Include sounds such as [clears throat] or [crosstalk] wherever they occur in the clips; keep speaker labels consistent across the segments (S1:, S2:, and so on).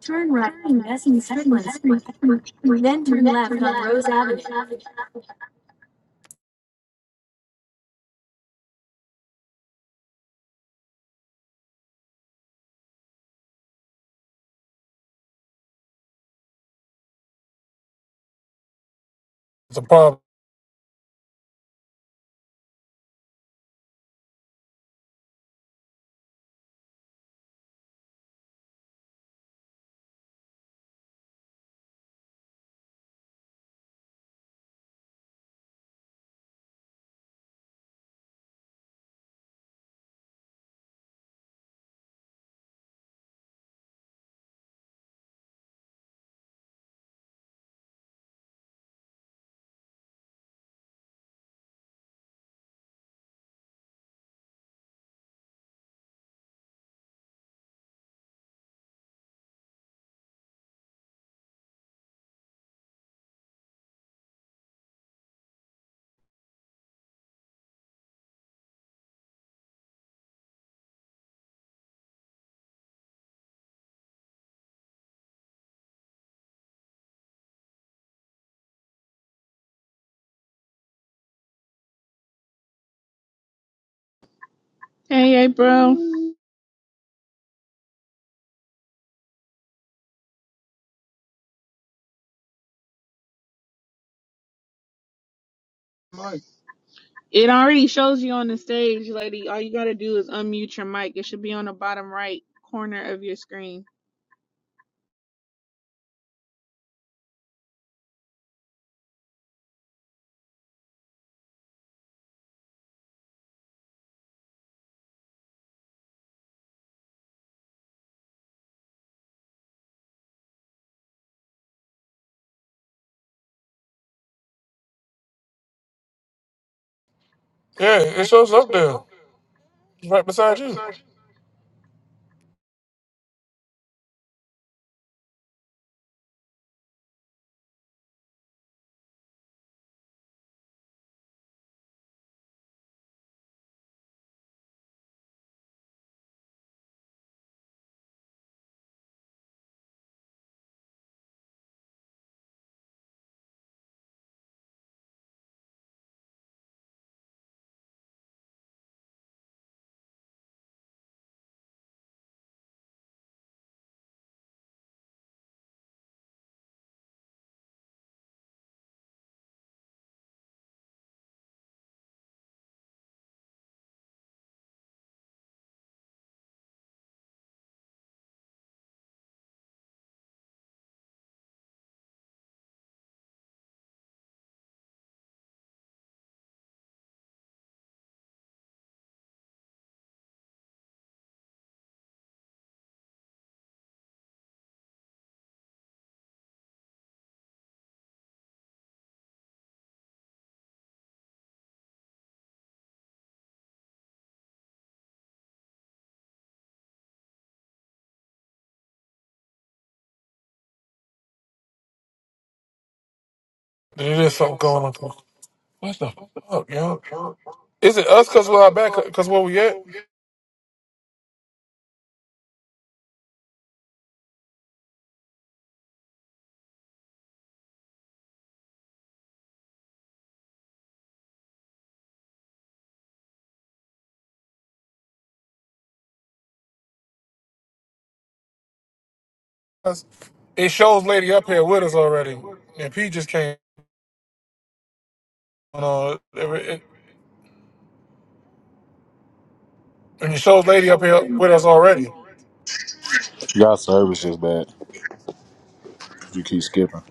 S1: Turn right on Bessie Sedgwick then turn left on Rose Avenue. It's a problem.
S2: Hey, hey, bro. It already shows you on the stage, lady. All you gotta do is unmute your mic. It should be on the bottom right corner of your screen.
S1: Yeah, it shows up there. It's right beside you. There is something going on. What the fuck, yo? Is it us because we're out back? Because where we at? 'Cause It shows lady up here with us already. And P just came on. Uh, it- it- and it shows lady up here with us already.
S3: Y'all service just bad. You keep skipping.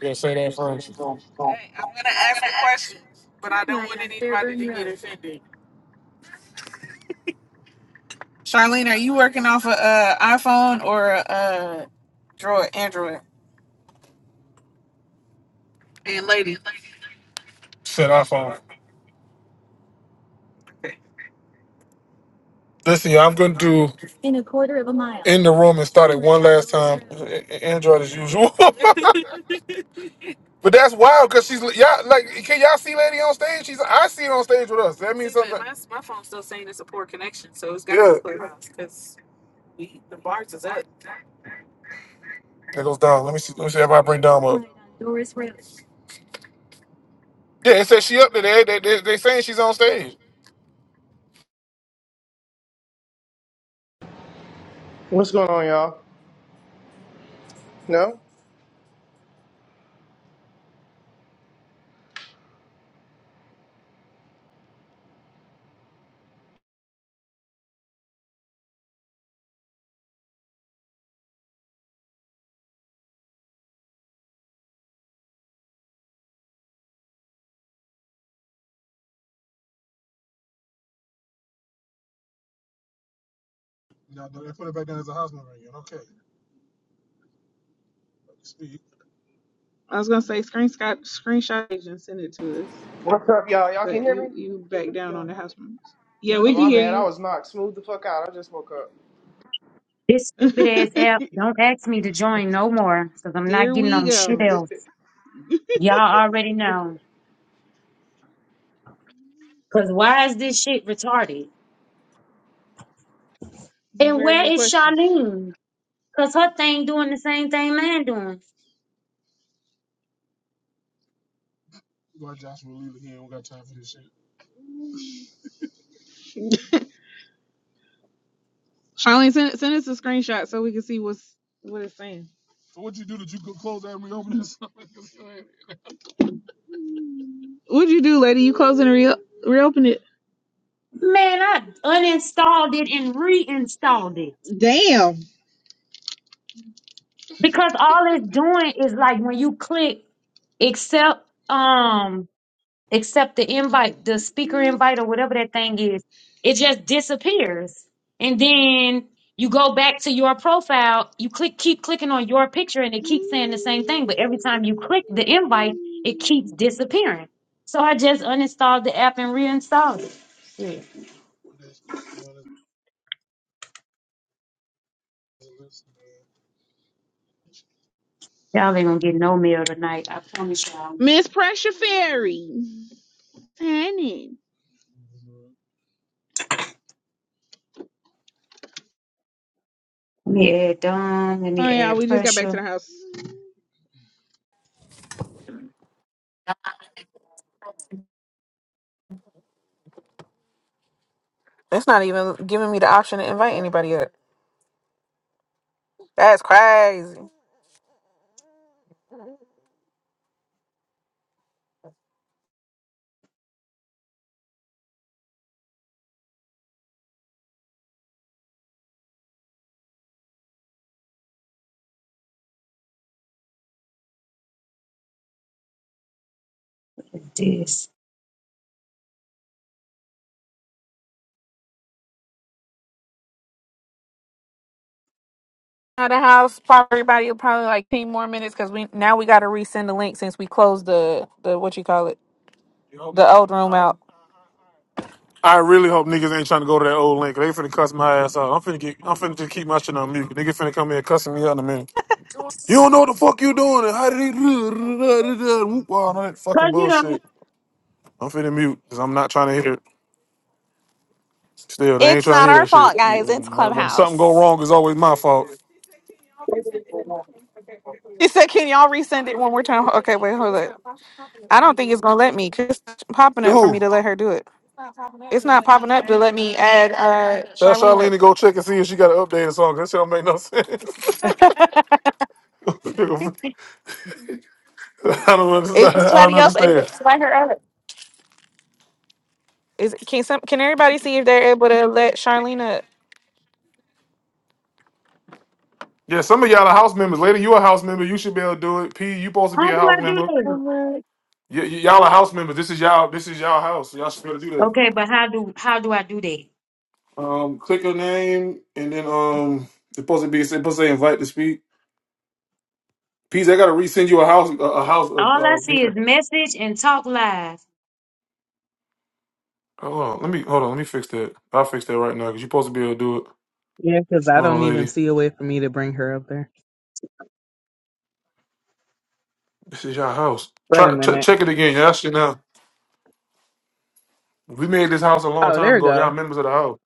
S1: Yeah, say that first. Set our phone. Listen, y'all, I'm gonna do in a a quarter of a mile in the room and start it one last time. A- a- Android as usual. [laughs] but that's wild because she's y'all like can y'all see Lady on stage? She's I see her on stage with us. That means something. My my phone's still saying it's a poor connection, so it's got yeah. Clubhouse, 'cause- It goes down. Let me see. Let me see if I bring Dom up. Doris Rose. Yeah, it says she up there. They, they, they, they saying she's on stage.
S4: What's going on, y'all? No?
S2: I was gonna say screenshot screenshot it and send it to us,
S4: What's up, y'all? Y'all can
S2: but
S4: hear
S2: you
S4: me?
S2: you back down on the house members. Yeah, we
S4: Oh,
S2: can
S4: my bad. I was
S2: hear
S4: knocked smooth the fuck out. I just woke up.
S5: This stupid ass
S2: you. [laughs]
S5: app don't ask me to join no more because I'm not
S2: There
S5: getting
S2: we
S5: on shit
S2: go.
S5: else. Y'all already know. Cause why is this shit retarded?
S2: This is a
S5: And
S2: very
S5: where
S2: good
S5: is
S2: question.
S5: Charlene? Cause her thing doing the same thing mine doing.
S2: [laughs] Charlene, send send us a screenshot so we can see what's what it's saying. What'd you do, lady? You closing and re- reopen it?
S5: Man, I uninstalled it and reinstalled it.
S2: Damn,
S5: Because all it's doing is like when you click accept um accept the invite, the speaker invite or whatever that thing is, it just disappears. And then you go back to your profile, you click keep clicking on your picture and it keeps saying the same thing, but every time you click the invite, it keeps disappearing. So I just uninstalled the app and reinstalled it. Shit. Y'all ain't gonna get no mail tonight. I promise y'all.
S2: Miss Pressure Fairy. Turn
S5: Let me add Dom. Let
S2: Oh
S5: me
S2: yeah,
S5: add
S2: we just got back to
S5: pressure.
S2: the house. It's not even giving me the option to invite anybody up. That's crazy.
S5: This.
S2: Out of the house, probably everybody will probably like ten more minutes because we now we got to resend the link since we closed the the what you call it the old room out.
S1: I really hope niggas ain't trying to go to that old link. They finna cuss my ass out. I'm finna get. I'm finna just keep my shit on mute. Nigga finna come here cussing me out in a minute. You don't know what the fuck you doing and how did he [laughs] whoop all that fucking
S5: Cause you know,
S1: bullshit. I'm finna mute because I'm not trying to hear it. Still, they ain't
S2: It's
S1: trying to
S2: not
S1: hear
S2: our
S1: that shit.
S2: fault, guys. It's
S1: When, when something go
S2: Clubhouse.
S1: wrong, it's always my fault.
S2: She said, "Can y'all resend it one more time?" Okay, wait, hold up. I don't think it's gonna let me. 'cause It's not popping
S1: The
S2: up for me
S1: Who?
S2: to let her do it.
S1: Tell
S2: It's not popping up to let me add uh Charlene
S1: Charlene
S2: up.
S1: to go check and see if she got an updated song. 'Cause That shit don't make no sense. [laughs] I don't
S2: Is
S1: understand. I don't
S2: somebody else able
S1: understand.
S2: to let her up? Is can some can everybody see if they're able to let Charlene up?
S1: Yeah, some of y'all are house members. Lady, you a house member. You should be able to do it. P, you supposed to be
S5: how
S1: a
S5: do
S1: house
S5: I do
S1: member.
S5: that?
S1: Y- y- y'all are house members. This is y'all. This is y'all house. Y'all should be able to do that.
S5: Okay, but how do how do I do that?
S1: Um, click her name, and then um, it's supposed to be it's supposed to say invite to speak. Peace, I gotta resend you a house, a, a house. Of,
S5: All I
S1: uh,
S5: see is
S1: here.
S5: message and talk live.
S1: hold on, let me hold on, let me fix that. I'll fix that right now because you're supposed to be able to do it.
S6: Yeah, because I
S1: Hold on,
S6: don't even
S1: lady,
S6: see a way for me to bring her up there.
S1: this is your house.
S6: Wait a
S1: Try ch-
S6: minute.
S1: check it again. Y'all should know. We made this house a long
S6: Oh,
S1: time
S6: there we
S1: ago.
S6: go.
S1: Y'all members of the house.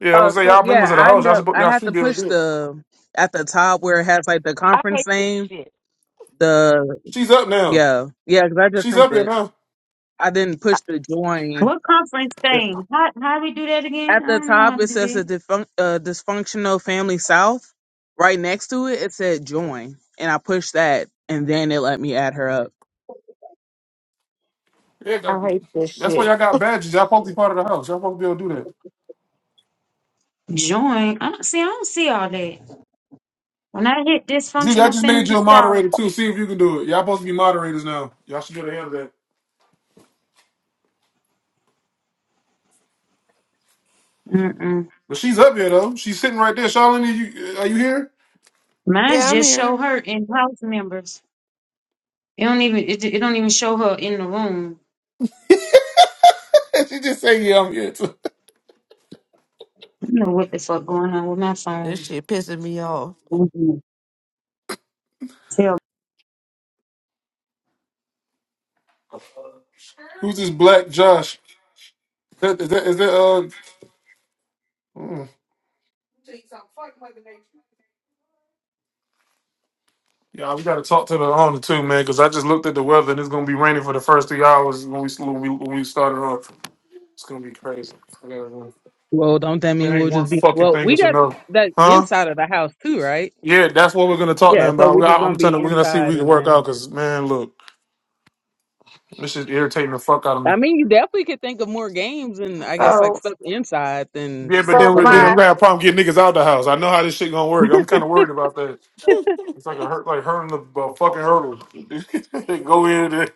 S1: Yeah, I
S6: Oh,
S1: was say
S6: so
S1: y'all
S6: yeah,
S1: members of the
S6: I
S1: house.
S6: end
S1: Y'all
S6: up
S1: supposed
S6: I
S1: y'all
S6: had
S1: should
S6: to
S1: be able to
S6: push
S1: do it.
S6: the at the top where it has like the
S7: I
S6: conference
S7: hate this
S6: name.
S7: shit.
S6: The
S1: She's up now.
S6: yeah, yeah, because I just
S1: She's up
S6: sent
S1: here
S6: it.
S1: now.
S6: I didn't push the join.
S5: What conference
S6: The-
S5: thing? How how we do that again?
S6: At
S5: I
S6: the
S5: don't know how
S6: top,
S5: to
S6: it
S5: do
S6: says
S5: that.
S6: a defun- uh, dysfunctional family south. Right next to it, it said join, and I pushed that, and then it let me add her up.
S1: Yeah, that-
S7: I hate this
S1: that's why
S7: shit.
S1: y'all got badges. Y'all supposed to be part of the house. Y'all supposed to be able to do that.
S5: Join. I don't see. I don't see all that. When I hit
S1: Judy, I
S5: dysfunctional
S1: just made
S5: family
S1: you a
S5: style,
S1: moderator too. See if you can do it. Y'all supposed to be moderators now. Y'all should be able to handle that.
S5: mm-mm.
S1: But she's up here though. She's sitting right there. Charlene, are you, are you here?
S5: mine's
S7: Yeah, I'm
S5: just show
S7: here.
S5: her and house members. It don't even. It, it don't even show her in the room.
S1: [laughs] she just saying, "Yeah, I'm here." Too.
S5: I don't know what the fuck going on with my
S7: This
S5: phone.
S7: shit pissing me off.
S5: Mhm. Tell.
S1: Who's this black Josh? That, is that is that uh? mm. Yeah, we got to talk to the owner too, man. Because I just looked at the weather and it's gonna be raining for the first three hours when we when we, when we started off. It's gonna be crazy. I gotta-
S6: Well, don't that
S1: It
S6: mean we'll
S1: ain't one
S6: just be?
S1: fucking
S6: Well,
S1: thing.
S6: we
S1: It's
S6: got
S1: another,
S6: that
S1: huh?
S6: inside of the house too, right?
S1: Yeah, that's what we're gonna talk to
S6: Yeah,
S1: him
S6: so
S1: about.
S6: we
S1: We, I,
S6: just
S1: I'm
S6: gonna
S1: telling
S6: be
S1: you, we're gonna see if
S6: inside,
S1: we can
S6: and
S1: work
S6: then
S1: out. Cause man, look, this is irritating the fuck out of me.
S6: I mean, you definitely could think of more games and I guess like
S2: Oh,
S6: stuff inside than
S1: Yeah, but
S6: for
S2: so
S1: then we then I'm
S6: pool.
S2: my
S1: gonna have a problem getting niggas out the house. I know how this shit gonna work. I'm kind of worried about that. It's like a hurt, like hurting the uh, fucking hurdle. [laughs] go in. There.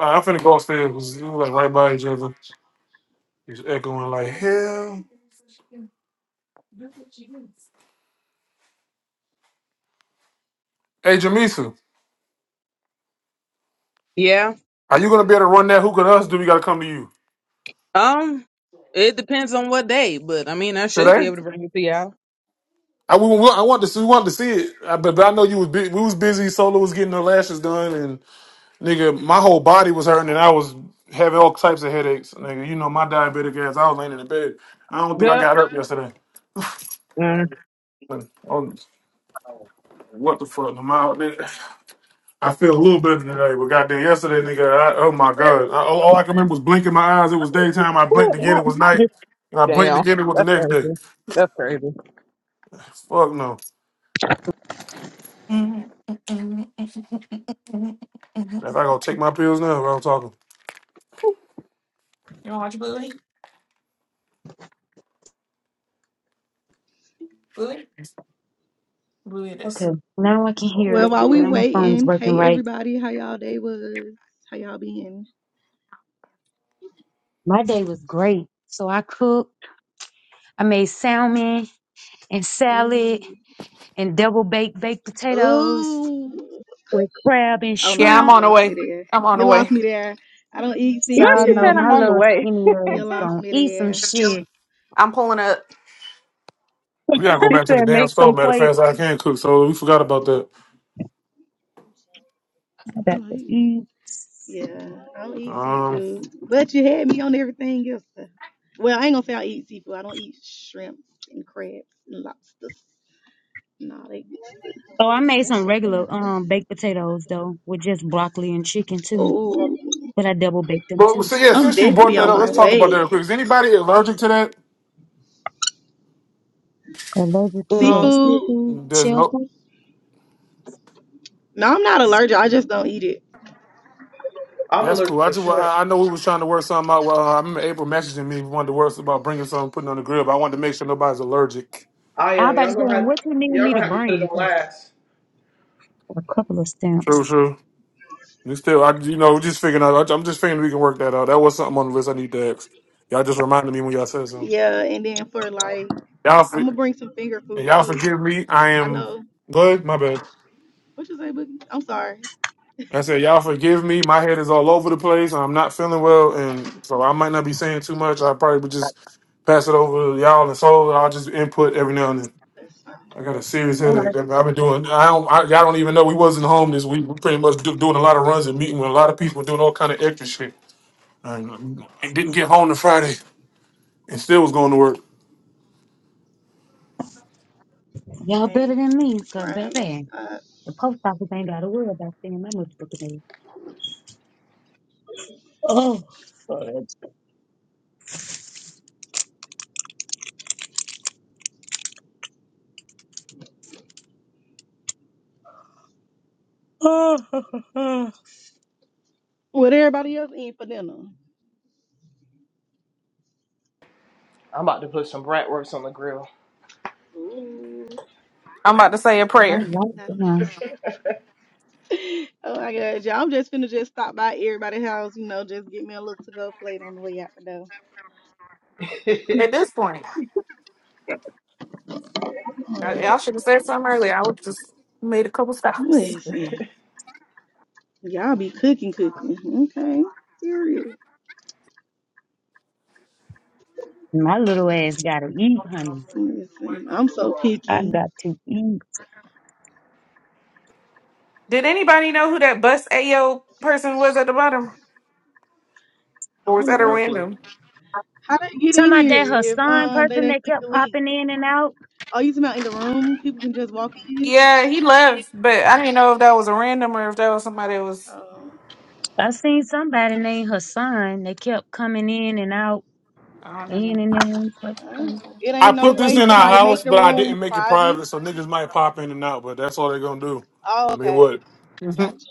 S1: I'm finna go upstairs. 'cause we like right by each other. He's echoing like hell. Hey, Jamisa,
S6: Yeah.
S1: are you gonna be able to run that hook on us? Or Do we gotta come to you
S6: Um, it depends on what day, but I mean, I should be
S1: today?
S6: able to bring it to y'all.
S1: I we, we, I want to see, we wanted to see it, I, but, but I know you was bu- we was busy. Solo was getting her lashes done, Nigga, my whole body was hurting and I was having all types of headaches. Nigga, you know my diabetic ass. I was laying in the bed. I don't think I
S6: Good.
S1: got up yesterday.
S6: Mm.
S1: Oh, what the fuck? I'm out there. I feel a little better today, but goddamn, yesterday, nigga, I, oh my god, I, all all I can remember was blinking my eyes. It was daytime. I blinked
S6: Good,
S1: again. It
S6: not-
S1: was night,
S6: [laughs]
S1: and I blinked
S6: Damn,
S1: again. It was the
S6: that's
S1: next day.
S6: crazy. That's crazy.
S1: Fuck no. If I gonna take my pills now, I'm talking.
S5: Okay. Now I can
S1: Oh
S5: hear.
S8: Well, while we
S1: god,
S5: Now my phone's
S8: waiting,
S5: working
S8: hey
S5: right.
S8: everybody, how y'all day was? How y'all been?
S5: My day was great. So I cooked. I made salmon and salad
S8: Ooh,
S5: and double baked baked potatoes
S8: ooh.
S5: with crab and
S8: Oh
S2: yeah,
S8: no,
S5: shrimp.
S8: you lost me there.
S2: I'm on
S8: You
S2: the
S8: lost
S2: way.
S8: me there. I don't eat
S6: You know,
S5: Y'all
S6: she
S5: know
S6: said I'm
S5: my
S8: seafood.
S6: on the
S5: little
S6: way.
S5: skinny
S8: You
S5: ass
S8: lost
S5: gonna
S8: me
S5: eat some
S8: there.
S5: shit.
S1: we gotta go
S6: She
S1: back to the
S6: said
S1: damn
S6: make some
S1: stove. Matter of fact,
S6: plates.
S1: so I can cook, so we forgot about that.
S5: I
S8: I
S5: got
S8: don't
S5: to
S8: eat.
S5: eat.
S8: Yeah, I don't eat
S1: Um,
S8: seafood. But you had me on everything else. though. Well, I ain't gonna say I eat seafood. I don't eat shrimp and crabs and lobsters. No, they.
S5: Oh, I made some regular um baked potatoes though with just broccoli and chicken too.
S8: Oh,
S5: But I double baked them
S1: But
S5: too.
S1: so yeah,
S8: I'm
S1: since you brought
S8: definitely
S1: that
S8: on
S1: up,
S8: my
S1: let's talk
S8: way.
S1: about that real quick. Is anybody allergic to that?
S5: Allergic to what?
S7: No,
S8: Seafood.
S5: Seafood,
S1: There's no.
S5: shellfish.
S8: No, I'm not allergic. I just don't eat it.
S4: I'm
S1: That's cool.
S4: allergic
S1: I
S4: to
S1: just wa-
S4: shrimp.
S1: I I know we was trying to work something out. Well, I remember April messaging me wanted to work about bringing something putting on the grill, but I wanted to make sure nobody's allergic.
S4: I
S5: I was
S4: am.
S5: about to
S4: Y'all
S5: say,
S4: gonna
S5: and
S4: have
S5: what you need
S4: y'all
S5: me to
S4: gonna have to put
S5: bring?
S4: it on
S5: 'Cause
S4: last.
S5: a couple of
S1: True,
S5: stamps.
S1: true. We still, I you know, we just figuring out. I'm just figuring we can work that out. That was something on the list I need to ask. Y'all just reminded me when y'all said something.
S8: Yeah, and then for like,
S1: Y'all,
S8: I'm
S1: for,
S8: gonna bring some finger food
S1: y'all
S8: too.
S1: forgive me. I
S8: I
S1: am
S8: know.
S1: good. My bad.
S8: What you say, Boogie? I'm sorry.
S1: I said, y'all forgive me. My head is all over the place. I'm not feeling well, and so I might not be saying too much. I probably would just pass it over to y'all, and so I'll just input every now and then.
S8: That's fine.
S1: I got a serious
S5: All right.
S1: headache. I've been doing. I don't. I, y'all don't even know we wasn't home this week. We pretty much do, doing a lot of runs and meeting with a lot of people, doing all kind of extra shit. And, um, and didn't get home to Friday, and still was going to work.
S5: Y'all better
S8: Hey,
S5: than me,
S8: the
S5: cause
S8: grind don't
S5: baby,
S8: stop.
S5: the post office ain't gotta worry about seeing my motherfucking name. Oh, fuck. [laughs]
S8: What everybody else eating for dinner?
S4: I'm about to put some bratwurst on the grill.
S8: Ooh.
S2: I'm about to say a
S5: My
S2: prayer.
S5: life,
S8: No.
S5: huh?
S8: [laughs] Oh my god, y'all! I'm just finna just stop by everybody's house. You know, just get me a little to go plate on the way out the door.
S2: At this point, I,
S8: Alright.
S2: I should have said something earlier. I would just made a couple stops.
S8: Listen, y'all be cooking, cooking. Okay, serious.
S5: My little ass gotta eat, honey.
S8: Listen, I'm so
S5: I
S8: picky.
S5: got to eat.
S2: Did anybody know who that bus AO person was at the bottom,
S8: I
S2: or was
S8: don't
S4: [laughs]
S2: that a
S8: know
S4: no clue.
S2: random?
S8: how they get in
S5: Somebody
S8: here
S5: that
S8: if
S5: Hassan
S8: um they
S5: person
S8: didn't
S5: that
S8: click the
S5: kept
S8: link.
S5: popping in and out.
S8: Oh, you talking in the room? People can just walk in.
S2: Yeah, he left, but I didn't know if that was a random or if that was somebody that was.
S8: Oh,
S5: I seen somebody named Hassan. They kept coming in and out,
S2: I don't know.
S5: in and out. It's like,
S8: oh.
S5: Come
S8: it
S1: I
S8: ain't no
S1: put this
S8: way
S1: in
S8: to
S1: our
S8: like make
S1: house,
S8: the
S1: but I
S8: room
S1: didn't make it
S8: private.
S1: private, so niggas might pop in and out. But that's all they're gonna do.
S8: Oh,
S1: I mean,
S8: okay,
S1: what? [laughs]
S8: gotcha.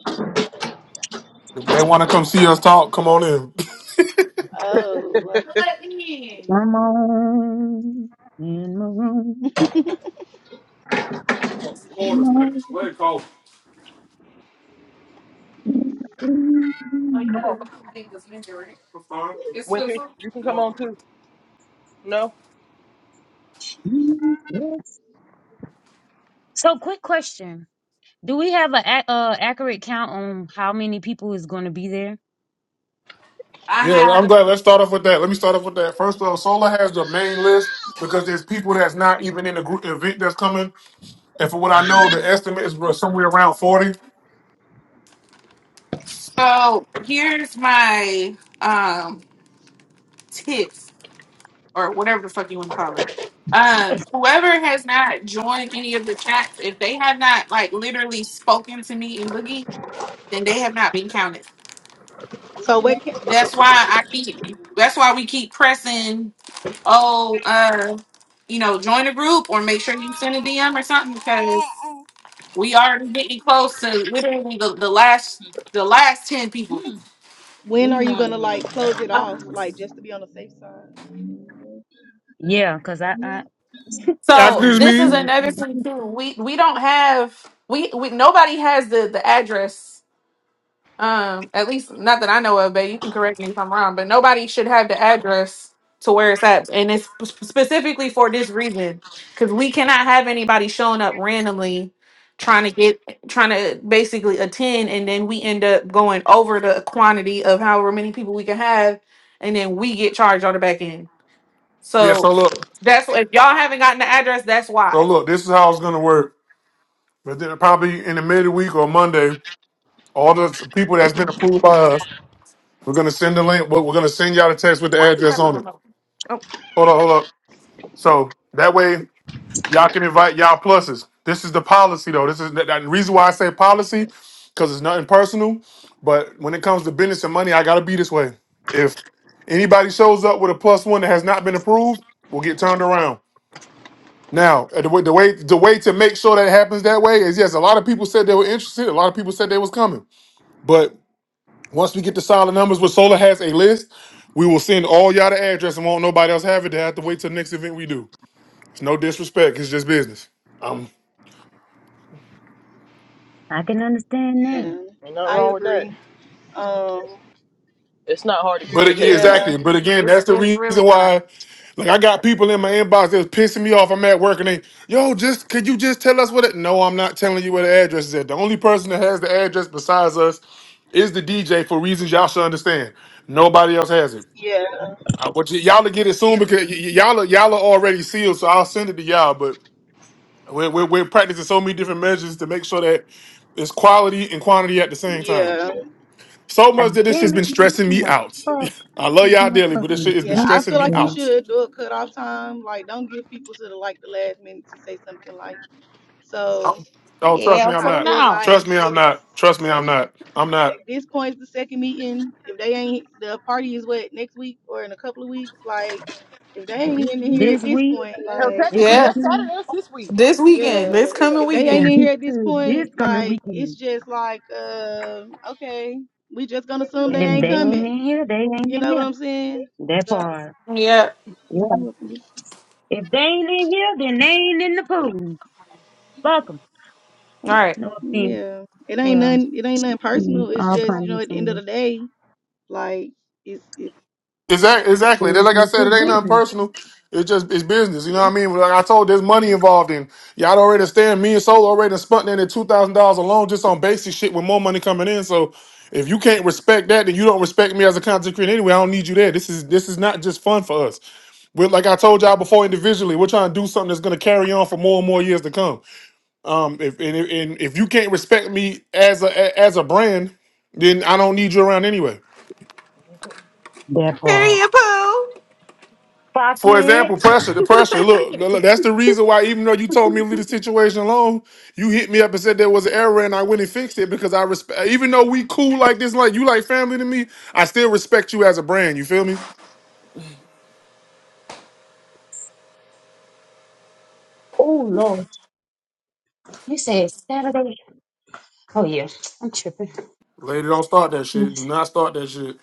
S1: If they want to come see us talk, come on in.
S8: Oh,
S5: on, in my room.
S8: [laughs]
S5: Come on, in my
S4: Come
S5: room.
S4: on,
S2: I think it was injured.
S4: Winter. You can come on too. No,
S5: Jesus. So, quick question: Do we have a, a- uh, accurate count on how many people is going to be there?
S2: I
S1: Yeah, I'm glad.
S2: had.
S1: Let's start off with that. Let me start off with that. First off, Solar has the main list because there's people that's not even in the group event that's coming. And for what I know, the estimate is bro, somewhere around 40.
S2: So here's my um tips or whatever the fuck you want to call it. Uh, whoever has not joined any of the chats, if they have not like literally spoken to me in Boogie, then they have not been counted.
S8: so when can,
S2: That's why I keep. That's why we keep pressing. Oh, uh, you know, join a group or make sure you send a DM or something because we are getting close to literally the, the last the last ten people.
S8: when are you gonna like close it off, like just to be on the safe side?
S5: Yeah, cause I, I
S1: After
S5: My
S2: So
S1: this
S2: this is
S1: meeting,
S5: God.
S2: another thing too. We we don't have we, we nobody has the the address. Um, at least not that I know of. But you can correct me if I'm wrong. But nobody should have the address to where it's at, and it's sp- specifically for this reason because we cannot have anybody showing up randomly trying to get trying to basically attend, and then we end up going over the quantity of however many people we can have, and then we get charged on the back end.
S1: yeah, so
S2: So
S1: look,
S2: that's if y'all haven't gotten the address, that's
S1: so
S2: why.
S1: look, this is how it's going to work. But then probably in the midweek or Monday, all the people that's been approved by us, we're going to send the link. We're going to send y'all the text with the
S2: Why you
S1: address
S2: got the
S1: on it.
S2: remote? Oh,
S1: Hold up, hold up. So that way Y'all can invite y'all pluses. This is the policy though. This is that that reason why I say policy, because it's nothing personal. But when it comes to business and money, I gotta be this way. If anybody shows up with a plus one that has not been approved, will get turned around. Now, uh, the way the way the way to make sure that it happens that way is yes, a lot of people said they were interested. A lot of people said they was coming. But once we get the solid numbers, where Solar has a list, we will send all y'all the address and won't nobody else have it. They have to wait till the next event we do. It's no disrespect. It's just business.
S5: I can understand that.
S8: Yeah,
S4: ain't nothing
S8: I
S4: wrong with that.
S8: agree. Um,
S4: It's not hard to
S1: But again,
S4: communicate.
S8: yeah,
S1: exactly. But again,
S2: it's,
S1: that's the
S2: it's really
S1: reason
S2: not.
S1: why. Like I got people in my inbox that was pissing me off. I'm at work and they, yo, just could you just tell us what it? No, I'm not telling you where the address is at. The only person that has the address besides us is the DJ for reasons y'all should understand. Nobody else has it.
S8: yeah,
S1: I, but y- y'all to get it soon because y- y- y'all are, y'all are already sealed, so I'll send it to y'all. But we're, we're, we're practicing so many different measures to make sure that it's quality and quantity at the same time.
S8: yeah,
S1: So much
S5: God
S1: that this shit's
S5: damn it,
S1: been
S5: man, what
S1: stressing
S5: in
S1: me
S5: the
S1: out. [laughs]
S5: fuck
S1: I love
S5: is
S1: y'all
S5: my
S1: dearly, but this
S5: fucking
S1: shit has been
S8: yeah.
S5: junk
S8: I
S1: stressing
S8: feel
S1: me
S8: like you
S5: for
S1: out.
S8: should do a cutoff time. Like, don't give people to the like the last minute to say something like. So
S1: Oh, trust
S2: Yeah,
S1: me,
S2: I'm
S1: I'm
S8: I
S2: pulling
S1: not.
S8: feel
S2: now.
S1: Trust
S8: like
S1: me, I'm
S8: it's.
S1: not. Trust me,
S8: at
S1: I'm not. I'm not.
S8: At this point, it's the second meeting. If they ain't, the party is what next week or in a couple of weeks. Like, if they ain't in here
S5: this
S8: at this
S5: week,
S8: point,
S4: Hell,
S8: like,
S5: this
S4: technically,
S2: Yeah,
S4: that's
S5: weekend,
S4: Saturday. That's this week.
S2: this weekend,
S8: yeah,
S2: this
S8: if,
S2: coming
S8: if they
S5: [laughs]
S8: ain't
S2: weekend.
S8: in here at this
S5: to this
S8: point,
S5: coming
S8: like, it's
S5: weekend?
S8: just like, uh, okay, we just gonna assume they
S5: If
S8: ain't
S5: they ain't
S8: coming.
S5: in here, they ain't
S8: You
S5: in
S8: know
S5: there.
S8: what I'm saying?
S5: That part.
S2: Yeah.
S5: Yeah.
S8: So,
S5: If they ain't in here, then they ain't in the pool. Fuck 'em.
S2: All right.
S5: No offense.
S8: yeah, it ain't
S5: Well,
S8: nothing. It ain't nothing
S5: mm,
S8: personal. It's
S5: all
S8: just you know,
S5: pun
S8: at the end of
S5: intended.
S8: the day, like, it's, it's
S1: Exactly. Exactly. Then, like I
S5: Business
S1: said,
S5: is
S1: it ain't nothing
S5: business.
S1: personal. It's just it's business. You know
S8: yeah.
S1: what I mean? Like I told, there's money involved in. Y'all don't understand. Me and Solo already done spent in at two thousand dollars alone just on basic shit with more money coming in. So if you can't respect that, then you don't respect me as a content creator anyway. I don't need you there. This is this is not just fun for us. We're, like I told y'all before, individually, we're trying to do something that's going to carry on for more and more years to come. Um, if and, and if you can't respect me as a as a brand, then I don't need you around anyway.
S5: That part.
S2: Period, Pooh.
S5: Fuck
S1: for example,
S5: it.
S1: pressure, the pressure. Look, look,
S2: [laughs]
S1: look, that's the reason why, even though you told me to leave the situation alone, you hit me up and said there was an error and I went and fixed it because I respect, even though we cool like this, like you like family to me, I still respect you as a brand. You feel me?
S5: Oh, Lord. You said Saturday. Oh, yeah. I'm tripping.
S1: Lady, don't start that
S5: Now,
S1: shit. Do not start that shit.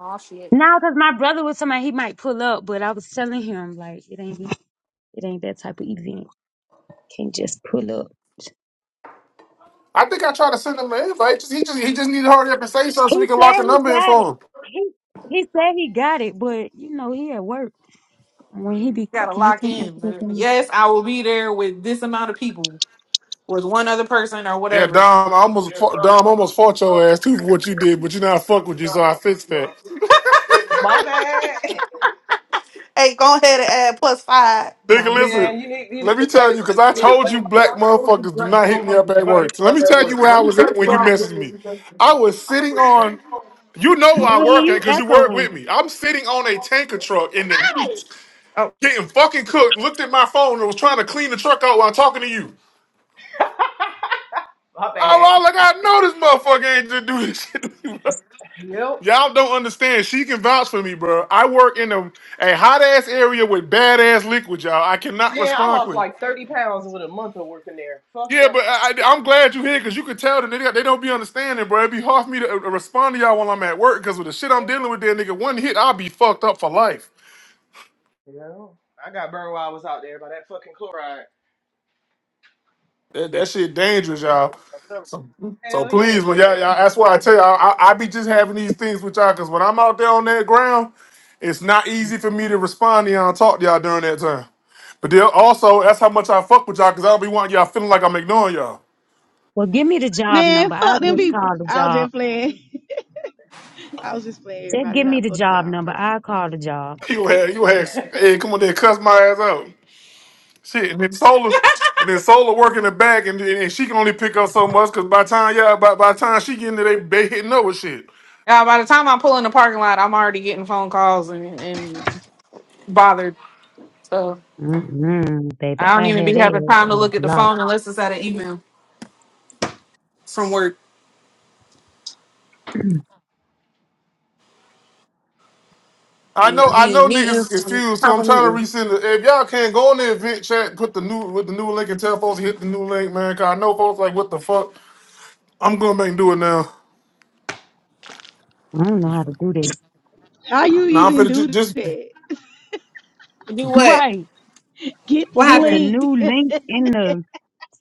S2: oh shit! You
S5: cause my brother was somebody he might pull up, but I was telling him like it ain't it ain't that type of event. Can't just pull up.
S1: I think I tried to send him an invite. Just- He just, he just need to hurry up and say something so
S5: He
S1: we can lock a
S5: said he
S1: number in
S5: got it.
S1: for him.
S5: He he said he got it, but you know he at work. When he be
S2: gotta
S5: cooking, he
S2: lock
S5: can't answer the
S2: in.
S5: phone.
S2: Yes, I will be there with this amount of people, with one other person or
S1: Yeah,
S2: whatever.
S1: Dom, I almost, fu- Dom almost fought your ass too for what you did, but you know I fuck with you, so I fixed that.
S4: My bad,
S2: Hey, go ahead and add plus five. No,
S4: [laughs]
S1: Nigga,
S2: I'm just like,
S1: listen.
S4: man. You need you need
S1: Let
S4: to
S1: me tell
S4: blame
S1: you, because I
S4: you need to
S1: told you
S4: blame my
S1: black
S4: girl.
S1: motherfuckers do not hit me up at work. So let me tell you where I was at when you messaged me. I was sitting on, you know where I
S5: Boogie,
S1: work at
S5: you
S1: because you work with
S5: echoing?
S1: me. I'm sitting on a tanker truck in the heat,
S2: oh.
S1: getting fucking cooked, looked at my phone and was trying to clean the truck out while talking to you.
S4: My
S1: Oh,
S4: bad.
S1: I like,
S4: [laughs]
S1: I know this motherfucker ain't just do [laughs] this shit to me, bro.
S4: Yep.
S1: Y'all don't understand. She can vouch for me, bro. I work in a, a hot ass area with bad ass liquid, y'all. I cannot
S4: Man, I
S1: respond
S4: lost
S1: quick.
S4: like 30 pounds with a month of working there. Fuck
S1: Yeah, but
S4: that.
S1: I, I- I'm glad you're here because you can tell that they, they don't be understanding, bro. It'd be hard for me to uh, respond to y'all while I'm at work because with the shit I'm dealing with, there, nigga, one hit, I'll be fucked up for life.
S4: You know? I got burned while I was out there by that fucking chloride.
S1: That, that shit dangerous,
S4: That
S1: y'all.
S4: shit is a dope.
S1: So, so
S4: Hell yeah,
S1: please,
S4: that
S1: when
S4: shit
S1: y'all, y'all,
S4: dangerous.
S1: that's why I tell y'all, I, I be just having these things with y'all because when I'm out there on that ground, it's not easy for me to respond to y'all and talk to y'all during that time. But then also, that's how much I fuck with y'all because I don't be wanting y'all feeling like I'm ignoring y'all. [laughs]
S5: Well, give me the job
S8: Man,
S5: number. I
S8: fuck them
S5: just
S8: people.
S5: call the
S8: I'll
S5: job.
S8: just playing. [laughs] I was just playing
S5: Just
S8: everybody,
S5: give me
S8: not
S5: the
S8: book
S5: job
S8: y'all
S5: number. I call
S8: personally.
S5: the job.
S1: You had, you
S4: [laughs]
S1: had,
S4: I
S1: hey, come on there, cuss my ass out. Shit, and then Solar,
S2: [laughs]
S1: and then Solar working the back, and, and she can only pick up so much because by the time yeah, by by the time she getting there, they they hitting up with shit.
S2: Yeah, by the time I pull in the parking lot, I'm already getting phone calls and, and bothered. So
S5: Mm-mm, baby,
S2: I don't
S5: I
S2: even
S5: had
S2: be
S5: that
S2: having
S5: ass
S2: time to
S5: on
S2: look at the
S5: block.
S2: phone unless it's at an email. from work,
S5: [clears throat] I
S1: I know,
S2: being,
S1: I
S2: being
S1: know, niggas is
S2: meetings, from
S1: confused. So
S2: top
S1: I'm
S2: of
S1: trying to
S2: meetings.
S1: resend. The, if y'all can go on the event chat, put the new with the new link, and tell folks to hit the new link, man. Cause I know folks like what the fuck. I'm going back and do it now.
S5: don't know how to do this.
S8: How you
S1: Now I'm
S8: even
S1: finna just,
S8: do
S1: just
S8: that?
S2: Do what?
S5: Right.
S8: Get the
S2: What
S5: Put the
S2: happened?
S8: link. [laughs]
S5: new link in the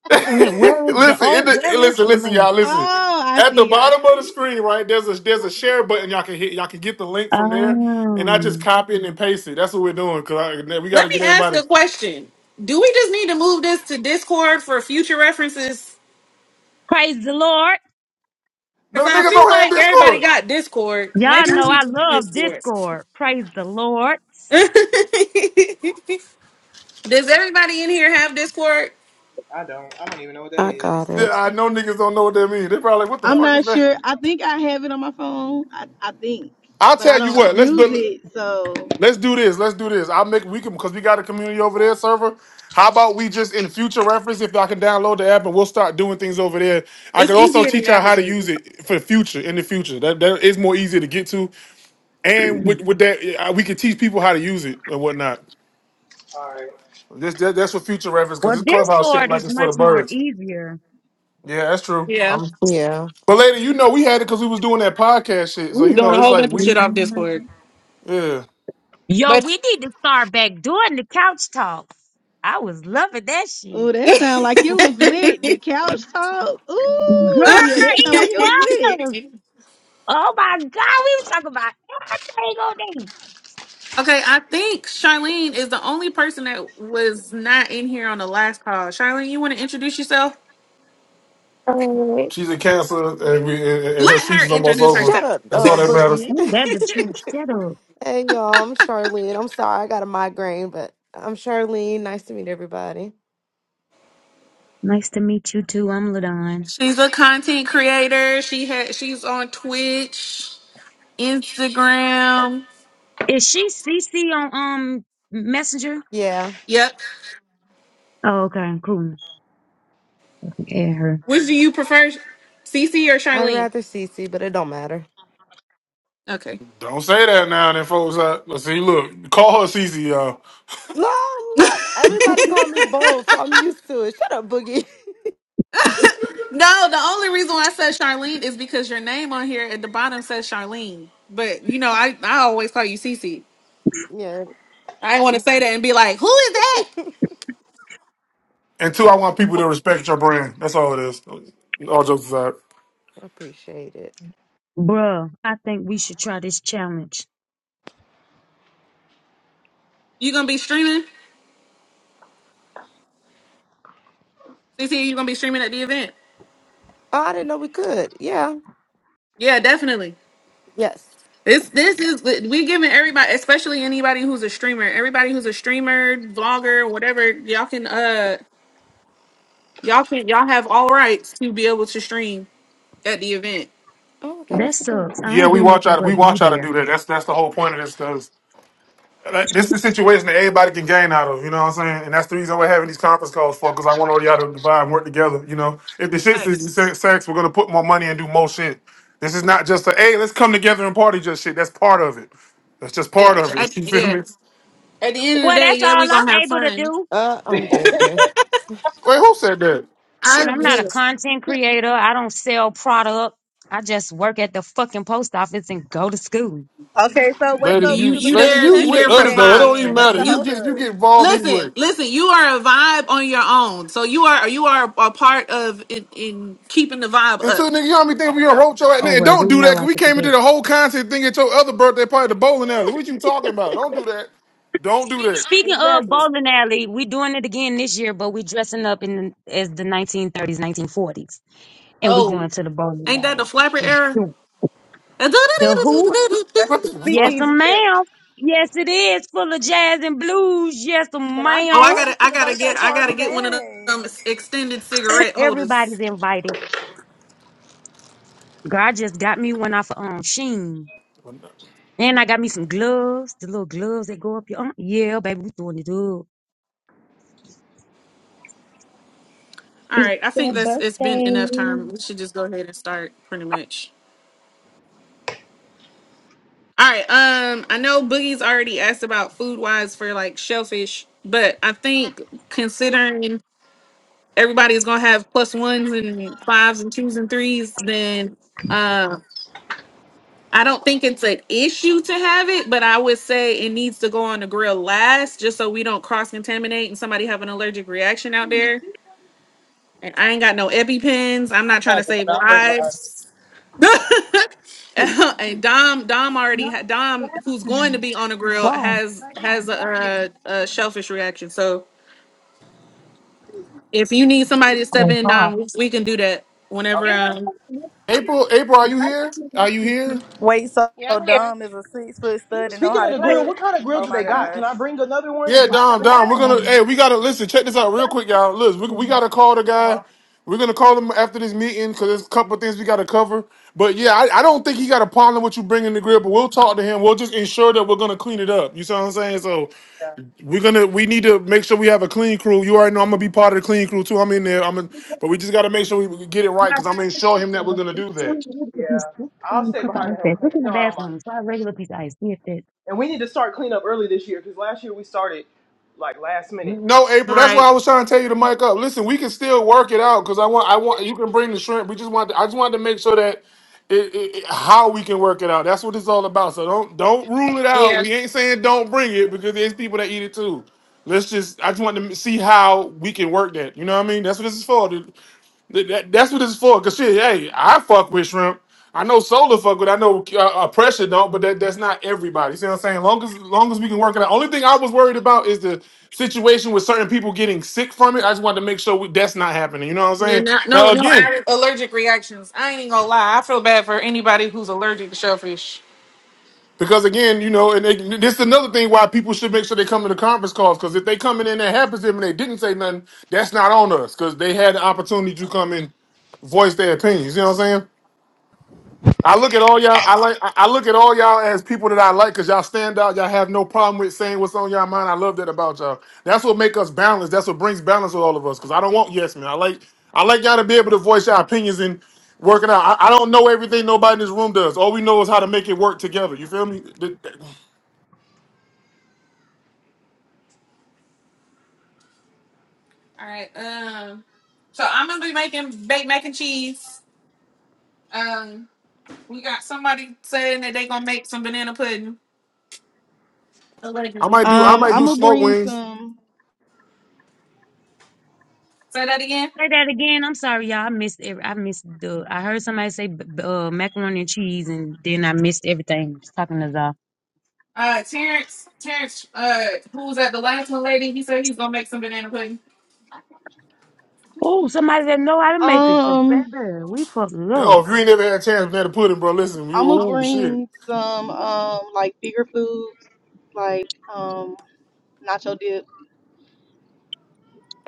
S5: [laughs] Wait a minute,
S1: [laughs]
S5: Where is the
S1: listen, in
S5: oh?
S1: the,
S5: Where is
S1: listen,
S5: the
S1: listen,
S5: link?
S1: y'all, listen.
S8: Oh, I
S1: At the
S8: see. I see
S1: bottom of the
S8: it.
S1: screen, right, there's a there's a share button y'all can hit. Y'all can get the link from there, and I just
S5: Um,
S1: copy it and paste it. That's what we're doing because we got to
S2: Let me
S1: get
S2: ask
S1: everybody.
S2: a question. Do we just need to move this to Discord for future references?
S5: praise the Lord.
S1: No
S2: Because I
S1: niggas
S2: feel
S1: don't have
S2: like everybody
S1: Discord.
S2: got Discord.
S5: Y'all
S2: Maybe we
S5: know
S2: need
S5: I
S2: to do
S5: love
S2: Discord.
S5: Discord. Praise the Lord.
S2: [laughs] Does everybody in here have Discord?
S4: don't. I don't even know what that
S7: I
S4: is.
S7: got
S1: Yeah,
S7: it.
S1: I know niggas don't know what that means. They probably like, what the
S8: I'm
S1: fuck is
S8: not
S1: that?
S8: sure. I think I have it on my phone. I, I think,
S1: I'll
S8: but I
S1: tell you
S8: don't
S1: what. Let's
S8: use
S1: build.
S8: it. So,
S1: Let's do this. Let's do this. I'll make we can because we got a community over there server. How about we just in future reference if I can download the app and we'll start doing things over there. I
S2: It's
S1: could also
S2: easier to
S1: teach y'all how to
S2: navigate.
S1: use it for the future in the future. That that is more easier to get to,
S5: [clears throat]
S1: and with with that uh, we can teach people how to use it and whatnot.
S4: Alright.
S1: This that, that's for future reference because
S5: well,
S1: this clubhouse shit
S5: Discord
S1: like
S5: is
S1: it's for the
S5: much more
S1: birds.
S5: easier.
S1: Yeah, that's true.
S2: Yeah.
S1: I'm,
S7: Yeah.
S1: but later, you know, we had it because we was doing that podcast shit. So
S2: We were
S1: you
S2: doing
S1: know,
S2: a
S1: it's
S2: whole
S1: like
S2: bunch of
S1: we
S2: shit off Discord.
S5: Mhm.
S1: yeah,
S5: Yo,
S2: But
S5: we need to start back doing the couch talk. I was loving that
S8: oh,
S5: shit.
S8: that sound like it was lit. The couch talk. Ooh,
S5: Girl,
S8: yeah, that sound like
S5: it
S8: it was lit.
S2: [laughs]
S5: was. Oh my God, we was talking about everything on there.
S2: Okay, I think Charlene is the only person that was not in here on the last call. Charlene, you want to introduce yourself?
S7: Alright.
S1: she's in cancer and we and and
S2: Let
S1: her season's
S2: her
S1: almost
S2: introduce
S1: over.
S7: Shut
S2: herself.
S7: up,
S1: That's all
S7: uh,
S1: that matters.
S7: Boogie.
S5: Ain't That the
S2: [laughs]
S5: truth. Shut up.
S7: [laughs] hey, y'all. I'm Charlene. I'm sorry. I got a migraine, but I'm Charlene. Nice to meet everybody.
S5: Nice to meet you too. I'm Ladon.
S2: she's a content creator. She had she's on Twitch, Instagram.
S5: Is she CC on um Messenger?
S7: Yeah.
S2: Yep.
S5: Oh, okay, cool. Add her.
S2: Which do you prefer, CC or
S7: I'd
S2: Charlene?
S7: rather Cece, but it don't matter. [laughs]
S2: Okay.
S1: Don't say that now, then, folks. Uh, let's see, look, call her Cece, y'all.
S7: No, look.
S2: [laughs]
S7: Everybody call me both, so I'm used to it. Shut up, Boogie. [laughs]
S2: No, the only reason why I said Charlene is because your name on here at the bottom says Charlene. But you know, I, I always call you Cece.
S7: yeah.
S2: I didn't want to say that and be like, who is that?
S1: And two, I want people to respect your brand. That's all it is. All jokes aside.
S7: Appreciate it.
S5: Bruh, I think we should try this challenge.
S2: You gonna be streaming? CC, you gonna be streaming at the event?
S7: Oh, I didn't know we could. Yeah.
S2: Yeah, definitely.
S7: Yes.
S2: This this is we giving everybody, especially anybody who's a streamer, everybody who's a streamer, vlogger, whatever, y'all can uh y'all can y'all have all rights to be able to stream at the event.
S7: Oh, okay.
S5: That
S7: That's a best.
S5: sucks. I
S1: Yeah,
S5: don't
S1: we
S5: do
S1: watch
S5: nothing
S1: out. We
S5: but be
S1: watch out to do
S5: there.
S1: that. That's that's the whole point of this, because this is the situation that everybody can gain out of. You know what I'm saying? And that's the reason we're having these conference calls for, because I want all y'all to divide and work together. You know, if the shit's is
S2: Thanks.
S1: sa- sex, we're gonna put more money and do more shit. This is not just a hey, let's come together and party. Just shit. That's part of it. That's just part
S2: Yeah.
S1: of
S2: At,
S1: it. [laughs] You feel
S2: yeah.
S1: me?
S2: At the end of the
S5: Well,
S2: day,
S5: that's
S2: yeah,
S5: all
S2: we gonna
S5: I'm
S2: have
S5: able to
S2: fun.
S5: do.
S7: Uh,
S4: [laughs]
S7: I'm
S4: That's
S7: dead.
S1: Wait, who said that?
S2: I
S5: Shit, I'm not a
S2: yes.
S5: content creator. I don't sell product. I just work at the fucking post office and go to school.
S8: Okay, so what's
S1: Lady,
S8: up with
S2: You
S8: you
S1: you
S2: you
S1: lady,
S8: becoming a
S2: there
S1: you
S2: you
S1: with
S2: there
S8: content
S2: for the
S1: us
S8: creator
S1: though. It don't
S2: vibes,
S1: even
S8: then?
S2: man.
S8: What's
S1: matter.
S8: the
S2: You
S1: You
S8: hold
S1: get you
S8: up?
S1: get involved anyway.
S2: listen, listen. You are a vibe on your own, so you are you are a part of in, in keeping the vibe up.
S1: Until nigga, you all how many we gonna roach your ass.
S5: Oh
S1: Nigga,
S5: well, we
S1: don't do that,
S5: know
S1: cause
S5: I
S1: we
S5: could do
S1: came into
S5: that.
S1: the whole concept thing at your other birthday party, at the bowling alley. What you talking about? Don't do that. Don't do that.
S5: Speaking of
S2: Exactly.
S5: bowling alley, we doing it again this year, but we dressing up in as the 1930s, 1940s, and we going
S2: Oh,
S5: to the bowling
S2: ain't that the
S5: alley.
S2: flapper
S5: and
S2: era?
S5: The Who?
S1: What
S4: the
S2: Oh,
S1: the
S5: Yes,
S1: fuck?
S4: speakeasy area.
S5: ma'am. Yes, it is full of jazz and blues. Yes,
S8: Can I be
S2: I
S5: ma'am.
S2: gotta,
S8: invited to
S2: I
S8: the
S2: gotta get,
S8: birthday
S2: I gotta
S8: party?
S2: get one of
S8: Dang.
S2: them extended
S5: [laughs]
S2: cigarette holders.
S5: Everybody's invited. God just got me one off of um, Sheen. And I got me some gloves, the little gloves that go up your arm. Yeah, baby, we doing it up.
S2: All
S5: It's
S2: right, I
S5: their
S2: think that's it's been
S5: birthday.
S2: enough time. We should just go ahead and start, pretty much. All right. Um, I know Boogie's already asked about food wise for like shellfish, but I think considering everybody's gonna have plus ones and fives and twos and threes, then um, I don't think it's an issue to have it, but I would say it needs to go on the grill last just so we don't cross contaminate and somebody have an allergic reaction out there. And I ain't got no EpiPens. I'm not
S4: I
S2: trying
S4: have
S2: to
S4: one.
S2: save
S4: I'll bring mine.
S2: lives. [laughs] and Dom, Dom already
S5: No,
S2: had Dom, who's going to
S5: Jackson.
S2: be on the grill,
S5: Wow.
S2: has
S5: I
S2: has
S5: didn't buy it.
S2: a, a, a shellfish reaction. So if you need somebody to step
S5: Oh,
S2: in,
S5: God.
S2: Dom, we we can do that
S4: Okay.
S2: whenever.
S5: Did I
S2: Um,
S5: put it with you?
S1: April, April, are
S5: But
S1: you
S5: I
S1: here?
S5: just didn't do
S1: Are you
S5: it to
S1: here?
S5: you.
S8: Wait, so
S9: Yeah, I'm here.
S8: dumb is a six foot stud and know
S4: Speaking
S8: how
S4: of
S8: to
S4: the
S5: Right,
S4: grill,
S5: the
S8: cook?
S4: what kind of grill
S8: Oh
S4: do
S8: my
S4: they
S5: place
S4: got? Can
S8: gosh.
S4: I bring another one?
S1: Yeah,
S4: Because
S5: is
S4: I
S1: Dom,
S4: got a
S1: Dom,
S4: small
S1: we're
S4: one I
S1: gonna.
S4: can
S1: Hey,
S5: describing.
S1: we
S4: bring.
S1: gotta listen. Check this out real quick, y'all. Look, we, we gotta call the
S4: Uh
S1: guy.
S4: huh.
S1: We're gonna call him after this meeting because there's a couple of things we gotta cover. But yeah, I, I don't think he got a problem with you bringing the grill. But we'll talk to him. We'll just ensure that we're gonna clean it up. You see what I'm saying? So
S4: Yeah.
S1: we're gonna we need to make sure we have a clean crew. You already know I'm gonna be part of the clean crew too. I'm in there. I'm in,
S5: A couple
S1: but we just gotta make sure we get it right because I'm gonna
S5: ice
S1: show him that we're gonna do that.
S4: Yeah. I'll stay behind and help
S5: packs.
S4: clean.
S5: Look in
S4: You
S5: the
S4: know I don't mind.
S5: bathroom. Try a regular piece of ice. See if that.
S4: And we need to start clean up early this year because last year we started like last minute.
S1: No, April. That's why I
S2: right?
S1: was trying to tell you to mic up. Listen, we can still work it out because I want, I want you can bring the shrimp. We just want, I just wanted to make sure that it, it, it- how we can work it out. That's what it's all about. So don't, don't rule it out. We ain't saying don't bring it because there's people that eat it too. Let's just, I just want to see how we can work that. You know what I mean? That's what this is for. That, that- that's what it's for. Cause shit, hey, I fuck with shrimp. I know Solar fuck with. I know uh, uh, Pressure don't, but that that's not everybody. See what I'm saying? Long as long as we can work it out. Only thing I was worried about is the situation with certain people getting sick from it. I just wanted to make sure we, that's not happening. You know what I'm
S2: Yeah,
S1: saying?
S2: no, no,
S1: Now
S2: no
S1: again,
S2: al- allergic reactions. I ain't even gonna lie. I feel bad for anybody who's allergic to shellfish.
S1: because again, you know, and they, this is another thing why people should make sure they come to the conference calls. Because if they coming in that happens to them and they didn't say nothing, that's not on us. Because they had the opportunity to come and voice their opinions. You know what I'm saying? I look at all y'all. I like. I I look at all y'all as people that I like because y'all stand out. Y'all have no problem with saying what's on y'all mind. I love that about y'all. That's what make us balanced. That's what brings balance with all of us. Because I don't want yes men. I like. I like y'all to be able to voice your opinions and work it out. I, I don't know everything nobody in this room does. All we know is how to make it work together. You feel me? Th- th-
S2: All right. Um. So I'm gonna be making baked mac and cheese. Um. We got somebody saying that they gonna make some banana pudding.
S1: I
S2: Allegedly.
S1: might do. I
S8: Um,
S1: might
S8: I'm
S1: do
S8: gonna
S1: smoke
S8: bring
S1: wings.
S8: some.
S2: Say that again.
S5: Say that again. I'm sorry, y'all. I missed. Every, I missed the. I heard somebody say b- b- uh, macaroni and cheese, and then I missed everything. Just talking to y'all.
S2: Uh, Terrence, Terrence, uh, who was at the last one, lady? He said he's gonna make some banana pudding.
S5: Oh, somebody that know how to make it, cause
S8: Um,
S5: baby, we fucked it
S1: Oh,
S5: up.
S1: if you ain't never had a chance, man, to put it, bro. Listen, you,
S8: I'm gonna
S1: oh shit.
S8: bring some. Um, like bigger foods, like um, nacho dip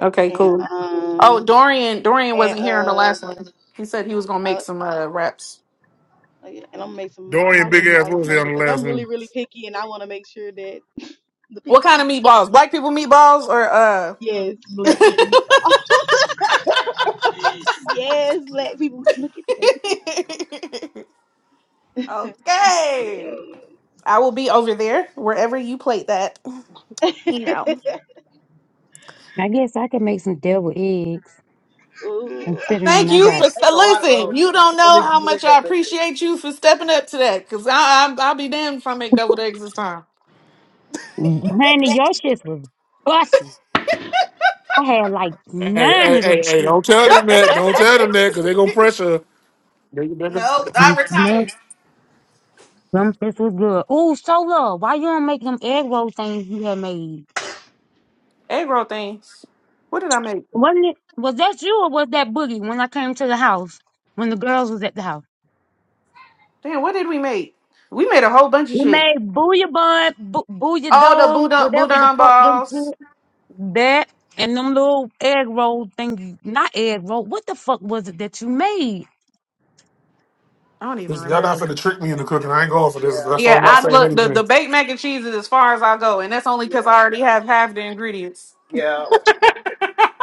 S2: Okay,
S8: and
S2: cool. Oh,
S8: um
S2: Dorian, Dorian
S8: and
S2: wasn't here on the
S8: uh,
S2: last one. He said he was gonna
S8: uh
S2: make some uh wraps.
S8: yeah, and I'm gonna make some
S1: Dorian
S8: probably
S1: Big Ass
S8: meatballs
S1: what
S8: or
S1: was he
S8: something
S1: on the
S8: because
S1: last
S8: I'm really
S1: one.
S8: really picky and I want to make sure that the picky
S2: What kind of
S8: people. eat.
S2: meatballs? Black people meatballs or uh?
S8: Yes, black
S2: [laughs]
S8: people meatballs. [laughs] yes, black people. Look at the baby
S2: [laughs]
S8: there. [laughs]
S2: okay.
S8: yes.
S2: I will be over there wherever you plate that. You
S8: [laughs]
S2: know.
S5: I guess I can make some devil eggs,
S8: Ooh.
S5: considering
S2: Thank
S5: I
S2: you
S5: got.
S2: for
S4: Take
S2: so
S4: a lot of those
S2: listen. You
S4: because you
S2: don't
S4: don't
S2: know how
S4: live
S2: much I
S4: that live.
S2: appreciate you for stepping up to that, cause I, I I'll be damned if I make double eggs this time.
S5: Honey, your shit was busting. I had like
S1: Hey,
S5: nine
S1: hey,
S5: of them
S1: hey, hey, don't
S5: chips.
S1: tell
S4: [laughs]
S1: them that. Don't tell them that because they're going to pressure. Yeah, you bigger.
S2: No,
S5: I'm
S2: I
S5: mad
S2: retired.
S5: Them shits was good. Oh, Sola, why you don't make them egg roll things you had made?
S2: Egg roll things. What did I make?
S5: Wasn't it? Was that you or was that Boogie when I came to the house when the girls was at the house?
S2: Damn, what did we make? We made a whole bunch of
S5: We
S2: shit.
S5: made booyah bun, bo- booyah
S2: All the
S5: dome,
S2: boudin
S5: whatever the
S2: boudin
S5: fuck them
S2: balls.
S5: shit. That and them little egg roll thing, not egg roll. What the fuck was it that you made?
S2: I don't even
S1: This, y'all not
S2: remember.
S1: finna trick me into cooking. I ain't going for this.
S4: yeah.
S1: That's why
S2: Yeah,
S1: I'm
S4: Well,
S1: not
S2: I
S4: I'm
S1: saying
S4: gonna.
S2: look the, the
S1: anything.
S2: baked mac and cheese is as far as I go, and that's only because I
S4: Yeah.
S2: already have half the ingredients.
S4: Yeah.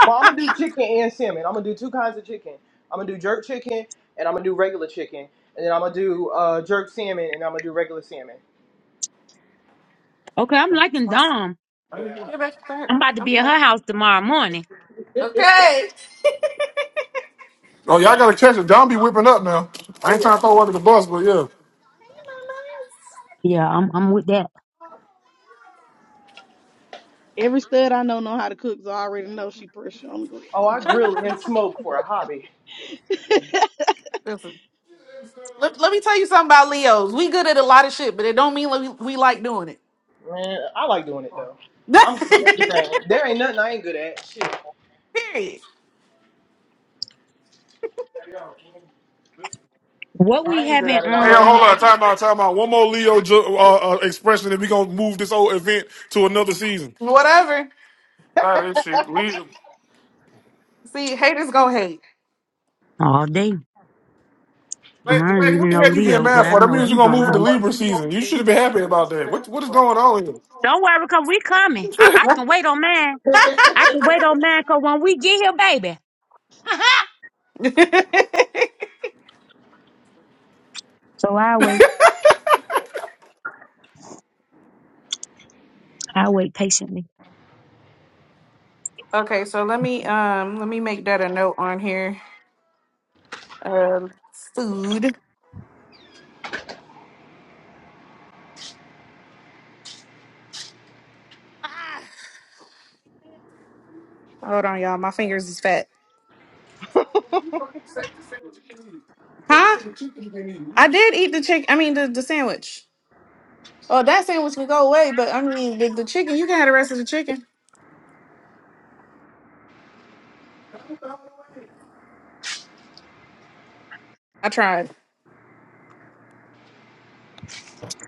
S4: Well, I'm gonna do chicken and salmon. I'm gonna do two kinds of chicken. I'm gonna do jerk chicken and I'm gonna do regular chicken, and then I'm gonna do uh, jerk salmon and I'm gonna do regular salmon.
S5: Okay, I'm liking
S2: Get
S5: Dom.
S4: Yeah.
S2: back there.
S5: I'm about to
S2: I'm
S5: be at
S2: sorry.
S5: her house tomorrow morning.
S2: Okay.
S1: Oh, y'all gotta catch it. John be whipping up now.
S4: [laughs] oh
S1: I ain't
S4: yeah.
S1: trying to throw under the bus, but yeah.
S5: Yeah, I'm I'm with that.
S8: Every stud I know know how to cook, so I already know she pressure on the grill.
S4: Oh, I grill and smoke for a hobby.
S2: [laughs] Listen, let, let me tell you something about Leos. We good at a lot of shit, but it don't mean we, we like doing
S4: Man, I like doing it though.
S2: it.
S4: I'm good at everything.
S2: [laughs]
S4: There ain't nothing I ain't good at. Shit. And
S2: Period.
S5: What
S4: If I
S5: we
S4: ain't good at
S5: having
S4: it, I
S1: Hey, yo,
S4: learn
S5: um
S1: hold
S4: how to
S1: on.
S4: do.
S1: Time out. Time out. One more Leo ju- uh, uh, expression, and we gonna move this whole event to another season.
S2: Whatever.
S1: Tired of this shit. Leo.
S2: See, haters gonna hate.
S5: all day. I
S1: Hey,
S5: don't
S1: hey, what
S5: even
S1: the
S5: know
S1: hell you getting
S5: Leo, but
S1: mad
S5: I
S1: for? That
S5: know
S1: means we're
S5: he
S1: gonna move
S5: gonna
S1: it to
S5: hate.
S1: Libra season. You should have been happy about that. What What is going on
S5: Don't worry, cause we coming. I,
S1: here?
S5: I can wait on mine. I can wait on mine, cause when we get here, baby.
S2: [laughs]
S5: So I wait. I wait patiently.
S2: okay, so let me um let me make that a note on here. Um, food. Ah. Hold on, y'all. My fingers is fat. Huh? I did eat the chicken. I mean, the, the sandwich. Oh, that sandwich can go away, but I mean, the, the chicken, you can have the rest of the chicken. I tried.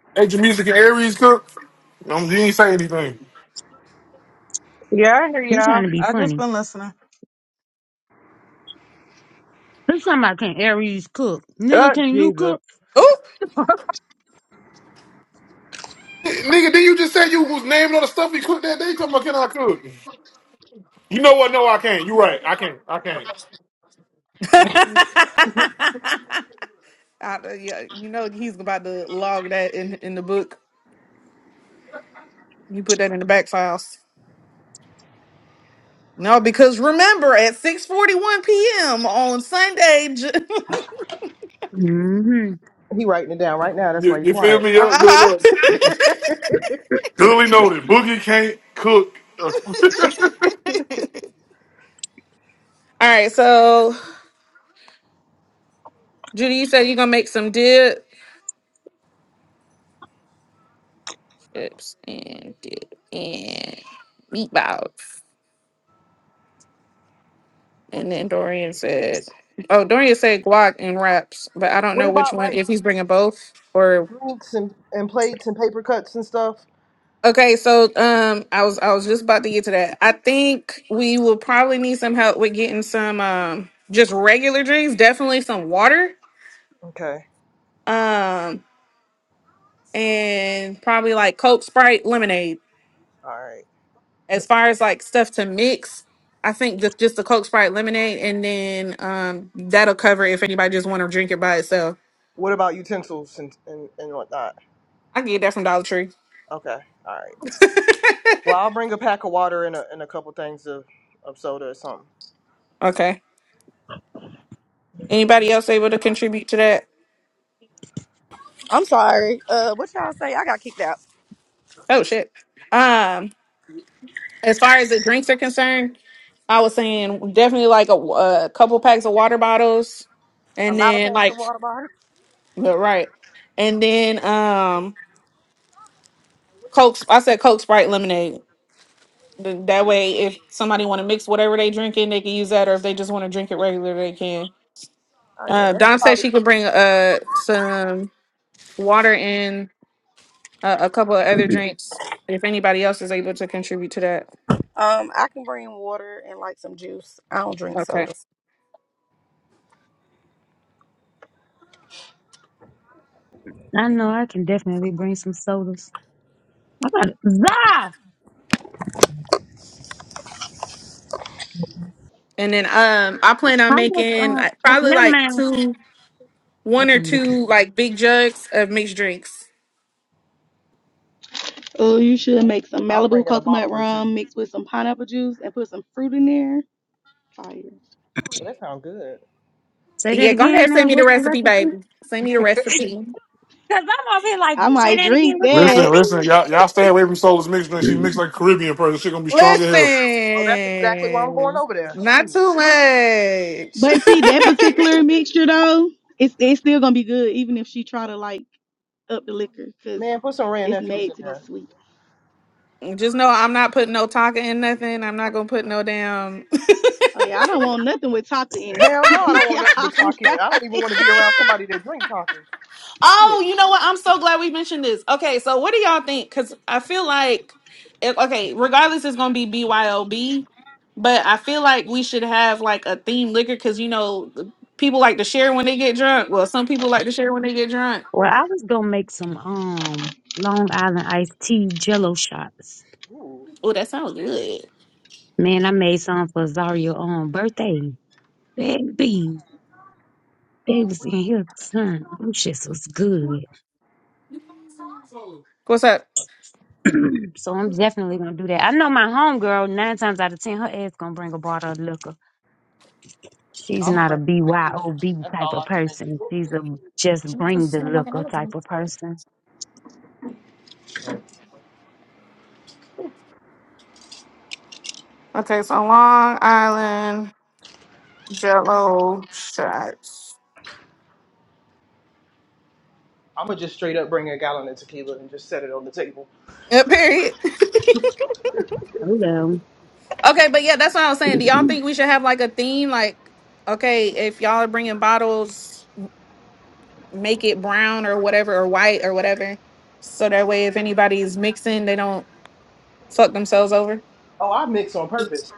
S1: [laughs] hey, Jamaica and Aries cook. Um, you ain't say anything.
S6: Yeah, I hear
S5: You
S6: y'all.
S5: trying to be
S6: I just
S5: funny?
S6: been listening.
S5: This somebody can Aries cook,
S6: Oh
S5: nigga. Can you
S6: Jesus,
S5: cook?
S2: Ooh!
S1: Nigga, did you just say you was naming all the stuff he cooked that day? Talking about can I cook? You know what? No, I can't. You're right. I can't. I
S5: Yeah,
S1: can't.
S5: but
S2: [laughs] I, uh, yeah, you know, he's about to log that in, in the book. You put that in the back files. No, because remember, at 6.41 p.m. on Sunday... J- [laughs]
S5: hmm
S4: He writing it down right now. That's
S1: You,
S4: why you
S1: you feel
S4: quiet.
S1: me? Yeah, look, look.
S2: uh-huh.
S4: [laughs]
S1: Duly noted. Boogie can't cook.
S2: [laughs] All right, so, Judy, you said you're going to make some dip. chips and dip and meatballs. And then Dorian said, "Oh, Dorian said guac and wraps, but I don't
S4: what
S2: know which
S4: about like?
S2: one. If he's bringing both or."
S4: drinks and, and plates and paper cuts and stuff?
S2: Okay, so um, I was I was just about to get to that. I think we will probably need some help with getting some um just regular drinks, definitely some water,
S4: Okay.
S2: um, and probably like Coke, Sprite, lemonade.
S4: All right.
S2: as far as like stuff to mix, I think the, just the Coke Sprite lemonade, and then um that'll cover if anybody just want to drink it by itself.
S4: What about utensils and, and, and whatnot?
S2: I can get that from Dollar Tree.
S4: Okay. All right. Well, I'll bring a pack of water and a, and a couple things of, of soda or something.
S2: Okay. Anybody else able to contribute to that?
S8: [laughs] I'm sorry. Uh, what y'all say? I got kicked out.
S2: Oh shit. Um, as far as the drinks are concerned, I was saying definitely like a, a couple packs of water bottles,
S8: A
S2: and
S8: lot of
S2: then
S8: packs of
S2: like
S8: water bottle.
S2: but right, and then um Coke. I said Coke Sprite lemonade. Th- That way, if somebody want to mix whatever they drinking, they can use that, or if they just want to drink it regular, they can.
S8: Oh yeah,
S2: Uh,
S8: that's
S2: Dom said
S8: probably.
S2: she could bring uh some water and uh, a couple of other drinks if anybody else is able to contribute to that.
S8: Um, I can bring water and like some juice. I don't drink
S2: Okay.
S8: soda.
S5: I know. I can definitely bring some sodas. I got it. Zah.
S2: And then um, I plan on
S5: How much?
S2: making
S5: Uh,
S2: uh,
S5: ne-
S2: probably
S5: never
S2: like
S5: mind.
S2: two,
S5: I
S2: one or
S5: can look at
S2: two
S5: it.
S2: like big jugs of mixed drinks.
S8: Oh, you should make some
S4: I'm
S8: Malibu
S4: bringing a bottle
S8: coconut
S4: or two.
S8: rum mixed with some pineapple juice and put some fruit in there. Fire.
S4: Well, that sounds good.
S5: Say that
S2: Yeah, go
S5: again.
S2: ahead, send
S5: Now,
S2: me the
S5: what's the
S2: recipe,
S5: recipe?
S2: baby. Send me the
S5: [laughs]
S2: recipe.
S5: Cause I'm over here like,
S8: I
S5: say
S8: might
S5: that
S8: drink
S5: again.
S1: [laughs]
S5: What's the
S1: listen,
S8: that.
S1: listen.
S5: recipe?
S1: Y'all, y'all stay away from Soul's mixed drink. She mixed like a Caribbean person. She gonna be strong as hell.
S4: Oh, that's exactly why I'm going
S2: Listen,
S4: over there.
S2: not
S4: Shoot.
S2: too much.
S8: But see, that
S2: [laughs]
S8: particular mixture though, it's it's still gonna be good even if she try to like up the liquor because
S4: Man, put some Rand
S8: it's
S4: Nephews in
S8: made to be
S4: there.
S8: sweet.
S2: Just know I'm not putting no Tonka in nothing. I'm not gonna put no damn. [laughs]
S8: Oh yeah, I don't want nothing with taco in it.
S4: Hell no, I
S8: [laughs]
S4: don't want
S8: yeah,
S4: nothing
S8: I
S4: but talk in it. I
S8: got
S4: don't even
S8: it.
S4: want to be around somebody that drink talking. Shit.
S2: Oh, you know what? I'm so glad we mentioned this. Okay, so what do y'all think? Because I feel like, if, okay, regardless, it's gonna be BYOB, but I feel like we should have like a themed liquor because you know the people like to share when they get drunk. Well, some people like to share when they get drunk.
S5: Well, I was gonna make some um Long Island iced tea jello shots.
S4: Ooh.
S2: Oh, that sounds good.
S5: Man, I made some for Zaria on birthday. Baby, they was in here. Son, them shits was good.
S2: What's up?
S5: [clears throat] so I'm definitely gonna do that. I know my homegirl, nine times out of ten, her ass gonna bring a bottle of liquor. She's
S4: I'm going
S5: not
S4: to
S5: a
S4: bring tequila.
S5: BYOB
S4: That's
S5: type
S4: all
S5: of
S4: I drink.
S5: person. She's a just bring the liquor type of person.
S2: Okay, so Long Island Jello shots.
S4: I'm going to just straight up bring a gallon of tequila and just set it on the table.
S2: Uh, period. [laughs]
S5: Hello.
S2: Okay, but yeah, that's what I was saying. Do y'all
S5: [clears throat]
S2: think we should have like a theme? Like, okay, if y'all are bringing bottles, make it brown or whatever, or white or whatever. So that way, if anybody's mixing, they don't fuck themselves over.
S4: Oh, I mix on purpose.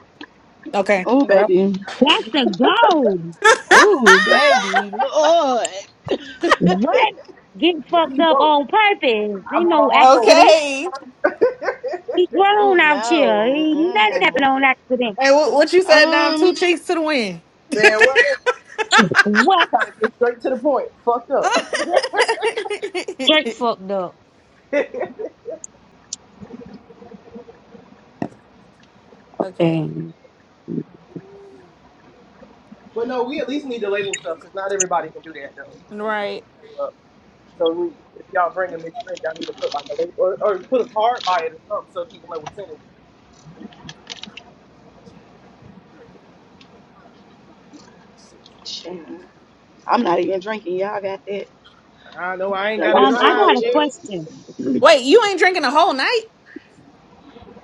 S2: Okay.
S8: Oh,
S2: Well.
S8: baby.
S5: That's the goal.
S8: Oh, baby.
S2: [laughs]
S8: Lord.
S5: What? Getting
S4: Give
S5: fucked
S4: me
S5: up
S4: both.
S5: on purpose.
S4: I
S5: Ain't
S4: want
S5: no
S4: all four.
S5: accident.
S2: okay.
S4: [laughs]
S5: He
S8: Oh
S5: grown out here. He nothing happened
S8: no. Mm-mm.
S5: on accident.
S2: And what, what you said, Dom? Two
S8: Um,
S2: cheeks to the wind.
S4: Man, what?
S5: What?
S4: Trying to get straight to the point. Fucked up. [laughs]
S5: Straight
S2: [laughs]
S5: fucked up.
S4: but
S2: okay.
S5: Damn.
S4: no, we at least need the label stuff because not everybody can do that though. 'cause some people can
S2: Right.
S4: show up. So we, if y'all bring a mixed drink, y'all need to put like a label or, or put a card by it or something so people know what's in it.
S8: shit. I'm not even drinking. Y'all got that?
S4: I know I ain't got
S8: Drink
S4: to
S8: me
S5: Um,
S8: some
S5: I
S4: drive.
S8: little
S5: got
S4: [laughs]
S5: a question.
S8: juice.
S5: [clears throat]
S2: Wait, you ain't drinking a whole night?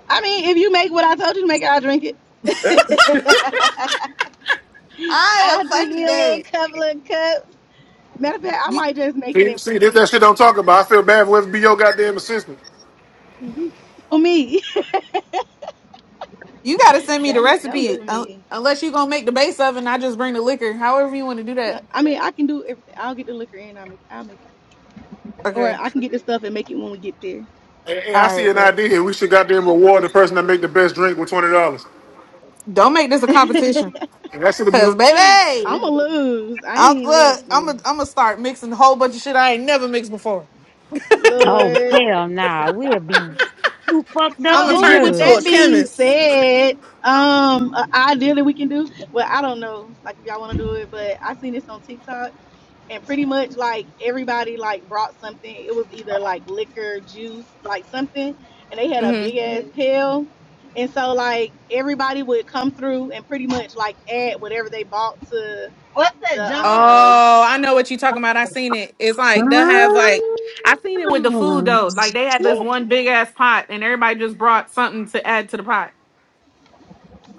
S8: I mean, if you make what I told you to make, I'll drink it.
S4: Yep.
S8: [laughs]
S2: I am
S8: I'll drink
S2: fucking
S8: me a little
S2: dead.
S8: couple of cups. Matter of fact, I might just make it
S1: See,
S8: and
S1: see,
S8: bring
S1: if
S8: it.
S1: that shit don't talk about, I feel bad for whoever be your goddamn assistant.
S8: Who me?
S2: You got to send
S8: [laughs]
S2: me the
S8: don't don't
S2: recipe
S8: do
S2: un-
S8: me.
S2: unless you going to make the base of it and I just bring the liquor. However you want to do
S8: No,
S2: that.
S8: I mean I can do everything. I'll get the liquor in. I'll make. I'll make. Or
S2: Okay.
S8: I can get the stuff and make it when we get there.
S1: Hey, hey, I
S2: All
S1: see
S2: right,
S1: an
S2: but
S1: idea here. We should goddamn reward the person that make the best drink with twenty dollars.
S2: don't make this a competition.
S1: And That should be.
S2: Cause
S8: [laughs]
S2: baby,
S8: I'ma lose. I
S2: I'm,
S8: ain't
S2: look, I'm gonna
S8: losing.
S2: I'm gonna start mixing a whole bunch of shit I ain't never mixed before.
S5: Oh
S8: Lord.
S5: hell nah, we'll be too fucked up
S2: I'm
S8: So
S2: gonna
S5: to
S8: ooh,
S2: turn
S8: with
S2: into a
S8: that
S5: judge.
S8: being
S2: chemist.
S8: said, um, an idea that we can do. Well, I don't know, like if y'all want to do it, but I seen this on TikTok, and pretty much like everybody like brought something. It was either like liquor, juice, like something, and they had a
S2: hmm
S8: big ass pail. And so like everybody would come through and pretty much like add whatever they bought to
S10: What's that,
S8: the
S10: jungle juice?
S8: um
S2: Oh, I know what you talking about. I seen it. It's like they'll have like I seen it with the food
S5: Mm,
S2: though. Like they had this
S5: shit.
S2: one big ass pot and everybody just brought something to add to the pot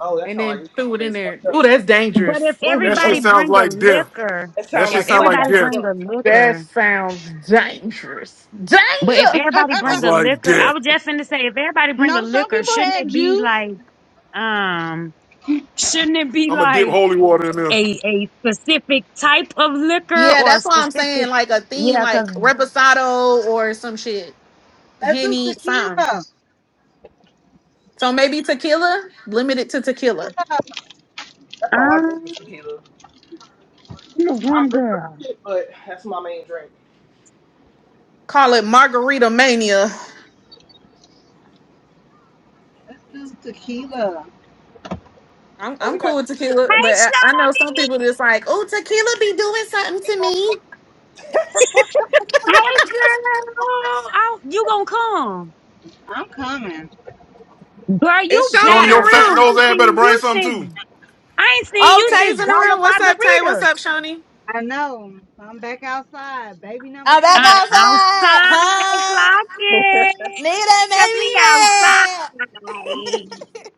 S4: Oh, that
S2: and
S4: sound like
S2: then
S4: it's gonna
S2: threw it
S4: get
S2: in
S4: niggas
S2: there.
S4: fucked up.
S2: Ooh, that's
S5: But
S2: dangerous.
S5: if
S1: That shit
S2: Ooh.
S5: everybody
S1: sounds
S5: bring a
S1: like death.
S5: liquor,
S4: That
S1: That
S4: sound
S1: shit
S5: if
S4: like
S1: sounds like
S5: everybody
S4: blackout
S1: death.
S5: bring
S4: drunk.
S5: a
S4: [laughs] That's
S2: That
S5: liquor,
S2: sounds dangerous.
S5: But if
S2: Danger.
S5: everybody
S8: [laughs]
S1: Sounds
S5: bring a
S1: like
S5: liquor, I
S1: death.
S5: was just finna say, if everybody bring a
S8: no, some
S5: liquor,
S8: people
S5: shouldn't
S8: had
S5: it be
S8: juice.
S5: like, um, shouldn't it be
S1: I'm gonna dip
S5: like
S1: holy water in there.
S5: a a specific type of liquor
S2: Yeah,
S5: or a
S2: that's why I'm
S5: specific?
S2: saying like a theme
S5: Yeah,
S2: like
S5: cause
S2: reposado or some shit.
S10: Let's do
S2: Henny, something.
S10: tequila.
S2: So maybe tequila, limit it to tequila.
S10: tequila.
S4: all I drink is
S5: um,
S4: tequila.
S5: you a
S4: I
S5: good
S4: drink other
S5: girl.
S4: shit, but that's my main drink.
S2: Call it margarita mania.
S10: Let's do tequila.
S2: I'm,
S4: Oh, we
S2: I'm cool
S4: got new
S2: with
S4: people in
S2: tequila,
S4: here.
S5: Hey,
S2: but I, I know some
S5: Shoney.
S2: people just like, oh, tequila be doing something to me.
S5: Hey,
S2: [laughs]
S5: girl. Oh, you gonna come,
S10: I'm coming.
S5: girl? You
S2: It's Shoni
S1: Tony,
S2: in the
S1: your
S5: better, cause
S1: fat
S2: room.
S5: I
S1: nose
S5: ain't
S1: ass better
S5: seen
S1: bring
S5: you
S1: something
S5: since I ain't seen
S2: Oh,
S5: you
S2: Tay's
S5: since
S2: in the
S5: Dollar
S2: room. What's up, Tay?
S5: Margaritas.
S2: What's up, Shoni?
S10: I know. I'm back outside. Baby number
S2: I'm back
S10: two
S5: I
S10: back.
S2: outside.
S5: outside
S2: Huh?
S5: clocking
S2: Nita
S5: because we outside.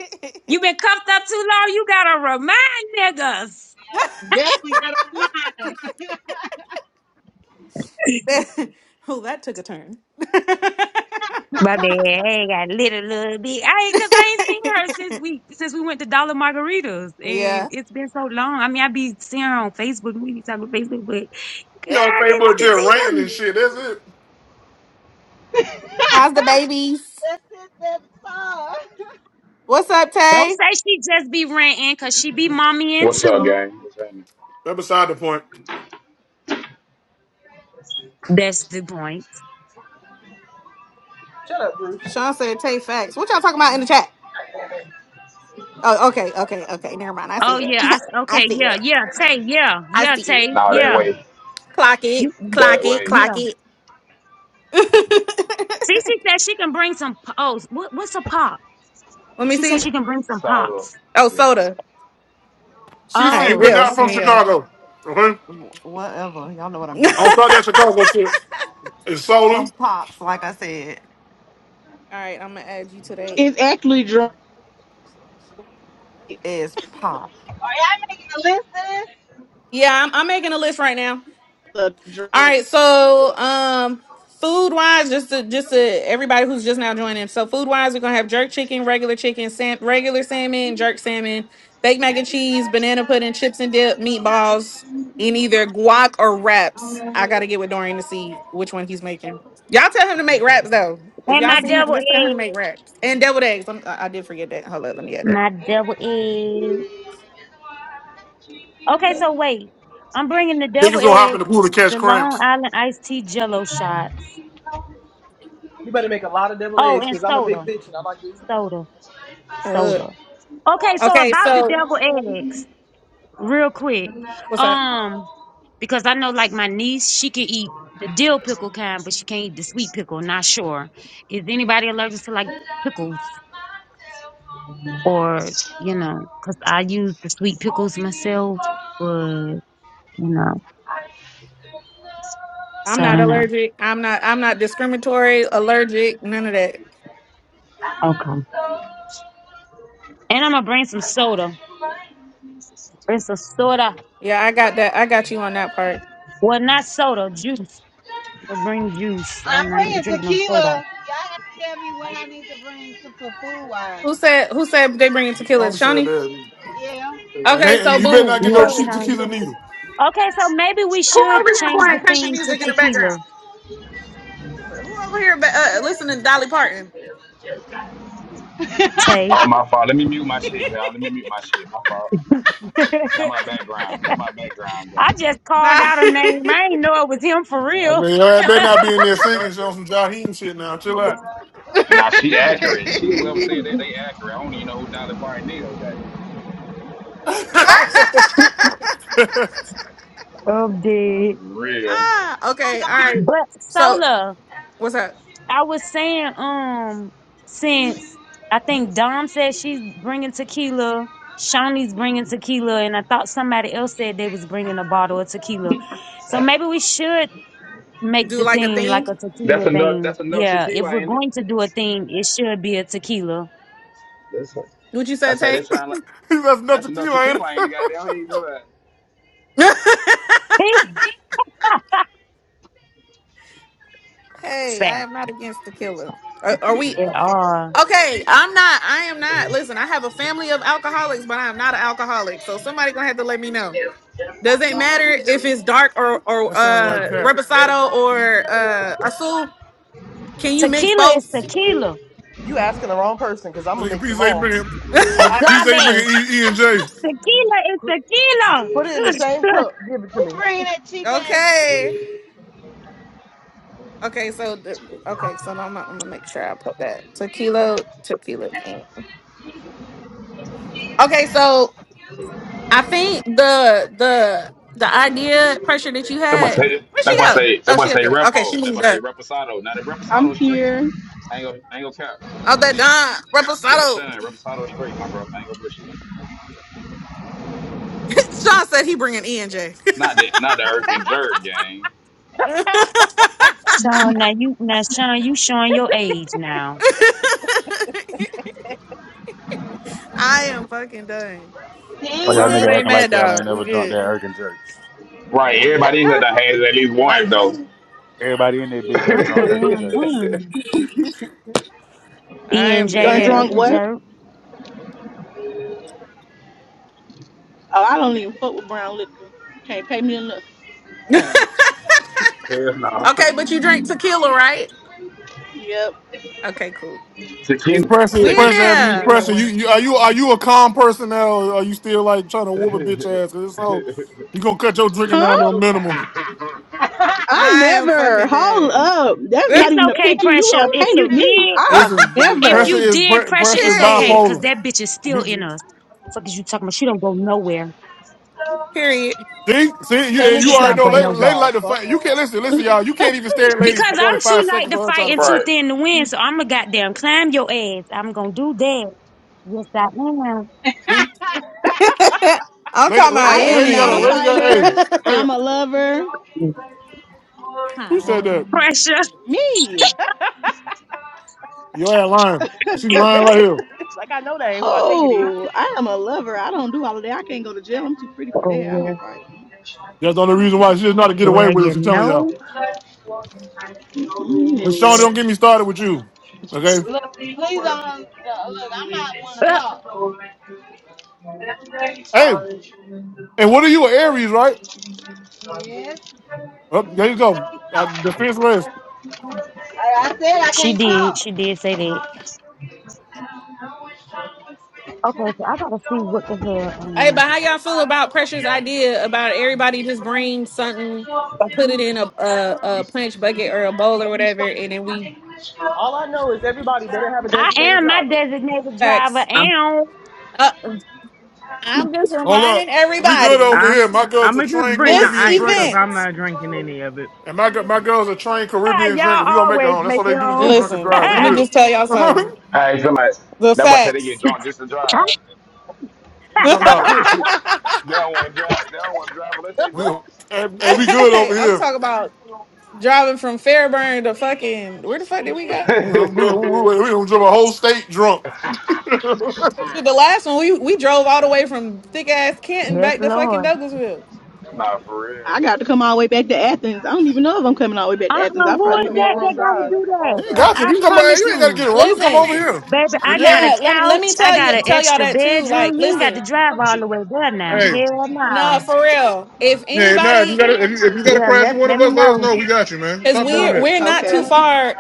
S2: made me mad. [laughs]
S5: You been cuffed up too long. You gotta remind niggas.
S10: Definitely got a mind.
S2: [laughs] oh, that took a turn. [laughs]
S5: My bad. I ain't got little little bit. I ain't cause I ain't seen her since we since we went to Dollar Margaritas, and
S2: Yeah.
S5: it's been so long. I mean, I be seeing her on Facebook. We be talking on Facebook, but girl,
S1: Be on
S5: I can't wait
S1: Facebook
S5: to
S1: just
S5: see
S1: ranting
S5: you.
S1: and shit. That's it.
S2: How's the babies?
S10: That's it. That's all. Are
S2: What's up,
S5: Don't
S2: Tay?
S5: say she just be ranting, cause she be mommy and
S11: What's up,
S5: too.
S11: gang? What's happening?
S1: That's beside the point.
S5: That's the point.
S4: Shut up, Bruce.
S2: Sean
S4: God
S2: said Tay facts. What y'all talking about in the chat?
S4: damn it.
S2: Oh, okay, okay, okay. Never mind. I
S5: Oh
S2: see it.
S5: yeah, I s-
S2: [laughs] I
S5: okay,
S2: see
S5: yeah,
S2: it.
S5: yeah, Tay, yeah,
S2: I
S5: yeah,
S2: see it.
S5: Tay,
S11: Nah, that
S5: yeah,
S11: way,
S2: Clock it.
S5: you,
S2: Clock
S11: that
S2: it.
S11: way,
S2: Clock
S5: yeah.
S2: it. [laughs]
S5: Cece said she can bring some. p- Oh, what, what's a pop?
S2: Let me
S5: She said
S2: see.
S5: she can bring some
S11: soda.
S5: pops.
S2: Oh,
S11: Yeah.
S2: soda. All
S1: CC,
S2: right,
S1: we're
S5: Oh,
S2: Bill.
S1: not
S2: [laughs]
S1: from
S5: okay.
S2: Yeah.
S1: Chicago. Okay?
S7: Wh- Whatever. Y'all know what I meant.
S1: I don't
S2: All
S1: start that Chicago shit. It's solar.
S7: Some pops, like I said,
S2: right, I'm gonna add you today.
S8: It's actually drunk. It's
S7: is pop.
S10: y'all making a list of this?
S2: yeah, I'm, I'm making a list right now.
S8: a
S2: All
S8: drink.
S2: right, so um food wise, just to just to everybody who's just now joining. So food wise, we're gonna have jerk chicken, regular chicken, sam- regular salmon, jerk salmon, baked mac and cheese, banana pudding, chips and dip, meatballs, in either guac or wraps. I gotta get with Dorian to see which one he's making. Y'all tell him to make wraps though. If
S5: And
S2: y'all
S5: my
S2: see him,
S5: double
S2: just tell him
S5: egg,
S2: to make wraps and deviled eggs. I'm, I I did forget that. Hold up, let me add
S5: my double egg. Okay, so wait, I'm bringing the double
S1: Niggas gonna hop
S5: egg,
S1: in the pool to
S2: that.
S1: catch
S5: the Long
S1: cramps.
S5: Island iced tea Jello shots.
S4: You better make a lot of double
S5: Oh,
S4: eggs
S5: and
S4: because I'm a big
S5: soda,
S4: bitch and I like to eat.
S5: soda,
S2: I look.
S5: soda. Okay, so
S2: Okay,
S5: about the
S2: so
S5: double eggs, real quick.
S2: what's up?
S5: um. because I know like my niece, she can eat the dill pickle kind, but she can't eat the sweet pickle. Not sure. Is anybody allergic to like pickles or you know? Because I use the sweet pickles myself, but you know,
S2: I'm
S5: so I
S2: not
S5: don't know.
S2: allergic. I'm not. I'm not discriminatory. Allergic. None of that.
S5: Okay. And I'm gonna bring some soda. Bring some soda.
S2: Yeah, I got that. I got you on that part.
S5: Well, not soda, juice. But bring juice. Y'all
S10: I'm
S5: know I ain't be
S10: bringing
S5: drinking no
S10: tequila.
S5: soda.
S10: Y'all gotta tell me what I need to bring to, for food wise.
S2: Who said? Who said they bringing tequila?
S1: Tommy said
S2: Shawnee.
S1: that.
S10: Yeah.
S1: And,
S2: Okay,
S1: they,
S2: so
S1: and you better
S2: boom.
S1: not get
S2: So
S1: no
S5: Yes,
S1: cheap tequila
S5: Sean.
S1: neither.
S5: Okay, so maybe we
S2: who over
S5: should
S2: here
S5: change the
S2: playing country
S5: theme to
S2: music in the background?
S5: tequila,
S2: Who over here ba- uh, listening to Dolly Parton?
S5: Tay.
S11: Oh, my fault. Let me mute my shit, y'all. Let me mute my shit. My fault. That
S5: [laughs]
S11: my background. That my background,
S5: I
S11: gang.
S5: just
S2: Nah. [laughs]
S5: called out a name. I ain't know it was him for
S1: I
S5: real.
S1: mean, I better not be in there singing shit on some Jaheim shit now. Chill out.
S11: Nah, she accurate. She whoever said that,
S5: [laughs]
S11: they accurate. I don't even know who Dolly Parton is, goddamn.
S1: [laughs] That's
S5: I'm
S11: Nah, for
S5: dead.
S11: real.
S2: ah, okay. All right.
S5: But
S2: So
S5: Sola,
S2: what's up?
S5: I was saying, um, since I think Dom said she's bringing tequila, Shawnee's bringing tequila, and I thought somebody else said they was bringing a bottle of tequila. So maybe we should make
S2: Do
S5: the
S2: like a
S5: theme
S2: theme?
S5: like
S2: Do
S5: a
S11: That's
S5: tequila
S11: enough.
S5: thing.
S11: That's enough
S5: Yeah, if
S11: tequila,
S5: we're
S11: ain't it?
S5: going to do a theme, it should be a tequila.
S11: That's.
S2: What you
S11: I
S2: said,
S11: say
S2: Tay?
S11: that sound like.
S1: not
S11: That's enough
S1: tequila, ain't
S11: tequila. I
S1: it?
S11: ain't
S1: [laughs]
S11: got down here. do it.
S2: [laughs]
S5: [laughs]
S2: hey, I
S5: Fact.
S2: am not against the killer. Are, are we
S5: It are
S2: okay? I'm not. I am not. Listen, I have a family of alcoholics, but I'm not an alcoholic. So somebody gonna have to let me know. Does it matter if it's dark or or
S1: That sounds like
S2: uh
S1: cap.
S2: reposado or uh azul? Can you mix
S5: Tequila is
S2: both?
S5: tequila.
S4: You asking the wrong person because I'm gonna
S1: Nigga,
S4: mix them
S1: PZ
S4: all.
S1: bringing PZ bringing
S5: Agave.
S1: E, e and J.
S5: Tequila is tequila.
S4: Put it in the same
S5: [laughs]
S4: cup. Give it to
S10: Who
S4: me.
S10: bringing that cheap ass
S2: Okay. Okay, so the- okay, so I'm, gonna- I'm gonna make sure I put that tequila, tequila. man. Okay, so I think the the the idea pressure that you
S11: That boy
S2: had.
S11: say
S2: Where she
S11: that boy
S2: go?
S11: say that
S2: Oh,
S11: boy
S2: she up
S11: say
S2: there. Okay, she
S11: repo. That boy
S2: moved
S11: say
S2: up.
S11: reposado. Now the
S8: I'm
S11: reposado straight.
S8: here.
S11: I ain't gonna I ain't gonna cap.
S2: Oh, that Don
S11: Yeah,
S2: Reposado.
S11: Sean, reposado straight, my brother. I ain't gonna bullshit.
S2: [laughs] Sean said he bringing ENJ.
S11: Not the not the irk and jerk gang.
S2: [laughs]
S5: Sean, now you now Sean, you showing your age now.
S2: I am fucking done.
S10: li-
S3: Like
S2: As
S3: y'all
S2: long as
S10: Easy.
S2: it
S3: nigga
S2: ain't
S3: acting like
S2: mad
S3: y'all
S2: dog,
S3: ain't
S2: we
S3: never drunk that
S2: good.
S3: Erkin jerk.
S11: Right, everybody in here done had at least one though.
S4: Nineteen.
S3: Everybody in that bit done
S5: Up the
S3: drunk Erkin
S5: damn
S3: jerk.
S11: [laughs]
S5: room. E
S2: I
S5: and
S2: am
S5: J
S8: Done
S5: that
S2: dead.
S8: drunk
S5: irking
S8: what?
S5: jerk.
S8: Oh, I don't even fuck with brown liquor. Can't pay me enough.
S2: [laughs] okay,
S4: Damn.
S3: Hell no.
S2: but you drink tequila, right?
S8: Yep.
S2: Okay, cool.
S1: Hey,
S11: tequila
S1: Preston,
S2: We in
S1: Preston,
S11: tequila
S1: have you,
S2: there.
S11: tequila
S1: Preston, you,
S11: went
S1: you, are you, are you a calm person now? Or are you still like trying to
S11: [laughs]
S1: whoop a
S11: right.
S1: bitch ass? Cause it's so you gonna cut your drinking down to a
S8: Huh?
S1: minimum.
S8: I
S2: I am
S8: never.
S2: fucking
S8: Hold
S2: dead.
S8: up. That's
S2: [laughs]
S8: not
S5: It's
S8: even a
S5: okay,
S8: picture you
S5: pressure.
S8: gonna
S5: If
S8: paint
S5: you
S8: of me.
S5: did,
S8: I've
S1: Listen,
S5: if
S8: never.
S1: pressure
S5: you
S1: is
S5: did
S1: pre-
S5: pressure,
S1: pressure is
S5: it's okay,
S2: Period.
S5: cause
S1: bipolar.
S5: that bitch is still
S1: We,
S5: in us. Fuck is you talking about? She don't go nowhere.
S2: Period.
S1: see, see, you,
S4: Tell niggas
S1: you
S5: She
S1: already
S5: don't
S4: stop
S1: know.
S5: go
S4: playing
S1: Lady,
S4: with
S5: nowhere.
S1: lady
S4: y'all.
S1: like to
S4: Fuck.
S1: fight. You can't listen, listen, y'all. You can't even stare at lady for
S5: Because
S1: more
S5: I'm
S1: than
S5: too
S1: five
S5: light
S1: seconds
S5: to
S1: on her trying
S5: fight
S1: to
S5: and too
S1: fight.
S5: thin to win, so I'ma goddamn climb your ass. I'm gonna do that. Yes, I
S1: See,
S2: [laughs] I'm
S1: lady,
S2: talking
S1: la-
S2: about
S8: I
S1: la-
S2: in
S8: am
S1: lady got
S8: not
S1: a
S8: a
S1: lady
S2: it.
S1: got.
S8: fighter.
S1: Hey, hey,
S8: I'm a lover.
S5: am.
S1: who said that?
S5: Pressure.
S8: Me.
S1: Your ass lying. She
S8: [laughs]
S1: lying right here.
S4: [laughs] like I know that ain't who I think it is.
S8: Oh, I am a lover. I don't do all of that. I can't go to jail. I'm too pretty for that. I don't fight.
S1: That's the only reason why she's not to get away
S5: Well,
S1: with it.
S5: you
S1: She telling y'all.
S5: know,
S8: Mm-mm.
S1: Rashawn,
S8: Mm.
S1: don't get me started with you. Okay.
S10: Look, please don't. Look, I'm not one to
S5: [laughs]
S10: talk.
S1: Hey, and what are you, an Aries, right?
S10: Yes.
S1: Oh,
S10: So
S1: there you
S10: I
S1: go.
S10: can't
S1: Uh,
S10: talk.
S1: defense rest.
S10: I, I said I
S5: she
S10: can't
S5: did.
S10: talk,
S5: She did say that. Okay, so I gotta see what the hell.
S2: Hey, but
S5: Um,
S2: how y'all feel about Pressure's idea about everybody just bring something and put it in a a, a punch bucket or a bowl or whatever, and then we
S4: All I know is everybody better have a
S5: I
S4: designated
S5: am my
S4: driver.
S5: designated driver,
S2: facts.
S6: I'm
S5: and
S2: Uh, I'm just
S1: Hold
S2: reminding
S1: up. We good
S2: everybody
S1: over here.
S6: I'm
S1: My
S6: I'm
S1: girl's a
S6: gonna just
S1: trained
S6: bring the
S2: this
S1: Caribbean
S6: ice because
S1: drinker.
S2: event.
S6: I'm not drinking any of it.
S1: And my gi- my girl's a trained
S5: [laughs]
S1: Caribbean drinker.
S5: y'all
S1: We gonna make it
S5: always
S1: home. That's
S5: make
S1: what they
S5: it
S1: do is get
S5: home.
S1: drunk and
S5: [laughs]
S2: Listen,
S1: drive. We
S2: let me
S1: good.
S2: just tell
S1: [laughs]
S2: y'all
S1: you
S2: something.
S1: talking
S11: I ain't somebody.
S2: The
S11: That boy said they get
S2: facts.
S11: drunk just to drive. [laughs]
S2: [laughs]
S1: about
S11: they don't want to drive. They don't want to drive unless
S4: [laughs]
S11: they
S1: we
S4: Damn.
S1: hey,
S11: drunk.
S1: hey, we good
S2: Hey,
S1: over
S2: I'm
S1: here.
S2: talking about driving from Fairburn to fucking where the fuck did we go?
S1: We gonna, we gonna, we gonna we gonna drive a whole state drunk.
S2: Shit, The last one we we drove all the way from thick ass Canton
S5: yes,
S2: back to fucking
S5: Lord.
S2: Douglasville.
S11: [laughs] nah, for
S8: I
S11: real.
S8: got to come all the way back to Athens. I don't even know if I'm coming all the way back to
S5: Uh-uh,
S8: Athens. I'll
S5: who
S8: probably
S4: That's a
S5: is
S8: get me a
S5: that
S4: long
S5: that
S8: room or
S5: gotta
S4: drive.
S8: something.
S4: That's
S5: do
S4: a long
S5: that?
S1: You ain't
S4: drive.
S5: Cause
S1: got to.
S5: I
S1: You come. Hey,
S5: promise
S1: You ain't got to
S5: you,
S1: get it wrong. You come
S2: Listen,
S1: over here.
S5: baby,
S1: If
S5: I
S1: you, if
S5: got
S1: you,
S5: a
S2: yeah, let let
S5: couch,
S2: me
S5: I
S2: tell
S5: got an
S2: you tell y'all
S5: extra
S2: that too.
S5: bedroom.
S2: Like,
S5: You ain't got to
S2: listen,
S5: drive all the way there now.
S1: hey,
S5: Hell
S2: no,
S5: no.
S2: for real. If
S1: Yeah, nah. If you
S2: anybody,
S1: gotta, if you, if you gotta
S5: Yeah,
S1: crash
S5: let
S1: one of
S5: let me
S1: us, let us
S5: know.
S1: know. We got you, man.
S2: because
S1: Stop doing
S2: we're
S4: Yeah.
S1: that.
S2: we're not too
S8: Okay.
S2: far.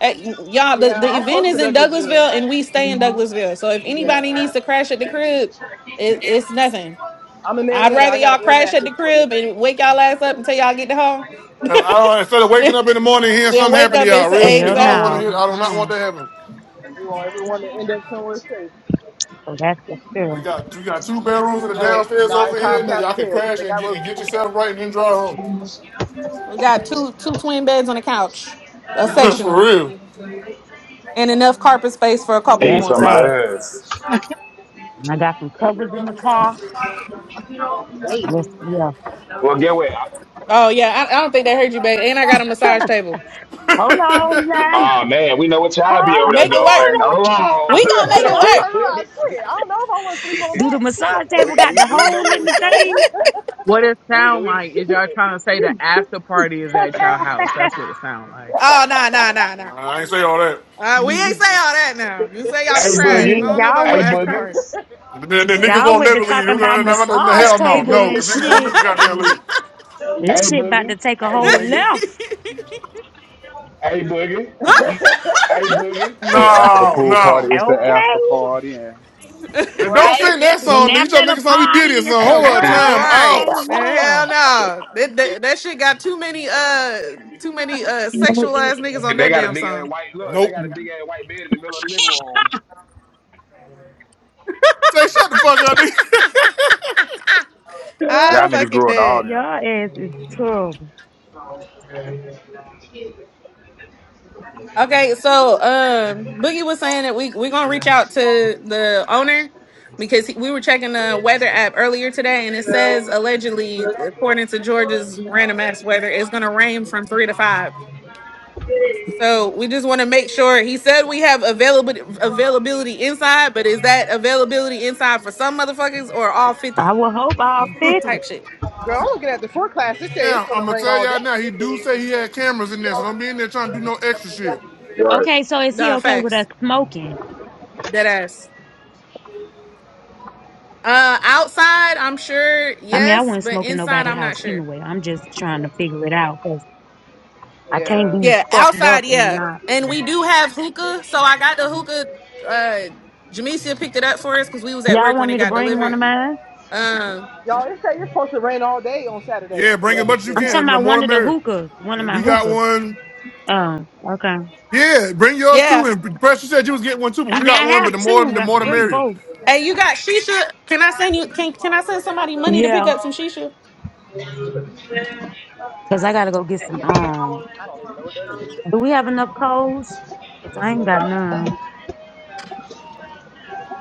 S2: At, y'all, the,
S4: Yeah.
S2: the
S4: I'm
S2: event
S4: close to
S2: is in
S4: Douglasville.
S2: Douglasville, and we stay in Douglasville. So if
S4: Yeah.
S2: anybody needs to crash at the crib, it, it's nothing.
S4: I'm in
S2: I'd
S4: Marietta. I
S2: rather
S4: got an
S2: y'all
S4: air
S2: crash at
S4: mattress
S2: the
S4: for you.
S2: crib and wake y'all ass up until y'all get to home,
S1: 'Cause I don't, instead of
S2: [laughs]
S1: waking
S2: than,
S1: up in the morning hearing
S2: than
S1: something
S2: wake
S1: happen to
S2: up and
S1: y'all, real
S2: say
S1: shit.
S5: Hell
S4: Yeah.
S1: I don't want to
S5: no.
S2: exactly.
S1: hear. I do not want
S5: Uh-uh.
S1: that happen.
S4: We want everyone to end up somewhere safe.
S5: So that's the fear.
S1: We got we got two bedrooms in the
S2: So.
S1: downstairs
S4: Not in
S1: over here,
S4: Cobb
S1: and
S4: County
S1: y'all can
S4: Jail because
S1: crash
S4: they
S1: and
S4: got
S1: get, and
S4: roaches
S1: get
S4: in there.
S1: yourself right, and then drive home.
S2: We got two two twin beds on the couch, a
S1: [laughs] For
S2: sectional,
S1: real.
S2: and enough carpet space for a couple
S11: Hey,
S5: That's
S2: more.
S3: Say
S11: somebody.
S5: fact.
S3: less.
S5: When I got some covers in my car.
S10: Wait.
S5: Yes, yeah.
S11: Well, get what?
S2: Oh yeah, I, I don't think they heard you, babe. And I got a massage
S5: [laughs]
S2: table.
S1: [laughs]
S5: Hold
S1: I
S5: on now.
S11: Oh man, we know what
S5: Hold
S11: y'all be over
S5: on
S11: there
S2: Make it work.
S11: doing.
S5: now.
S11: Hold
S2: We gonna
S4: That's
S2: make
S4: what
S2: it
S4: I'm
S2: work.
S4: talking about. Shit, I don't know if I want to sleep
S11: on.
S4: on
S11: [laughs]
S5: Do the
S4: that
S5: massage
S4: shit.
S5: table
S11: We
S5: got the
S11: we we
S5: hole
S11: know
S5: in
S11: it's
S5: the
S11: solo.
S5: thing?
S6: What it
S11: we
S6: sound like
S11: we
S6: is y'all trying to say the after party is at y'all house. That's
S5: [laughs]
S6: what it sound like.
S2: Oh nah nah nah nah.
S1: ain't say all that.
S2: Uh, we ain't say all that now. You say y'all
S11: hey
S2: can crash. I
S5: See,
S11: boogie.
S2: don't know about
S5: y'all
S2: no
S11: Hey
S5: with the
S2: after
S11: boogie.
S2: party.
S1: The, the niggas
S5: y'all
S1: won't
S5: with
S1: never
S5: the
S1: leave. You
S5: talking about
S1: know, nah, nah, nah,
S5: massage
S11: Hey,
S1: Hell no,
S5: table
S1: no,
S5: and
S1: because niggas won't
S5: shit.
S1: never goddamn leave.
S5: This
S11: hey
S5: shit about
S11: boogie.
S5: to take a
S2: [laughs]
S11: Hey
S5: whole
S11: boogie.
S5: left.
S11: Hey boogie. Hey boogie.
S3: Say after the
S1: No,
S3: pool party,
S1: no.
S3: it's the after
S5: Okay.
S3: party, and
S1: And don't
S10: right?
S1: sing that
S5: And
S1: song, nigga. You
S5: after
S1: trying to make
S5: the
S1: it sound like we did
S5: party,
S1: it,
S5: it's
S1: son.
S5: the
S1: Whole lot of
S5: what?
S1: time
S5: Okay,
S2: right.
S11: [laughs]
S1: out.
S2: Hell no. That, that that shit got too many uh too many uh sexualized niggas on
S11: they
S2: that
S11: got a
S2: damn
S11: big ass
S2: song.
S11: white
S4: Man.
S11: look, they
S1: Nope.
S11: got a big ass white bed in the middle of the living room.
S1: Say, shut the fuck up, nigga. [laughs]
S5: yeah.
S2: I
S3: y'all niggas
S2: fucking
S3: grew up to
S5: [laughs]
S3: all
S2: did.
S3: them.
S5: Y'all ass is terrible.
S2: Okay, so um, Boogie was saying that we we gonna reach out to the owner because he, we were checking the weather app earlier today, and it says allegedly, according to Georgia's random ass weather, it's gonna rain from three to five. So we just want to make sure. He said we have availability availability inside, but is that availability inside for some motherfuckers or all fifty
S5: I will hope all 50.
S2: type shit?
S4: Girl, I'm looking at the forecast. It say it's
S1: Now,
S4: gonna
S1: I'm gonna
S4: rain
S1: tell
S4: all day.
S1: y'all now, he do say he had cameras in there, so don't be in there trying to do no extra shit.
S11: Right.
S5: Okay, so is he
S2: Nah,
S5: okay with us
S2: facts,
S5: smoking?
S2: dead ass. Uh, outside, I'm sure
S5: I mean, I
S2: yes,
S5: wouldn't
S2: but
S5: smoke in
S2: inside,
S5: nobody's
S2: I'm not
S5: house
S2: sure.
S5: anyway. I'm just trying to figure it out because I can't
S4: Yeah.
S5: be
S2: Yeah,
S5: fucked up
S2: outside,
S5: and
S2: yeah.
S5: not.
S2: And we do have hookah. So I got the hookah. Uh Jamesia picked it up for us because we was at
S5: Y'all
S2: work when
S5: want
S2: it
S5: me to
S2: got
S5: bring one
S2: delivered.
S5: of mine?
S2: Um
S4: Y'all, it say it's supposed to rain all day on Saturday
S1: Yeah,
S4: in
S1: bring as much as you
S4: Douglasville.
S5: I'm talking
S1: can. The
S5: about
S1: more
S5: one
S1: the
S5: of the
S1: merrier.
S5: hookahs, one of my
S1: We got
S5: hookahs.
S1: one.
S5: Oh, okay.
S1: Yeah, bring yours
S2: yeah.
S1: too. And Pressure said you was getting one too, but
S5: I
S1: we
S5: mean, I
S1: got one,
S5: have
S1: but the more
S5: two. I
S1: the
S5: have to
S1: more the
S5: bring
S1: merrier.
S5: both.
S2: Hey, you got Shisha. Can I send you can can I send somebody money to pick
S5: Yeah,
S2: up some Shisha?
S5: because I got to go get some. Um,
S4: I don't even know what that is.
S5: do we have enough coals? Because I ain't got none.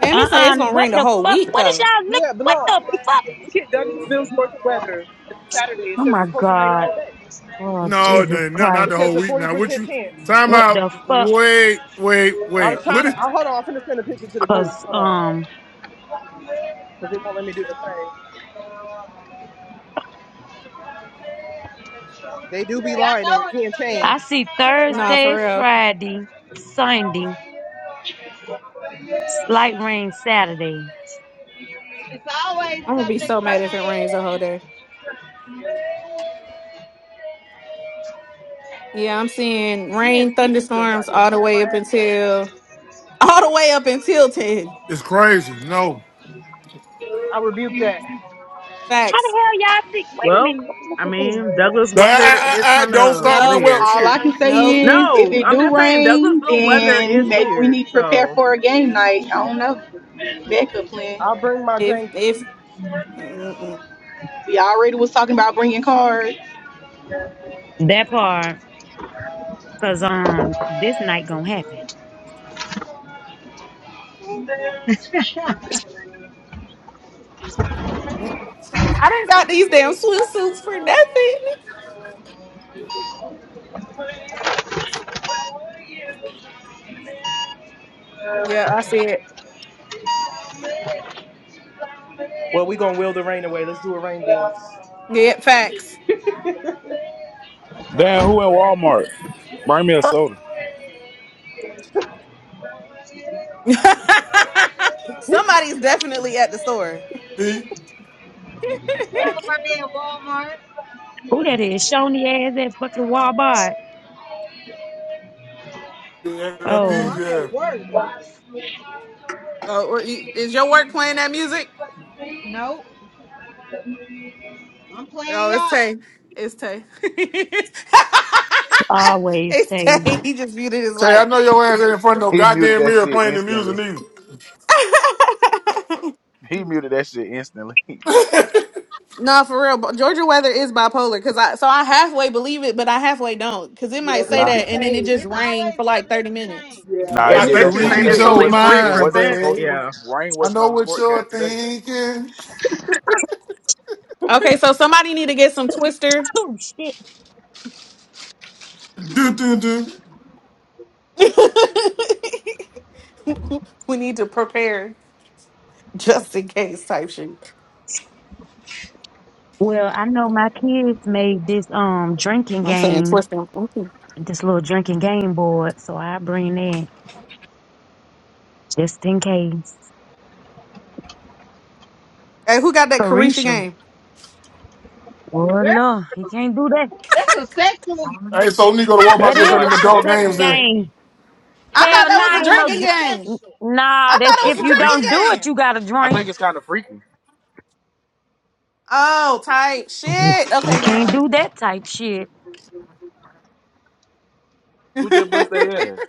S2: Damn it
S4: I,
S2: saying
S5: Uh-uh.
S2: it's gonna
S5: What
S2: rain the
S5: the
S2: whole
S5: fuck?
S2: week
S5: What is
S2: though.
S5: y'all lick?
S4: yeah, but
S5: What
S4: no,
S5: the
S4: look,
S5: fuck?
S4: look at Douglasville, Georgia weather. And on Saturday, it
S5: Oh,
S4: says
S5: my
S4: it's supposed to rain the
S5: God.
S4: whole day.
S5: Oh,
S1: No, it
S5: Jesus
S1: ain't. not not
S4: It
S1: the
S5: Christ.
S1: whole
S4: says a
S1: week
S4: forty
S1: now. What
S4: percent
S1: you
S4: chance.
S1: time
S5: What the
S1: out.
S5: fuck?
S1: Wait, wait,
S4: I
S1: wait.
S4: was
S1: What
S4: trying to.
S1: is
S4: I, hold on, I'm finna send a picture to the group.
S5: Cause
S4: Hold on,
S5: um
S4: because they won't let me do the thing. They do be
S10: Y'all
S4: lying, and it
S10: know it's
S4: can
S10: subject
S5: I
S4: change.
S10: to
S5: see
S10: change,
S2: Nah,
S10: right?
S2: for
S5: Thursday,
S2: real.
S5: Friday, Sunday, slight rain Saturday.
S10: It's always
S2: I'm gonna be
S10: subject
S2: so mad if it rains the whole day. Yeah, I'm seeing
S4: Man,
S2: rain,
S4: these mosquitoes out
S2: thunderstorms
S4: here
S2: all the
S4: tearing my
S2: way up
S4: ass up.
S2: until [laughs] all the way up until ten.
S1: it's crazy. No.
S4: I rebuke that.
S5: How the
S2: Facts.
S5: hell y'all think wait a
S6: Well,
S5: minute, let me look
S6: I
S5: at
S6: mean,
S5: this.
S6: Douglas
S1: I, I,
S6: weather is
S1: I, I-
S6: kind
S1: don't
S6: of
S1: start with the
S2: Nope,
S1: whelp
S6: weird.
S8: All
S1: shit.
S8: I can
S2: nope.
S8: say is if
S6: No,
S8: it
S6: I'm
S8: do
S6: just saying
S8: rain,
S6: Douglasville weather is
S8: then maybe we
S6: weird.
S8: need to prepare
S6: So,
S8: for a game night. I don't know. Backup plan.
S4: I'll bring my
S2: If
S4: Jenga.
S2: if mm-mm.
S8: We already was talking about bringing cards.
S5: That part, cause um this night gonna happen.
S10: to change.
S2: I didn't got these damn swimsuits for nothing. Yeah, I see it.
S4: Well, we gonna will the rain away. Let's do a rain dance.
S2: Yeah, facts.
S3: Damn, who at Walmart? Bring me a
S5: Uh,
S3: soda.
S2: [laughs] Somebody's definitely at the store.
S1: P.
S10: [laughs]
S2: [laughs]
S10: Anybody at Walmart?
S5: who that is? Shoney ass that fucking Walmart.
S1: Yeah, that P,
S10: No,
S5: Oh,
S10: I'm
S1: yeah.
S10: at work.
S2: oh, what you- is your work playing that music?
S10: Nope, I'm playing
S2: Oh,
S10: y'all.
S2: it's Tay. It's Tay. [laughs]
S5: always
S2: it's
S5: say.
S2: Tay. He just muted his
S1: Say, I
S2: light.
S1: know your ass ain't in front of no
S3: He muted
S1: goddamn
S3: that
S1: mirror
S3: shit
S1: playing the music
S3: instantly.
S1: neither.
S2: [laughs]
S3: He muted that shit instantly. [laughs]
S2: No, for real. but Georgia weather is bipolar because I so I halfway believe it, but I halfway don't because it might say
S3: Nah,
S2: that and then it just
S10: It's
S2: rained
S10: always
S2: for like
S10: subject
S2: thirty
S10: to
S2: minutes.
S10: change.
S3: nah,
S6: yeah,
S3: it
S1: I
S3: did
S1: can
S3: that
S6: especially
S3: shit
S6: saying
S1: read
S6: it's
S3: today. It
S1: your
S6: only
S3: wasn't.
S6: 40%.
S3: It
S1: mind,
S3: wasn't supposed
S1: baby.
S3: to.
S6: Yeah.
S3: Rain
S1: I
S3: wasn't
S1: know
S3: on the
S1: what you're
S3: forecast today.
S1: thinking.
S2: Okay, so somebody need to get some twister.
S5: Oh shit.
S1: Do do do.
S2: [laughs] we need to prepare just in case type shit.
S5: Well, I know my kids made this um drinking
S2: I'm saying
S5: game,
S2: twister. Mm-hmm.
S5: this little drinking game board, so I bring that just in case.
S2: Hey, who got that Carisha
S5: Carisha.
S2: game?
S5: Well,
S10: Girl,
S5: no, he can't do that.
S10: that's a sexual.
S1: Hey, so when you go to
S3: That
S1: Walmart
S5: That
S3: shit
S1: gets
S3: is
S5: is
S1: under
S3: like a
S5: like a
S1: adult
S3: sex
S5: second
S1: games
S3: game, ain't
S1: then.
S3: it?
S5: game.
S2: I
S10: I
S2: thought
S5: Hell,
S10: ain't
S2: that
S5: nah,
S2: was
S10: playing
S2: a
S5: ain't no.
S2: drinking
S10: nothing
S5: dr-
S2: game.
S10: sexual.
S2: I
S5: Nah,
S3: I
S5: that
S2: thought
S3: think
S2: it
S5: if
S2: was a
S3: it's
S5: you don't
S3: freaky.
S5: do
S2: drinking
S5: it,
S2: game.
S5: you got to
S3: I
S5: drink.
S3: think it's kind of freaky.
S2: Oh, type
S5: Ooh,
S2: shit.
S5: We
S2: Okay, never
S5: can't
S2: mind.
S5: do that type shit.
S2: [laughs] who
S3: Who
S2: is
S3: just bust their ass?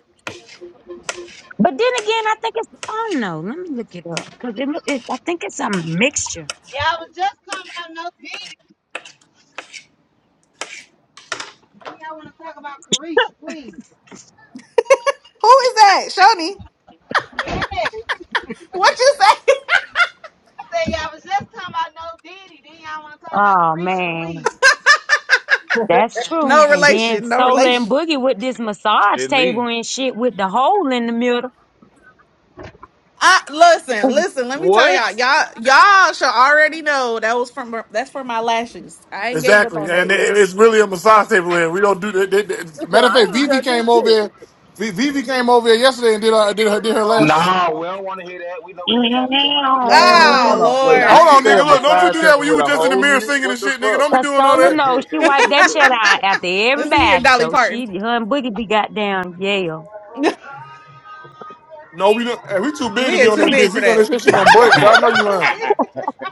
S5: But then again, I think it's. I don't know. Let me look it up because it, look- it. I think it's a mixture.
S10: Yeah, I was just talking about no diddy. Then y'all want to talk about Carisha, please.
S2: that, Shoni?
S10: Yes.
S2: What you say? [laughs]
S10: I said y'all was just talking about no diddy. Then y'all want to talk about
S5: Oh
S10: Carisha, please.
S5: man, that's true.
S2: No
S5: And then
S2: relation. No
S5: Sola and
S2: relation.
S5: Boogie with this massage
S3: It me.
S5: table and shit with the hole in the middle.
S2: I listen,
S5: [laughs]
S2: listen. Let me tell
S3: What?
S2: y'all, y'all, y'all should already know that was from that's for my lashes. I ain't gave up
S1: Exactly,
S2: on
S1: and
S2: that yet.
S1: it- it's really a massage table here. We don't do that. that- that-
S4: Listen,
S1: Matter of
S4: I
S1: fact,
S4: ain't
S1: Vivi
S4: judging
S1: came over
S4: shit.
S1: here. Vi- Vivi came over here yesterday and did her did her did her last.
S11: Nah, we don't want to hear that. We know what the hell y'all be doing on that massage
S4: Man,
S3: Man,
S11: table,
S2: Ah,
S3: hold
S4: what?
S11: boy.
S3: on.
S4: Shit,
S3: Wait, did
S1: Hold
S4: I
S2: Lord.
S3: she
S1: on,
S4: ain't
S3: say a
S1: nigga. Look,
S4: judging.
S1: don't you
S4: No judgment
S3: massage
S5: Ew.
S1: do that
S3: table
S1: when you
S3: with
S1: were
S3: a
S1: just
S4: here.
S1: in the
S3: hole
S1: mirror
S3: in it?
S1: singing and
S3: What the
S1: shit, nigga.
S3: fuck?
S1: Don't be
S5: Cause
S1: doing all
S5: Sola
S1: that.
S5: knows she wiped that shit out
S11: [laughs]
S5: after
S2: [laughs] listen here,
S5: everybody.
S2: Dolly
S5: So she,
S2: Parton.
S5: her and Boogie be goddamn Yale.
S2: [laughs]
S1: No, we don't. Hey, we too big to
S2: we
S1: be
S2: are
S1: on
S5: [laughs]
S2: too
S1: that bitch.
S2: big for
S1: We got this
S2: that.
S1: shit, shit gonna
S4: [laughs] Y'all
S1: break. So I
S4: said
S1: know
S4: y'all
S1: you
S4: just-
S1: lying.
S4: you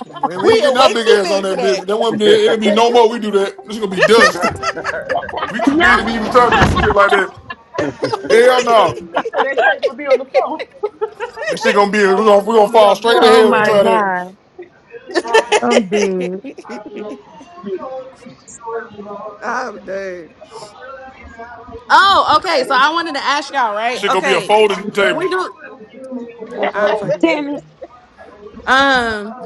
S1: Man, we
S2: We
S1: ain't
S2: are
S1: getting our
S2: way
S1: big
S2: too
S1: ass on
S2: big for
S1: that
S2: that.
S1: bitch. That one, it'll be no more. We do that. This gonna be dust. We too big
S5: yeah.
S1: to be even trying to do some shit like that.
S11: [laughs]
S2: [laughs]
S11: That
S1: Hell no.
S11: crazy.
S4: said that table will be on the floor.
S1: That shit gonna be we gonna
S2: It's
S1: we
S2: gonna
S1: gonna
S2: be
S1: fall
S2: on the
S1: straight to
S2: floor
S5: Oh
S2: for
S1: hell. We
S5: my
S1: try
S2: real.
S1: that.
S5: God. I'm dead.
S2: [laughs] I'm dead. Oh, okay. So I wanted to ask y'all, right?
S1: shit gonna be a
S2: Okay,
S1: folding
S2: if
S1: table.
S2: we do.
S4: [laughs]
S2: I don't fucking do it.
S5: Damn it.
S2: Um,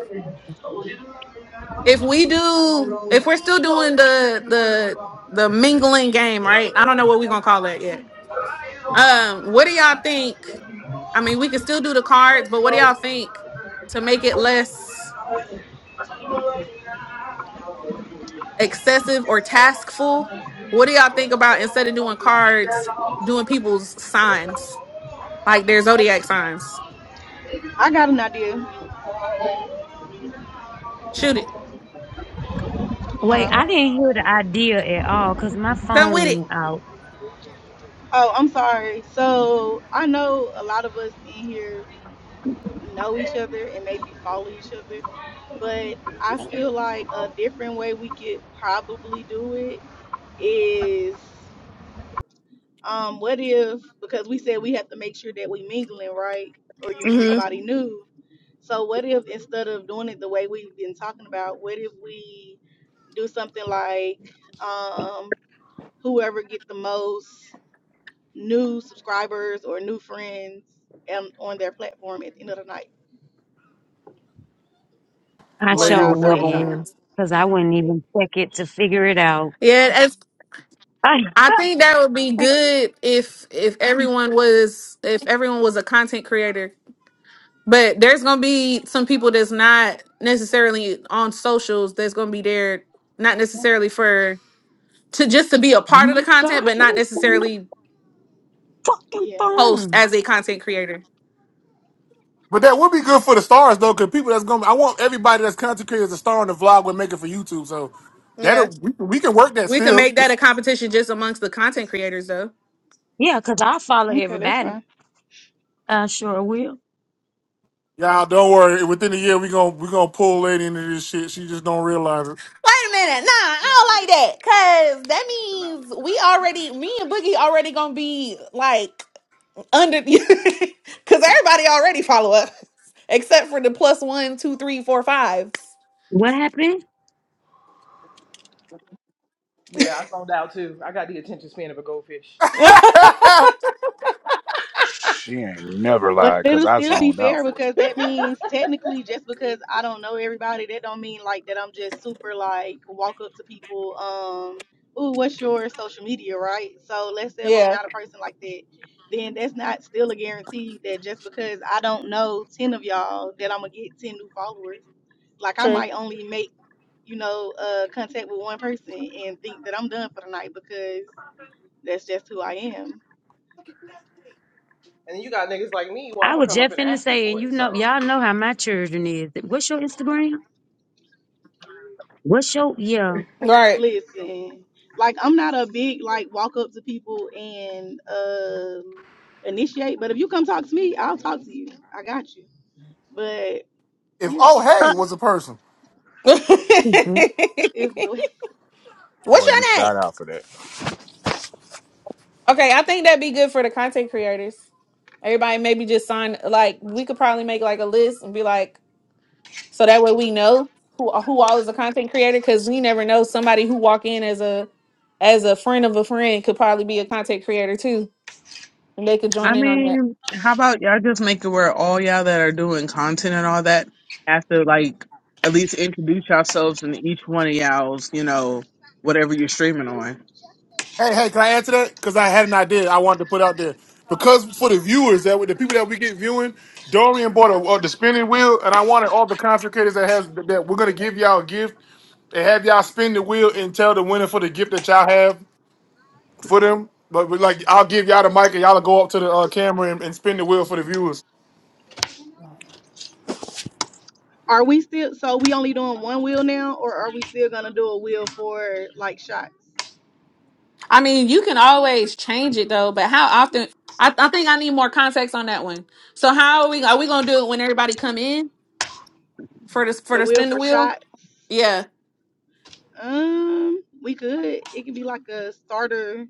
S2: if we do, if we're still doing the the the mingling game, right? I don't know what we're gonna call that yet. Um, what do y'all think? I mean, we can still do the cards, but what do y'all think to make it less excessive or taskful? What do y'all think about instead of doing cards, doing people's signs, like their zodiac signs?
S8: I got an idea.
S2: Shoot it,
S5: Wait,
S8: Huh?
S5: I didn't hear the idea at all because my
S2: come
S5: phone
S2: with it.
S5: went out.
S8: Oh, I'm sorry. So I know a lot of us in here know each other and maybe follow each other, but I feel like a different way we could probably do it is. um, what if because we said we have to make sure that we mingling right or you meet
S2: hmm
S8: somebody new so what if instead of doing it the way we've been talking about what if we do something like um, whoever get the most new subscribers or new friends um, on their platform at the end of the night
S5: I
S8: or
S1: Lady
S5: sure
S8: about
S1: would
S8: a
S1: never
S8: certain
S5: wouldn't
S1: win.
S8: time
S5: because I wouldn't even check it to figure it out.
S2: Yeah,
S5: I,
S4: you
S2: I
S4: all right?
S2: think that would be
S4: I thought you should.
S2: good if if everyone was if everyone was a content creator. But there's gonna be some people that's not necessarily on socials that's gonna be there not necessarily for to just to be a
S5: [laughs] oh
S2: part of the
S5: my
S2: content,
S5: God.
S2: but
S5: What
S2: not
S5: is on the
S2: necessarily
S5: fucking
S8: yeah
S2: post
S5: phone?
S2: as a content creator.
S1: But that would be good for the stars though, because people that's gonna I want everybody that's content creator as a star in the vlog we're making for YouTube. So that
S2: Yeah.
S1: we, we can work that
S2: We can
S1: still.
S2: make that a competition just amongst the content creators though.
S5: Yeah, because I follow
S8: okay that's fine
S5: everybody. I sure will.
S1: Y'all don't worry. Within a year we gonna we gonna pull lady into this shit. She just don't realize it.
S2: Wait a minute. Nah,
S4: I'm not
S2: I
S4: muted.
S2: don't like that. Cause that
S4: Yeah, watch your mouth.
S2: means we already me and Boogie already gonna be like under [laughs] because everybody already follow us except for the plus one, two, three, four, five.
S5: What happened?
S4: Yeah, I zoned out too. I got the attention span of a goldfish.
S2: [laughs]
S1: [laughs]
S3: She ain't never
S8: But
S3: lied, cause
S8: it'll
S3: I
S8: still be
S3: zoned out
S8: fair
S3: for it.
S8: because that means technically just because I don't know everybody, that don't mean like that I'm just super like walk up to people, um, ooh, what's your social media, right? So let's say if I'm
S2: yeah,
S8: not a person like that, then that's not still a guarantee that just because I don't know ten of y'all that I'm gonna get ten new followers. Like I
S2: true.
S8: might only make, you know, uh contact with one person and think that I'm done for the night because that's just who I am.
S4: And then you got niggas like me. Well, I'm
S5: I
S4: gonna
S5: was
S4: come up
S5: just
S4: and
S5: finna
S4: ask you
S5: say, and
S4: for
S5: you
S4: it.
S5: know,
S4: So
S5: y'all know how my children is. What's your Instagram? What's your yeah?
S2: Right.
S8: Listen, like I'm not a big like walk up to people and um initiate, but if you come talk to me, I'll talk to you. I got you. But
S1: if
S8: yeah,
S1: oh hey
S5: Uh,
S8: so
S1: was a person.
S2: [laughs] What's
S5: mm-hmm.
S8: if we-
S3: Boy, you
S2: your name?
S3: shot out for that.
S2: Okay, I think that'd be good for the content creators. Everybody maybe just sign like we could probably make like a list and be like so that way we know who who all is a content creator because we never know somebody who walk in as a as a friend of a friend could probably be a content creator too and they could join
S6: I
S2: in on that.
S6: mean, how about y'all just make it where all y'all that are doing content and all that have to like at least introduce yourselves in each one of y'all's, you know, whatever you're streaming on.
S1: Hey, hey, can I answer that? Because I had an idea I wanted to put out there. Because for the viewers that the people that we get viewing, Dorian bought a, uh, the spinning wheel, and I wanted all the contractors that has that we're gonna give y'all a gift and have y'all spin the wheel and tell the winner for the gift that y'all have for them. But we, like, I'll give y'all the mic and y'all go up to the uh, camera and, and spin the wheel for the viewers.
S8: are we still so we only doing one wheel now, or are we still gonna do a wheel for like shots?
S2: I mean, you can always change it though, but how often? I, I think I need more context on that one. So how are we? Are we gonna do it when everybody come in for the for
S8: The
S2: the
S8: wheel
S2: spin the
S8: for
S2: wheel?
S8: shots.
S2: Yeah,
S8: Um, we could. It can be like a starter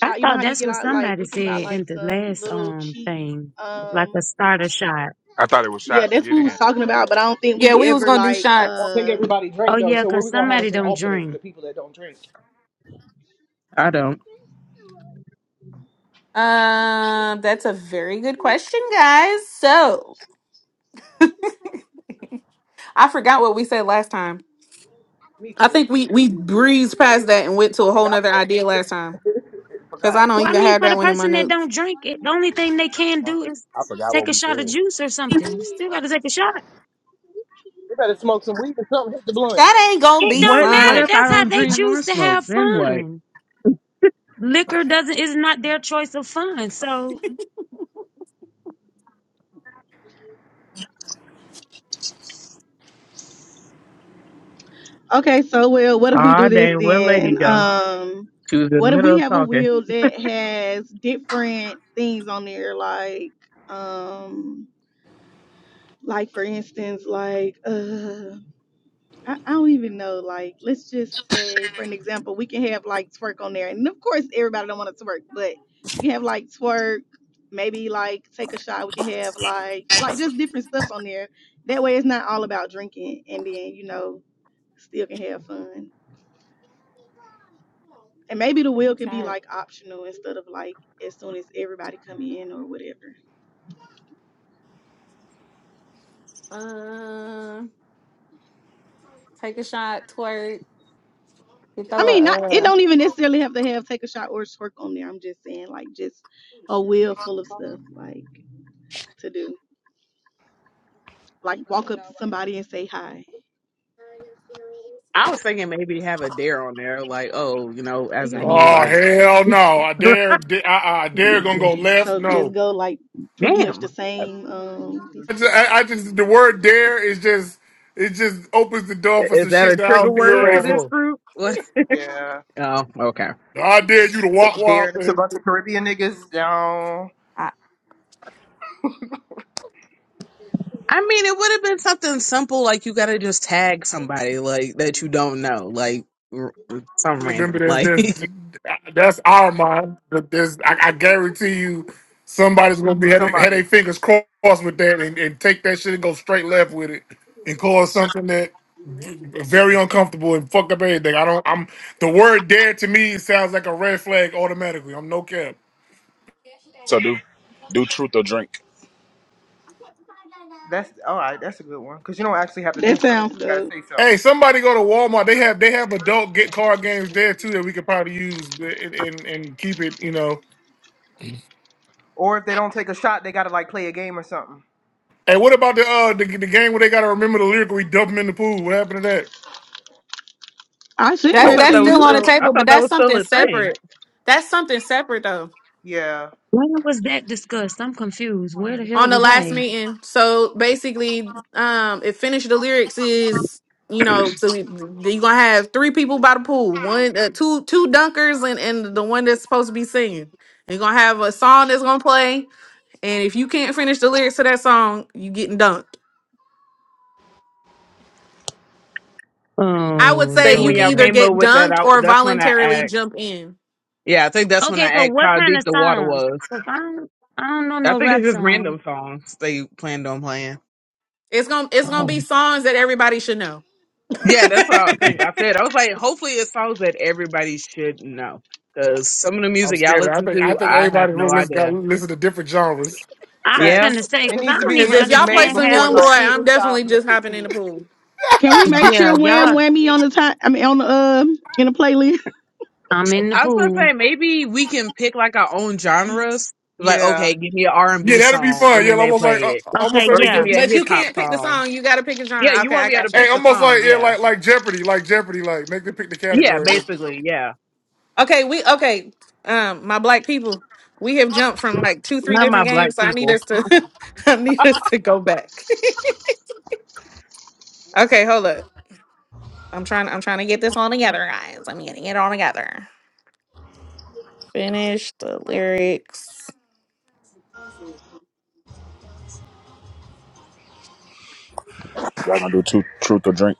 S5: I
S8: You know
S5: thought
S8: how you
S5: that's
S8: get
S5: what
S8: out like
S5: somebody
S8: we can buy
S5: said
S8: like
S5: in the
S8: some
S5: last
S8: little
S5: um
S8: cheap
S5: thing, like a
S8: um
S5: starter shot.
S3: I thought it was
S8: Yeah,
S3: shot to
S8: that's what
S3: get
S8: we was
S3: in.
S8: talking about, but I don't think
S2: yeah,
S8: we
S2: we was
S8: ever
S2: gonna do
S8: like
S4: I don't
S2: shots.
S4: think
S8: uh
S4: everybody
S5: Oh
S4: drink though.
S5: yeah,
S4: So what
S5: cause
S4: we gonna have
S5: somebody
S4: is an
S5: don't
S4: alternate for the
S5: drink.
S4: people that don't drink.
S6: I don't.
S2: Um, that's a very good question, guys. So I forgot what we said last time.
S4: Me
S2: I
S4: too.
S2: think we we breezed past that and went to
S4: I
S2: a
S4: think
S2: whole
S4: I was
S2: nother
S4: the one
S2: idea last time
S4: that [laughs]
S2: because I
S4: Forgot.
S2: don't
S5: Well, I
S2: even
S5: mean,
S2: have
S5: for the
S2: that one in my
S5: person that
S2: notes.
S5: don't drink, it, the only thing they can do is
S3: I forgot what
S5: take a
S3: we
S5: shot of
S3: said.
S5: juice or something. Still got to take a shot.
S4: They better smoke some weed or something. Hit the blunt.
S2: That ain't gonna
S5: It
S2: be
S5: don't
S6: What what
S5: matter.
S2: fun.
S6: if I
S5: That's how
S6: don't
S5: they
S6: drink nor
S5: choose to
S6: smoke?
S5: have
S6: Then what?
S5: fun. Liquor doesn't is not their choice of fun. So
S8: okay, so well what if we
S6: Ah,
S8: do this
S6: dang, where lady
S8: then?
S6: go?
S8: Um
S6: She was in the
S8: what if
S6: middle
S8: we
S6: of
S8: have a
S6: talking.
S8: wheel that has different things on there like um like for instance like uh I, I don't even know. Like, let's just say, for an example, we can have like twerk on there, and of course, everybody don't want to twerk, but we can have like twerk, maybe like take a shot. We can have like like just different stuff on there. That way, it's not all about drinking, and then you know, still can have fun. And maybe the wheel can be like optional instead of like as soon as everybody come in or whatever.
S2: Um, Take a shot, twerk. You
S8: I
S2: throw
S8: mean, not it
S2: a
S8: don't even necessarily have to have take a shot or twerk on there. I'm just saying like just a wheel full of stuff like to do. like walk up to somebody and say hi.
S6: I was thinking maybe have a dare on there, like, oh, you know,
S8: They
S6: as of
S8: got me
S6: me,
S1: Oh
S6: like,
S8: going down there.
S1: hell no! I
S6: [laughs]
S1: dare, da- I, I dare gonna go
S8: Okay,
S1: left.
S8: so just
S1: No,
S8: go like pretty much the
S6: damn.
S8: same. Um,
S1: I just, I, I just the word dare is just it just opens the door for
S6: Is
S1: some
S6: that a
S1: shit that I
S2: uh
S6: trigger
S1: don't think we're
S6: word
S1: ready
S6: for
S2: Yeah.
S6: this
S1: for.
S6: group? [laughs] What?
S4: Yeah.
S6: oh, okay.
S1: I dare you to walk, walk.
S4: Derek, It's a
S1: And
S4: bunch of Caribbean niggas down.
S2: I-
S6: I mean, it would have been something simple, like you got to just tag somebody, like, that you don't know, like, r- some
S1: remember,
S6: random,
S1: that's
S6: like. [laughs]
S1: that's that's our mind. But there's, I, I guarantee you, somebody's gonna be had their had
S4: Somebody.
S1: their fingers crossed with that and, and take that shit and go straight left with it and cause something that v- very uncomfortable and fuck up everything. I don't. I'm the word dare to me sounds like a red flag automatically. I'm no cap.
S3: So do do truth or drink.
S4: That's all right. That's a good one. Cause you don't actually have to do
S8: that
S4: something.
S8: sounds
S4: You gotta
S8: good.
S4: say
S1: Hey,
S4: something.
S1: somebody go to Walmart. They have they have adult get card games there too that we could probably use and and, and keep it. You know.
S4: Or if they don't take a shot, they gotta like play a game or something.
S1: And what about the uh the, the game where they gotta remember the lyric? where We dump them in the pool. What happened to that?
S8: I sent
S6: I
S2: that's
S3: Oh,
S8: that
S6: thought
S8: to
S2: that's
S6: that
S3: finish
S6: was
S2: still
S3: the
S8: you.
S2: on the
S3: list.
S6: still, I
S2: table, but
S6: thought that
S2: that's
S6: was still
S2: something
S6: a thing.
S2: separate. That's something separate though.
S4: Yeah.
S5: When was that discussed? I'm confused. Where the hell
S2: On the
S5: was I
S2: last
S5: at?
S2: meeting. So basically, um, if finish the lyrics is you know, so we- you gonna have three people by the pool, one, uh, two, two dunkers, and and the one that's supposed to be singing. And you're gonna have a song that's gonna play, and if you can't finish the lyrics to that song, you getting dunked. I would
S5: Oh
S2: say
S6: think
S2: you
S6: when
S2: can
S6: y'all
S2: either
S5: Lord.
S6: came
S2: get
S6: up with that,
S2: dunked
S6: I,
S2: or
S6: that's when I
S2: voluntarily
S6: asked.
S2: jump in.
S6: Yeah, I think that's when I
S5: Okay, so
S6: asked
S5: what
S6: how
S5: kind
S6: deep
S5: of
S6: the water
S5: song?
S6: was.
S5: Cause I don't, I don't know
S6: I
S5: no
S6: think it's
S5: rap
S6: just
S5: song.
S6: random songs they planned on playing.
S2: It's gonna it's gonna
S5: Oh,
S2: be songs that everybody should know. [laughs]
S6: Yeah, that's what I think I said. I was like, hopefully it's songs that everybody should know. Because some of the
S1: I'm
S6: music y'all
S1: scared. of that. I
S6: listen
S1: think I
S6: to,
S1: think
S6: I have
S1: everybody in the
S6: no
S1: room listen got
S6: idea.
S1: listen to different genres.
S5: I was
S6: Yeah,
S5: finna
S2: Facts.
S5: say,
S4: It
S5: cause I
S4: needs to
S5: don't
S4: be
S2: Cause
S5: even
S2: if
S4: music
S2: y'all play
S4: made
S5: understand
S2: some
S5: half
S4: before
S2: young
S5: the
S2: boy,
S4: like
S5: shit.
S2: I'm definitely just hopping in
S4: 2015. -ish.
S2: the pool.
S8: Can we make
S5: Yeah,
S8: sure Wham
S5: y'all.
S8: Whammy on the time? I mean on the um in the playlist. [laughs]
S5: I'm in the
S6: I was gonna
S5: pool.
S6: say maybe we can pick like our own genres. Like,
S4: Yeah.
S6: okay, give me an R and
S1: Yeah,
S6: B
S1: that'd be
S6: song,
S1: fun.
S6: and
S1: Yeah,
S6: then they
S1: almost like uh,
S6: play it,
S1: almost
S5: Okay,
S1: like
S6: or
S1: what's
S6: give
S5: yeah,
S1: the?
S6: me a
S2: But
S6: hip
S2: you
S6: hop
S2: can't pick the
S6: song.
S2: song. You gotta pick a
S6: Yeah,
S2: genre.
S6: you
S2: Okay,
S6: won't
S2: I
S6: be able
S2: got
S6: to
S1: Hey,
S2: you.
S6: pick the
S1: almost
S6: song.
S1: like yeah,
S6: Yeah,
S1: like like Jeopardy, like Jeopardy, like make them pick the
S6: yeah,
S1: category.
S6: basically, yeah.
S2: Okay, we okay. Um, my black people, we have jumped from like two, three
S6: Not my
S2: different
S6: black
S2: games. So I need
S6: people.
S2: us to [laughs] I need us to go back. [laughs] okay, hold up. I'm trying I'm trying to get this all together, guys. I'm getting it all together. Finish the lyrics.
S3: y'all gonna do two, truth or drink?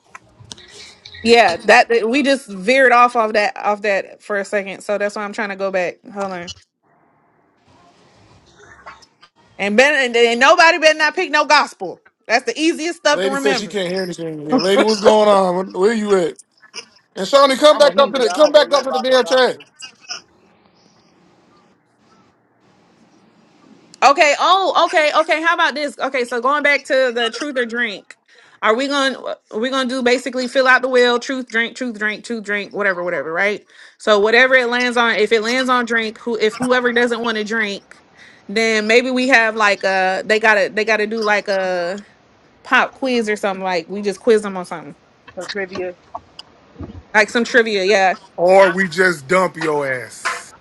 S2: Yeah, that we just veered off of that off that for a second. So that's why I'm trying to go back. Hold on. And ben and, and nobody better not pick no gospel. That's the easiest stuff to
S1: lady says she
S2: remember.
S1: can't hear anything. Yeah,
S3: [laughs]
S1: lady,
S3: yeah,
S1: what's going on? Where, where you at? And Shawnee, come
S4: I'm a
S1: back up to
S4: heathen.
S1: the
S4: I
S1: come
S4: don't know
S1: back up
S4: nothing
S1: to the
S4: about no
S1: damn track.
S4: gospel.
S2: Okay. Oh, okay. Okay. How about this? Okay. So going back to the truth or drink, are we going? to Are going to do basically fill out the will? Truth, drink, truth, drink, truth, drink, whatever, whatever. Right. So whatever it lands on, if it lands on drink, who if whoever doesn't want to drink, then maybe we have like a they gotta they gotta do like a pop quiz or something. Like we just quiz them on something,
S4: Some trivia.
S2: like some trivia. Yeah,
S1: Or we just dump your ass.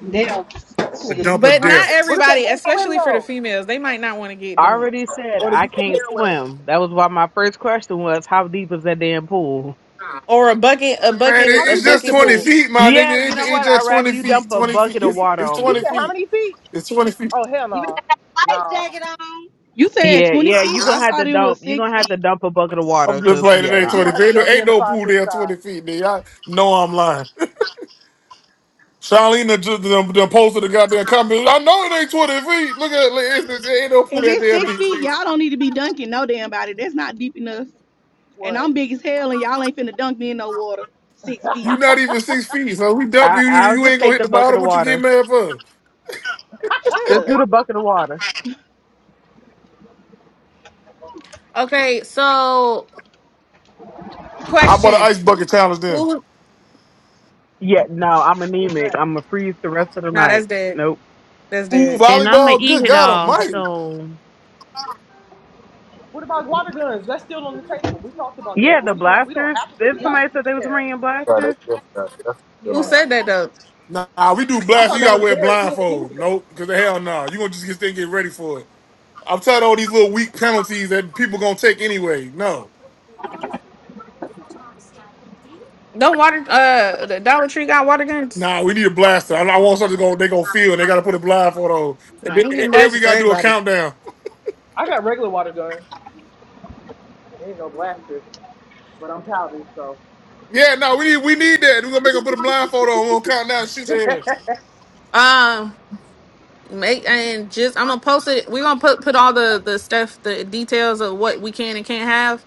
S10: They'll
S4: This
S1: The
S4: nigga
S10: shit.
S1: dump
S4: cheating
S1: of
S2: but
S4: my life.
S2: not
S1: death.
S4: What if they
S2: everybody,
S4: can't swim
S2: especially for the
S4: though?
S2: females, they might not want to get
S6: I
S2: done.
S6: already said
S4: Or the
S6: I
S4: Greek pair
S6: can't swim. That was why my first question was, how deep is that damn pool?
S2: Or a bucket, a
S1: Man,
S2: bucket,
S1: it-
S4: How
S2: a
S1: it's
S4: deep is
S1: just
S4: the
S2: bucket to
S1: 20
S4: pool?
S2: the.
S1: feet, my
S6: Yeah,
S1: nigga.
S6: you
S1: It-
S6: know
S1: It's
S6: what? I'd
S1: just
S6: rather
S1: 20
S6: you
S1: feet.
S6: dump a
S1: 20 feet.
S6: bucket
S4: You
S6: of
S1: It's,
S4: said,
S6: water
S1: it's
S6: on
S4: you
S1: 20
S6: me.
S4: said how
S1: feet.
S4: many feet?
S1: It's 20 feet.
S4: Oh hell
S10: You
S4: no,
S10: got have life
S4: no.
S10: jacket on.
S8: You said
S6: Yeah,
S8: twenty
S6: yeah,
S8: feet.
S6: you're
S8: I
S6: gonna have to
S8: thought it
S6: dump.
S8: was
S6: You're
S8: six
S6: gonna have to
S8: feet.
S6: dump a bucket of water,
S1: I'm just
S6: cause
S1: playing
S6: yeah,
S4: Yeah,
S1: today,
S6: nah.
S4: you
S1: 20
S4: gonna
S1: feet.
S4: have to
S1: Ain't no,
S4: dump me
S1: ain't
S4: in the
S1: no
S4: five
S1: pool
S4: foot
S1: there,
S4: side.
S1: 20 feet, nigga. I know I'm lying. [laughs] Charlene just done, done posted the goddamn comment. I know it ain't 20 feet. Look at it. Like, It's, it's- it ain't no pool
S8: If
S1: that
S8: it's
S1: damn
S8: six
S1: deep.
S8: feet, y'all don't need to be dunking no damn body. That's not deep enough. And
S4: What?
S8: I'm big as hell, and y'all ain't finna dunk me in no water. Six
S1: You
S8: feet.
S1: not even six feet. So we dump
S6: I
S1: you. You
S6: I'll
S1: you
S6: just
S1: ain't gonna
S6: take
S1: hit
S6: the
S1: the
S6: bucket
S1: bottom.
S6: of
S1: What you get
S6: water.
S1: mad for?
S8: Shut
S6: Just
S8: up.
S6: do the bucket of water.
S2: Okay, so
S1: I bought an
S2: question:
S1: ice bucket challenge then.
S2: Who?
S6: Yeah, no, I'm
S4: What's
S6: anemic.
S4: that?
S6: I'm gonna freeze the rest of the
S2: No,
S6: night.
S2: that's dead.
S6: Nope.
S2: That's
S1: Ooh,
S2: dead.
S5: and I'm gonna
S1: volleyball.
S5: eat
S1: Good
S5: it
S1: God
S5: all.
S1: almighty.
S5: So
S4: What about water guns? That's still on the table. We talked about that,
S6: Yeah,
S4: but
S6: the
S4: we don't we don't
S6: blasters.
S4: have to put
S6: Did
S4: it
S10: Is
S4: out.
S10: it-
S6: somebody said they was
S4: Yeah,
S6: bringing
S3: that's
S6: blasters?
S3: still, that's still
S2: Who
S4: yeah.
S3: on the.
S2: said that though?
S1: Nah, we do
S4: I
S1: blast.
S4: thought
S1: You
S4: that
S1: gotta
S4: was
S1: wear a
S4: Derek. He ain't in
S1: blindfold.
S4: here.
S1: Nope, because the hell no. Nah. You gonna just get there and get ready for it. I'm tired of all these little weak penalties that people gonna take anyway. No,
S2: Don't water. Uh, the Dollar Tree got water guns.
S1: nah, we need a blaster. I, I want something to go. they gonna feel and they gotta put a blindfold on. And,
S2: I
S1: then-
S2: ain't
S1: and
S2: getting
S1: then we
S2: blasted for
S1: gotta do a
S2: everybody.
S1: countdown.
S4: I got regular water gun. There ain't no blaster, but I'm childish, so
S1: Yeah, no, we need we need that. We're gonna make them put a blindfold on. We're gonna count down and shoot
S4: [laughs]
S1: their ass.
S2: Um. Make and just I'm gonna post it. We're gonna put put all the the stuff, the details of what we can and can't have,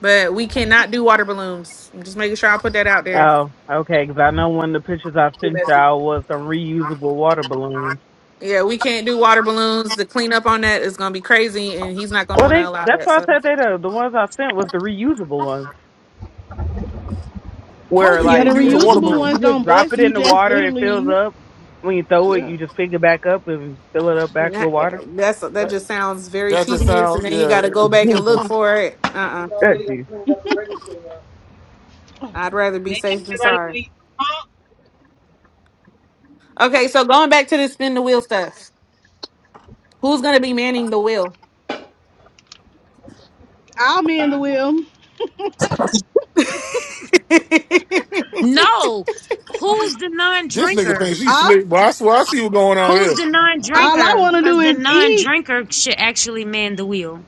S2: but we cannot do water balloons. I'm just making sure I put that out there.
S6: Oh, okay, 'cause I know one of the pictures I
S4: too
S6: sent
S4: messy.
S6: y'all was some reusable water balloons.
S2: Yeah, we can't do water balloons. The cleanup on that is gonna be crazy, and he's not gonna
S6: Well,
S2: want to
S6: they
S2: allow
S6: that's
S2: that.
S6: why I
S2: So
S6: said they the the ones I sent was the reusable ones,
S1: How do
S6: where
S1: you
S8: Yeah, the
S6: like
S1: reuse a
S6: if
S1: water
S8: reusable
S6: you
S1: balloon?
S6: you
S8: ones
S6: just
S8: don't
S6: drop
S8: bust.
S6: it
S8: You
S6: in the
S8: just
S6: water, it
S8: literally,
S6: fills up. When you throw it,
S8: yeah.
S6: you just pick it back up and fill it up back
S2: Yeah,
S6: with water.
S2: that's that
S1: That,
S2: just sounds very
S1: that just
S2: tedious, and
S1: sounds
S2: then you
S1: yeah.
S2: got to go
S6: [laughs]
S2: back and
S6: Jesus,
S2: look for it. Uh,
S4: We
S2: uh-uh. uh.
S6: that
S4: already got
S6: juice.
S4: cleaned up the regular cleanup.
S2: i would rather be
S10: They can't
S2: safe than
S10: everybody
S2: sorry.
S10: be punk.
S2: Okay, so going back to the spin the wheel stuff. Who's gonna be manning the wheel?
S8: I'm in the wheel.
S2: [laughs]
S5: no, who's the
S1: This nigga
S5: non-drinker?
S1: thinks she
S8: I,
S1: slick, but I swear I see what's going on
S5: Who's
S1: here,
S5: the
S8: all I
S5: non-drinker?
S8: want to
S5: Cause
S8: do
S5: the
S8: is eat,
S5: non-drinker should actually man the wheel.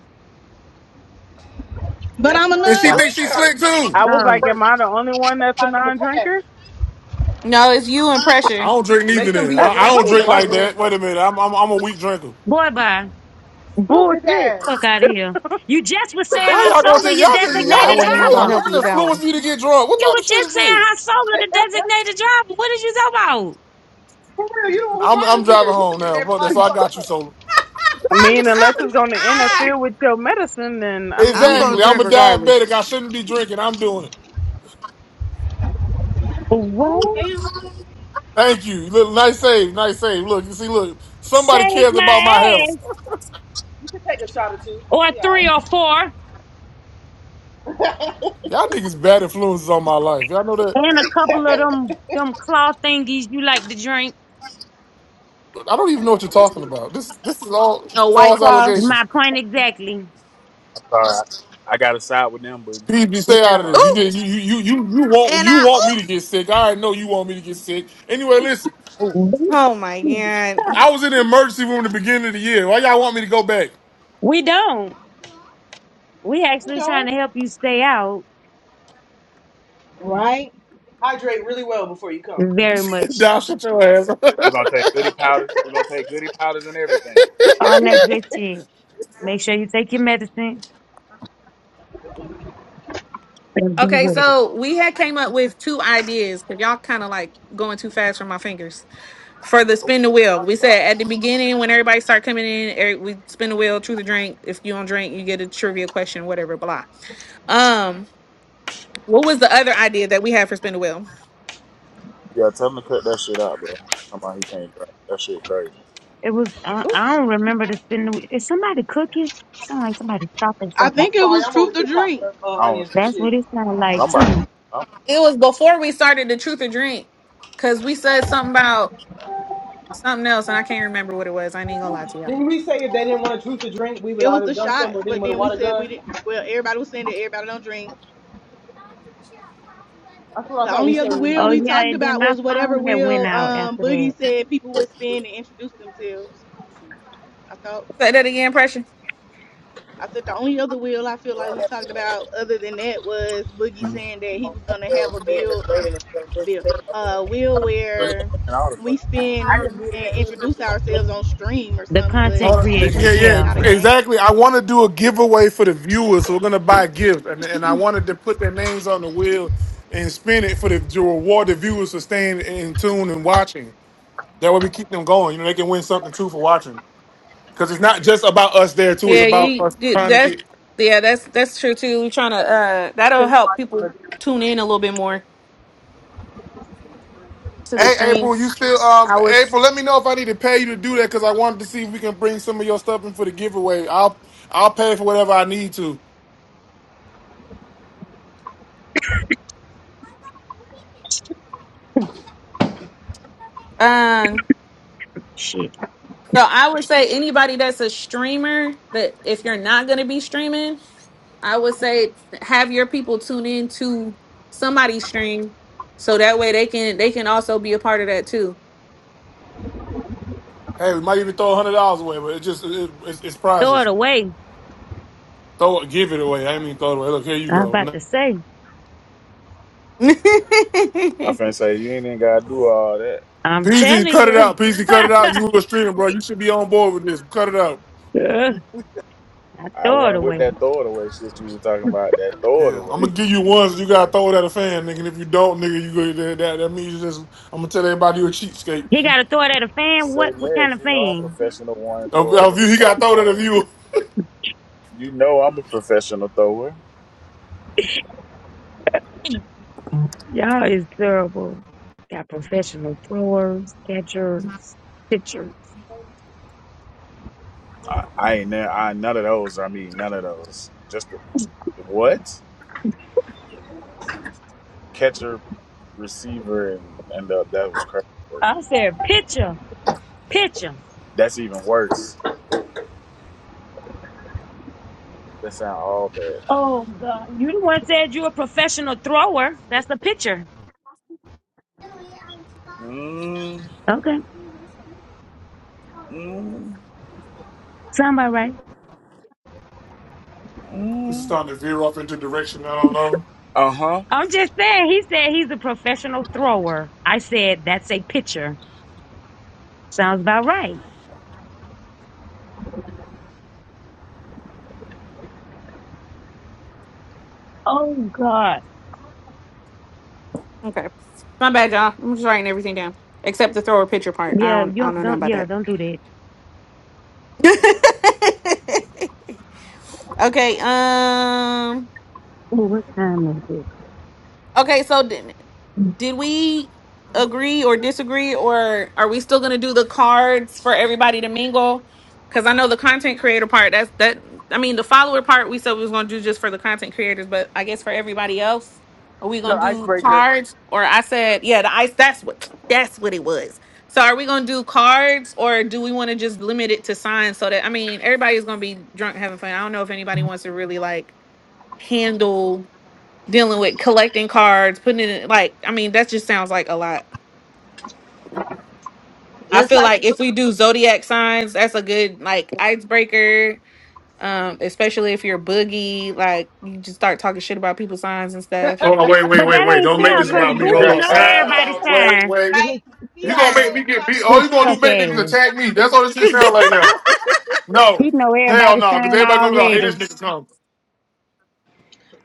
S8: but
S4: That's
S8: I'm a
S4: another.
S1: and
S4: thing.
S1: she
S4: I
S6: Um,
S4: was
S1: thinks she
S4: just about
S8: non-drinker.
S4: to
S1: slick
S4: say, put
S1: too.
S6: I
S4: some
S6: was
S4: niggas to
S6: like,
S5: Oh,
S6: am
S4: work.
S6: I the only one that's a
S4: Find them a task.
S6: non-drinker?
S2: no, it's you and
S1: I
S2: pressure.
S1: don't drink neither.
S4: Make them
S1: Then
S4: be a
S6: Uh,
S1: I, I
S6: why
S4: ref
S1: don't
S6: are
S4: or
S6: you
S1: drink
S4: make them
S1: like
S6: barking?
S4: man
S1: that. Wait
S4: something.
S1: a minute, I'm I'm, I'm a weak drinker.
S5: boy, bye.
S4: Yo, big
S6: Bullshit.
S5: Fuck
S4: ass.
S5: out of here. You just was saying
S1: How
S5: how
S1: y'all gonna
S5: Sola
S1: just
S5: your
S1: y'all, just
S2: Yeah, I
S5: designated
S1: y'all
S2: wasn't
S1: how
S2: even
S1: y'all
S2: gonna
S5: driver.
S2: help
S1: gonna
S2: you with
S1: just
S2: that one.
S1: influence me to get drunk? What
S5: You
S1: type of
S5: were
S1: shit is
S5: just saying
S1: this?
S5: how Sola the designated driver. What did you talk about?
S4: For real, you the one who
S1: I'm
S4: brought
S1: I'm
S4: us here.
S1: driving
S4: You
S1: home
S4: could get
S1: now. Fuck that.
S4: everybody
S1: So I
S4: fucked
S1: got you,
S4: up.
S1: Solo.
S6: I
S4: You
S6: mean,
S4: can
S6: unless it's going to interfere
S2: [laughs]
S6: with your medicine, then I
S2: I'm gonna
S6: mean,
S1: Exactly. I'm
S2: drink
S1: a
S2: regardless.
S1: diabetic. I shouldn't be drinking. I'm doing it.
S10: Oh
S5: What?
S10: damn.
S1: Thank you. Look, nice save. Nice save. Look, you see, look, somebody
S5: Save
S1: cares about
S5: my
S1: my health.
S5: ass.
S4: you can take a shot or two. You'll
S5: Or
S4: be all
S5: three or four.
S4: right.
S1: Y'all niggas bad influences on my life. Y'all know that.
S5: And a couple of them them claw thingies you like to drink.
S1: I don't even know what you're talking about. This this is all
S2: No white
S1: false
S2: claws.
S1: allegations.
S5: My point exactly.
S3: Sorry, I, I got to side with them, but
S1: PB, stay
S5: Yeah.
S1: out of this.
S3: sorry.
S1: You
S2: Ooh,
S1: just you you you you you want
S2: and
S1: you
S2: I
S1: want me
S2: ooh.
S1: to get sick. I already know you want me to get sick. Anyway, listen.
S3: Ooh,
S2: Oh my god.
S1: I was in the emergency room at the beginning of the year. Why y'all want me to go back?
S5: We don't. We
S4: [laughs]
S5: actually trying
S4: Don't
S5: to help you stay out
S10: Right?
S4: hydrate really well before you come. [laughs]
S5: very
S1: [laughs]
S5: much.
S1: Down, shut your ass. [laughs]
S3: we're gonna take goody powders. We're gonna take goody powders and everything.
S4: I'm
S5: All that good shit. Make sure you take your medicine and be
S2: Okay,
S5: ready.
S2: so we had came up with two ideas because y'all kind of like going too fast for my fingers for the
S3: Girl, what
S2: spin the
S3: you
S2: wheel.
S3: talking
S2: We
S3: about?
S2: said at the beginning when everybody start coming in, every- we spin the wheel, truth or drink. If you don't drink, you get a trivia question, whatever. Blah. Um, what was the other idea that we had for spin the wheel?
S3: Yeah, tell him to cut that shit out, bro. Come on, he can't drink. That shit crazy.
S5: It was I, I don't remember to spend the week. Is somebody cooking? Sound like somebody stopping
S8: I
S5: something.
S8: think it
S4: sorry,
S8: was
S4: I'm over
S8: truth or
S4: here chopping
S8: drink.
S4: up uh,
S3: I don't.
S4: onions and
S5: That's what
S4: shit.
S5: it sounded like too.
S3: Somebody.
S2: It was before we started the truth or drink, cause we said something about something else, and I can't remember what it was. I ain't gonna lie to y'all.
S4: Didn't we say if they didn't want to choose to drink, we would
S8: It was
S4: either
S8: the
S4: dump them or
S8: shots,
S4: hit them
S8: but
S4: with a
S8: then we
S4: water
S8: said we
S4: gun?
S8: didn't. Well, everybody was saying that everybody don't drink.
S4: That's what I
S8: The
S4: thought we
S8: only
S4: said
S8: other
S4: we were
S8: wheel
S5: Oh
S4: gonna
S8: we
S4: do.
S5: yeah,
S8: talked
S5: and then
S8: about
S5: my
S8: was whatever
S5: phone that went
S8: wheel
S5: out
S8: um
S5: after
S8: Boogie
S5: that.
S8: said people would spin and introduce themselves. I thought.
S2: Say that again, pressure.
S8: I said the only other will I feel like we talked about other than that was Boogie
S3: I'm saying
S8: saying that he was gonna have a bill. I mean, a bill, uh, will where
S3: all the fucking
S8: we
S3: time.
S8: spend and introduce ourselves on stream or
S5: The
S8: something, but
S5: content
S1: Uh, th- yeah,
S5: creators,
S1: yeah,
S5: yeah.
S8: not a game.
S1: exactly. I want to do a giveaway for the viewers. So we're gonna buy a gift, and and I wanted to put their names on the wheel and spin it for the to reward the viewers for staying in tune and watching. That way we keep them going. You know, they can win something too for watching. Because it's not just about us there too. It's
S2: Yeah,
S1: about
S2: you
S1: us
S2: you-
S1: trying to
S2: that's
S1: get
S2: yeah, that's that's true too. We're trying to
S4: Uh,
S2: uh that'll
S4: send
S2: help
S4: somebody to the
S2: people
S4: to
S2: tune in a little bit more to the
S1: Hey April, you
S2: streams.
S1: still um
S2: I was
S1: April? Let me know if I need to pay you to do that because I wanted to see if we can bring some of your stuff in for the giveaway. I'll I'll pay for whatever I need to.
S2: um
S5: Shit.
S2: so I would say anybody that's a streamer that if you're not gonna be streaming, I would say have your people tune in to somebody's stream so that way they can they can also be a part of that too
S1: Hey, we might even throw a hundred dollars away, but it just it, it's, it's
S5: Throw it
S1: prizes.
S5: away.
S1: Throw it, give it away. I didn't mean throw it away. Look, here you
S5: I'm
S1: go.
S5: about
S1: No.
S5: to say.
S2: [laughs]
S3: I finna
S2: okay.
S3: say you ain't even gotta do all that.
S5: I'm
S1: Peasy,
S5: telling
S1: cut it
S5: you.
S1: out. Peasy,
S5: [laughs]
S1: cut it out. You were streaming, bro. You should be on board with this. Cut it out.
S5: Ugh, I
S3: I
S5: throw it
S3: wasn't with
S5: away.
S3: that throw it away shit you was talking about. That throw it
S1: Yeah, I'm
S3: away.
S1: gonna give you one. So you gotta throw it at a fan, nigga. And if you don't, nigga, you go that that, that means you just. I'm gonna tell everybody you're a cheapskate.
S5: He
S1: [laughs]
S5: gotta throw it at a fan?
S3: Say
S5: What what kind
S3: less.
S5: of
S3: You know I'm
S5: fan?
S3: professional one
S1: Of,
S3: thrower.
S1: of
S3: Nigga,
S1: you, he
S3: stop
S1: got thrown at a
S3: playing.
S1: view.
S3: You know I'm a professional thrower.
S5: Y'all is terrible. Got professional throwers, catchers, pitchers.
S3: I, I ain't there. I none of those. I mean, none of those. Just the, what catcher, receiver, and and uh, that was crazy. Work.
S5: I said pitcher. Pitcher.
S3: That's even worse. That sound all bad.
S5: Oh God! You the one said you a professional thrower. That's the picture.
S3: Mm,
S5: Okay,
S3: mm,
S5: sound about right.
S1: This is
S3: mm.
S1: starting to veer off into direction I don't know.
S3: Uh huh.
S5: I'm just saying. He said he's a professional thrower. I said that's a picture. Sounds about right. Oh God!
S2: My bad, y'all. I'm just writing everything down. Except the thrower pitcher part. I
S5: Yeah,
S2: don't I
S5: you
S2: don't know nothing
S5: don't.
S2: about
S5: Yeah, don't do that.
S2: that. [laughs] okay, um
S5: Ooh, what time is it?
S2: okay, so did we agree or disagree or are we still going to do the cards for everybody to mingle because i know the content creator part that's that i mean the follower part we said we was going to do just for the content creators but i guess for everybody else are we
S4: the
S2: going to do
S4: icebreaker.
S2: cards or i said yeah the ice that's what that's what it was so are we going to do cards or do we want to just limit it to signs so that i mean everybody's going to be drunk having fun i don't know if anybody wants to really like handle dealing with collecting cards, putting it in, like I mean that just sounds like a lot. I
S10: Just
S2: feel
S10: like
S2: like if we do zodiac signs, that's a good like icebreaker. Um, especially if you're boogie, like you just start talking shit about people's signs and stuff.
S1: Hold on, wait, wait,
S5: But
S1: wait,
S5: that
S1: wait.
S5: ain't
S1: Don't
S4: He
S1: make
S4: gonna
S5: fair,
S1: this
S4: do
S5: cause
S4: that
S1: about me. Hold
S5: Boogie
S4: anyway.
S1: on.
S5: know
S1: Time
S3: [laughs]
S5: everybody's
S1: out.
S3: Instantly.
S1: Wait,
S5: sign.
S1: wait.
S10: right.
S5: This
S10: He
S1: You gonna make me
S10: always
S1: get beat.
S10: talking
S1: All
S10: shit
S1: you
S5: this
S1: gonna
S10: about
S1: do
S5: fuck
S1: make niggas
S5: ass.
S1: attack me.
S10: somebody.
S1: That's all this shit sound like now. No.
S5: He know
S1: Hell
S5: everybody's
S1: no, because
S5: sign
S1: everybody gonna be like, hey, this
S5: already.
S1: nigga come.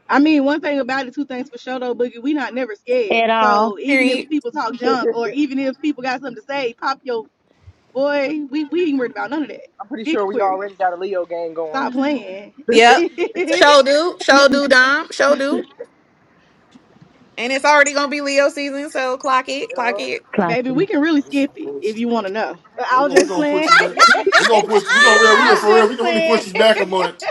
S8: I mean, one thing about it, two things for sure though, Boogie, we not never scared.
S5: At all.
S8: So even if
S2: Period.
S8: people talk
S4: [laughs]
S8: junk or even if people got something to say, pop your boy, we we ain't worried about none of that.
S4: I'm pretty
S8: Big
S4: sure we
S8: Aquarius,
S4: already got a Leo game going.
S8: stop
S4: So,
S8: playing.
S2: Yep.
S8: [laughs]
S2: Show do, show do, Dom, show do. And it's already gonna be Leo season, so clock it,
S4: you
S2: clock
S4: know,
S2: it.
S5: Clock.
S8: Baby,
S5: it.
S8: we can really
S1: Oh, this is
S8: skip it if you
S1: bullshit, man.
S8: want to know. But I
S1: We're
S8: was
S1: gonna, we
S8: just
S1: gonna push
S8: playing.
S1: this
S2: [laughs]
S1: back. We're gonna
S8: [laughs]
S1: push we gonna real we
S8: I
S1: yeah,
S8: was
S2: Ah!
S1: for real. We
S8: just
S1: can really push
S8: playing.
S1: this back a month.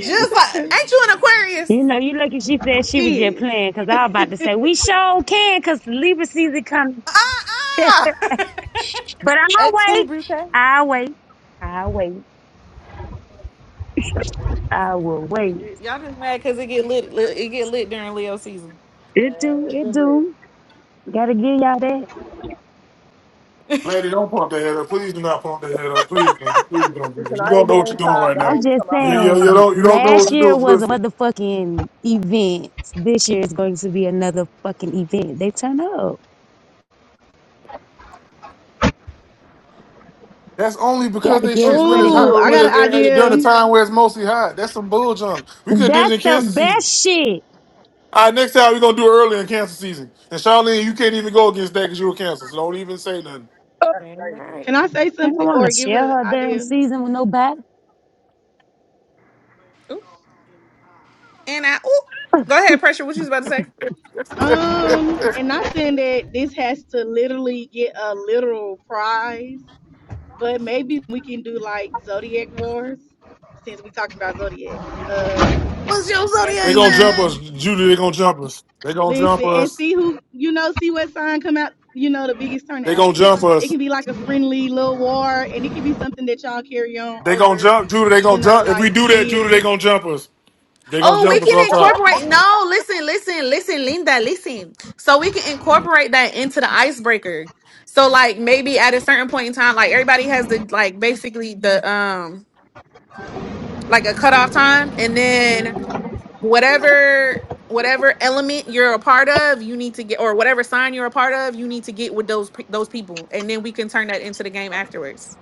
S3: Damn.
S2: like ain't you an Aquarius?
S5: You know, you lucky she said
S8: [laughs]
S5: she was just
S8: Is.
S5: playing because I was about to
S8: [laughs]
S5: say, we sure can because Libra season coming.
S2: Ah ah!
S5: But
S2: [laughs]
S5: I'll
S2: At two,
S5: wait.
S2: Brute.
S5: I'll wait. I'll wait. I will wait.
S2: Y'all just mad because it get lit, lit. It get lit during Leo season.
S5: It
S4: man,
S5: do.
S4: it's
S5: It
S4: been lit.
S5: do. Gotta give y'all that.
S1: Lady, don't pump that head up. Please do not pump that head up. Please, man. please don't do this.
S4: Listen,
S1: You
S4: I
S1: don't
S4: ain't
S1: know
S4: been
S1: what you're doing
S4: inside
S1: right
S4: the
S1: now.
S5: I'm
S4: whole
S5: just
S4: summer. I've
S1: You,
S4: been
S1: you, you
S4: outside.
S5: saying,
S1: don't you don't know what
S5: last
S1: you're
S5: year was a
S1: doing.
S5: motherfucking event. This year is going to be another fucking event. They turn up.
S1: That's only because
S5: Gotta
S1: they
S5: give
S1: shits when it's
S5: credit
S1: hot
S5: where
S8: oh, I
S1: when
S5: credit.
S8: got an
S1: it's, eh, eh, during the
S8: idea.
S1: time where it's mostly hot. That's some bull junk. We could have did it
S5: That's
S1: in cancer [laughs]
S5: the
S1: season.
S5: best shit.
S1: All right, next time we're gonna do it early in cancer season. And Charlene, you can't even go against that because you were cancer. So don't even say nothing.
S4: That's
S7: Damn
S4: crazy.
S7: right.
S8: Can I say
S5: I don't
S8: something
S5: want to
S8: or give
S5: share
S8: an
S5: her damn
S8: idea?
S5: season with nobody.
S2: Ooh. And I. Ooh. Go ahead, pressure. What you was about to say?
S1: [laughs]
S8: Um, and not saying that this has to literally get a literal prize, but maybe we can do like Zodiac Wars since we talking about Zodiacs. Um,
S2: What's your
S8: and
S1: they
S2: zodiac
S1: gonna
S8: see.
S1: jump
S2: sign?
S1: us, Judy. They gonna jump us. They gonna jump
S8: Listen and
S1: us.
S8: see who you know. See what sign come out. You know the biggest
S1: They
S8: turnout.
S1: gonna jump
S8: It
S1: us.
S8: can be like a friendly little war, and it can be something that y'all carry on
S1: They gonna
S8: over.
S1: jump, Judy. They
S8: You
S1: gonna
S8: know,
S1: jump. If we
S8: like the
S1: do that, Judy, they
S8: years.
S1: gonna jump us. They gonna
S2: Oh, we
S1: jump us
S2: can
S1: off top.
S2: incorporate. No, listen, listen, listen, Linda, listen. So we can incorporate that into the icebreaker. So like maybe at a certain point in time, like everybody has the like basically the um like a cutoff time, and then whatever whatever element you're a part of, you need to get or whatever sign you're a part of, you need to get with those pe- those people, and then we can turn that into the game afterwards.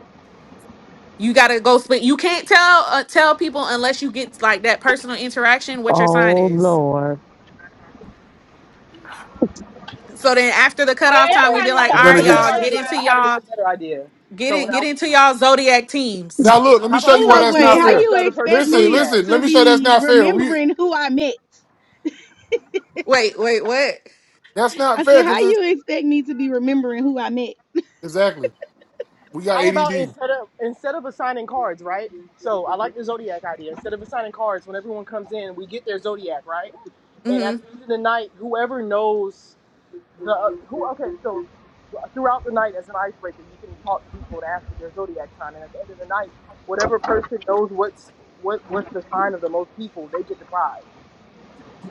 S2: You gotta go split. You can't tell uh, tell people unless you get like that personal interaction what your sign
S5: Oh,
S2: is.
S5: Lord.
S2: So then after the
S10: Well
S2: cutoff time, we
S4: Okay,
S2: be
S4: I
S10: everybody
S2: like,
S1: We're
S4: got
S2: all
S4: an
S10: already
S1: gonna
S2: right,
S4: even
S10: know
S4: better
S2: y'all,
S1: get.
S2: get
S4: idea.
S2: into
S4: I
S10: everybody.
S4: have an
S2: y'all
S4: even better idea.
S2: get
S4: So
S2: in get
S4: now,
S2: into y'all zodiac
S1: Now
S2: teams.
S1: look, let me
S4: how
S1: show
S4: about we
S1: you why
S8: Hello,
S4: make
S1: that's
S8: wait.
S1: not
S4: people
S8: How
S4: guess
S1: fair.
S8: you
S4: the other
S8: expect
S4: person's
S1: Listen,
S8: me
S4: zodiac?
S1: listen. Let
S8: to
S1: me show you that's
S8: be
S1: not fair. We
S8: remembering who I met?
S2: Wait, wait, what?
S1: that's not
S8: I
S1: fair
S8: said, how
S1: because
S8: you expect me to be remembering who I met?
S1: Exactly. We got
S4: How about
S1: ADD.
S4: instead of instead of assigning cards, right? So I like the zodiac idea. Instead of assigning cards, when everyone comes in, we get their zodiac, right? And
S2: hmm
S4: at the end of the night, whoever knows The uh, who? Okay, so throughout the night, as an icebreaker, you can talk to people and ask for their zodiac sign, and at the end of the night, whatever person knows what's what what's the sign of the most people, they get the prize.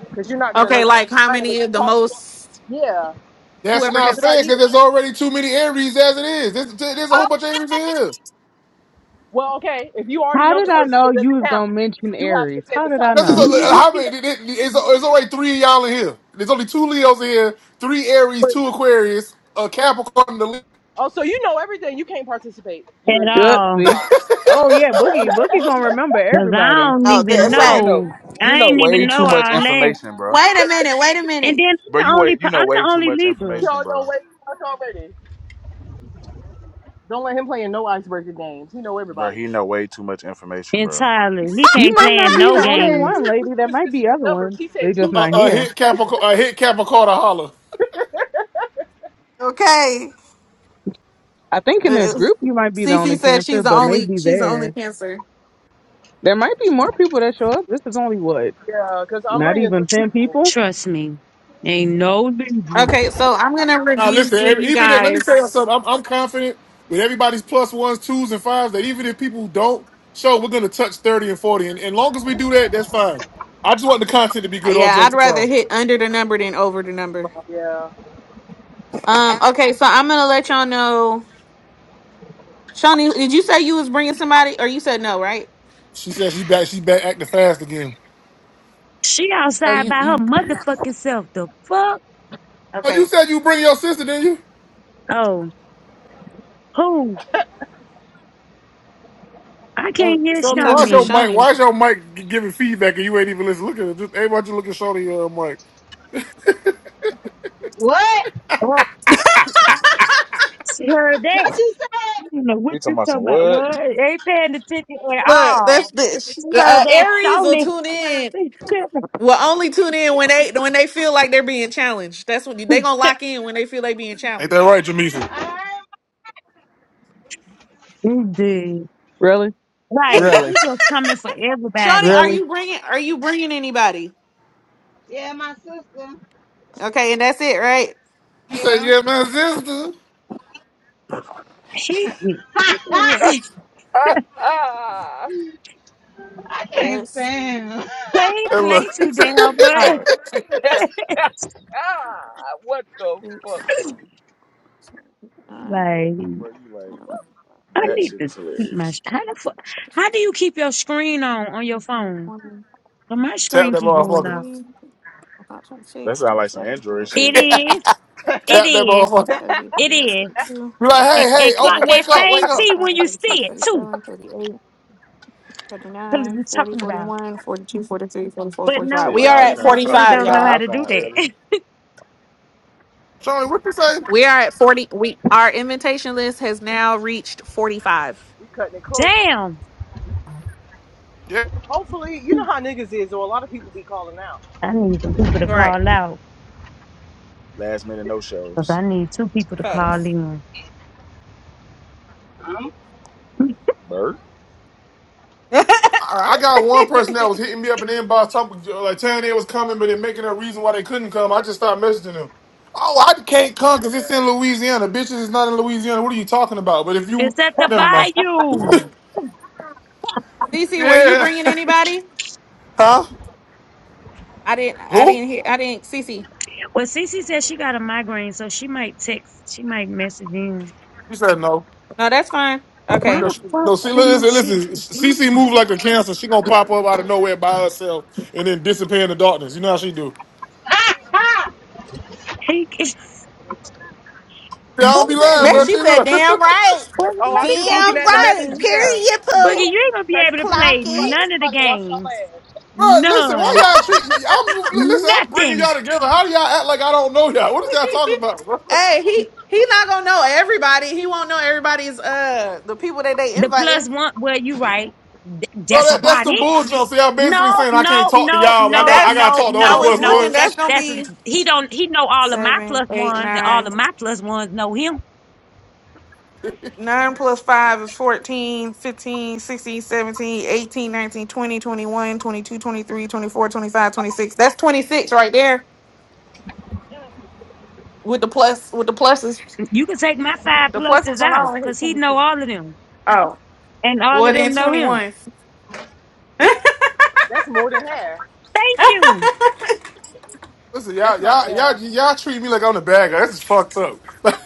S4: Because you're not gonna know
S2: Okay, like
S4: the
S2: how
S4: sign unless
S2: many
S4: you
S2: of the
S4: talk to them.
S2: most
S4: Yeah,
S1: That's
S4: that's
S2: whoever
S4: a
S1: not
S2: have
S4: good
S1: fair
S4: idea.
S1: because there's already too many Aries as it is. There's, there's a whole
S10: Oh
S1: bunch of Aries in here.
S4: Well, okay, if you already
S6: how
S4: know
S6: did
S4: the
S6: I
S4: person,
S6: know
S4: it
S6: you
S4: doesn't
S6: was
S4: count.
S6: going to mention
S4: You have to
S6: Aries?
S4: say
S6: How
S4: the
S6: did
S4: sign
S6: I
S4: of a
S1: That's just
S6: know?
S4: person
S5: [laughs]
S4: that
S1: a,
S4: you
S1: how
S4: don't
S1: many?
S4: know.
S1: it- it- It's, it's already three of y'all in here. There's only two Leos in here, three Aries, two Aquarius, a Capricorn, the
S4: Oh, so you know everything. You can't participate.
S5: at
S4: You're you're
S6: Good,
S5: all
S6: see.
S4: disqualified.
S6: Oh yeah, Boogie. Boogie gonna remember
S5: because I
S6: everybody.
S5: don't
S10: he
S2: No,
S5: even
S2: the
S3: Bro,
S10: know.
S3: you
S2: effect.
S3: know,
S5: know.
S3: you
S5: I
S3: know
S10: He
S5: ain't
S3: way
S5: even know
S3: too
S4: You
S3: much
S5: all
S10: know.
S5: that.
S3: information, bro.
S2: Wait a minute. Wait a
S5: And
S2: minute.
S5: then I'm
S3: Bro,
S5: the
S3: you
S5: only
S3: wait,
S5: p-
S3: you know
S5: I'm the
S3: way too
S5: only
S3: much
S5: Libra
S3: information,
S4: y'all
S3: bro.
S4: know way too much already. Don't let him play in no icebreaker games. He know
S3: Bro,
S4: everybody.
S3: he know way too much information, bro.
S5: entirely. He
S6: You
S5: can't
S6: might
S5: play
S6: not
S5: in
S6: be
S5: no
S6: the
S4: He
S6: only
S4: said he,
S5: games.
S6: one,
S4: he
S6: lady. There
S4: gave us
S6: might be
S4: specific
S6: other
S4: numbers.
S6: ones.
S4: He
S6: They
S4: said
S6: just
S4: two
S1: a,
S4: Leos.
S6: not
S1: a
S6: here.
S1: hit Capricorn, a hit Capricorn to holler.
S2: Okay.
S6: I think in this
S2: Mm.
S6: group you might be the
S2: Cece
S6: only
S2: says
S6: Cancer,
S2: she's the
S6: but
S2: only
S6: maybe
S2: she's the only
S6: there
S2: cancer.
S6: there might be more people that show up. This is only what
S4: Yeah, because I'm
S6: not
S4: bringing three
S6: even ten
S4: people.
S6: people.
S5: Trust me, ain't no Libra.
S2: Okay, so I'm gonna
S1: Now
S2: review
S1: listen,
S2: with
S1: every-
S2: you
S1: even if, let me tell you
S2: guys.
S1: something. I'm, I'm confident with everybody's plus ones, twos, and fives that even if people who don't show, we're gonna touch thirty and forty, and, and long as we do that, that's fine. I just want the content to be
S2: Uh,
S1: good, all
S2: Yeah,
S1: jokes
S2: I'd rather
S1: aside.
S2: hit under the number than over the number.
S4: Yeah,
S2: Um. Okay, so I'm gonna let y'all know. Shawnee, did you say you was bringing somebody, or you said no, right?
S1: She said she's back. She back acting fast again.
S5: She
S2: So
S5: outside
S2: you
S5: by her
S2: you
S5: motherfucking self. The fuck?
S1: Oh, you
S2: okay?
S1: said you bring your sister, didn't you?
S5: Oh, who? I can't hear
S2: We talking
S1: Why's
S2: to
S5: Shawnee.
S1: your mic?
S2: Shawnee.
S1: Why's your mic gi- giving feedback and you ain't even listening? Look at it. Just everybody just look at Shorty uh, mic.
S10: What?
S5: Oh, she heard that.
S10: What you said?
S5: I don't know what
S3: He talking
S5: you
S3: about some
S5: talking about.
S3: what?
S5: What?
S3: [laughs]
S5: Ain't paying attention at
S2: Look, that's
S5: all.
S2: the
S5: She heard
S2: uh,
S5: that
S2: Aries will
S5: Shawnee.
S2: tune in. Will only tune in when they when they feel like they're being challenged. That's when they gonna lock in when they feel they being
S1: Ain't that
S2: challenged.
S1: right,
S10: I
S1: Jamisa?
S10: heard
S5: [laughs] Indeed.
S6: Really,
S5: Right.
S6: really,
S5: He just coming for
S2: Shawnee,
S5: everybody.
S2: are
S6: really.
S2: you bringing are you bringing anybody?
S10: Yeah, my sister.
S2: Okay, and that's it, right?
S1: You said
S10: Yeah.
S1: yeah, my sister.
S5: He, he
S10: [laughs]
S5: he- [laughs]
S3: Ah ah ah!
S10: I can't stand him.
S5: play,
S1: And
S10: [laughs]
S1: look,
S5: play
S1: [laughs]
S5: too damn much. [laughs]
S3: ah, what the fuck, bro?
S5: like,
S3: Bro, you like
S5: I
S3: that
S5: need
S3: shit
S5: to
S3: is
S5: keep my,
S3: hilarious.
S5: sh- how the fuck, how do you keep your screen on, on your phone?
S2: twenty-three,
S5: But my
S1: tap
S5: screen
S1: that
S5: keep going
S1: motherfucker.
S5: off.
S3: That
S2: twenty-six,
S3: sound like some
S2: twenty-seven,
S3: Android shit.
S1: [laughs]
S5: It
S2: twenty-eight,
S5: is, it
S1: tap that
S5: is,
S1: motherfucker.
S2: nine, thirty,
S5: it
S2: thirty-one,
S5: is.
S2: thirty-two,
S1: Be like,
S5: And,
S2: thirty-three,
S1: hey, hey,
S5: and clock
S1: open,
S2: thirty-four,
S5: that
S1: wake up, wake
S5: same
S1: up,
S5: T
S2: thirty-five,
S5: when you
S2: thirty-six,
S5: see it too.
S2: thirty-seven, thirty-eight,
S5: Cause
S2: thirty-nine,
S5: we're
S2: forty,
S5: talking about.
S2: forty-one, forty-two, forty-three, forty-four,
S5: But
S2: forty-five.
S5: no,
S3: Shit,
S2: We
S5: I
S2: are
S3: y'all
S5: think
S2: at
S3: trying
S5: I
S3: to talk
S5: really
S3: shit
S2: 45,
S5: don't know
S2: y'all.
S5: how
S3: about
S5: to do
S3: iPhone early.
S5: that.
S1: Shorty. What you say?
S2: We are at 40. We Our invitation list has now reached 45.
S4: we cutting it
S5: [laughs]
S4: close.
S5: Damn.
S4: Hopefully, you know how niggas is, or a lot of people be calling out.
S5: I need some people to
S2: All right.
S5: call out.
S3: Last minute no
S5: Cause
S3: shows.
S5: I need two people to call
S2: Facts.
S5: in.
S10: Um,
S3: Bird.
S2: [laughs] All
S1: I
S2: right.
S1: I got one person that
S2: [laughs]
S1: was hitting me up in the inbox, talking like telling they was coming, but then making a reason why they couldn't come. I just started messaging them. Oh, I can't come because it's
S4: Yeah.
S1: in Louisiana. Bitches is not in Louisiana. What are you talking about? But if you,
S5: It's at the
S1: never mind.
S5: bayou.
S2: Cece, were you
S1: Yeah,
S2: bringing
S1: [laughs]
S2: anybody?
S1: huh?
S2: I didn't. I
S1: Who?
S2: didn't hear. I didn't. Cece.
S5: Well, Cece said she got a migraine, so she might text. She might message in.
S1: She said no.
S2: No, that's fine.
S1: You
S5: Why
S1: know,
S2: Okay.
S5: the
S1: she,
S5: fuck
S1: no. See,
S5: did my
S1: listen,
S5: shit
S1: listen.
S5: keep
S1: CC
S5: doing?
S1: move like a cancer. She gonna pop up out of nowhere by herself and then disappear in the darkness. You know how she do.
S10: [laughs]
S5: He, it-
S1: Yeah, I don't be lying,
S2: [laughs]
S5: Boogie,
S2: she said,
S1: bro. [laughs] She do.
S2: "Damn right.
S5: Boogie,
S4: Oh,
S5: let
S4: I
S5: me
S4: just
S5: tell
S4: looking
S5: you
S2: Damn
S4: at the
S2: right.
S4: message.
S5: something.
S4: Yeah.
S2: Period. Pooh.
S5: Boogie, you ain't gonna be
S4: Pressure
S5: able to
S4: fear
S2: Clock
S5: play
S4: you right.
S2: it."
S5: none of the
S4: Everybody wash y'all
S5: games.
S4: ass.
S1: Bro, listen, why
S5: None.
S1: y'all treat? I'm listen. I'm bringing
S5: Nothing.
S1: y'all together. How do y'all act like I don't know y'all? What is y'all talking
S2: [laughs]
S1: about, bro? [laughs]
S2: hey, he he not gonna know everybody. He won't know everybody's uh the people that they
S5: The plus
S2: inviting.
S5: one, well, you right. Th-
S1: So
S5: That's
S1: that that's
S5: about
S1: some
S5: it.
S1: bull jump.
S2: He
S1: So y'all basically
S5: No,
S1: saying I can't
S5: no,
S1: talk to
S5: no,
S1: y'all. but I
S2: and
S5: no,
S1: got I
S2: that's
S1: got to
S5: no,
S1: talk to all the
S2: how
S5: no,
S2: it's
S1: plus
S5: no.
S2: looking.
S5: That's
S1: ones.
S2: That's gonna
S5: that's
S2: be
S5: he don't he know all of my
S2: seven,
S5: plus
S2: eight,
S5: ones and all
S2: nine.
S5: of my plus ones know him.
S2: 9 plus 5 is 14, 15, 16, 17, 18, 19, 20, 21, 22, 23, 24, 25, 26. That's 26 right there.
S4: Yeah.
S2: with the plus with the pluses
S5: You can take my five
S2: the pluses
S5: pluses out
S2: alone.
S5: because he know all of them
S2: Oh,
S5: and all of
S2: well then
S5: them know
S2: twenty
S5: him.
S2: one. [laughs]
S4: That's more than half.
S5: Thank you.
S1: Listen,
S4: That's
S1: y'all
S4: not
S1: y'all y'all
S4: yeah.
S1: y'all treat me like I'm the bad guy. This is fucked up. [laughs]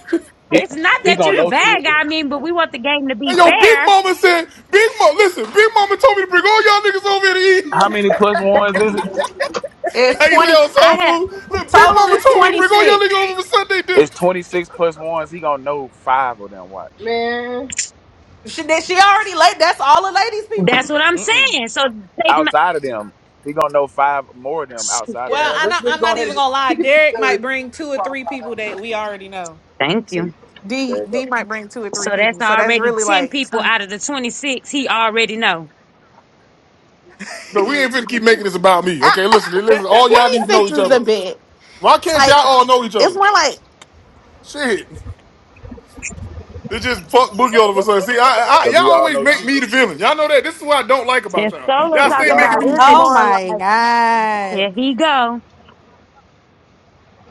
S3: He
S5: It's not
S3: he
S5: that you
S3: gonna
S5: the
S3: know two.
S5: bad guy. I mean, but we want the game to be
S1: Hey, yo, Big
S5: fair.
S1: Mama said, Big Mama, listen, Big Mama told me to bring all y'all niggas over here to eat.
S3: How many plus ones is it?
S1: [laughs] How
S2: It's
S1: you say
S2: twenty
S1: on
S5: I
S1: soul food?
S5: have.
S1: Look, Big
S2: total
S1: Mama
S2: is
S1: told me to
S2: twenty
S1: bring all y'all
S2: six.
S1: niggas over for Sunday dinner.
S3: It's twenty six plus ones. He gonna know five of them. Watch
S4: Man.
S2: She that she already late. That's all the ladies
S5: That's
S2: people.
S5: what I'm
S3: Mm-mm.
S5: saying. So take my.
S3: outside of them. He gonna know five more of them
S5: shoot,
S3: outside of
S4: Yeah,
S2: Well, I'm
S3: them.
S4: let's
S2: not,
S4: just
S2: I'm
S4: go
S2: not
S4: ahead and
S2: even
S4: just,
S2: gonna lie.
S4: he can be
S2: Derek might
S4: judged.
S2: bring
S4: He's
S2: two or
S4: qualified.
S2: three people that we already know.
S5: Thank you.
S3: See? There
S2: D
S3: you go.
S2: D might bring two or
S5: So
S2: three
S5: that's
S2: people, so that's
S5: already
S2: really
S5: ten
S2: like
S5: people
S2: twenty
S5: out of the twenty six. He already know.
S1: No, we
S3: Yeah.
S1: ain't finna keep making this about me. Okay, listen, listen,
S4: [laughs]
S1: all y'all need to know
S2: six
S1: each
S2: is
S1: other.
S2: a bit.
S1: Why can't y'all
S2: Like
S1: all know each
S2: it's
S1: other?
S2: more like
S1: Shit. It just fuck Boogie all of a sudden. See, I, I
S3: Cause
S1: y'all
S3: we all
S1: always
S3: know you,
S1: make me the
S3: nigga.
S1: villain. Y'all know that. This is what I don't like about
S5: And
S1: y'all.
S5: Solo
S1: Y'all
S3: Cause we
S1: stay
S5: talking
S3: all
S1: making
S5: about
S3: know
S1: me the
S3: you.
S5: it's
S1: villain.
S2: oh
S5: more
S2: my
S5: like
S2: god,
S5: here he go.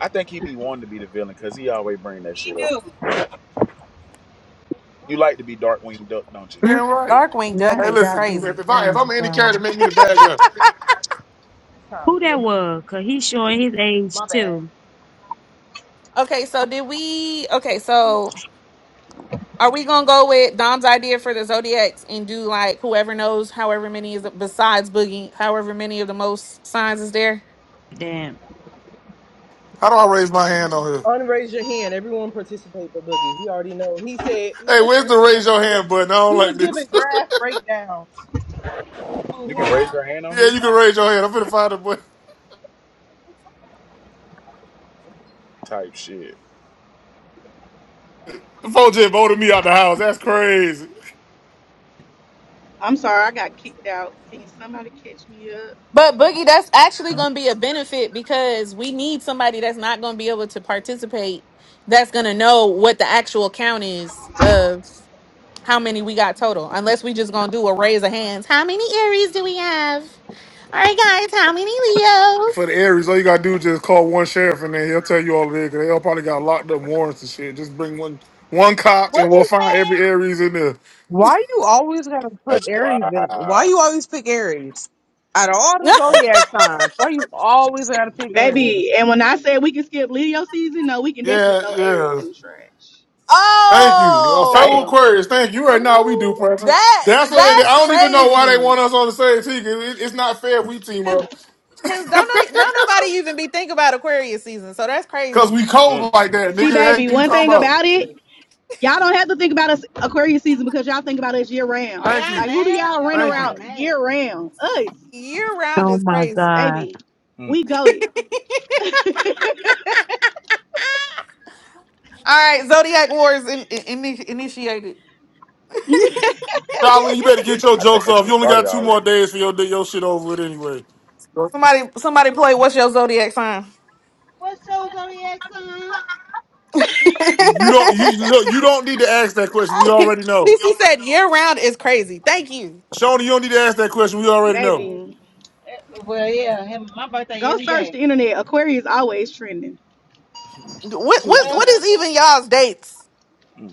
S3: I think he be wanting to be the villain, cause he always bring that
S10: he
S3: shit up.
S10: do.
S3: You like to be dark winged duck, don't you?
S5: Mm-hmm.
S1: Damn right.
S2: Darkwing Duck
S5: Not
S1: Hey,
S2: is
S5: that
S1: listen.
S5: one.
S1: If,
S2: crazy.
S1: if
S5: Oh
S1: I if
S5: my
S1: I'm any character,
S5: God.
S1: make me the
S4: Yeah,
S1: bad guy.
S4: it's time,
S5: Who
S4: get up.
S5: that was? Cause he's showing his age
S4: My bad.
S5: too.
S2: Okay, so did we? Okay, so Are we gonna go with Dom's idea for the zodiacs and do like whoever knows however many is besides Boogie, however many of the most signs is there?
S5: Damn.
S1: How do I raise my hand on here?
S4: Unraise your hand. Everyone participate, but Boogie. He already know. He said, "He
S1: Hey,
S4: listen.
S1: where's the
S4: This man
S1: raise
S4: was
S1: your
S4: giving.
S1: hand button? I don't
S4: You was
S1: like
S4: giving
S1: this.
S4: graph breakdowns. Include
S3: You
S4: him.
S3: can raise your hand
S1: [laughs]
S3: on
S1: yeah,
S3: here.
S1: you can raise your hand. I'm finna find the button.
S3: Type shit.
S1: The phone just voted me out the house. That's crazy.
S8: I'm sorry, I got kicked out. Can somebody catch me up,
S2: But Boogie, that's actually gonna be a benefit because we need somebody that's not gonna be able to participate, that's gonna know what the actual count is of how many we got total. Unless we just gonna do a raise of hands. How many Aries do we have? All right, guys, how many Leos?
S1: For the Aries, all you gotta do is just call one sheriff and then he'll tell you all of it. Cause they all probably got locked up warrants and shit. Just bring one one cop and
S10: What
S1: we'll
S10: you
S1: find every
S10: said?
S1: Aries in there.
S6: Why you always gotta put
S3: That's
S6: Aries in? Why
S3: wow.
S6: you always pick Aries? Out of all the
S2: [laughs]
S3: That's
S6: zodiac
S3: wow.
S6: signs, why you always gotta pick Aries?
S8: baby? And when I said we can skip Leo season, no, we can definitely
S1: Yeah,
S8: throw Aries
S1: yeah.
S8: in the trash.
S1: Thank you. A
S3: Damn.
S1: fellow
S2: oh.
S1: Aquarius, thank you. Right now, we do,
S10: Ooh.
S1: Preston.
S2: That
S1: That's what they did.
S3: Mm,
S2: that's
S1: I don't even know why they want
S2: crazy.
S1: us on the same team. It- it- it's not fair if
S3: mm,
S1: we team
S2: Cause,
S1: up
S2: 'cause don't no- don't nobody even be thinking about Aquarius season. So that's
S1: because
S2: crazy.
S1: we
S3: mm,
S1: cold like that,
S8: See,
S1: nigga.
S8: baby,
S1: Hey, you
S8: one
S1: talking
S8: thing
S1: about?
S8: about it, y'all don't have to think about us Aquarius season because y'all think about us year
S10: Are
S8: round.
S1: Thank
S10: y'all
S8: Like,
S1: you.
S8: who do
S10: mad or
S8: y'all rent
S10: are
S1: Thank
S10: y'all
S1: you.
S8: around
S10: mad?
S8: year round? Us,
S2: Year round
S5: Oh
S2: is
S5: my
S2: crazy. All
S5: God.
S8: baby.
S3: mm.
S8: We goaded.
S2: right, zodiac wars in, in, in- initiated.
S1: Shaolin, you better get your
S3: I think
S1: jokes
S3: that
S1: off. You
S3: shit
S1: only
S3: started
S1: got two more
S3: already.
S1: days for your your shit over with anyway.
S2: Somebody somebody play. What's your zodiac sign?
S10: What's your zodiac sign? Uh,
S2: [laughs]
S1: You don't you you- look, you don't need to ask that question. We
S2: CC
S1: already know.
S2: said year round is crazy. Thank you.
S1: Shoney, you don't need to ask that question. We
S8: [laughs]
S1: already know.
S8: baby,
S10: Well, yeah, him, my birthday
S8: go
S10: every
S8: search
S10: day.
S8: the internet. Aquarius always trending.
S2: What
S1: Nigga,
S2: what
S10: Uh,
S2: what is even y'all's dates?
S3: Mm.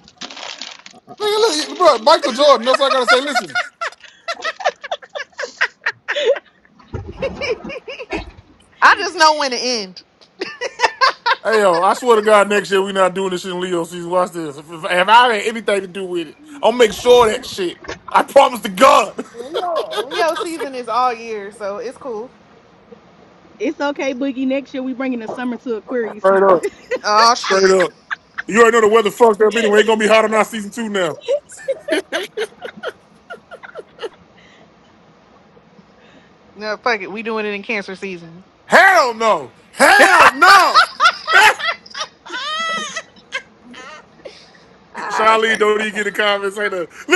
S1: look, bro, Michael Jordan, that's what I gotta say. Listen.
S2: I just know when to end.
S1: Hey yo, I swear to God, next year we not doing this shit in Leo season. Watch this. If, if, if I had anything to do with it, I'll make sure of that shit. I promise to God.
S2: Leo Leo season is all year, so it's cool.
S8: It's okay, Boogie. Next year we bringing the summer to Aquarius season.
S2: Oh
S1: [laughs] Straight
S2: shit.
S1: up. You already know the weather fucked up anyway. Ain't gonna be hot on our season two now.
S2: No, fuck it. We doing it in cancer season.
S1: Hell no. Hell no. [laughs]
S2: Ah, that's
S1: Charlie,
S2: funny.
S1: don't even get
S2: Okay.
S1: the comments. Ain't a- [laughs]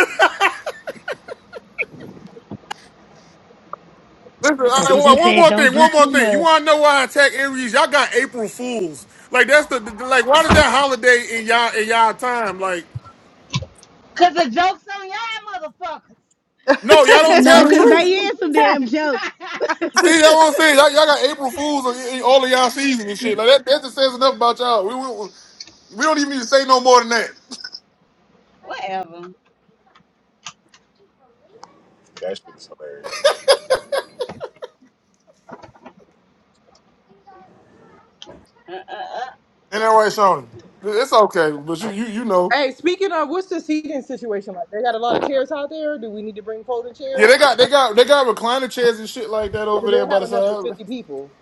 S1: Listen, all
S5: See,
S1: right, one
S5: she
S1: one
S5: said,
S1: more
S5: don't
S1: thing.
S5: do
S1: One more
S5: too
S1: thing. You want to know why I attack Aries? Y'all got April Fools. Like that's the, the like. Why does that holiday in y'all in y'all time? Like
S10: Cause the joke's on y'all
S2: [laughs] All
S1: no,
S8: [laughs]
S1: y'all don't tell
S8: no,
S1: the
S8: cause
S5: much.
S1: truth.
S8: they is some
S5: [laughs]
S8: damn
S10: motherfuckers.
S8: jokes.
S10: [laughs]
S1: See, that's what I'm saying. Y'all, y'all got April Fools on in all of y'all season and shit. Like that, that just says enough about y'all. We, we we don't even need to say no more than that.
S10: Whatever.
S3: That shit is hilarious.
S10: Uh, uh, uh.
S1: And that right, Shawnee. It's okay, but you you you know.
S4: Hey, speaking of, what's the seating situation like? They got a lot of chairs out there. Do we need to bring folding
S1: Yeah,
S4: chairs?
S1: they got they got they got recliner chairs and shit like that
S4: Do
S1: over there
S4: they
S1: by
S4: have
S1: the
S4: enough for
S1: side.
S4: fifty people?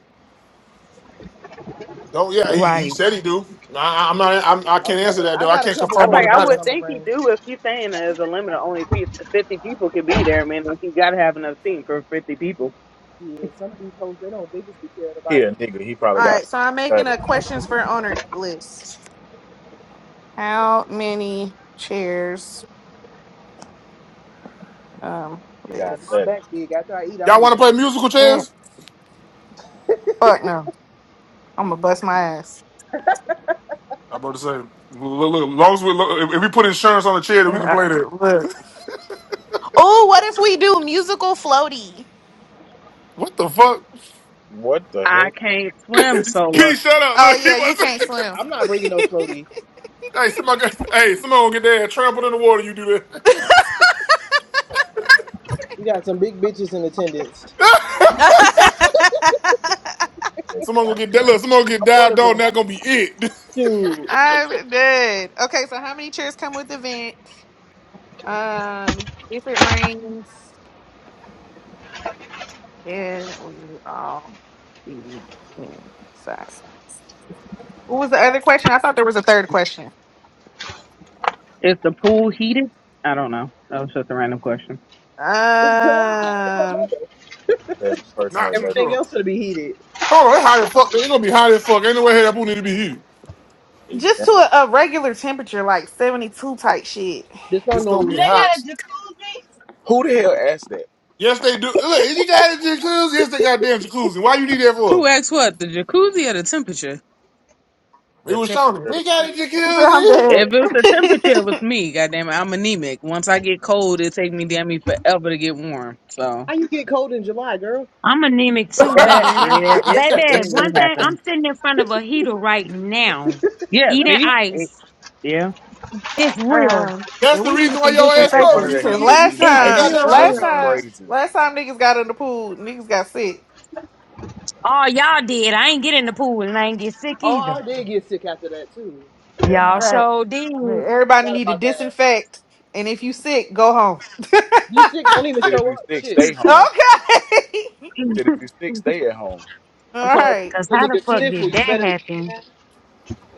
S1: Don't yeah, he, he
S5: right.
S1: said he do. I, I- I'm not. I'm, I can't
S4: Okay,
S1: answer that
S4: I
S1: though. I
S4: got a
S1: can't
S4: couple
S6: I was
S1: confirm or
S6: like,
S4: folding
S6: I
S1: deny
S4: chairs.
S6: would
S1: that.
S4: I'ma
S6: think he
S4: bring.
S6: do if he's saying there's a limit of only fif- 50 people could be there, man. Like, you got to have enough seating for 50 people.
S4: Shit, some of these hoes they don't. They just be caring
S3: He
S4: about
S3: a
S4: making
S3: nigga.
S4: some
S3: He
S4: money.
S3: probably got
S2: right. So I'm making
S3: 30.
S2: a questions for owner list. How many chairs? Um,
S3: He
S4: Cause
S3: got
S4: my
S2: with
S3: 30.
S4: back big. After I eat, I'm gonna
S1: Y'all
S4: need
S1: want to
S4: to.
S1: play musical
S2: Eh,
S1: chairs?
S2: fuck no. I'm gonna bust my ass. [laughs]
S1: I'm about to say. Look, look, look, long as we look, if if we put insurance on the chair, then we can
S2: Uh,
S1: play that.
S2: Look. Oh, what if we do musical floaty?
S1: What the fuck? [laughs]
S3: What the hell
S6: I
S3: is
S6: can't swim solo.
S1: Pete, shut up.
S2: Oh
S1: Look, he
S2: yeah, you
S1: was. [laughs]
S2: can't swim.
S4: I'm not
S2: [laughs]
S4: bringing no floaty.
S1: Hey, someone, got- hey, someone gonna get their trampled in the water. You do
S4: We got some big bitches in attendance.
S1: that. [laughs]
S3: that
S1: someone gonna
S3: guy?
S1: get that. Look, someone gonna get
S4: I'm one
S1: dived
S4: of
S1: on.
S4: them.
S1: That gonna be it.
S4: Dude,
S2: I'm dead. Okay, so how many chairs come with the vent? Um, if it rains. Can we all be inside? What was the other question? I thought there was a third question.
S6: Is the pool heated? I don't know. That was just a random question.
S4: it's July.
S2: Um,
S3: Says the
S1: [laughs]
S3: person
S1: Not
S3: that
S1: too
S3: doesn't
S4: Everything
S1: sure.
S4: else gonna be heated.
S1: Hold on, it's hot as fuck. It's gonna be hot as fuck. Ain't no way that pool need to be here.
S3: eat
S2: just
S3: them.
S2: to a, a regular temperature, like seventy-two type shit.
S4: This not
S1: It's
S4: gonna
S1: gonna
S4: do
S10: They
S1: be
S4: it for us.
S10: got
S1: hot.
S10: a jacuzzi.
S3: Who the hell asked that?
S1: Yes, they do. Look, you got a jacuzzi. Yes, they got damn jacuzzi. Why you need that
S6: Who
S1: for?
S6: asked what? The jacuzzi or the temperature?
S1: It
S3: The
S1: was Shawnee.
S3: temperature of the
S1: We got
S3: food.
S1: a
S2: [laughs] I'm
S1: jacuzzi.
S2: dead.
S6: If it was the
S2: [laughs]
S6: temperature, it was me. Goddamn it, I'm anemic. Once I get cold, it take me damn me forever to get warm. So.
S4: How you get cold in July, girl?
S5: I'm anemic too,
S6: Yeah,
S5: baby. And I, I,
S6: yeah, it
S5: baby,
S6: it it
S5: one
S1: [laughs]
S5: thing, I'm
S6: happened.
S5: sitting in front of a heater right now,
S6: Yeah,
S5: eating
S6: see, it,
S5: ice.
S6: yeah,
S5: It's real.
S2: um,
S1: That's
S2: and
S1: the
S2: we need
S1: reason why
S2: some
S1: your
S3: Sitting
S1: ass
S3: in
S1: cold.
S3: front of
S1: 'cause
S2: disinfectant.
S1: You
S3: the
S1: should
S2: 'cause
S1: eat.
S3: heater
S1: You
S2: last
S3: eating
S1: should
S5: It's
S1: eat the
S3: ice
S2: time,
S3: is
S1: goddamn
S5: real,
S2: last
S1: ice.
S3: fucking
S5: real.
S2: time,
S3: crazy.
S2: last time niggas got in the pool, niggas got sick.
S5: All y'all did. I ain't get in the pool and I ain't get sick
S4: Oh,
S5: either.
S4: I did get sick after that too.
S3: Hell nah.
S5: Y'all
S2: Right.
S5: sure did.
S2: Man,
S5: [laughs]
S2: Everybody
S4: Forgot
S2: need to
S4: about that.
S2: disinfect, and if you sick, go home.
S4: You
S2: [laughs]
S4: sick? Don't even
S3: Shit, if
S4: show
S3: you
S4: up.
S3: sick,
S4: Shit.
S3: stay home.
S2: okay. [laughs]
S3: Shit, if you sick,
S5: Cause
S3: stay at home.
S4: I'm
S2: All
S4: telling
S2: right.
S4: you, if I see
S5: how
S4: a
S5: the
S4: nigga
S5: fuck
S4: sniffle,
S5: did
S4: you
S5: that
S4: better
S5: happen?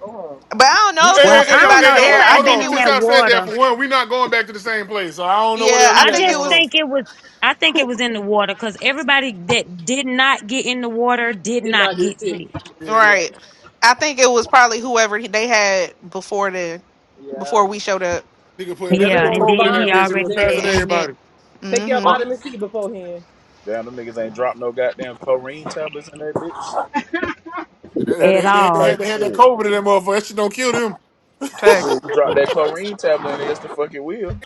S4: go home.
S2: But I don't
S1: We, hey,
S2: know if it
S5: Well,
S1: hey,
S2: was
S1: hey,
S5: I
S1: yo,
S5: don't
S2: anybody
S1: hey,
S5: know. It
S1: yo,
S2: there.
S5: might
S2: I
S5: have
S1: hold
S5: been
S2: think
S1: on.
S2: it
S5: in
S1: Since
S2: was
S5: that
S1: y'all said that
S5: water.
S1: for one, we not going back to the same place. So I don't know what
S2: yeah,
S1: else
S2: I
S1: you
S5: I
S1: had
S2: think it
S5: just
S1: going
S2: was
S1: on.
S5: think it was. I think
S2: who
S5: it was in the water because everybody that did not get in the water did
S4: Did
S5: not
S4: not get
S5: get
S4: sick.
S5: sick.
S1: Yeah,
S4: Yeah,
S2: right. I think it was probably whoever they had before the
S4: yeah.
S2: before we showed up.
S1: nigga put
S4: Cause
S1: nigga
S5: Yeah,
S1: put
S4: everyone
S5: and
S4: was
S1: COVID in
S5: then
S1: that
S5: he
S4: fine when
S1: bitch
S4: we
S1: and
S4: was
S5: already
S1: then pass
S4: there.
S1: it to
S5: said
S2: And then
S1: everybody.
S4: Take your
S2: mm-hmm.
S1: Or-
S4: vitamin C beforehand.
S3: Damn, them niggas ain't dropped no goddamn chlorine tablets in that bitch.
S1: They
S5: he,
S1: had,
S5: at
S1: they, had, they,
S5: all
S1: had,
S3: Type
S1: they had that
S3: shit.
S1: COVID in that motherfucker. That shit don't kill them.
S3: Fool,
S2: Facts.
S3: You drop that chlorine tablet in there, it's the fucking wheel.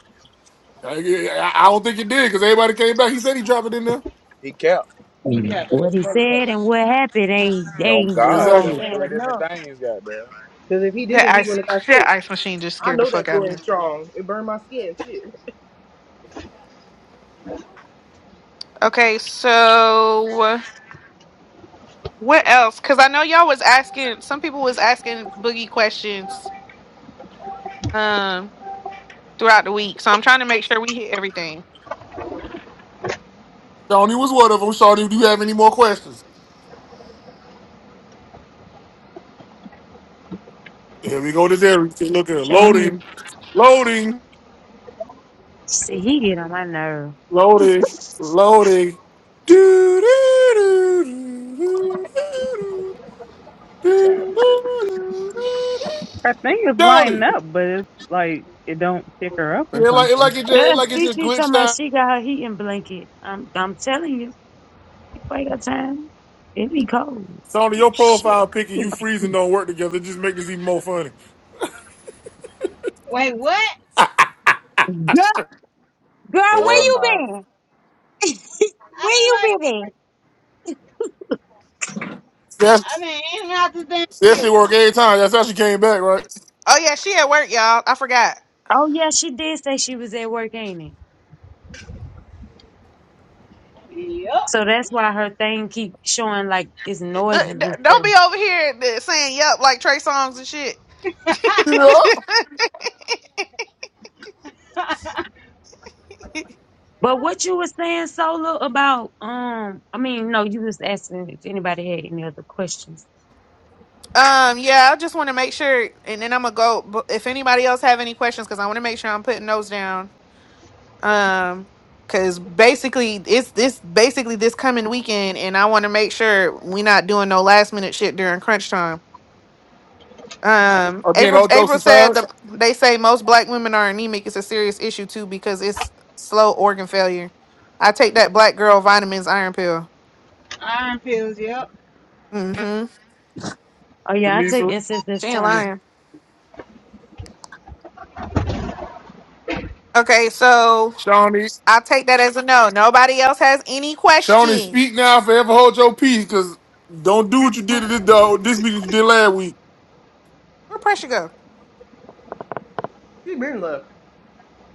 S1: I, I I don't think it did because everybody came back. He said he dropped it in there.
S3: He kept.
S4: He
S5: Mm.
S4: capping this
S5: what he
S4: motherfucker.
S5: said and
S4: Cause
S5: what happened ain't
S3: On
S5: ain't
S1: Yeah,
S3: God, that
S5: um
S1: Exactly.
S3: was three
S5: adding
S3: different
S5: up.
S3: things, goddamn.
S4: if he did it,
S2: That
S4: we wouldn't
S2: ice
S4: have got
S2: [laughs]
S4: sick.
S2: that ice machine just
S4: I
S2: scared the
S4: know that
S2: fuck out
S4: glue
S2: of me.
S4: ain't strong. It burned my skin. Shit.
S2: Okay, so what else? Cause I know y'all was asking some people was asking boogie questions um throughout the week. So I'm trying to make sure we hit everything.
S1: Shawnee was one of them. Shawnee, do you have any more questions? Here we go. This area. Look at
S5: Sean,
S1: loading, loading,
S5: see, he get on my nerve.
S1: loading, loading. Do, do, do, do, do, do, do. Tony,
S3: Childish.
S6: her thing is lining up, but it's like it don't pick her up or
S1: yeah, like it like
S6: something.
S1: it just it
S5: Yeah,
S1: like it just
S5: Cece talking
S1: glitched
S5: about
S1: out.
S5: she got her heating blanket. I'm I'm telling you, wait your time. It be cold.
S1: Tony, your
S5: Shit.
S1: profile pic and
S5: Girl,
S1: you freezing don't work together. It just make this even more funny.
S10: [laughs] Wait, what?
S5: girl, where
S10: What?
S3: Hell
S5: you
S3: no.
S5: been?
S10: I
S5: Where
S10: been
S5: you
S10: right?
S5: been at?
S10: I
S1: That's
S10: mean, in and out the damn
S1: that shit
S10: vehicle.
S1: work every time. That's how she came back, right? [laughs]
S2: Oh yeah, she at work, y'all. I forgot.
S5: Oh yeah, she did say she was at work, ain't it?
S10: Yup.
S5: So that's why her thing keep showing like it's noises
S2: Look, d-
S5: and
S2: Don't
S5: stuff.
S2: be over here th- saying yep like Trey songs and shit.
S1: Yeah.
S2: [laughs]
S5: But
S10: [laughs]
S5: what you was saying, Solo, about um, I mean, no, you was asking if anybody had any other questions.
S2: um, yeah, I just want to make sure, and then I'm gonna go. bu- If anybody else have any questions, because I want to make sure I'm putting those down. Um, because basically it's this basically this coming weekend, and I want to make sure we not doing no last minute shit during crunch time. Um,
S1: Again,
S2: April
S1: all jokes
S2: April said
S1: aside,
S2: the, they say most black women are anemic. It's a serious issue too because it's slow organ failure. I take that black girl vitamins iron pill.
S10: Iron pills. Yep.
S2: Mm-hmm.
S5: Oh yeah, I take
S1: Jamisa,
S5: SSS
S2: She ain't
S5: tonic.
S2: lying. Okay, so
S1: Shawnee,
S2: I'll take that as a no. Nobody else has any
S1: Shawnee, speak now,
S2: questions.
S1: forever hold your peace, cause don't do what you did to this dog this week that you did last week.
S2: Where pressure go?
S4: She been left.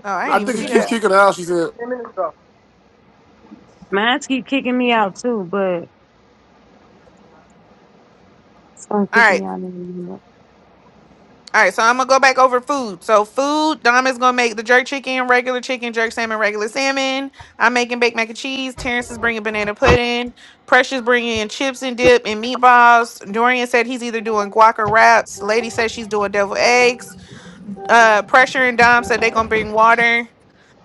S2: Oh, I
S3: Yeah,
S1: I
S2: didn't even
S1: think it
S2: see
S3: Drink
S1: keeps
S3: on.
S2: that.
S3: I'm
S1: kicking her out. She said,
S4: Ten minutes ago.
S5: Mine keep kicking me out too, but it's gonna
S2: All
S5: kick
S2: right.
S5: me out in a minute.
S2: All right, so I'm gonna go back over food. So food, Dom is gonna make the jerk chicken, regular chicken, jerk salmon, regular salmon. I'm making baked mac and cheese. Terrence is bringing banana pudding. Precious bringing in chips and dip and meatballs. Dorian said he's either doing guac or wraps. Lady said she's doing devil eggs. Uh, Pressure and Dom said they gonna bring water.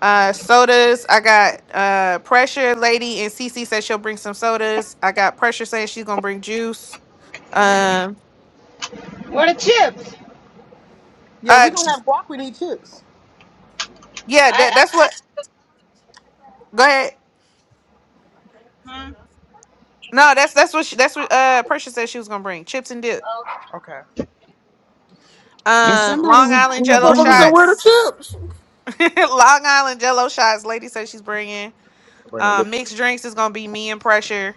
S2: Uh, sodas. I got uh pressure lady and CC said she'll bring some sodas. I got pressure saying she's gonna bring juice. Um.
S10: What are chips?
S4: Yeah, we
S2: Uh.
S4: gonna
S2: j-
S4: have guac with these chips.
S2: Yeah. That.
S10: I,
S2: That's
S10: I
S2: what. Go ahead.
S10: huh?
S2: No. That's that's what she, that's what uh pressure said she was gonna bring chips and dip.
S4: Okay.
S5: And
S2: Um.
S5: somebody
S2: Long
S5: was
S2: Island
S1: "That
S5: was
S2: Jello
S1: motherfucker said
S5: bringing.
S1: where the
S2: shots.
S1: chips?"
S2: [laughs] Long Island Jello shots. Lady said she's bringing.
S3: bringing lip.
S2: Um. Mixed drinks is gonna be me and pressure,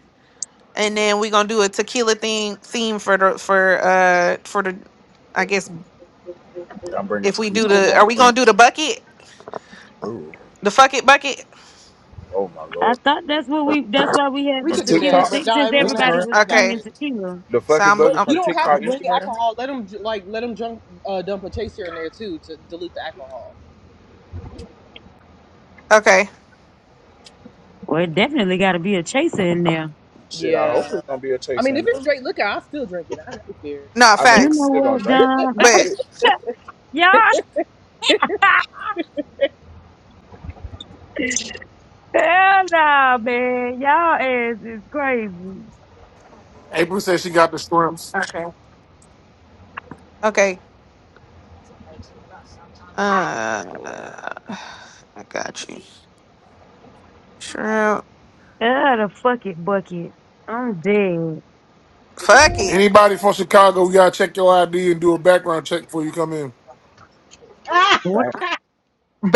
S2: and then we're gonna do a tequila theme theme for the for uh for the I guess
S3: yeah, I'm bringing
S2: if we
S3: tequila.
S2: do
S3: I'm
S4: Either
S2: the
S4: do
S2: are we gonna
S3: bringing.
S2: do the bucket?
S3: Ooh.
S2: The fuck it bucket.
S3: Oh my
S5: I
S3: lord.
S5: thought that's what we. That's why we had
S4: We
S5: the
S3: From
S4: could do
S5: tequila
S4: that,
S3: TikTok,
S4: but
S5: thing,
S4: now
S5: since
S4: everyone has
S5: everybody
S4: to
S3: Instagram.
S5: was
S4: drink out of
S2: Okay.
S5: bringing
S4: it.
S5: tequila.
S3: The
S2: So
S3: fucking
S2: I'm,
S3: burger
S4: But
S2: i
S4: you
S3: from
S4: don't have
S2: am
S3: TikTok,
S4: to bring
S3: Instagram.
S4: alcohol. Let them like let them jump, uh, dump a chaser in there too to dilute the alcohol.
S2: okay.
S5: Well, it definitely got to be a chaser in there.
S3: Shit, I hope
S4: Yeah,
S3: it's gonna be a
S4: I
S3: chase
S4: mean if
S3: in.
S4: it's
S3: there.
S4: straight liquor, I still drink it. I never cared.
S2: No
S3: I mean,
S5: You
S3: we
S5: know
S2: facts,
S3: still gonna
S5: what,
S3: drink
S5: Dom?
S2: but
S3: it. Shit.
S5: [laughs] Y'all, hell nah, man. Y'all ass is crazy.
S1: April said she got the shrimps.
S2: okay. Uh, I got you. Shrimp.
S5: Out the fucking bucket. I'm dead.
S2: Fuck it.
S1: Anybody from Chicago, we gotta check your ID and do a background check before you come in.
S10: Ah!
S5: What,
S3: Damn. [laughs]
S10: [laughs]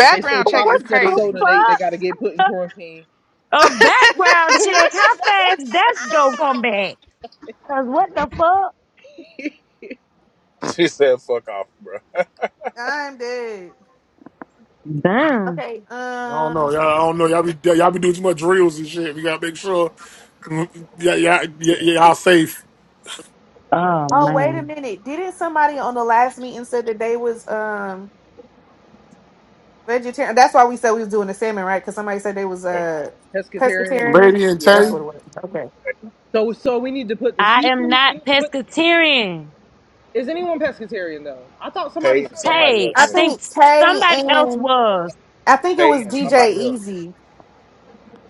S4: If they say
S2: check
S4: pop
S5: what
S2: is
S4: instead of
S5: the
S2: crazy. [laughs]
S4: soda, they they
S5: fuck?
S4: got to get put in quarantine.
S5: A background check. How fast that gonna come back? Cause what the fuck?
S4: [laughs]
S3: She said, "Fuck off, bro." [laughs]
S2: I'm dead.
S5: Damn.
S1: I don't know.
S2: Um.
S1: Y'all, I don't know. Y'all be y'all be doing too much drills and shit. We gotta make sure yeah, yeah, yeah, y'all safe.
S5: Oh
S2: Oh wait a
S5: man.
S2: minute. Didn't somebody on the last meeting said that they was um vegetarian? That's why we said we was doing the salmon, right? Because somebody said they was
S3: Tay,
S2: uh
S4: pescatarian.
S2: pescatarian.
S1: Lady and
S2: That's
S4: Yeah.
S1: Tay.
S2: what it was. Okay.
S3: Tay
S4: So so we need to put the
S5: I am
S4: seafood. We
S5: not
S4: need to put.
S5: pescatarian.
S4: Is anyone pescatarian though? I thought
S3: Tay
S4: somebody said
S3: and
S4: that.
S3: somebody else
S5: Hey,
S2: I
S5: I
S3: said it.
S5: think
S2: think Tay
S5: somebody else
S2: and
S5: was.
S2: I think it
S3: Tay
S2: was
S3: and
S2: DJ
S3: somebody else.
S2: Easy.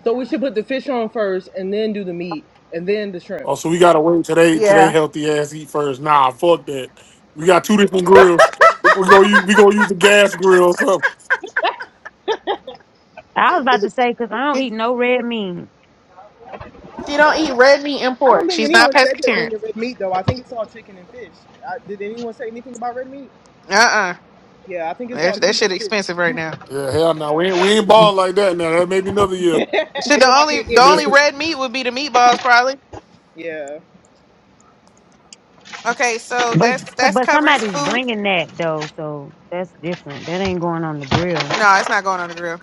S4: So we should put the fish on first, and then do the meat, and then the shrimp.
S1: Oh, so we gotta wait today. Today,
S2: Yeah.
S1: healthy ass eat first. Nah, fuck that. We got two different
S4: [laughs]
S1: grills. We go use we gonna use the gas grill. or something.
S5: I was about to say, cause I don't eat no red meat.
S2: She don't eat red meat and
S4: I don't
S2: pork.
S4: think
S2: She's not
S4: anyone said they're
S2: pescatarian.
S4: bringing red meat though. I think it's all chicken and fish. I, did anyone say anything about red meat?
S2: Uh
S4: Yeah, I think
S2: uh
S4: it's
S2: That,
S4: all
S2: that
S4: chicken
S2: shit expensive right now.
S1: Yeah, hell no. We
S4: and
S1: ain't we ain't balling like that now. That may be another year.
S4: fish. Yeah, [laughs]
S2: Shit, the
S4: everybody
S2: only
S4: ain't
S1: [laughs]
S2: the
S4: getting
S2: only
S4: steak.
S1: no,
S2: red meat would be the meatballs probably.
S4: Yeah,
S2: Okay, so
S5: But
S2: that's
S5: so,
S2: that's
S5: but
S2: covers
S5: somebody's
S2: food.
S5: bringing that though, so that's different. That ain't going on the grill.
S2: No, it's not going on the grill.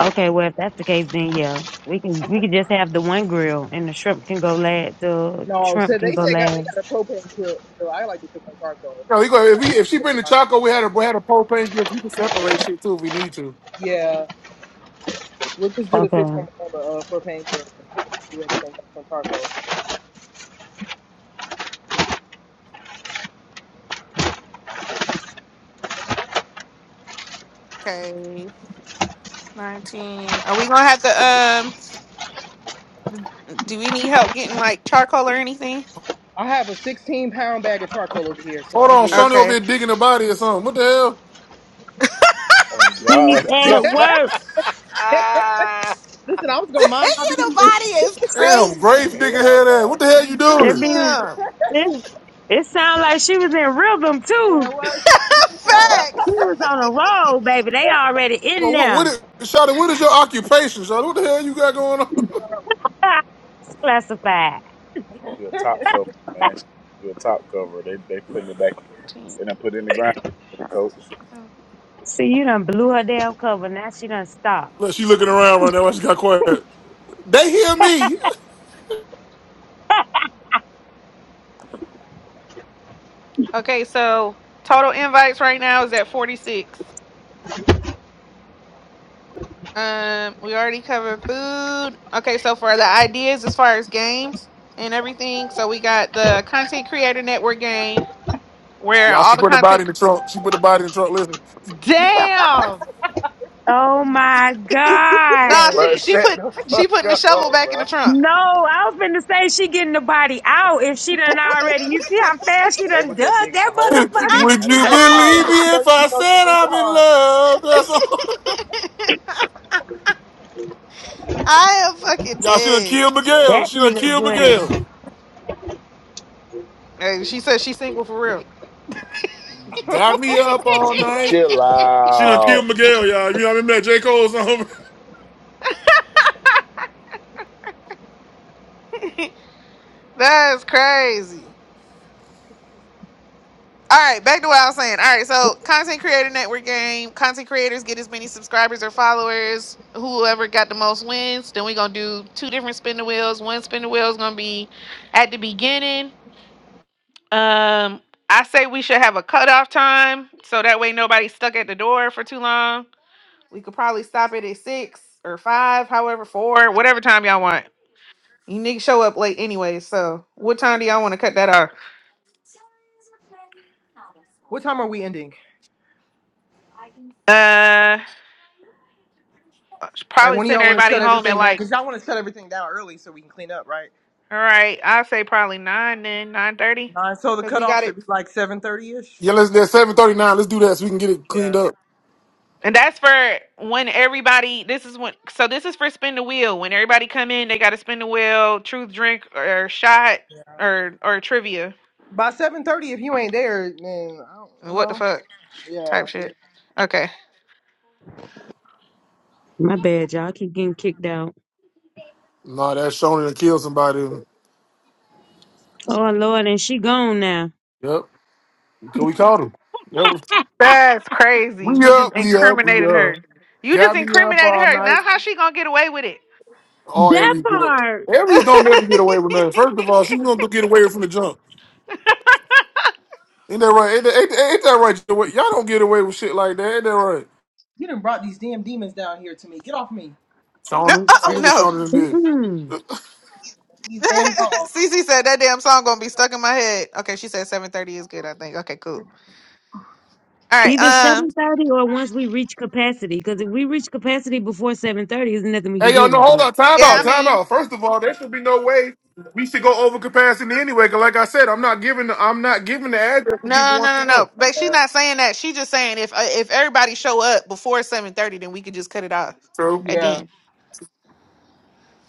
S5: Okay, well if that's the case, then yeah, we can we can just have the one grill, and the shrimp can go last. The
S4: no. So
S5: shrimp can
S4: they
S5: go
S4: said got they got
S5: last.
S4: a propane grill. grill. I like to cook on charcoal.
S1: we go
S4: I'm
S1: if
S4: not
S1: we if she bring
S4: disrespecting
S1: the
S4: my meat
S1: choco, we
S4: like
S1: had a
S4: that.
S1: we had a propane gift. We can separate shit too if we need to.
S4: Yeah, we'll just do the fish on,
S5: Okay,
S4: on the uh, propane grill and do everything else on charcoal.
S2: Okay, nineteen. Are we gonna have to um? Do we need help getting like charcoal or anything?
S4: I have a 16 pound bag of charcoal over here, so
S1: Hold
S4: I'm
S1: on,
S4: good.
S1: Shawnee over
S2: Okay.
S1: here digging the body or something. What the hell?
S3: Oh
S5: she's
S3: God. [laughs]
S5: at
S3: Somebody-
S5: work.
S3: ah.
S4: Listen, I was
S2: [laughs]
S4: gonna mind my
S2: Your
S4: business.
S2: body is
S1: Damn, grave
S2: crazy.
S1: digger
S3: Hell
S1: head ass. What
S3: no.
S1: the hell you
S2: Damn.
S5: That
S1: doing?
S5: means
S2: [laughs]
S5: it, it sounds like she was in rhythm
S4: Man,
S5: too.
S4: what?
S3: God.
S5: She
S2: Facts.
S5: was on a roll, baby. They already in
S1: Well, what, what
S5: there.
S1: is, Shawty, what is your occupation, Shawty? What the hell you got going on?
S5: [laughs] Classified.
S3: She a top cover, man. She a top cover. They they putting it back
S2: 14,
S3: and I put it in the ground,
S2: 15.
S3: coach.
S5: See, you done blew her damn cover. Now she done stopped.
S1: [laughs]
S5: [laughs]
S1: Look, she looking around right now. She got quiet. They hear me.
S2: Okay, so total invites right now is at 46. Um, we already covered food. Okay, so for the ideas as far as games and everything, so we got the content creator network game where
S1: Y'all,
S2: all
S1: she
S2: the
S1: put the body in
S2: content.
S1: the trunk. She put the body in the trunk. Listen,
S2: Damn.
S5: Oh my god!
S2: Nah,
S3: Bro,
S2: she she
S3: shut
S2: put
S3: the
S2: she
S3: fuck
S2: putting the shovel
S3: up,
S2: back in
S3: bro.
S2: the trunk. [laughs]
S5: No, I was finna say she getting the body out if she done already. You see how fast she
S3: They
S5: done
S3: was
S5: dug
S3: just digging
S5: that
S3: a hole,
S1: [laughs]
S4: She
S3: just then.
S5: motherfucker.
S4: be
S1: would
S3: I
S4: she
S1: you
S3: didn't get
S5: [laughs]
S4: being
S3: nobody
S4: quiet,
S1: believe
S3: out.
S4: so you
S1: me
S4: know
S1: if
S4: you
S1: I
S4: know she
S1: said
S4: brings it
S1: I'm in
S4: hard.
S1: love? That's all.
S2: I am
S1: [laughs]
S2: fucking
S1: Y'all, she done
S2: dead.
S1: killed
S3: Bro,
S1: Miguel.
S3: you
S5: that
S1: She done
S5: nigga
S1: killed
S5: good
S1: Miguel.
S5: as
S2: Hey, she said she's single for real.
S4: [laughs]
S1: Got me up all night.
S3: chill
S1: She done killed
S3: out.
S1: Miguel, y'all. You know what I mean? That J. Cole song. [laughs]
S2: [laughs] That's crazy. All right, back to what I was saying. All right, so content creator network game. Content creators get as many subscribers or followers. Whoever got the most wins. Then we're gonna do two different spin the wheels. One spin the wheel is gonna be at the beginning. Um, I say we should have a cutoff time so that way nobody's stuck at the door for too long. We could probably stop it at six or five, however, four, whatever time y'all want. You niggas show up late anyway, so what time do y'all want to cut that off?
S4: what time are we ending?
S2: Uh,
S4: Like,
S2: probably
S4: when do
S2: send
S4: y'all want to
S2: everybody
S4: shut
S2: home at
S4: everything down?
S2: like
S4: Because y'all want to shut everything down early so we can clean up, right?
S2: All right, I say probably nine then nine thirty,
S4: Nine. So the
S2: cause we
S4: cutoff
S2: got it.
S4: should be like seven thirty ish.
S1: Yeah, let's that's seven thirty nine. Let's do that so we can get it cleaned
S4: Yeah.
S1: up.
S2: And that's for when everybody. This is when. So this is for spin the wheel. When everybody come in, they got to spin the wheel, truth drink or shot or or trivia.
S4: By seven thirty, if you ain't there, then I don't, you
S2: What the
S4: know.
S2: fuck
S4: Yeah.
S2: type shit? Okay,
S5: my bad, y'all. I keep getting kicked out.
S1: Nah, that's shown to kill somebody.
S5: Oh Lord, and she gone now.
S1: Yep, because we caught him. That was
S2: that's crazy.
S1: we
S2: We just
S1: up, we up, we
S2: incriminated
S1: up.
S2: her. You just
S1: Got me up
S2: incriminated
S1: all
S2: her.
S1: night.
S2: Now how she gonna get away with it?
S1: All
S5: That
S1: Aries get up.
S5: part.
S1: Aries don't never get away with nothing. First of all, she gonna go get away from the jump. Ain't that right? Ain't that, ain't, ain't that right? Joey? Y'all don't get away with shit like that. Ain't that right?
S4: You done brought these damn demons down here to me. Get off me.
S1: Shauna, see
S2: Oh
S4: Sorry.
S1: look what
S2: no.
S1: Shauna done did.
S5: Mm-mm.
S4: These damn
S2: [laughs]
S4: dogs.
S2: Cece said that damn song gonna be stuck in my head. Okay, she said seven thirty is good. I think. Okay, cool. All right.
S5: Either
S2: Um.
S5: seven thirty or once we reach capacity. Because if we reach capacity before seven thirty, there's nothing we
S1: Hey
S5: can do
S1: y'all, no,
S5: about
S1: hold
S5: that.
S1: on. Time
S2: Yeah.
S1: out,
S2: I
S4: Yeah.
S1: time
S2: mean.
S1: out. First of all, there should be no way we should go over capacity anyway. Cause like I said, I'm not giving the I'm not giving the address for people
S2: No,
S1: want
S2: no, no,
S1: to know.
S2: no. But she's not saying that. She just saying if uh, if everybody show up before seven thirty, then we could just cut it off.
S1: True.
S2: And
S4: Yeah.
S2: then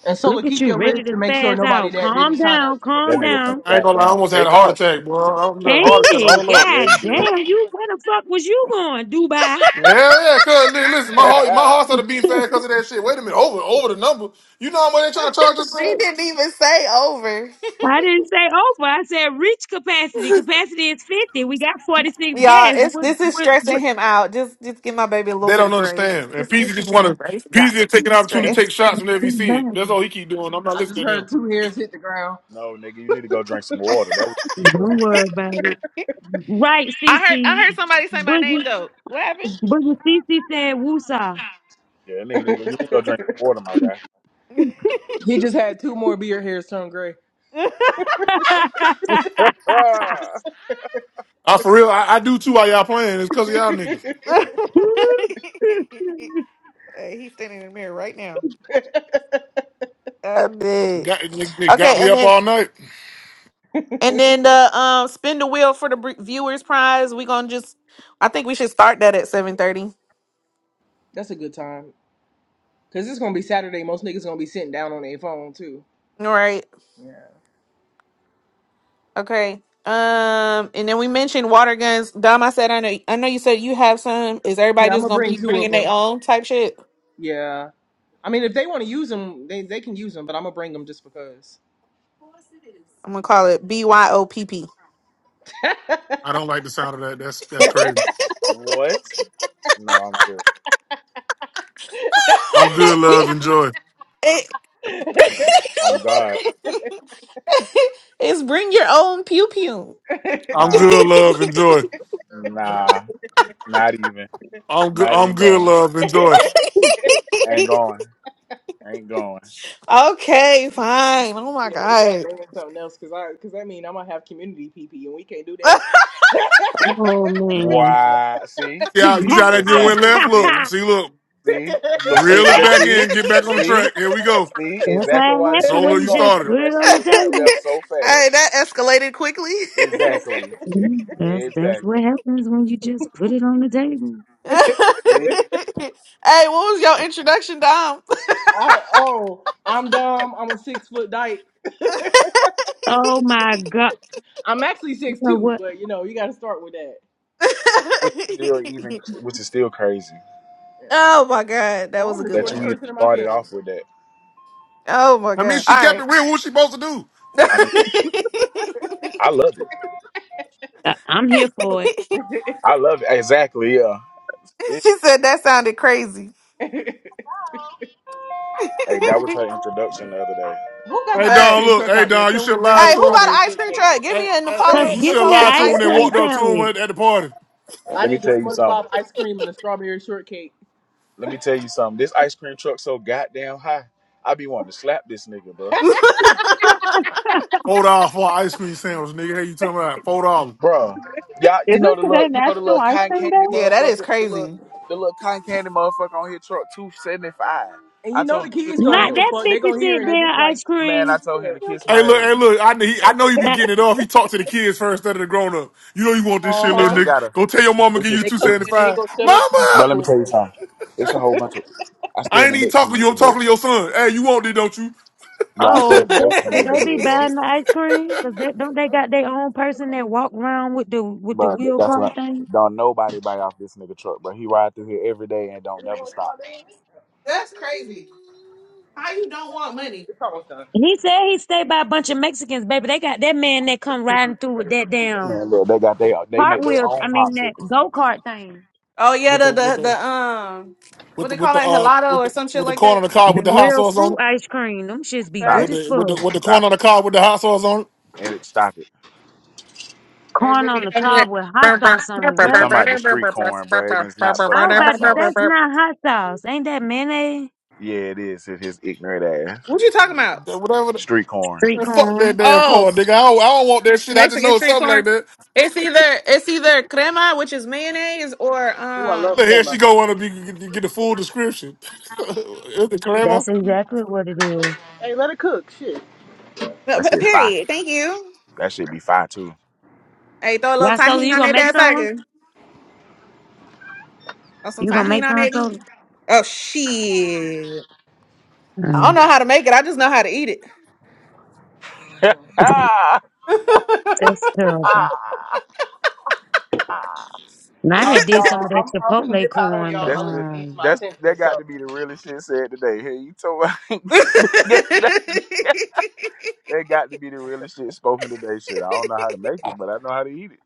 S4: And Sola,
S5: Look at
S4: keep
S5: you,
S4: your
S5: ready
S4: list
S5: to
S4: to make sure
S5: spaz
S4: nobody
S5: out.
S4: that didn't
S5: Calm
S4: sign up
S5: down,
S3: That
S5: calm
S4: before him
S3: nigga from
S5: down.
S1: I ain't
S4: shows
S1: gonna
S4: up.
S1: lie, I
S3: goddamn
S1: almost had a
S3: take
S1: heart
S3: off.
S1: attack, bro. I almost had a heart
S5: Ain't
S1: attack.
S5: it?
S2: [laughs]
S1: Hold up.
S3: Yeah, you
S5: God
S3: did.
S5: damn, you where the fuck was you going, Dubai?
S1: Yeah, yeah, cuz li- listen, my
S3: [laughs]
S1: heart my heart started beating
S5: [laughs]
S1: fast because of that shit. Wait a minute, over over the number. You know how much they trying to charge us,
S2: she
S1: man?
S2: didn't even say over.
S5: I didn't say over. I said reach capacity. Capacity is 50. We got 46
S2: Y'all,
S5: gas.
S2: it's
S5: What,
S2: this is
S5: what,
S2: stressing
S5: what?
S2: him out. Just just give my baby a little
S1: They
S2: bit of
S1: don't
S2: grace.
S1: understand. And
S2: Just
S1: Peasy
S2: give him
S1: just
S2: some
S1: wanna
S2: grace, God.
S1: Peasy is
S2: He's
S1: taking an opportunity to take
S2: stressed.
S1: shots whenever he
S5: Don't
S1: see it. That's
S5: bother.
S1: all he keep doing. I'm not
S4: I just
S1: listening to him.
S4: heard two hairs hit the ground.
S3: no, nigga, you need to go drink some water. That was you need to go.
S5: Don't worry about it. Right,
S2: I heard I
S5: Cece.
S2: heard somebody say my name
S5: Boogie,
S2: though. What
S5: Boogie Cece said woosah.
S3: Yeah, that nigga, need to go- you need to go drink some water, my
S4: He just had two more beard hairs turn gray.
S3: guy.
S5: [laughs]
S1: I for real, I, I do too while y'all playing. It's cause of y'all niggas.
S2: happened?
S4: [laughs]
S2: [laughs] [laughs] Uh, he's standing in the mirror right now.
S4: [laughs]
S2: I bet.
S1: Got it, it got
S2: Okay,
S1: me
S2: and
S1: up
S2: then
S1: all night.
S2: And then the um spin the wheel for the br- viewers prize. We gonna just I think we should start that at 7:30.
S4: That's a good time. Cause it's gonna be Saturday. Most niggas gonna be sitting down on their phone too.
S2: All right.
S4: Yeah.
S2: Okay. Um and then we mentioned water guns. Dom, I said I know I know you said you have some. Is
S4: Yeah,
S2: everybody
S4: I'm
S2: just
S4: gonna
S2: going to
S4: bring
S2: be
S4: two of
S2: bringing their
S4: them.
S2: own type shit?
S4: Yeah. I mean, if they want to use them, they they can use them. But I'm gonna bring them just because.
S2: I'm going to call it B Y O P P.
S1: I don't like the sound of that. That's
S4: [laughs]
S1: that's
S4: yeah,
S1: crazy.
S3: [laughs] what? No, I'm good.
S1: I'm good, love,
S2: [laughs] It-
S1: enjoy.
S2: [laughs]
S3: On God,
S2: It's bring your own pew pew.
S1: I'm
S3: nah,
S1: good, love, enjoy.
S3: nah, not even,
S1: I'm good
S3: not
S1: I'm
S3: even
S1: good,
S3: going.
S1: love, enjoy.
S3: Ain't going. Ain't going.
S2: [laughs] okay, fine. Oh my
S4: we gotta
S2: god.
S4: bring them something else. Cause I, cause I mean, I'm gonna have community PP, and we can't do
S2: [laughs]
S5: oh, man.
S3: Why? See,
S5: [laughs]
S1: See
S5: well,
S1: how, you
S3: see,
S1: see how
S5: that's
S1: that just went
S3: exactly.
S1: left?
S3: See.
S1: Look, see, look,
S3: See,
S4: that.
S3: little
S1: reel
S3: shit.
S1: it
S3: Just
S1: back
S3: see,
S1: in,
S2: [laughs]
S1: get back on the
S3: see,
S1: track. Here we go.
S3: see exactly
S5: how
S3: why
S5: it
S3: the shit
S5: happens
S1: Solo,
S5: when
S3: ain't
S1: you
S5: you just
S3: going
S1: started.
S5: put
S3: because that
S5: it
S3: shit
S5: on
S2: hey,
S5: the
S3: just went
S5: table.
S3: left so fast.
S2: that escalated quickly.
S4: [laughs]
S3: Exactly,
S5: Mm, That's, that's
S3: exactly.
S5: what happens when you just put it on the table.
S2: [laughs] hey,
S3: See,
S2: what was your introduction, Dom? [laughs]
S4: I, oh, I'm dumb. I'm a six foot dyke.
S5: Oh, my God.
S4: I'm actually six two, but you know, you gotta start with that.
S3: which is still even, which is still crazy
S4: Yeah.
S2: oh my god, that
S4: Oh,
S2: was
S4: I'm
S2: a
S4: the
S2: good
S3: that
S4: shortest
S3: you
S2: laugh.
S3: even
S4: person in my
S3: started
S4: family.
S3: off with that.
S2: Oh my
S1: I mean,
S2: god.
S1: she
S2: All
S1: kept it
S2: right.
S1: real. What was she supposed to do?
S2: [laughs] she
S3: I
S4: [laughs]
S3: mean, I love it.
S5: I- I'm here for it.
S3: I love it. Exactly. Yeah.
S2: said that sounded crazy.
S3: Hey, that was
S2: [laughs]
S3: her introduction the other day.
S4: Who got the
S1: Hey,
S4: ice
S1: Don,
S4: cream
S2: Facts.
S1: look.
S4: truck
S1: Hey,
S4: out there?
S1: Don, you
S4: Tell
S1: should
S4: them to
S1: have
S4: bring
S1: lied
S4: me
S2: Hey,
S4: a
S1: to
S2: who
S1: him.
S2: bought an
S4: strawberry
S2: ice cream
S4: shortcake.
S2: truck? Give
S1: Hey,
S2: me a
S1: hey,
S5: Cause
S1: hey,
S4: Man,
S1: you
S2: Napoleon,
S1: should
S5: give me
S1: have
S5: an
S1: lied
S2: Napoleon
S1: to him when
S5: ice
S2: ice
S1: they
S5: cream
S1: walked
S2: cream.
S1: up to him
S5: sandwich.
S1: at, at the party.
S4: I
S3: Let me
S4: need the
S3: tell you something.
S4: SpongeBob ice cream and a strawberry shortcake.
S3: Let me tell you something. This ice cream truck so goddamn high. I be wanting to slap this nigga, bro.
S2: [laughs] yeah,
S1: Four dollars for an ice cream sandwich, nigga. Hey, you talking about four dollars?
S3: Bruh. Y'all, you know
S6: Isn't
S3: the
S6: today
S3: little, you know the
S6: National
S3: little
S6: Ice
S3: cotton
S6: Cream Day?
S3: candy
S2: that is
S3: motherfucker, the little,
S2: crazy.
S3: the little cotton candy motherfucker on his truck, two seventy five.
S4: And
S3: I
S4: you know
S3: told
S4: the
S3: him to
S4: kids
S3: kiss
S4: don't
S3: my
S5: Not
S4: give a
S3: ass.
S5: that
S4: fuck. They
S5: fifty
S4: gonna hear
S5: cent
S4: and they just
S5: damn
S4: like,
S5: ice
S3: Man, I
S5: cream.
S3: told
S4: yeah,
S3: him to kiss
S1: Hey,
S3: my
S1: look, hey,
S3: ass.
S1: look. I know, he, I know you be
S5: Not-
S1: getting it off. He talked to the kids first instead of the grown up. You know you want this shit, little
S3: That
S4: uh huh.
S3: nigga
S1: nigga.
S3: got a,
S1: Go tell your mama
S3: it's
S1: give
S3: a,
S1: you
S4: They
S1: two
S4: come
S3: it's
S1: seventy
S3: a
S4: in and they ain't
S1: five.
S4: gonna shut up till you get it
S3: bro.
S1: Mama,
S3: Let
S4: for
S3: me tell you
S4: 'em.
S3: something. It's a whole bunch of. I stay
S1: I
S3: in
S1: ain't
S3: the
S1: even
S3: Mexican
S1: talking to you. I'm
S3: neighborhood,
S1: talking to
S3: bro.
S1: your son. Hey, you want this, don't you?
S3: But I stay in
S5: Oh,
S3: the
S5: they,
S3: Mexican
S5: do they be
S3: neighborhood,
S2: [laughs]
S3: bro.
S5: buying the ice cream? Cause they, don't they got their own person that walk around with the with the
S3: But
S5: wheel
S3: that's
S5: car
S3: what.
S5: thing?
S3: Don't nobody buy off this nigga truck, bro. He ride through here every day and
S4: You
S3: don't
S4: know
S3: never
S4: what, come
S3: stop.
S4: on, baby.
S2: That's crazy. How you don't want money?
S4: It's almost done.
S5: And he said he stayed by a bunch of Mexicans, baby. They got that man that come riding through with
S4: Hmm.
S5: that damn
S3: Man, look, they got they they make their
S5: cartwheel.
S3: own
S5: I mean that
S3: popsicles, nigga.
S5: go kart thing.
S2: Oh yeah,
S1: What
S2: the
S1: the? What
S2: the
S1: the?
S2: the um, what
S1: with the
S2: they
S1: with
S2: call
S1: the
S2: that
S1: uh
S2: helado
S1: with
S2: or
S1: the
S2: some shit
S1: with the
S2: like
S1: corn
S2: that.
S1: on the cob
S3: hmm
S5: The
S1: with the hot
S5: real
S1: sauce on
S5: fruit
S1: it.
S5: ice cream. Them shits be
S3: Stop
S5: good
S1: With
S2: Right.
S3: it.
S5: as
S1: the with the
S5: fuck.
S1: with the corn
S3: Stop
S1: on
S3: it.
S1: the cob with the hot sauce on it.
S3: and it stop it.
S2: And
S5: Corn
S2: they be
S5: on the
S2: coming in-
S5: cob with hot
S2: Burr, burr,
S5: sauce on
S2: burr,
S5: it.
S2: burr,
S3: He
S2: burr, burr,
S5: What?
S3: talking about the
S2: burr, burr,
S3: street
S2: burr, burr,
S3: corn, bro,
S2: burr,
S3: and it's not
S2: burr, burr,
S5: I
S3: fucking
S5: was
S2: burr, burr,
S3: hot
S5: about to,
S2: burr, burr,
S3: sauce.
S5: that's
S2: burr.
S5: not hot sauce. Ain't that mayonnaise?
S3: Yeah, it is. It's his ignorant ass.
S2: What you talking about?
S1: The- Whatever the
S3: Street corn.
S5: Street
S1: man, fuck that
S5: corn.
S1: damn
S2: Oh,
S1: corn nigga. I don't, I don't want that shit. I just know
S2: Mexican
S1: it's
S2: street
S1: something
S2: corn.
S1: like that.
S2: It's either it's either crema, which is mayonnaise, or
S4: Ooh, I love
S1: but
S2: um. p-
S1: here she
S4: crema.
S1: go wanna be get, get the full description. [laughs] Is it Karema?
S5: That's exactly what it is.
S4: Hey, let it cook. Shit.
S3: That
S2: p-
S3: shit fire.
S2: Period. Thank you.
S3: That shit be fire too.
S2: Hey, throw a little
S5: Why, Soda?
S2: tahini
S5: You
S2: on
S5: gonna
S2: that
S5: make
S2: bad
S5: some?
S2: burger, or some
S5: You gonna
S2: tahini
S5: make
S2: on
S5: some,
S2: that.
S5: Soda?
S2: beef. Oh shit! I don't
S5: Mm.
S2: know how to make it. I just know how to eat it.
S3: [laughs] that's
S5: [laughs]
S2: [laughs]
S5: that's terrible. And I
S4: All right,
S5: had did some
S4: y'all.
S5: of that
S4: I'm I'm gonna
S5: Chipotle
S4: dip out on
S5: corn, the,
S4: y'all. My lady
S3: the
S4: needs
S5: um,
S4: my
S3: that's
S4: attention,
S3: that got
S4: so.
S3: to be the realest shit said today. Hey, you told [laughs] that that that got to be the realest shit spoken today. Shit, I don't know how to make it, but I know how to eat it.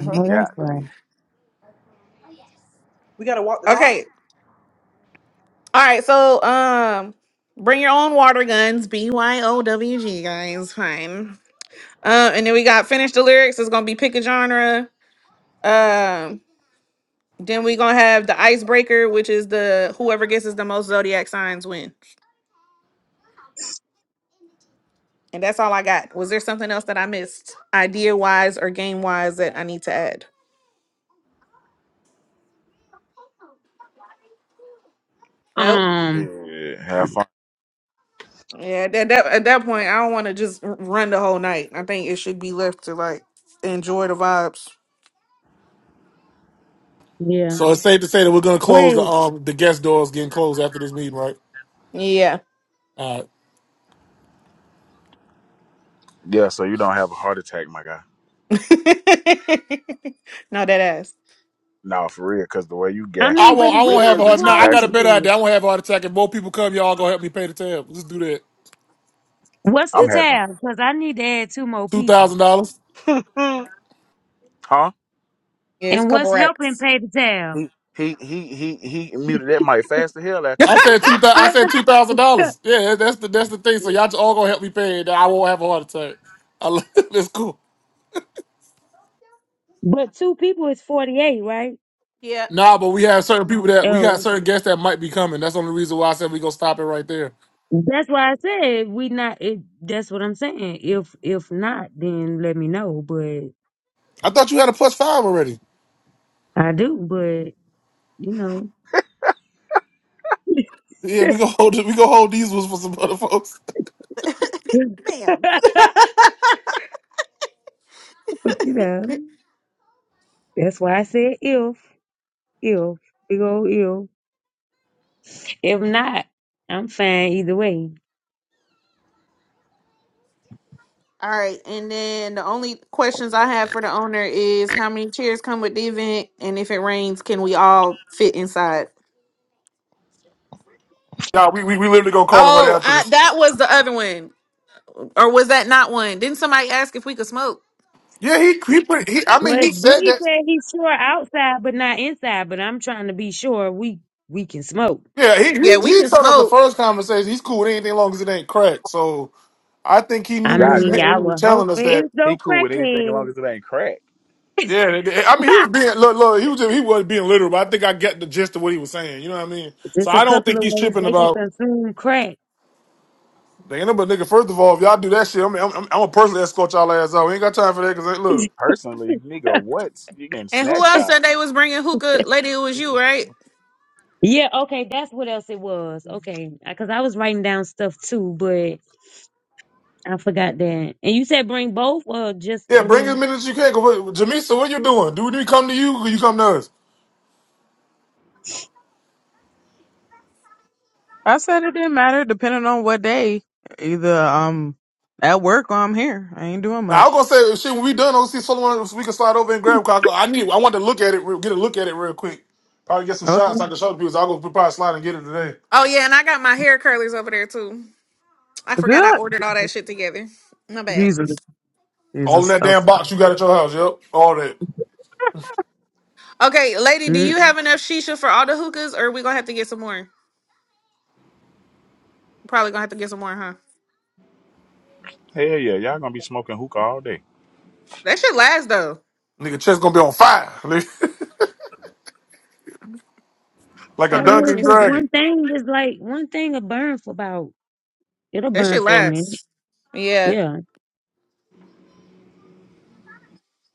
S5: I know that's
S3: Got to
S5: right.
S3: be.
S4: We gotta walk the dog.
S2: okay. All right. So, um, bring your own water guns. B Y O W G, guys. Fine. Uh, and then we got finish the lyrics. It's gonna be pick a genre. Um, then we gonna have the icebreaker, which is the whoever guesses the most zodiac signs win. And that's all I got. Was there something else that I missed, idea wise or game wise, that I need to add? Nope.
S5: Um,
S3: Yeah, have fun.
S2: Yeah, at that at that point, I don't want to just r- run the whole night. I think it should be left to like enjoy the vibes.
S5: yeah.
S1: So it's safe to say that we're gonna close
S5: Wait,
S1: the um the guest doors getting closed after this meeting, right?
S2: Yeah,
S1: All right.
S3: Yeah, so you don't have a heart attack, my guy.
S2: [laughs] not that ass.
S3: No, for real, because the way you
S5: I
S3: gasped
S1: I
S5: mean,
S3: when
S5: but
S1: won't
S3: you
S1: I
S5: we
S3: said
S1: won't have
S3: that
S5: gonna
S1: a heart no, I
S5: close
S3: reach
S1: got a better
S5: it.
S1: idea. I won't have a heart attack. If more people come, y'all gonna help me pay the tab. Let's do that.
S5: What's
S3: I'm
S5: the
S2: Ooh,
S3: having
S5: tab? Cause I need to add two more
S1: Two
S5: people.
S1: thousand dollars.
S3: him, [laughs] Huh?
S2: yeah, it's a
S5: And
S2: couple
S5: what's helping
S2: racks.
S5: pay the tab?
S3: He he he he he muted that mic fast to hell after he
S1: I
S3: said
S1: said
S3: that.
S1: two
S2: [laughs]
S1: thousand. I said two thousand
S5: [laughs]
S1: dollars. Yeah, that's the that's the thing. So y'all all just all gonna help me pay it. I won't have a heart attack. I, lo- [laughs] that's cool.
S5: but two people is 48, right?
S2: yeah,
S1: Nah, but we have certain people that we got
S5: Oh, okay.
S1: certain guests that might be coming. That's the only reason why I said we gonna stop it right there.
S5: that's why I said we not. It, that's what I'm saying. If if not, then let me know. But
S1: I thought you had a plus five already.
S5: I do. But you know, [laughs]
S1: Yeah,
S5: but
S1: we gonna hold it. We gonna hold these ones for some other folks.
S2: bam.
S5: you know, that's why I said if if big old if. If not, I'm fine either way.
S2: All right, and then the only questions I have for the owner is how many chairs come with the event, and if it rains, can we all fit inside?
S1: Nah, we we, we literally gonna call him right
S2: Oh,
S1: after
S2: I,
S1: this.
S2: that was the other one, or was that not one? Didn't somebody ask if we could smoke?
S1: Yeah, he he put. He, I mean,
S5: What
S1: he said
S5: Boogie
S1: that.
S5: said he's sure outside, but not inside. But I'm trying to be sure we we can smoke.
S1: Yeah, he
S2: Yeah,
S1: he
S2: we
S1: he
S2: can
S1: told us the
S2: smoke.
S1: first conversation. He's cool with anything as long as it ain't crack. So I think he knew
S5: I
S1: what
S3: God
S1: he
S5: mean,
S1: meant when
S5: I
S1: he
S3: damn.
S1: was
S5: would hope
S1: telling us
S5: it
S1: that.
S5: ain't
S3: He
S5: no
S3: cool with anything as long
S5: crackhead.
S3: as it ain't crack.
S1: Yeah, nigga. I mean, he was
S5: [laughs]
S1: being look, look. He was just, he wasn't being literal, but I think I get the gist of what he was saying. You know what I mean? So
S5: Just a
S1: I don't
S5: couple
S1: think
S5: of
S1: he's
S5: ways
S1: tripping
S5: they can
S1: about
S5: consume crack.
S1: the end but nigga. First of all, if y'all do that shit, I mean, I'm I'm, I'm gonna personally escort y'all ass out. We ain't got time for that. Cause like, look,
S3: Personally, nigga, what? You getting
S2: And who
S3: snatched
S2: else
S5: [laughs]
S3: out.
S2: said they was bringing hookah? Lady, it was you, right?
S5: Yeah, okay, that's what else it was. Okay, because I was writing down stuff too, but I forgot that. And you said bring both or just
S1: yeah,
S5: the
S1: bring as
S5: one?
S1: many as you can. Cause what- Jamisa, what you doing? Do we come to you? Or you come to us?
S6: I said it didn't matter, depending on what day. Either um at work or I'm here. I ain't doing
S1: Now I'm
S6: much.
S1: gonna say shit when we done. I'll see someone we can slide over and grab. 'cause I go- I need. I want to look at it. real- Get a look at it real quick. Probably get some
S6: Okay,
S1: shots. I can show the people. So I'll go probably slide and get it today.
S2: Oh yeah, and I got my hair curlers over there too. I forgot I
S6: good.
S2: ordered all that shit together. My bad.
S6: Jesus,
S1: All in
S6: Jesus.
S1: that
S6: Okay.
S1: damn box you got at your house. Yep, all that.
S2: Okay, lady, do
S5: Mm.
S2: you have enough shisha for all the hookahs, or we gonna have to get some more? Probably gonna have to get some more, huh?
S3: Hell yeah, y'all gonna be smoking hookah all day.
S2: That shit lasts though.
S1: Nigga, chest gonna be on fire. [laughs] like a
S2: Hold
S5: Not
S2: on, let
S5: really,
S1: dungeon
S2: me
S5: because
S2: see.
S1: dragon.
S5: one thing is like one thing will burn for about it'll
S2: That
S5: burn
S2: shit
S5: for a minute.
S2: lasts. Yeah,
S5: Yeah,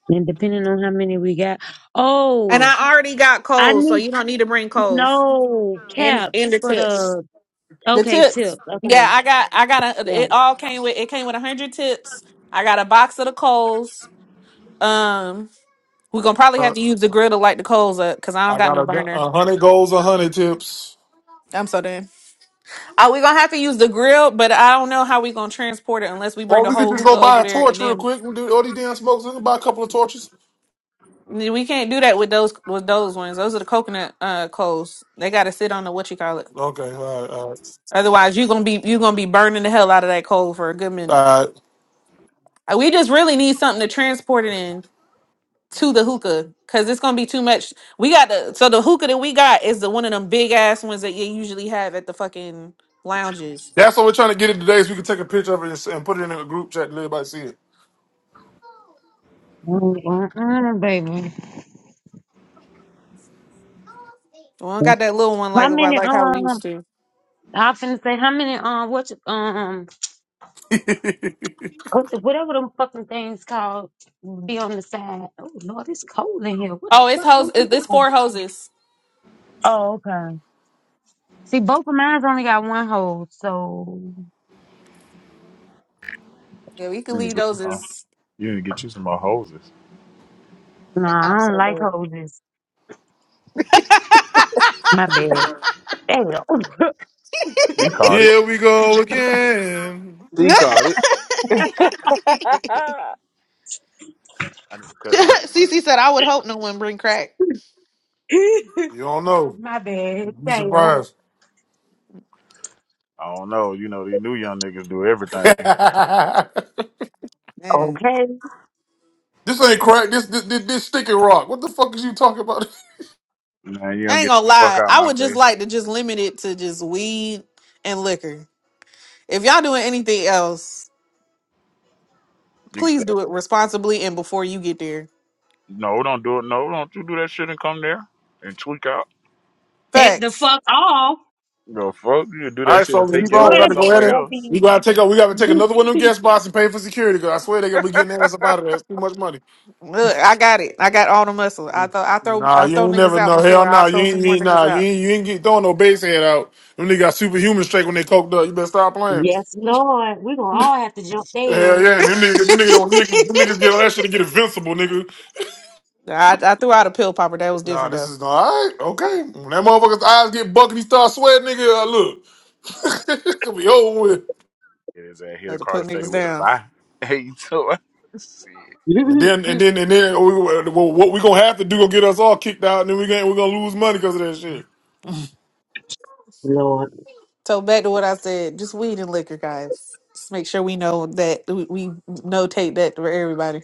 S5: and depending on how many we got.
S2: and
S5: Oh,
S2: I already got
S5: I
S2: coals, so
S5: need
S2: you don't need to bring coals
S5: no
S2: and
S5: cap
S2: and the
S5: for
S2: tips.
S5: the
S2: The
S5: okay
S2: tips.
S5: tip.
S2: Yeah,
S5: Okay,
S2: I got I got a.
S5: yeah,
S2: It all came with it came with a hundred tips. I got a box of the coals. Um. We're gonna probably
S1: Uh,
S2: have to use the grill to light the coals up because I don't
S1: I
S2: got
S1: got
S2: no
S1: a, gu-
S2: burner.
S1: a hundred goals, a hundred tips.
S2: I'm so done. Oh, we're gonna have to use the grill, but I don't know how we're gonna transport it unless we bring
S1: Or
S2: the
S1: we could
S2: whole
S1: just go
S2: hookah
S1: buy
S2: over
S1: a
S2: there
S1: torch
S2: and
S1: real
S2: then
S1: quick We do all these damn smokes We can buy a couple of torches.
S2: we can't do that with those with those ones. Those are the coconut uh coals. They gotta sit on the what you call it.
S1: Okay, all right, all right.
S2: Otherwise you're gonna be you gonna be burning the hell out of that coal for a good minute.
S1: All right.
S2: Uh, We just really need something to transport it in to the hookah because it's gonna be too much. We got the so the hookah that we got is the one of them big ass ones that you usually have at the fucking lounges.
S1: That's what we're trying to get it today, so we can take a picture of it and, s- and put it in a group chat and let everybody see it.
S5: Mm-mm-mm, baby.
S2: Well, I don't got that little one
S5: How
S2: like about
S5: many?
S2: like how we used
S5: Um,
S2: to.
S5: I finna say how many? Um, what? Um. What- Whatever them fucking things called be on the side. Oh Lord, it's cold in here. What the
S2: Oh, it's
S5: fuck
S2: hose.
S5: going
S2: it- It's
S5: on?
S2: four hoses.
S5: Oh, okay. See, both of mine's only got one hole, so
S2: Yeah, we could
S3: You need to
S2: leave
S3: get you
S2: those
S3: some.
S2: as.
S3: You need to get you some more hoses.
S5: nah, I don't like hoses.
S2: [laughs]
S5: My bad. Damn.
S3: He caught it.
S1: Here we go again.
S3: He caught it. [laughs] I need to cut my shit out.
S2: Cece said, "I would hope no one bring crack."
S5: [laughs]
S1: You don't know.
S5: My bad.
S1: You
S5: Damn.
S1: surprised.
S3: I don't know. You know, these new young niggas do
S1: [laughs] this
S3: everything.
S2: Man,
S5: Okay.
S1: ain't crack. This, this this this sticky rock. What the fuck is you talking about?
S3: Man, you
S2: I
S3: don't
S2: ain't
S3: get
S2: gonna
S3: the fuck
S2: lie.
S3: out of
S2: I
S3: my
S2: would just
S3: face.
S2: like to just limit it to just weed and liquor. If y'all doing anything else,
S3: You can stay.
S2: please do it responsibly and before you get there.
S3: No, don't do it. No, don't you do that shit and come there and tweak out.
S5: That the
S2: Facts.
S5: fuck off.
S3: Go fuck you. can Do
S1: All
S3: that
S1: right,
S3: shit
S1: so
S3: and
S1: let's
S5: The
S3: take
S1: keep on. We
S3: your
S1: got
S3: ass
S1: to
S5: joint
S1: go
S5: is
S1: ahead
S3: somewhere
S1: and
S5: gonna
S3: else.
S5: be
S1: we got to take up. We got to take another one of them
S5: [laughs]
S1: guest box and pay for security. Cause I swear they gonna be getting their ass up out of there. It's too much money.
S2: Look, I got it. I got all the muscle. I thought I throw
S1: Nah,
S2: I
S1: you
S2: throw
S1: ain't
S2: niggas
S1: never
S2: out
S1: know. Hell
S2: before I
S1: nah, you
S2: throw
S1: ain't,
S2: some
S1: you
S2: more
S1: ain't nah,
S2: niggas
S1: you
S2: out.
S1: ain't you ain't get throwing no base head out. Them niggas got superhuman strength when they coked up. You better stop playing.
S5: Yes, Lord. We're gonna all have to jump
S1: Hell
S5: there.
S1: yeah, and them niggas,
S2: [laughs]
S1: them niggas, don't, them niggas, them niggas get all that shit to get invincible, nigga.
S2: I, I threw out a pill popper. That was
S1: Nah,
S2: different
S1: this
S2: though.
S1: is nah, all right. Okay, when that motherfucker's eyes get bucked and he start sweating, nigga. Uh, look, [laughs] it could be over with.
S3: It is his hit a
S2: Had to
S3: car to
S2: put
S3: fade
S2: niggas
S3: with the
S2: down.
S3: fire. [laughs] Hey, you too. Shit.
S1: And then and
S5: [laughs]
S1: then and then we, well, what we gonna have to do gonna get us all kicked out, and then we gonna we gonna lose money because of that shit.
S5: Lord.
S2: So back to what I said, just weed and liquor, guys. Just make sure we know that we, we notate that for everybody.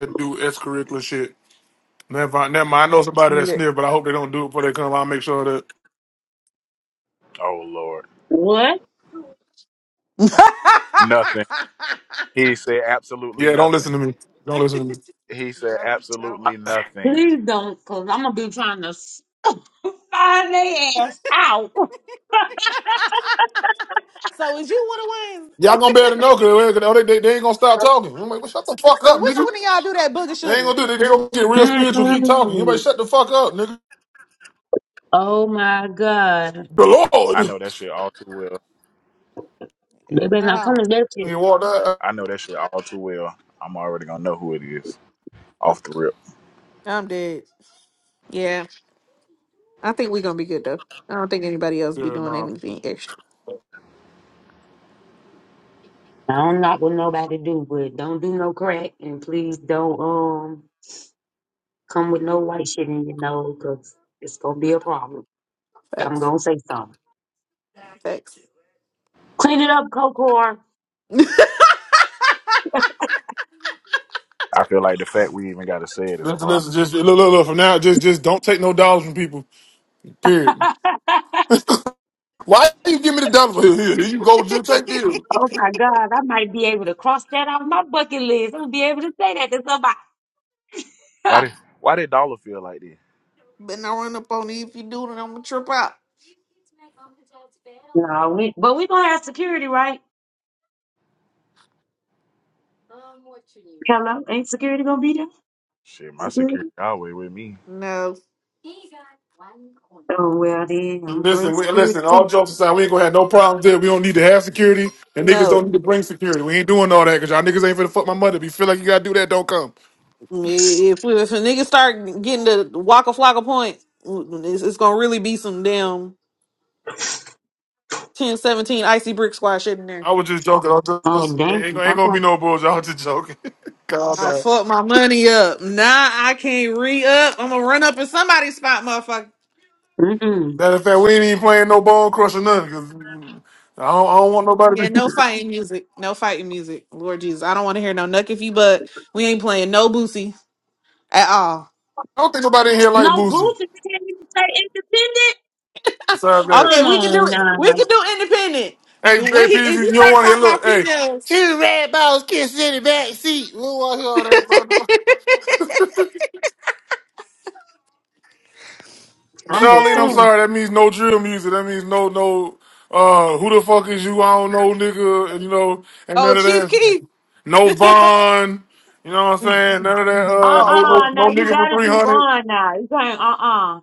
S1: To do extracurricular shit. Never, mind- never mind. I know somebody that
S2: Yeah.
S1: sniff, but I hope they don't do it before they come. I'll make sure that.
S3: Oh Lord.
S5: What?
S2: [laughs]
S3: Nothing. He said absolutely
S1: Yeah, don't listen
S3: nothing.
S1: to me. Don't listen to me.
S3: He said
S2: don't, don't.
S3: absolutely nothing.
S5: Please don't, cause I'm gonna be trying to Find their ass out.
S2: So is you one of
S1: Y'all
S2: win?
S1: gonna be able to know because they, they, they ain't gonna stop talking. I'm like, well, shut the
S2: [laughs]
S1: fuck
S2: so
S1: up,
S2: which
S1: nigga.
S2: one of y'all do that booger
S1: They ain't
S2: sugar?
S1: gonna do it. They, they gonna get real spiritual, keep talking. Everybody
S5: Mm-mm.
S1: shut the fuck up, nigga.
S5: Oh my God.
S1: The
S3: I
S1: Lord.
S3: know that shit all too well.
S5: They
S2: Yeah,
S5: better not
S2: no,
S5: come to that shit.
S1: You walk that.
S3: I know that shit all too well. I'm already gonna know who it is off the rip.
S2: I'm dead. Yeah, I think we're gonna be good though. I don't think anybody else be
S1: Yeah,
S2: doing
S1: nah.
S2: anything extra.
S5: I don't like what nobody do, but don't do no crack and please don't um come with no white shit in your nose because it's gonna be a problem. I'm
S2: Facts,
S5: gonna say something.
S2: facts.
S5: Clean it up, Cocor.
S2: [laughs]
S3: I feel like the fact we even gotta say it is a
S1: Listen, listen,
S3: problem.
S1: just look, look, look. From now, just, just don't take no dollars from people.
S5: [laughs] oh
S1: Period. Why you give me the dollar? [laughs] Here, here, here you go, Jim. Take this.
S5: my God, I might be able to cross that off my bucket list. I'm gonna be able to say that to somebody.
S3: Why
S5: [laughs]
S3: did Why did Dollar feel like this?
S2: But not run up on me if you do, then I'm gonna trip out.
S5: no, we, but we gonna have security, right? Hello, ain't security gonna be there?
S3: Shit, my security
S5: Security?
S3: always with me.
S2: No,
S5: Oh, well, then I'm bring
S1: Listen, we,
S5: security
S1: listen. All
S5: too.
S1: jokes aside, we ain't gonna have no problems there. We don't need to have security, and niggas
S2: no.
S1: don't need to bring security. We ain't doing all that because y'all niggas ain't finna fuck my mother. If you feel like you gotta do that, don't come.
S2: If we, if a nigga start getting the waka flocka point, it's, it's gonna really be some damn 10 17 icy brick squad shit in there.
S1: I was just joking. I was
S5: Oh,
S1: just
S5: dang.
S1: ain't, gonna- ain't gonna be
S5: Okay.
S1: no bullshit. I was just joking. [laughs]
S2: I'll fuck my money up. Nah, I can't re up. I'm gonna run up in somebody's spot, motherfucker.
S5: Mm-mm.
S1: Matter of fact, we ain't even playing no bone crushing nothing because I don't, I don't want nobody. To,
S2: Yeah,
S1: be.
S2: no fighting music. No fighting music. Lord Jesus, I don't want to hear no nuck if you but we ain't playing no boosie at all.
S1: I don't think nobody in here like
S5: No,
S1: boosting.
S5: Boosie you can't even say independent.
S1: Besides that,
S2: Okay,
S5: Come
S2: we can do
S5: on
S2: it. We
S5: now.
S2: can do independent.
S1: hey, hey,
S2: The When he, if
S1: PZ, you
S2: you
S1: don't
S2: start
S1: want to hear.
S2: talking about
S1: Look, hey,
S2: females,
S1: two red balls kissing in the back seat. We don't want to hear all that,
S2: [laughs]
S1: bro.
S5: I'm just
S1: Charlene, I'm
S5: saying.
S1: sorry. That means no drill music. That means no, no. Uh, who the fuck is you? I don't know, nigga. And you know, and
S2: oh
S1: none of
S2: Chief
S1: that.
S2: Keith.
S1: No Vaughn. You know what I'm
S2: [laughs]
S1: saying? None of that. Uh,
S2: Oh
S1: no, no,
S5: Uh-uh.
S2: Lord,
S1: no
S5: Now
S2: please
S5: you
S1: nigga
S2: no.
S1: for
S5: got to
S1: three
S5: do
S1: hundred.
S5: bond now. You can't, uh-uh.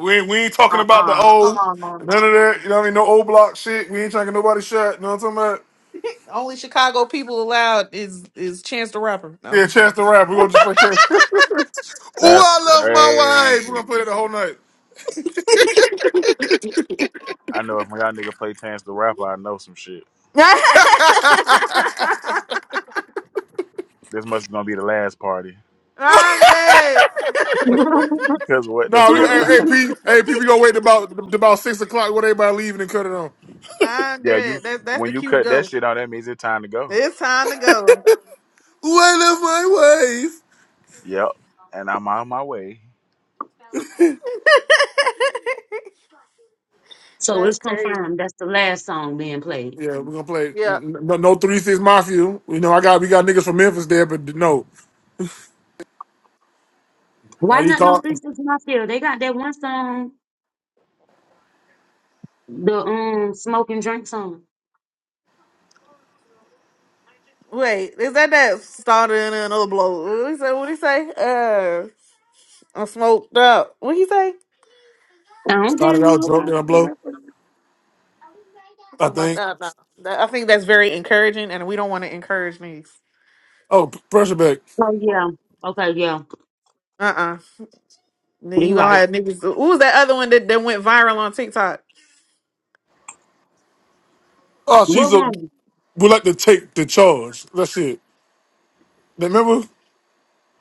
S1: We ain't, we ain't talking about the
S5: Uh-uh. Come
S1: old.
S5: on now.
S1: None of that. You know what I mean? No old block shit. We ain't trying to get nobody shot. You know what I'm talking about?
S2: Only Chicago people allowed is is Chance the Rapper. No, I'm
S1: Yeah,
S2: just one.
S1: Chance the Rap. We gonna just play Chance. [laughs] Ooh,
S3: That's
S1: I love my wife. We
S3: crazy.
S1: gonna play that the whole
S2: [laughs]
S3: I know if my y'all nigga play Chance the Rapper, I know some shit.
S1: night. [laughs]
S3: This must gonna be the last party.
S2: I'm dead.
S3: [laughs] Cause what the
S1: No, we hey, hey
S3: fuck? [laughs]
S5: [laughs]
S1: P, hey P, we gonna wait about about six o'clock when everybody leaving and cut it on.
S2: I'm
S3: Yeah, you
S2: dead. That's that's
S3: when
S2: the
S3: you
S2: cue to
S3: cut that
S2: go.
S3: shit out, that means it's time to go.
S2: It's time to go.
S1: One of my wife.
S3: Yep. And I'm on my way.
S2: [laughs]
S5: so
S2: that's
S5: it's
S2: crazy.
S5: confirmed. That's the last song being played.
S1: Yeah, we're gonna play
S2: Yeah.
S1: no, no three six mafia. We know I got we got niggas from Memphis there, but no,
S5: Why
S1: not he
S5: not no
S1: caught.
S5: 360 Mafia? They got that one song, the um smoke and drink song.
S2: Wait, is that that started in another blow? What he say? What he say? Uh, I'm smoked up. What he say?
S5: I don't
S1: Started
S5: damn
S1: out
S5: know
S1: drunk,
S5: about
S1: then I
S5: the
S1: blow.
S5: reference.
S2: I'm
S1: I
S2: talking about
S1: think.
S2: that. No, That- I think that's very encouraging, and we don't want to encourage niggas.
S1: Oh, p- pressure back.
S5: Oh, yeah. Okay, yeah.
S2: Uh uh Then
S5: You
S2: you gonna
S5: like,
S2: have niggas. Who was that other one that, that went viral on TikTok?
S1: Oh, she's
S5: what
S1: a.
S5: woman?
S1: We like to take the charge. That's it. Remember,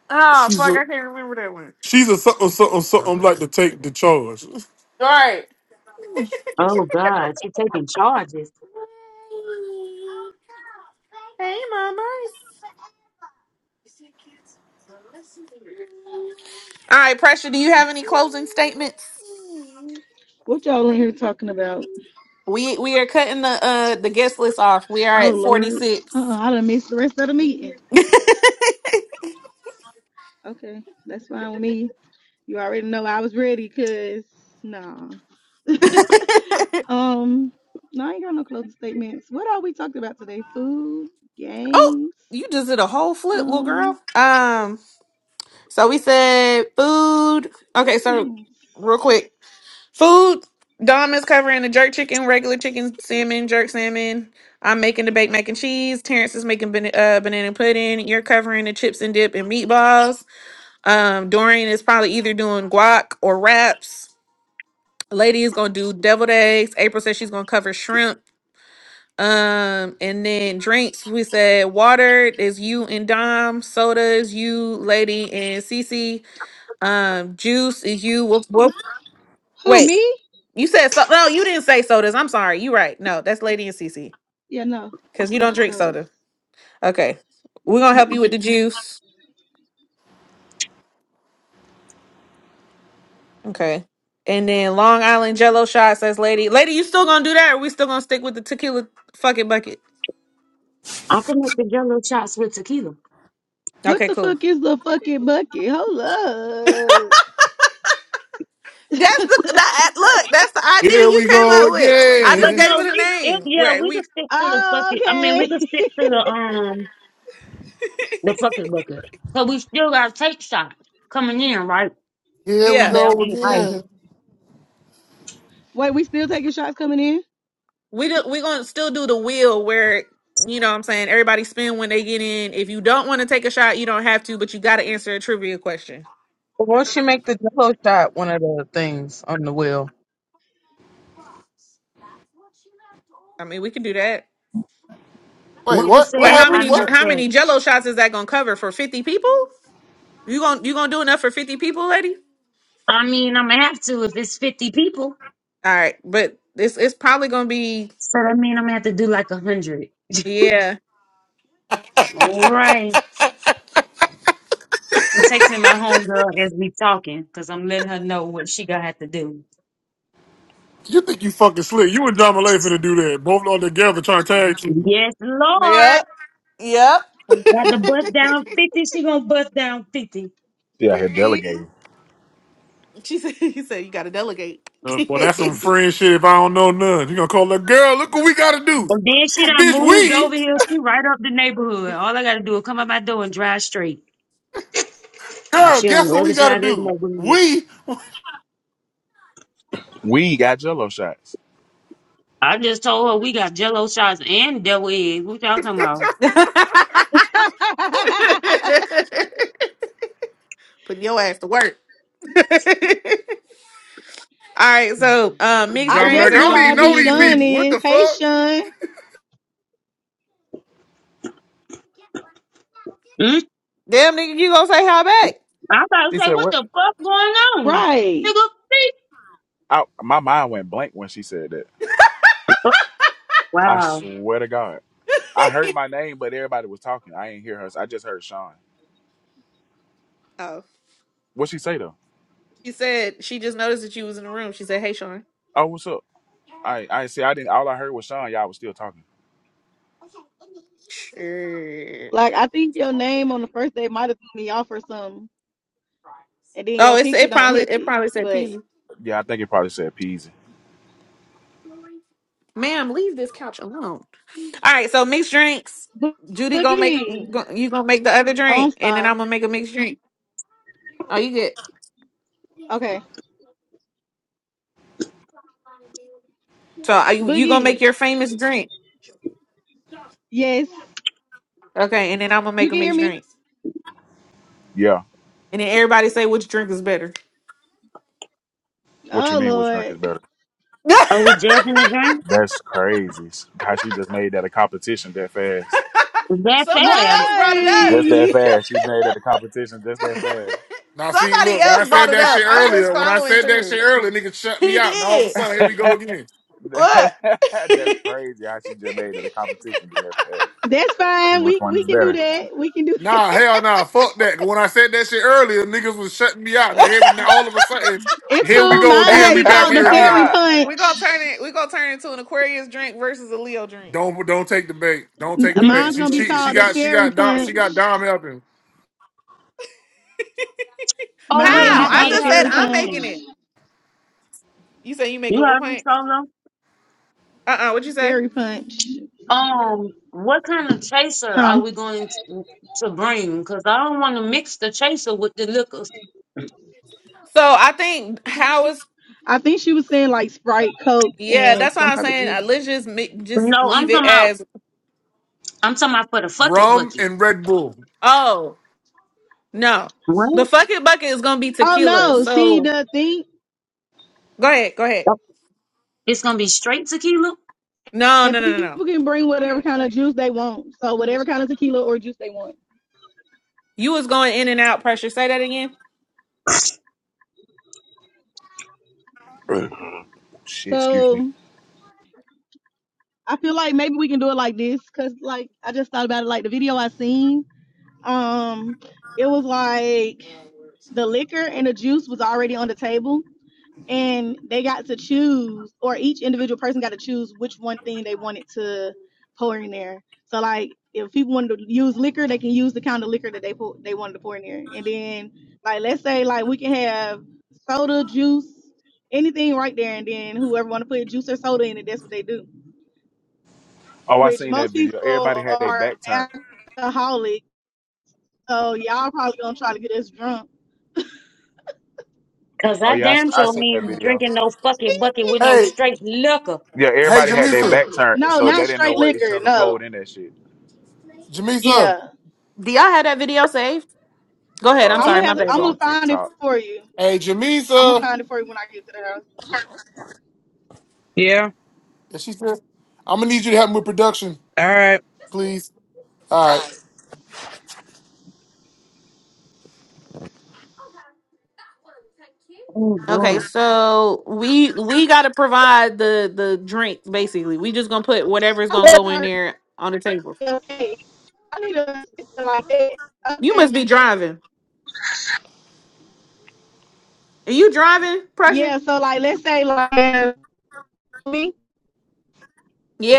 S2: Oh
S1: she's
S2: fuck,
S1: a
S2: I can't remember that one.
S1: she's a something something something like to take the charge.
S2: All right.
S5: Oh God, she taking charges.
S2: Hey, mama. All right, pressure. Do you have any closing statements?
S8: What y'all in here talking about?
S2: We we are cutting the uh the guest list off. We are
S8: Oh
S2: at forty
S8: Lord, uh,
S2: six.
S8: I done missed the rest of the meeting. Okay, that's fine [laughs] with me. You already know I was ready, cause nah. [laughs] Um, no, I ain't got no closing statements. What all we talked about today? Food,
S2: Oh,
S8: games,
S2: you just did a whole flip, little girl.
S8: um,
S2: Um. So we said food. Okay, so
S8: things.
S2: real quick. Food. Dom is covering the jerk chicken, regular chicken, salmon, jerk salmon. I'm making the baked mac and cheese. Terrence is making ban- uh, banana pudding. You're covering the chips and dip and meatballs. Um, Dorian is probably either doing guac or wraps. Lady is gonna do deviled eggs. April says she's gonna cover shrimp. Um, and then drinks. We said water is you and Dom. Soda is you, Lady, and Cece. Um, juice is you. Whoop whoop.
S8: Who
S2: Wait.
S8: me?
S2: You said so. No, you didn't say sodas. I'm sorry. You right. No, that's Lady and Cece
S8: Yeah, no,
S2: because you don't
S8: not
S2: drink
S8: sodas.
S2: soda. Okay, we're gonna help
S8: Mm-mm.
S2: you with the juice. Okay, and then Long Island Jello shot says Lady. Lady, you still gonna do that? Or we still gonna stick with the tequila fucking bucket?
S5: I can make the yellow shots with tequila.
S8: What
S2: Okay,
S8: the
S2: cool.
S8: fuck is the fucking bucket? Hold
S2: That's the that,
S8: up. [laughs]
S2: look. That's the idea
S1: Here
S2: you
S1: we
S2: came
S1: go
S2: up with. I
S5: But
S2: just
S1: again.
S2: gave
S5: no,
S2: it a
S5: we it,
S2: name.
S5: yeah,
S2: Where
S5: we
S2: we
S5: could stick to the
S8: Oh,
S5: fucking. I mean, we
S8: okay.
S5: could stick to the um the fucking bucket. Cause we still got take shots coming in, right?
S1: Here we
S5: I
S2: yeah
S5: mean, I
S1: go
S5: mean,
S8: [laughs]
S5: right.
S1: again.
S8: no. Wait, we still taking shots coming in?
S2: we do, we gonna still do the wheel where you know what I'm saying everybody spin when they get in. If you don't want to take a shot, you don't have to, but you got to answer a trivia question.
S6: Well, she make the Jello shot one of the things on the wheel.
S2: I mean, we can do that.
S1: Wait,
S5: What was
S1: what? What
S2: But
S5: said?
S2: how
S1: happened?
S5: I
S2: many
S5: missed
S1: What?
S2: how
S5: that.
S2: many Jello shots is that gonna cover for fifty people? You gonna you gonna do enough for fifty people, lady?
S5: I mean, I'm gonna have to if it's fifty people.
S2: All right, but it's it's probably gonna be
S5: So that mean I'm gonna have to do like a hundred. [laughs]
S2: yeah
S5: All right. I'm texting my homegirl as we talking because I'm letting her know what she gonna have to do.
S1: You think you fucking slick? You and John Malay finna do that? Both all together trying to tag you.
S5: Yes, Lord.
S2: yep yep.
S5: Got to bust down 50. She gonna bust down 50.
S3: She out here
S2: Period.
S3: delegating.
S2: She said [laughs] he said you gotta delegate.
S1: Uh, boy, that's some friend shit. If I don't know none, you gonna call that girl? Look what we gotta do,
S5: And then she done
S1: bitch.
S5: moved
S1: We
S5: over here. She right up the neighborhood. All I gotta do is come out my door and drive straight. And
S1: girl,
S5: she on
S1: guess
S5: the
S1: what we
S5: other
S1: gotta
S5: side of the
S1: do?
S5: neighborhood.
S1: We.
S3: We got Jello shots.
S5: I just told her we got jello shots and devil eggs. What y'all talking about?
S2: [laughs]
S8: [laughs] I
S2: Put your ass to work. [laughs] All right, so um, mixed
S1: I'm
S2: drinks.
S1: like,
S8: just
S1: I
S2: That's
S1: don't
S2: gonna be
S1: even
S8: realized who
S1: know
S2: me and
S1: these
S8: Sean
S2: Judy.
S1: people. What the
S8: is. Hey,
S1: fuck?
S8: Sean.
S5: Mm?
S2: Damn nigga, you gonna say hi back?
S5: I about to
S3: She
S5: say,
S3: said
S5: what
S3: what?
S5: the fuck going on?
S8: Right.
S5: Nigga, see?
S3: I, my mind went blank when she said that.
S5: Oh,
S3: I
S5: wow.
S3: swear to God, I heard my name, but everybody was talking. I ain't hear her. I just heard Sean.
S2: Oh,
S3: What she say though?
S2: she said she just noticed that you was in the room. She said, "Hey, Sean."
S3: Oh, what's up? I I see. I didn't. All I heard was Sean. Y'all was still talking.
S8: Like, I think your name on the first day might have threw me off or something. and then your
S2: Oh, it's
S8: picture
S2: it
S8: don't
S2: probably
S8: help
S2: it
S8: it.
S2: probably said
S8: But
S2: peasy.
S3: Yeah, I think it probably said Peasy.
S2: Ma'am, leave this couch alone. All right, so mixed drinks.
S8: Bo-
S2: Judy gonna make
S8: Boogie,
S2: go, you gonna make the other
S8: oh, I'm
S2: drink, and then
S8: sorry.
S2: I'm gonna make a mixed drink. you get
S8: Okay,
S2: so are you you gonna
S8: Boogie,
S2: make your famous drink,
S8: yes,
S2: okay? And then I'm gonna
S8: you
S2: make a
S8: can hear
S2: mixed
S8: me.
S2: drink,
S3: Yeah.
S2: and then everybody say which drink is better.
S3: What you
S8: Oh
S3: mean? Which drink
S8: Lord,
S3: is better?
S2: [laughs]
S5: Are we judging the drink?
S3: That's crazy. How she just made that a competition that fast.
S5: Is That
S2: Somebody
S5: fast.
S2: else brought it up.
S3: Just that
S8: right?
S3: fast. She made it a competition just
S2: [laughs]
S3: that
S1: Now see,
S2: Somebody
S1: look, when I
S2: else brought
S1: said
S2: it
S1: that
S2: up.
S1: shit
S2: I'm just
S1: earlier, when I
S2: following
S1: said that shit
S2: through.
S1: earlier, niggas shut me
S2: He
S1: out. Now all of a
S2: did
S1: sudden, here we go
S3: fast.
S1: again.
S2: what?
S3: [laughs] That's crazy how she just made it a competition just that fast.
S8: [laughs] That's
S3: See
S8: fine.
S3: which
S8: We
S3: one
S8: we
S3: is
S8: can do
S3: better.
S8: that. We can do that.
S1: Nah, hell nah, fuck that. 'Cause When I said that shit earlier, niggas was shutting me out. Now
S2: [laughs]
S1: here, we, now all of a sudden,
S8: It's
S1: here we
S8: cool.
S1: go
S8: Mine's
S1: again.
S8: gonna
S1: We
S8: be
S2: Hey, no,
S1: back
S8: called
S2: we
S8: the
S1: here
S2: we
S1: again.
S8: fairy
S2: gonna
S3: Ah!
S8: punch.
S2: we gonna turn it we gonna turn it into an Aquarius drink versus a Leo drink.
S1: Don't don't take the bait. Don't take
S8: M-
S1: the
S5: Mm.
S1: bait.
S8: Mine's gonna
S1: She's
S8: be
S1: cheating. She
S8: called the
S1: got she
S8: fairy
S1: got Dom she
S8: punch.
S1: got Dom helping.
S2: How?
S5: Oh,
S8: Mine's
S3: Hell
S8: gonna
S5: wait,
S8: be
S5: I
S2: I
S3: no.
S8: called the
S5: did
S2: just
S5: have a
S2: said
S8: fairy
S2: I'm
S8: punch.
S2: making
S5: question.
S2: it. You say you make
S5: You
S2: it what
S5: heard me,
S2: point?
S5: Solo?
S2: Uh uh-uh, uh. What you say?
S8: Fairy punch.
S5: Um, what kind of chaser are
S8: Huh?
S5: we going to, to bring? Because I don't want to mix the chaser with the liquors.
S2: So I think how is
S8: I think she was saying like Sprite, Coke,
S2: yeah.
S8: and
S2: That's why
S8: some
S2: I'm
S8: type of
S2: saying uh, let's
S8: juice.
S2: just make, just
S5: No,
S2: leave
S5: I'm
S2: it
S5: talking about.
S2: as
S5: I'm talking about for the fuck it
S1: Rum
S5: bucket.
S1: and Red Bull.
S2: oh no. The
S5: What?
S2: fucking bucket is gonna be
S8: Oh
S2: tequila.
S8: no! See
S2: So
S8: the thing
S2: go ahead, go ahead.
S5: It's gonna be straight tequila.
S2: No
S8: and
S2: no no no no.
S8: people can bring whatever kind of juice they want. So whatever kind of tequila or juice they want.
S2: You was going in and out pressure. Say that again.
S3: Shit, excuse me.
S8: So I feel like maybe we can do it like this, cause like I just thought about it. Like the video I seen, um, it was like the liquor and the juice was already on the table, and they got to choose or each individual person got to choose which one thing they wanted to pour in there so like if people wanted to use liquor they can use the kind of liquor that they pour, they wanted to pour in there and then like let's say like we can have soda juice anything right there and then whoever want to put juice or soda in it that's what they do
S3: Oh, I
S8: which
S3: seen that
S8: most
S3: video. Everybody
S8: people
S3: had their
S8: are
S3: back turned.
S8: alcoholic so y'all probably gonna try to get us drunk
S5: Cause
S3: Oh,
S5: I
S3: yeah, I, s-
S5: damn
S3: I
S5: sure
S3: seen that
S5: ain't
S3: video.
S5: drinking no fucking bucket with no
S1: Hey,
S5: straight liquor.
S3: Yeah,
S1: hey,
S3: everybody had their
S1: Jamisa.
S3: back turned,
S8: no
S3: so
S8: not
S3: they didn't know
S8: straight
S3: what each
S8: liquor
S3: other pulled
S8: no
S3: in that shit.
S1: Jamisa.
S8: yeah
S2: Do y'all have that video saved? Go ahead. I'm
S8: i'm
S2: sorry.
S8: gonna
S3: Uh,
S2: My
S8: have
S2: bad,
S3: It's
S8: i'm gonna
S3: on
S2: baby.
S8: find it
S3: TikTok.
S8: for you
S1: Hey,
S8: I'm gonna
S1: Jamisa.
S8: find it for you when I get to the house.
S6: Yeah.
S1: And she said, I'm gonna need you to help me with production,
S6: All right.
S1: please. All right.
S5: Oh
S2: Okay,
S5: Lord,
S2: so we we gotta provide the the drink basically. We just gonna put whatever's
S8: I
S2: gonna go
S8: love
S2: in
S8: her.
S2: there on the table.
S8: Okay, I need a sister like that.
S2: You must
S8: Okay,
S2: be driving. Are you driving, pressure?
S8: yeah. So like, let's say like me.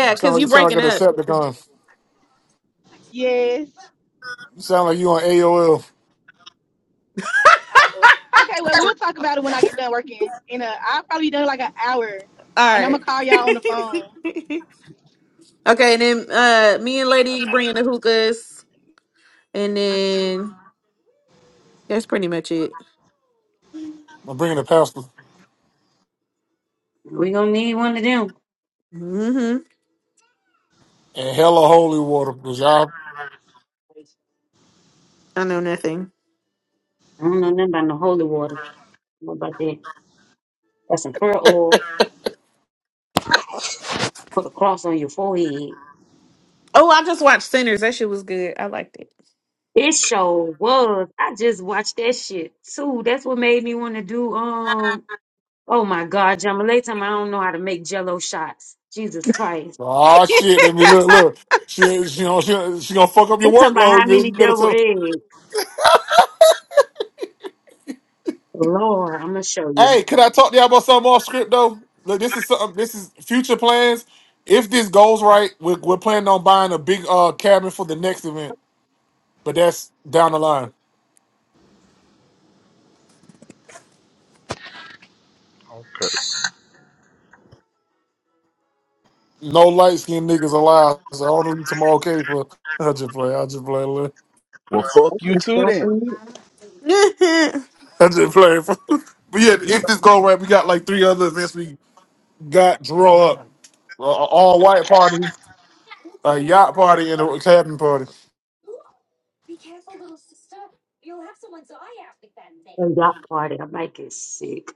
S1: You sound
S2: cause
S1: like, you
S2: you
S1: sound
S2: breaking
S1: like a
S2: up.
S1: Decepticon.
S8: Yes.
S1: You sound like you on AOL.
S8: Oh Lord. Okay. Well, we'll talk about it when I get done working. In a, I'll probably be done in, like an hour, and
S2: All
S8: I'm
S2: right.
S8: gonna call y'all on the phone.
S2: [laughs] okay, and then uh, me and Lady
S8: Okay.
S2: bringing the hookahs, and then that's pretty much it.
S1: I'm bringing a pastor
S5: we gonna need one of them.
S2: hmm
S1: and hella holy water because y'all.
S2: I know nothing.
S5: I don't know nothing about no holy water. What about that? Got some prayer oil. Put a cross on your forehead.
S2: Oh, I just watched Sinners. That shit was good. I liked it.
S5: It sure was. I just watched that shit too. That's what made me want to do um oh my god, Jamala time I don't know how to make jello shots. Jesus Christ.
S1: Oh shit! Let me look. Look, she, she, gonna- she, she gonna fuck up
S5: They
S1: your
S5: talking about
S1: workload.
S5: how
S1: You
S5: many
S1: better
S5: double
S1: tell.
S5: eggs. Lord, I'm gonna show you.
S1: Hey, could I talk to y'all about something off script though? Look, this is something. This is future plans. If this goes right, we're, we're planning on buying a big uh cabin for the next event, but that's down the line.
S3: Okay.
S1: No light skinned niggas allowed. So I don't need tomorrow okay for. [laughs] I just play. I just play. look.
S3: Well, fuck you too then.
S5: Definitely
S2: [laughs] yeah,
S1: [laughs] I just play. [laughs] but yeah, if this goes right, we got like three other events. We got draw up uh, all white party, a yacht party, and a cabin party.
S5: a yacht party. I might get sick.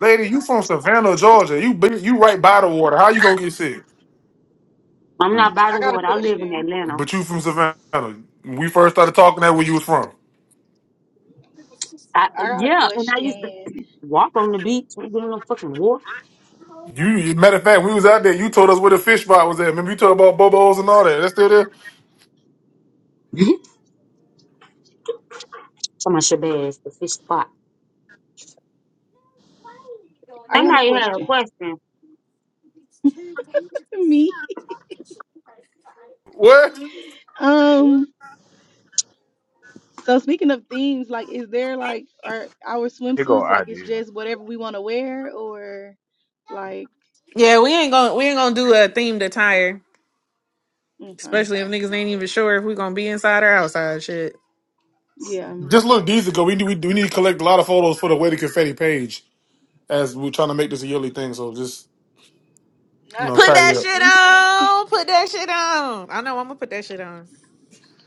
S1: Lady, you from Savannah, Georgia? You big- you right by the water. How you gonna get sick?
S5: I'm
S3: Mm,
S5: not by
S8: I
S5: the
S8: got a
S5: water. I live in
S8: question.
S5: Atlanta.
S1: But you from Savannah. When We first started talking that where you was from.
S5: I,
S8: I got a
S5: yeah, and I used to
S8: question.
S5: [clears throat] walk on the beach. We get on the fucking wharf.
S1: You, matter of fact, we was out there. You told us where the fish spot was at. Remember you told about Bobo's and all that. That's still there.
S5: [laughs] Someone should Shabazz, [laughs] the fish spot.
S8: I got a
S5: Somebody had a
S8: question.
S5: question.
S8: [laughs] Me.
S1: What?
S8: Um. So speaking of themes, like, is there like are our
S3: here go
S8: swimsuits like it's
S3: idea.
S8: just whatever we want to wear, or? like.
S2: we ain't gonna we ain't gonna do a themed attire,
S8: Okay.
S2: especially if niggas ain't even sure if we gonna be inside or outside. Shit,
S8: Yeah.
S1: Just look these ago. We need we, we need to collect a lot of photos for the Way to Confetti page as we're trying to make this a yearly thing. So just you know,
S8: Not
S2: put
S8: just
S1: tidy
S2: that
S1: up.
S8: look
S2: shit
S8: decent.
S2: on. Put that shit on. I know I'm gonna put that shit on.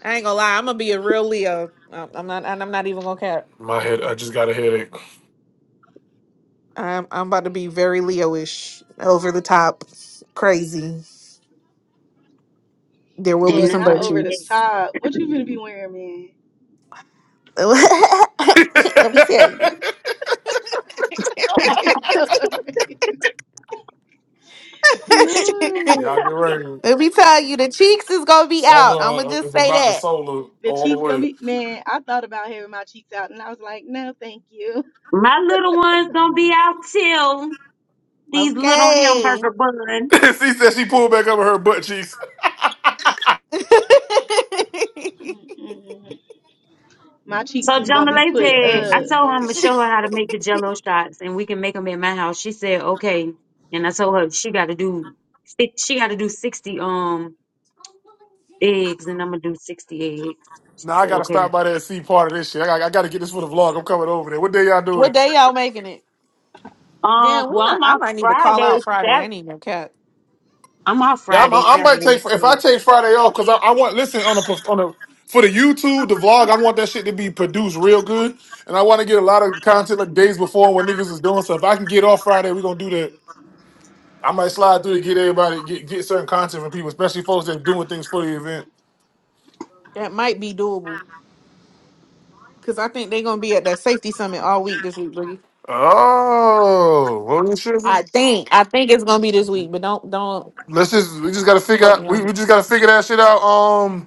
S2: I ain't gonna lie. I'm gonna be a real Leo. I'm I'm not. and I'm not even gonna cap.
S1: My head. I just got a headache.
S2: I'm I'm about to be very Leo-ish, over the top, crazy. There will be
S5: Ain't
S8: Look,
S2: some
S8: not
S2: butt
S5: nothing
S8: over the
S2: cheeks.
S5: like
S2: [laughs]
S8: top. What you gonna be
S5: that.
S8: wearing,
S2: Let
S8: man? [laughs]
S1: [laughs] Y'all
S8: Lord.
S1: get ready.
S2: me tell you, the cheeks is gonna be out. I'm gonna
S1: Solar uh,
S2: just
S1: is
S2: say
S1: about the
S2: that.
S1: solar
S8: The
S1: all the
S8: cheeks gonna
S1: way.
S8: be man, I thought about having my cheeks out and I was like, no, thank you.
S5: [laughs] My little one's gonna be out till these little
S2: Okay.
S5: hamburger buns.
S1: [laughs] she said she pulled back up her butt cheeks.
S8: Mm-mm. My cheeks
S5: So
S8: is gonna be
S5: Jamala
S8: put
S5: said, I
S8: up.
S5: told her I'm gonna show her how to make the jello shots and we can make them at my house. She said, okay. And I told her she gotta do si, she gotta do sixty um eggs and I'm gonna do sixty eggs. She
S1: Now I
S5: said,
S1: gotta
S5: okay.
S1: stop by there and see part of this shit. I gotta, I gotta get this for the vlog. I'm coming over there. What day y'all
S2: What
S1: doing?
S2: day y'all making it?
S5: Um,
S2: Damn, we
S5: well,
S2: not.
S5: I'm
S2: I
S5: off
S2: might need to call
S5: Friday,
S2: out Friday.
S5: Sat.
S2: I need no cap.
S5: I'm off
S1: Yeah, I'm,
S5: Friday,
S1: I, I might
S5: Saturday.
S1: take if I
S5: So
S1: take Friday off because I, I want listen on the perf- on the for the YouTube the vlog. I want that shit to be produced real good, and I want to get a lot of content like days before when niggas is doing stuff. If I can get off Friday, we gonna do that. I might slide through to get everybody get, get certain content from people, especially folks that doing things for the event.
S2: That might be doable because I think they're gonna be at that safety summit all week this week, Boogie.
S1: Oh, well, we should-
S2: I think. I think it's gonna be this week, but don't don't
S1: Let's just we just gotta figure
S2: quote me
S1: out
S2: on
S1: we, we
S2: this.
S1: just gotta figure that shit out. Um.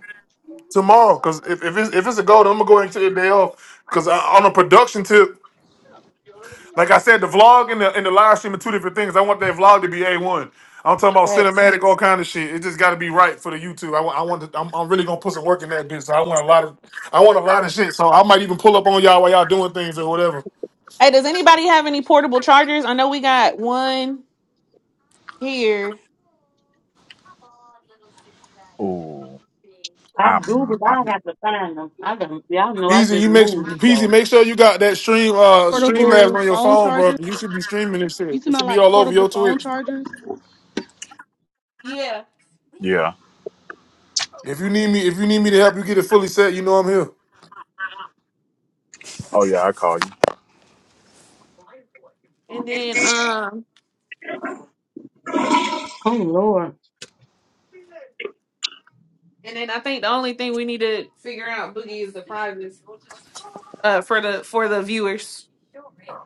S1: tomorrow. Because if, if it's if it's a goal, I'm gonna go ahead and take a day off. Because on a production tip, like I said, the vlog and the and the live stream are two different things. I want that vlog to be a one. I'm talking about
S2: Facts.
S1: cinematic, all kind of shit. It just got to be right for the YouTube. I, wa- I want. To, I'm, I'm really gonna put some work in that bitch. So I want a lot of. I want a lot of shit. So I might even pull up on y'all while y'all doing things or whatever.
S2: Hey, does anybody have any portable chargers? I know we got one here.
S3: Oh,
S5: I
S3: I
S5: do, but I
S3: might.
S5: have to find them. I don't, y'all know I
S1: Peasy,
S5: just
S1: you make
S5: moved,
S1: Peasy,
S5: so.
S1: make sure you got that stream uh Streamlabs
S8: portable
S1: on your
S8: phone
S1: phone, bro.
S8: charger.
S1: You should be streaming this shit.
S8: You
S1: It should
S8: smell
S1: be
S8: like
S1: all over
S8: portable
S1: your
S8: phone
S1: Twitch.
S8: chargers?
S2: Yeah,
S3: Yeah.
S1: If you need me, if you need me to help you get it fully set, you know I'm here.
S3: Oh yeah, I call
S2: and then
S3: you.
S2: um,
S5: Oh, Lord.
S2: and then I think the only thing we need to figure out, Boogie, is the prizes uh for the for the viewers.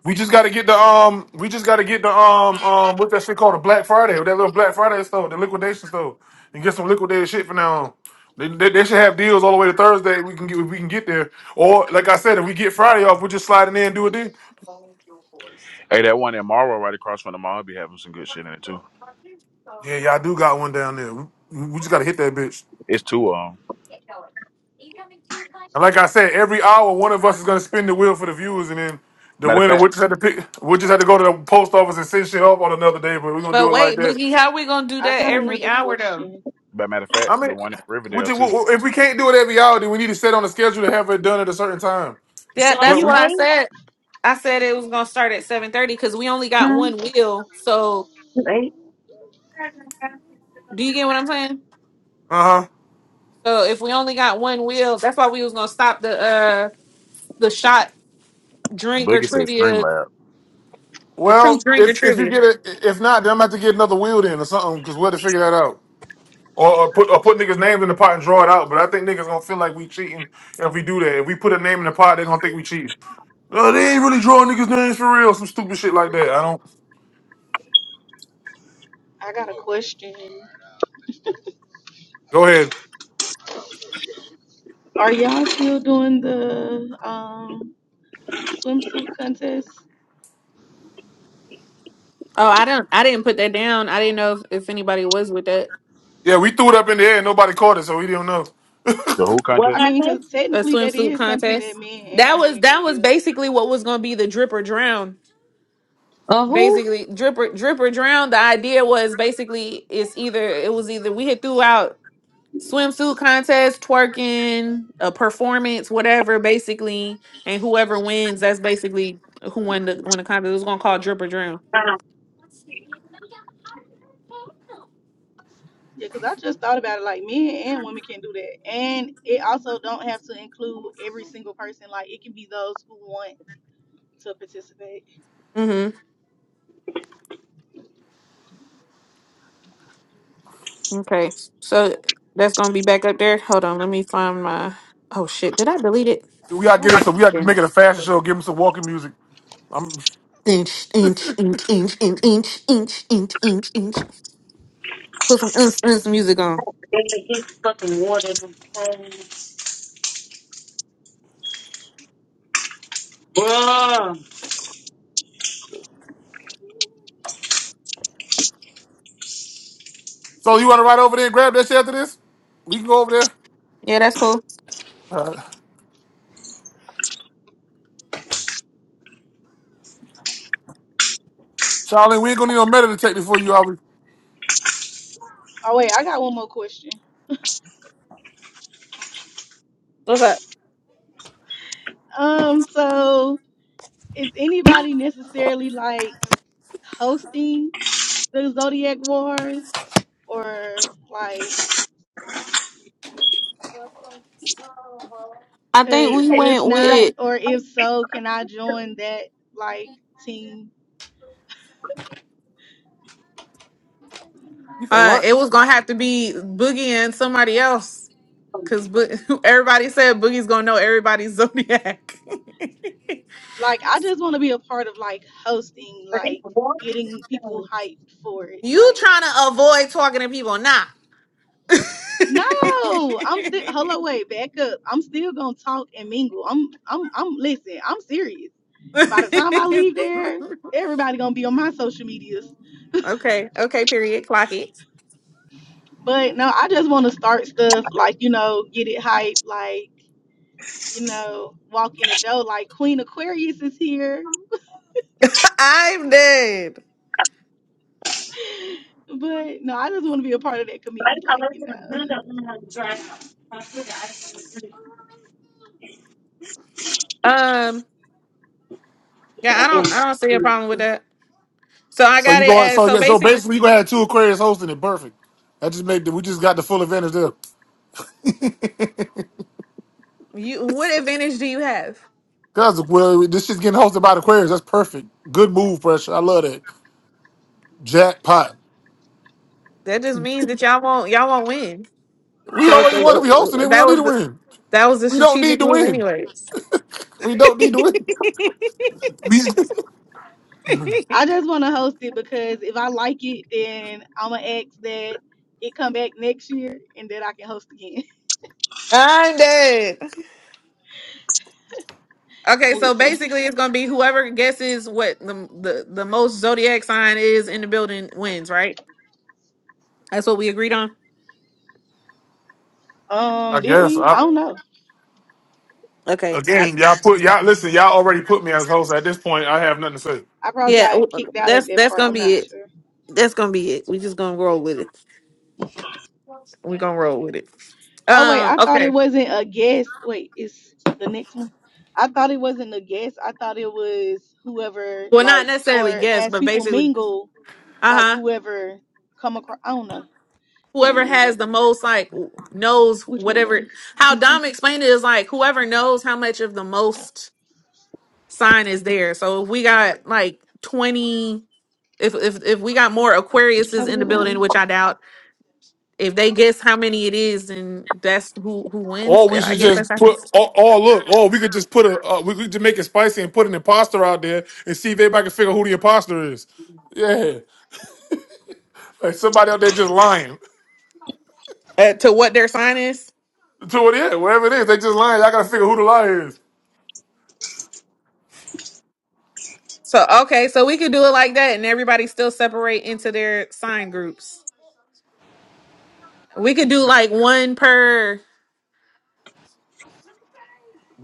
S1: We just gotta get the um. We just gotta get the um um. What's that shit called? The Black Friday. That little Black Friday store, the liquidation store, and get some liquidated shit for now. on. They, they, they should have deals all the way to Thursday. We can get if we can get there. Or like I said, if we get Friday off, we're just sliding in and do it then.
S3: Hey, that one in Marlboro right across from the mall be having some good shit in it too.
S1: Yeah, y'all do got one down there. We, we just gotta hit that bitch.
S3: It's two of 'em.
S1: And like I said, every hour one of us is gonna spin the wheel for the viewers, and then the
S3: Matter of
S1: winner we
S3: fact,
S1: just had to pick. We just had to go to the post office and send shit off on another day. But we're gonna
S2: But
S1: do it like
S2: wait,
S1: that.
S2: Boogie, how we gonna do
S8: I
S2: that
S8: got
S2: every
S8: another
S2: hour though?
S8: question.
S3: but matter of
S1: I
S3: fact, the
S1: mean,
S3: one in
S1: which
S3: Riverdale
S1: is,
S3: too.
S1: wh- if we can't do it every hour, then we need to set on a schedule to have it done at a certain time.
S5: So
S2: That
S5: are
S2: that's
S1: But
S5: you
S1: we,
S2: what I
S5: eight?
S2: said. I said it was gonna start at seven thirty because we only got
S5: Hmm?
S2: one wheel. So
S5: You eight?
S2: do you get what I'm saying?
S1: uh huh.
S2: So if we only got one wheel, that's why we was gonna stop the uh the shot drink or
S3: Boogie said
S2: trivia,
S3: Streamlab.
S2: the
S1: Well,
S2: truth drink or
S1: if if you
S2: trivia.
S1: get it, if not, then I'm about to get another wheel in or something because we'll have to figure that out. Or, or put or put niggas' names in the pot and draw it out. But I think niggas gonna feel like we cheating if we do that. If we put a name in the pot, they gonna think we cheating. No, they ain't really drawing niggas' names for real. Some stupid shit like that. I don't.
S8: I got a question.
S1: Go ahead.
S8: Are y'all still doing the um swimsuit contest?
S2: Oh, I don't I didn't put that down. I didn't know if, if anybody was with that.
S1: Yeah, we threw it up in the air and nobody caught it, so we didn't know.
S3: The Who
S5: What
S8: I
S3: contest?
S8: mean,
S5: happened?
S8: because
S2: A
S8: technically that
S2: swimsuit
S8: is something that
S2: contest.
S8: men
S2: That
S8: and
S2: was
S8: women
S2: that
S8: can
S2: was
S8: do.
S2: basically what was gonna be the drip or drown.
S5: Uh, who?
S2: Basically, drip or drip or drown. The idea was basically it's either it was either we had threw out swimsuit contest, twerking, a performance, whatever, basically. And whoever wins, that's basically who won the won the contest. It was gonna call drip or drown.
S5: Uh,
S8: Yeah, because I just thought about it. Like men and women can do that, and it also don't have to include every single person. Like it can be those who want to participate.
S2: Mm-hmm. Okay. So that's gonna be back up there. Hold on, let me find my oh shit. Did I delete it?
S1: We gotta get him some. We gotta
S2: Damn
S1: make
S2: it.
S1: it a fashion show. Give him some walking music.
S2: Inch, inch, inch, inch, inch, inch, inch, inch, inch, inch, inch, Put some uns, uns music on.
S5: they get fucking water. and phone. Bruh.
S1: So you want to ride over there and grab that shit after this? We can go over there.
S2: Yeah, that's cool.
S1: Uh, Charlene, we ain't gonna need no metal detector for you. Aubrey.
S8: Oh wait, I got one more question.
S2: What's up?
S8: Um, so is anybody necessarily like hosting the Zodiac Wars, or like,
S2: I think
S5: You
S8: cause
S2: we
S5: said
S8: if
S2: went
S5: you got-
S8: not,
S2: with
S8: or if so, can I join that like team?
S1: You say
S2: uh
S1: what?
S2: it was gonna have to be Boogie and somebody else because Bo- [laughs] everybody said Boogie's gonna know everybody's zodiac. [laughs]
S8: Like I just want to be a part of like hosting,
S5: but it's
S8: like
S5: water in this
S8: getting people
S5: thing.
S8: hyped for it.
S2: you
S8: Like
S2: trying to avoid talking to people? Nah.
S8: no, I'm still. Hello, wait, back up. I'm still gonna talk and mingle. I'm I'm I'm listen. I'm serious. By the time I leave there,
S2: [laughs]
S8: everybody gonna be on my social medias.
S2: Okay. Okay. Period. Clock it.
S8: But no, I just want to start stuff like you know, get it hyped. Like you know, walk in the door. Like Queen Aquarius is here.
S2: [laughs] I'm dead.
S8: [laughs] But no, I just want to be a part of that
S5: But I
S8: committee,
S5: gotta
S8: like
S5: let
S8: you know.
S5: the window in and dry. I put the ice in the
S2: Um. Yeah. I don't. I don't see a
S5: fridge. Goddamn.
S2: problem with that. So I
S1: So you
S2: got it
S1: going?
S2: as.
S1: So
S2: So
S1: yeah. So
S2: basically,
S1: basically, you gonna have two Aquarius hosting it. Perfect. That just made the, we just got the full advantage there.
S2: you. What advantage do you have?
S1: Cause well, this shit's getting hosted by the Aquarius. That's perfect. Good move, pressure. I love that. Jackpot.
S2: That just means that y'all won't. Y'all won't win.
S1: We
S2: So uh,
S1: already won.
S2: uh,
S1: If we hosting
S2: uh,
S1: it, we
S2: that
S1: don't need
S2: was
S1: to
S2: the.
S1: win.
S2: That was the
S1: We don't need
S2: strategic
S1: to
S2: move,
S1: win.
S2: anyways.
S1: We don't need
S2: [laughs]
S1: to win. [laughs] We,
S8: I just want to host it because if I like it, then I'm gonna ask that it come back next year and that I can host again.
S2: I'm dead.
S8: [laughs]
S2: Okay, so
S8: Listen,
S2: basically, it's gonna be whoever guesses what the the, the most zodiac sign is in the building wins, right? That's what we agreed on.
S1: I
S8: um, did
S1: guess.
S8: we?
S1: I,
S8: I don't know.
S2: Okay, I,
S1: again, y'all put y'all listen. Y'all already put me as host. At this point, I have nothing to say.
S8: I probably
S2: yeah, w-
S8: got kicked out at
S2: that's
S8: that
S2: that's
S8: part.
S2: gonna
S8: I'm
S2: be it.
S8: not sure.
S2: That's gonna be it. We just gonna roll with it. Gonna roll with it.
S8: Oh wait,
S2: Um,
S8: I thought it
S2: okay.
S8: wasn't a guest. Wait, it's the next one. I thought it wasn't a guest. I thought it was whoever
S2: Well, not
S8: like
S2: necessarily
S8: or
S2: guess,
S8: as
S2: but
S8: people
S2: basically,
S8: mingle,
S2: uh
S8: like
S2: huh.
S8: whoever come across. I don't know. Can't
S2: Whoever has
S8: remember.
S2: the most, like, knows
S8: Which way,
S2: whatever.
S8: love?
S2: How
S8: This way.
S2: Dom explained it is like whoever knows how much of the most sign is there. So if we got like twenty, if if if we got more Aquariuses
S8: Have a
S2: in the
S8: good one, love.
S2: building, which I doubt, if they guess how many it is, then that's who who wins.
S1: Or we
S2: Yeah, I
S1: should
S2: guess
S1: just
S2: that's I think
S1: put. Or, or look. Or we could just put a. Uh, we could just make it spicy and put an imposter out there and see if anybody can figure who the imposter is. Yeah, like somebody out there just lying. [laughs]
S2: uh, to what their sign is.
S1: To what? Yeah, whatever it is, they just lying. Y'all gotta figure who the liar is.
S2: So okay, so we could do it like that, and everybody still separate into their sign groups. We could do like one per.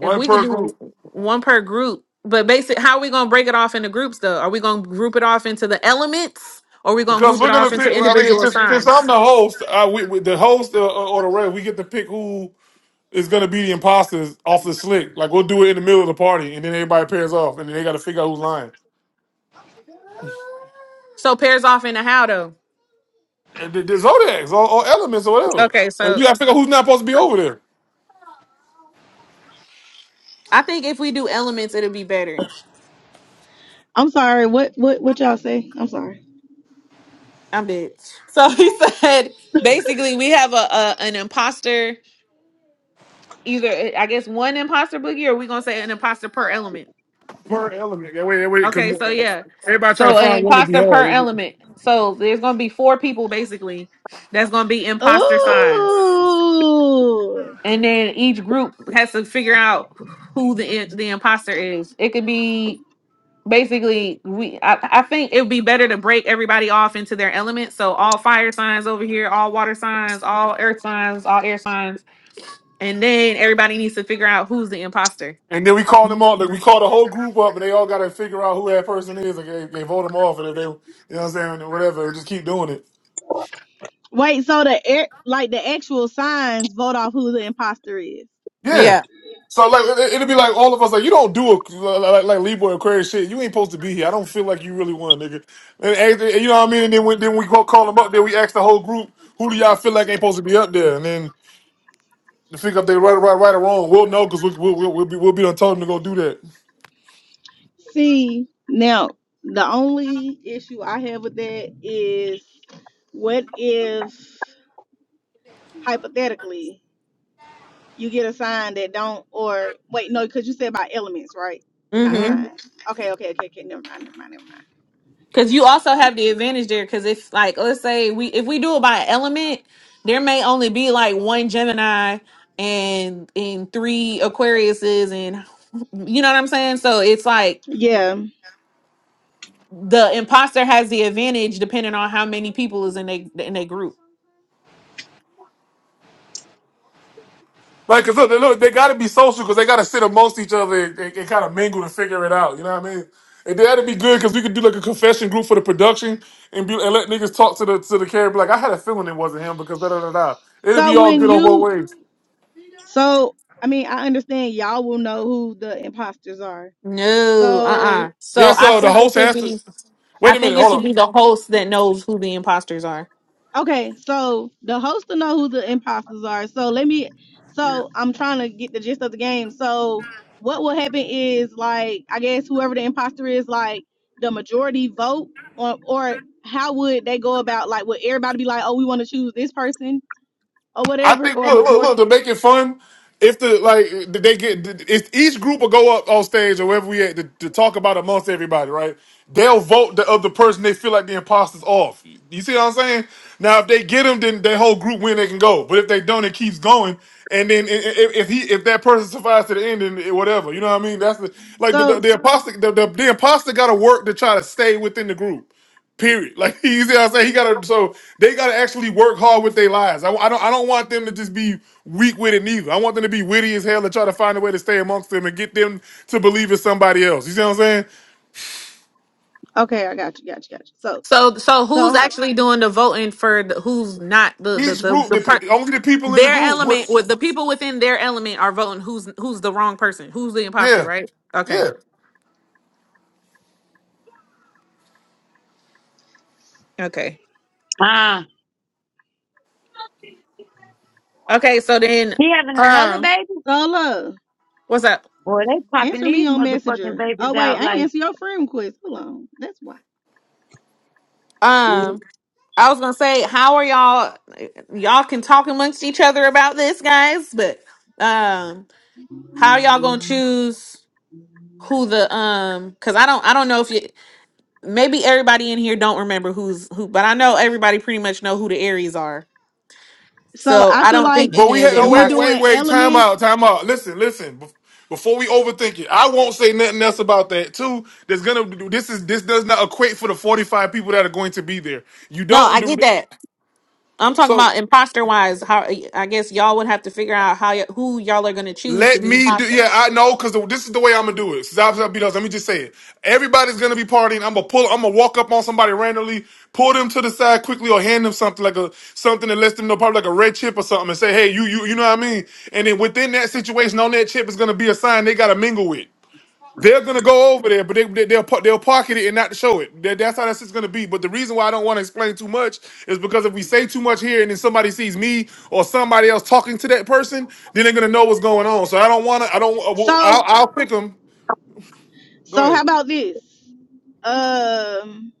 S2: If we could
S1: per group.
S2: do one per group, but basic, how are we gonna break it off into groups though? Are we gonna group it off into the elements, or are we gonna
S1: Because
S2: group
S1: we're
S2: it off
S1: gonna
S2: into
S1: pick. I mean,
S2: individual
S1: since, since I'm
S2: signs?
S1: the host, I, we, we, the host uh, uh, or the ref, we get to pick who is gonna be the imposters off the slick. Like we'll do it in the middle of the party, and then everybody pairs off, and then they gotta figure out who's lying.
S2: So pairs off into how though?
S1: and the, the zodiacs or, or elements or whatever.
S2: Okay,
S1: And you
S2: so
S1: got to figure out who's not supposed to be over there
S2: I think if we do elements, it'll be better.
S8: I'm sorry. What what what y'all say? I'm sorry.
S2: I'm dead. So [laughs] he said basically we have a, a an imposter either I guess one imposter boogie or we gonna say an imposter per element.
S1: per element. That way, that way, because
S2: Okay, so yeah.
S1: everybody trying to
S2: So an
S1: find one to be
S2: imposter
S1: hard.
S2: per element. So there's gonna be four people basically that's gonna be imposter signs.
S8: Ooh.
S2: And then each group has to figure out who the the imposter is. It could be basically we I, I think it would be better to break everybody off into their element. So all fire signs over here, all water signs, all earth signs, all air signs, and then everybody needs to figure out who's the imposter.
S1: And then we call them all. Like we call the whole group up, and they all got to figure out who that person is. And they, they vote them off, and if they, you know, what I'm saying or whatever, and just keep doing it.
S8: Wait. So the air, like the actual signs vote off who the imposter is.
S1: Yeah.
S2: Yeah.
S1: So like it- it'll be like all of us like you don't do a like like Libra Aquarius shit. You ain't supposed to be here. I don't feel like you really won, nigga. And, and- and you know what I mean. And then when then we go call them up. Then we ask the whole group who do y'all feel like ain't supposed to be up there. And then to figure if they right, right, right or wrong. We'll know because we, we'll, we'll, we'll be we'll be done told them to go do that.
S8: See now the only issue I have with that is what if hypothetically you get a sign that don't or wait no because you said about elements right not
S1: hmm
S8: signs. Okay. Okay. Okay. Okay. Never mind. Never mind. Never mind.
S2: Because you also have the advantage there. Because if, like, let's say we if we do it by element, there may only be like one Gemini and and three Aquariuses, and you know what I'm saying. So it's like
S8: Yeah.
S2: the imposter has the advantage depending on how many people is in a in a group.
S1: Like, cause look, they, look, they got to be social because they got to sit amongst each other and, and, kind of mingle and figure it out. You know what I mean? And that'd be good because we could do like a confession group for the production and be and let niggas talk to the to the character. Be Like, I had a feeling it wasn't him because da da da da. It'll
S8: So
S1: be all
S8: when
S1: good on
S8: you
S1: both ways.
S8: So, I mean, I understand y'all will know who the imposters are.
S2: No, uh-uh.
S8: So,
S2: So
S1: Yes,
S2: I
S1: sir. The
S2: think it
S1: host
S2: should
S1: has to.
S2: be I
S1: Wait a
S2: think
S1: minute.
S2: it
S1: Hold
S2: should
S1: up.
S2: be the host that knows who the imposters are.
S8: okay, so the host will know who the imposters are. So, let me,
S3: Yeah.
S8: so I'm trying to get the gist of the game. So, what will happen is, like, I guess whoever the imposter is, like, the majority vote, or, or how would they go about, like, would everybody be like, oh, we want to choose this person or
S1: I
S8: whatever,
S1: think look,
S8: or
S1: look,
S8: majority?
S1: look to make it fun. If the like they get if each group will go up on stage or wherever we at to, to talk about amongst everybody, right? They'll vote the other person they feel like the imposter's off. You see what I'm saying? Now if they get him, then their whole group win. They can go. But if they don't, it keeps going. And then i- i- if, if he if that person survives to the end, then it- whatever. You know what I mean? That's the like the, the,
S8: So,
S1: the imposter the, the, the imposter got to work to try to stay within the group. Period. Like [laughs] you see, what I'm saying he gotta. So they gotta actually work hard with their lives. I, I don't. I don't want them to just be weak with it neither. I want them to be witty as hell and try to find a way to stay amongst them and get them to believe in somebody else. You see what I'm saying?
S8: okay, I got you, got you, got you. So,
S2: So so
S8: so,
S2: who's
S8: how,
S2: actually doing the voting for the, who's not the the
S1: Each
S2: the,
S1: group,
S2: the
S1: the,
S2: per-
S1: pe- only the people in the
S2: their
S1: group. What?
S2: element with the people within their element are voting who's who's the wrong person, who's the imposter,
S1: Yeah,
S2: right? Okay.
S1: yeah.
S2: Okay.
S5: Ah.
S2: Okay, so then,
S5: He having another
S2: um,
S5: baby?
S8: so, look.
S2: what's up?
S5: Boy, they popping
S8: Answer me
S5: these
S8: on
S5: motherfucking
S8: Messenger.
S5: babies
S8: Oh wait,
S5: out
S8: I ain't
S5: like
S8: answer your friend request. Hold on, that's why.
S2: Um, I was gonna say, how are y'all? Y'all can talk amongst each other about this, guys. But um, how are y'all gonna choose who the um? Cause I don't, I don't know if you. Maybe everybody in here don't remember who's who, but I know everybody pretty much know who the Aries are.
S8: So
S2: So
S8: I
S2: I
S8: feel
S2: don't
S8: like
S2: think
S1: But we
S2: any of
S1: had.
S2: the
S8: if
S1: Oh
S8: we
S1: wait,
S2: imposters.
S1: wait,
S8: doing
S1: wait. Time
S8: element,
S1: out. Time out. Listen, listen. Bef- Before we overthink it, I won't say nothing else about that too. That's gonna. This is. This does not equate for the 45 people that are going to be there. You
S2: No,
S1: don't
S2: I
S1: do.
S2: get
S1: that.
S2: that. I'm talking
S1: So
S2: about imposter wise. How I guess y'all would have to figure out how y- who y'all are gonna choose to
S1: Let
S2: be
S1: me do.
S2: imposter.
S1: Yeah, I know because this is the way I'm gonna do it. Since I've I've beat us, let me just say it. Everybody's gonna be partying. I'm gonna pull. I'm gonna walk up on somebody randomly, pull them to the side quickly, or hand them something like a something that lets them know, probably like a red chip or something, and say, "Hey, you, you, you know what I mean?" And then within that situation, on that chip is gonna be a sign they gotta mingle with. They're gonna go over there, but they, they they'll par- they'll pocket it and not show it. That, that's how that's just gonna be. But the reason why I don't want to explain too much is because if we say too much here and then somebody sees me or somebody else talking to that person, then they're gonna know what's going on. So I don't want to. I don't. uh, well, I'll,
S8: so
S1: I'll pick them. Go
S8: so
S1: ahead.
S8: how about this? Um,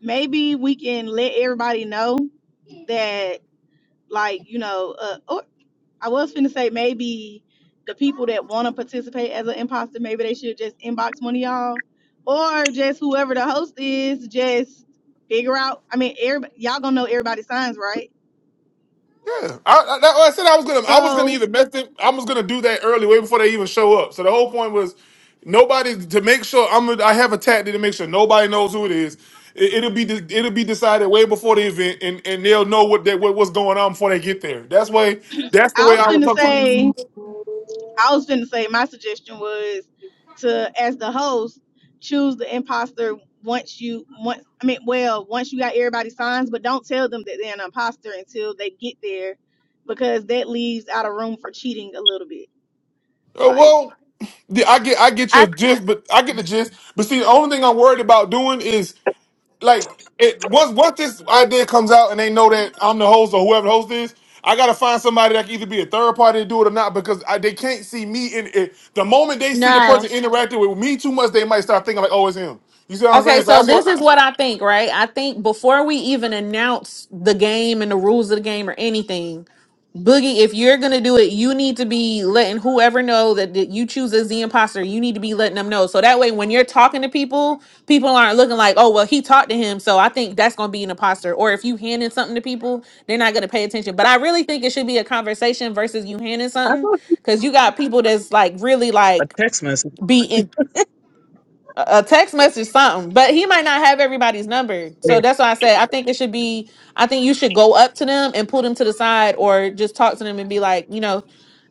S8: maybe we can let everybody know that like you know uh, or i was finna say maybe the people that want to participate as an imposter maybe they should just inbox one of y'all or just whoever the host is just figure out i mean everybody, y'all gonna know everybody's signs right
S1: Yeah, I, I, that- I said I was gonna. I was gonna
S8: so
S1: either mess it. I was gonna do that early, way before they even show up. So the whole point was nobody to make sure. I'm. A, i am I have a tactic to make sure nobody knows who it is. It, it'll be. de- It'll be decided way before the event, and, and they'll know what that what, what's going on before they get there. That's way. That's the
S8: I
S1: way
S8: was
S1: I would
S8: finna
S1: talk. About. it.
S8: say, I was finna say, my suggestion was to, as the host, choose the imposter once you once. I mean, well, once you got everybody's signs, but don't tell them that they're an imposter until they get there, because that leaves out of room for cheating a little bit.
S1: Uh,
S8: Like,
S1: well, the- I get. I get your
S2: I
S1: gist, but I get the gist. But see, the only thing I'm worried about doing is. like it once once this idea comes out and they know that I'm the host or whoever the host is, I gotta find somebody that can either be a third party to do it or not because I, they can't see me in it. The moment they see the
S2: no,
S1: person interacting with me too much, they might start thinking like, "Oh, it's him." You see what I'm
S2: Okay,
S1: saying? So
S2: so
S1: that's
S2: this is
S1: what.
S2: what I think, right? I think before we even announce the game and the rules of the game or anything, Boogie, if you're gonna do it, you need to be letting whoever know that, that you choose as the imposter. You need to be letting them know, so that way when you're talking to people, people aren't looking like, oh well, he talked to him, so I think that's gonna be an imposter. Or if you handing something to people, they're not gonna pay attention. But I really think it should be a conversation versus you handing
S6: I
S2: something,
S6: thought she-
S2: because you got people that's like really
S6: a
S2: like
S6: text message.
S2: be a a text message something but he might not have everybody's number so that's why i said i think it should be i think you should go up to them and pull them to the side or just talk to them and be like you know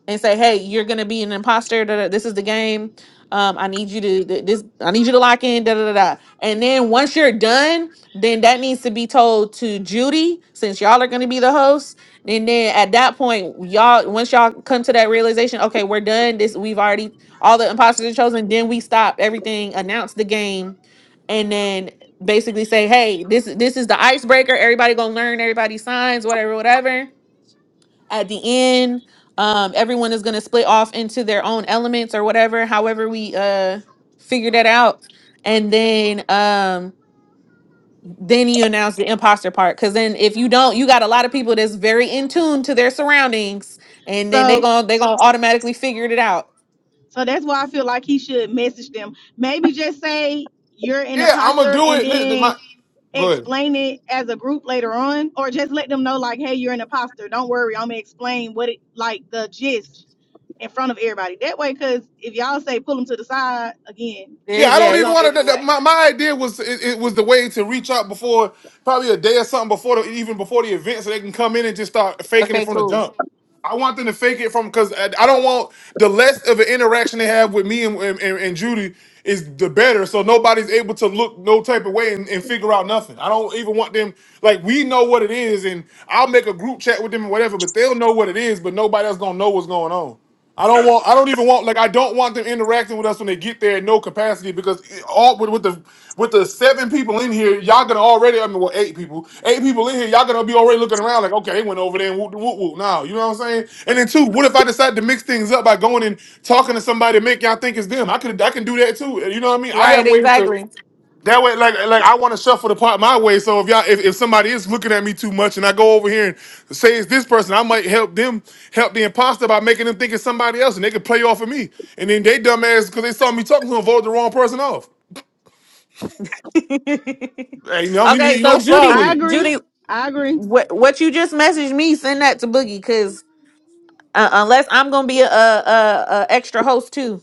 S2: and say, "Hey, you're gonna be an imposter. Da, da, this is the game. Um, I need you to th- this. I need you to lock in. Da da da da." And then once you're done, then that needs to be told to Judy, since y'all are gonna be the hosts. And then at that point, y'all once y'all come to that realization, okay, we're done. This we've already all the imposters are chosen. Then we stop everything, announce the game, and then basically say, "Hey, this this is the icebreaker. Everybody gonna learn everybody's signs, whatever, whatever." at the end um everyone is going to split off into their own elements or whatever however we uh figure that out and then um then you announce the imposter part because then if you don't you got a lot of people that's very in tune to their surroundings and then they
S8: so,
S2: gonna they gonna automatically figure it out
S8: so that's why I feel like he should message them. Maybe just say you're an
S1: Yeah, I'm gonna
S8: imposter,
S1: do
S8: and
S1: it. Listen,
S8: then
S1: my go ahead.
S8: explain it as a group later on or just let them know like hey you're an imposter don't worry i'm gonna explain what it like the gist in front of everybody that way because if y'all say pull them to the side again
S2: yeah
S1: Yeah, I
S2: yeah,
S1: don't
S8: it's
S1: even
S8: gonna
S2: it's-
S1: want
S8: give it
S1: to.
S8: away
S1: My, my idea was it, it was the way to reach out before probably a day or something before the, even before the event, so they can come in and just start faking it
S2: okay
S1: from the
S2: cool
S1: jump. I want them to fake it from because I, I don't want the less of an interaction they have with me and, and, and, Judy is the better. So nobody's able to look no type of way and, and figure out nothing. I don't even want them like we know what it is, and I'll make a group chat with them and whatever, but they'll know what it is, but nobody else gonna know what's going on. I don't want. I don't even want. Like I don't want them interacting with us when they get there in no capacity because it- all with, with the with the seven people in here, y'all gonna already. I mean, well, eight people, eight people in here, y'all gonna be already looking around like, okay, they went over there and whoop whoop whoop. Now you know what I'm saying. And then two, what if I decide to mix things up by going and talking to somebody, and make y'all think it's them? I could. I can do that too. You know what I mean? I
S2: right
S1: have ways to.
S2: exactly
S1: That way, like, like I want to shuffle the pot my way. So if y'all, if, if somebody is looking at me too much, and I go over here and say it's this person, I might help them help the imposter by making them think it's somebody else, and they could play off of me. And then they dumbass because they saw me talking to them, vote the wrong person off.
S2: [laughs]
S1: Hey, you know, you,
S2: okay
S1: you
S2: so
S1: don't slide
S2: judy
S1: with
S8: i
S1: it.
S8: agree
S2: judy
S8: i agree
S2: what what you just messaged me send that to boogie because Uh, unless I'm gonna be a, a a extra host too.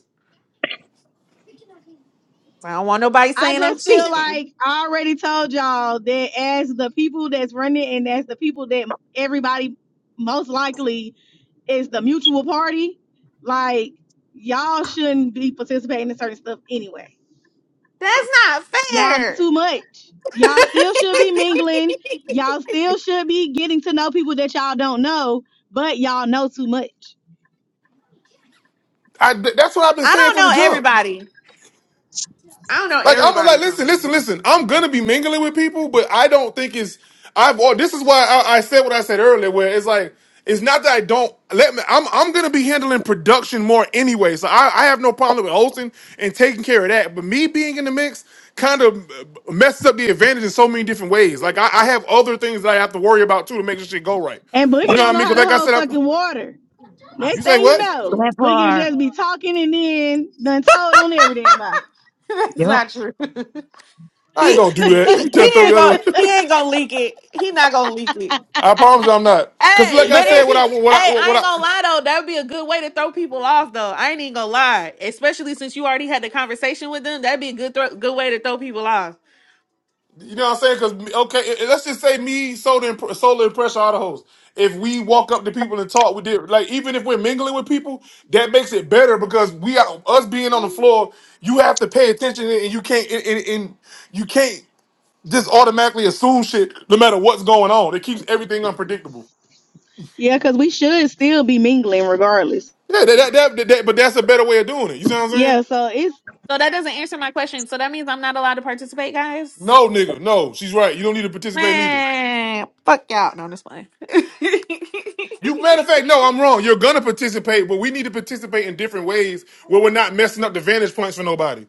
S2: I don't want nobody
S8: i
S2: saying I'm
S8: just
S2: cheap.
S8: feel like i already told y'all that as the people that's running and as the people that everybody most likely is the mutual party like y'all shouldn't be participating in certain stuff anyway
S2: That's not
S8: Y'all do
S2: fair.
S8: too much.
S2: [laughs]
S8: Y'all still should be mingling. Y'all still should be getting to know people that y'all don't know, but y'all know too much.
S1: I, th- that's what I've been
S2: I
S1: saying
S2: don't
S1: from the
S2: know
S1: jump.
S2: everybody. I don't know
S1: Like I'm like,
S2: everybody's
S1: listen, listen,
S2: time.
S1: listen. I'm gonna be mingling with people, but I don't think it's. I've. Or this is why I, I said what I said earlier, where it's like it's not that I don't let me. I'm I'm gonna be handling production more anyway, so I, I have no problem with hosting and taking care of that. But me being in the mix kind of messes up the advantage in so many different ways. Like I, I have other things that I have to worry about too to make this shit go right.
S8: And
S1: You
S8: Boogie
S1: know what
S8: don't
S1: I
S8: know
S1: mean?
S8: how
S1: Because
S8: to
S1: like I
S8: hold
S1: said, I'm,
S8: fucking water.
S1: you
S8: Next
S1: say
S8: thing you
S1: what?
S8: know, Boogie will
S5: Grandpa.
S8: just be talking and then done told on every damn body.
S2: [laughs] That's
S5: Yep.
S2: not true. [laughs]
S1: I ain't
S2: he,
S1: gonna do that. Let me
S2: he
S1: tell
S2: he ain't gonna
S1: you.
S2: he ain't gonna leak it. He not gonna leak it.
S1: [laughs] I promise you, I'm not. Cause
S2: Hey,
S1: like I
S2: but
S1: said,
S2: if
S1: what
S2: he
S1: I
S2: hey,
S1: what I
S2: I
S1: what
S2: ain't
S1: I
S2: gonna lie though, that would be a good way to throw people off though. I ain't even gonna lie, especially since you already had the conversation with them. That'd be a good thro- good way to throw people off.
S1: You know what I'm saying? Because okay, let's just say me, Soda, and Pr- Solar and Pressure are the hosts. If we walk up to people and talk, we did like even if we're mingling with people, that makes it better because we are us being on the floor. You have to pay attention and you can't and, and, and you can't just automatically assume shit no matter what's going on. It keeps everything unpredictable.
S8: Yeah, because we should still be mingling regardless.
S1: Yeah, that, that, that, that, but that's a better way of doing it. You see what I'm saying?
S8: Yeah, so it's
S2: So that doesn't answer my question. So that means I'm not allowed to participate, guys.
S1: No, nigga, no. She's right. You don't need to participate neither.
S2: Man, fuck y'all. No, I'm just playing. [laughs]
S1: You matter of fact, no, I'm wrong. You're gonna participate, but we need to participate in different ways where we're not messing up the vantage points for nobody.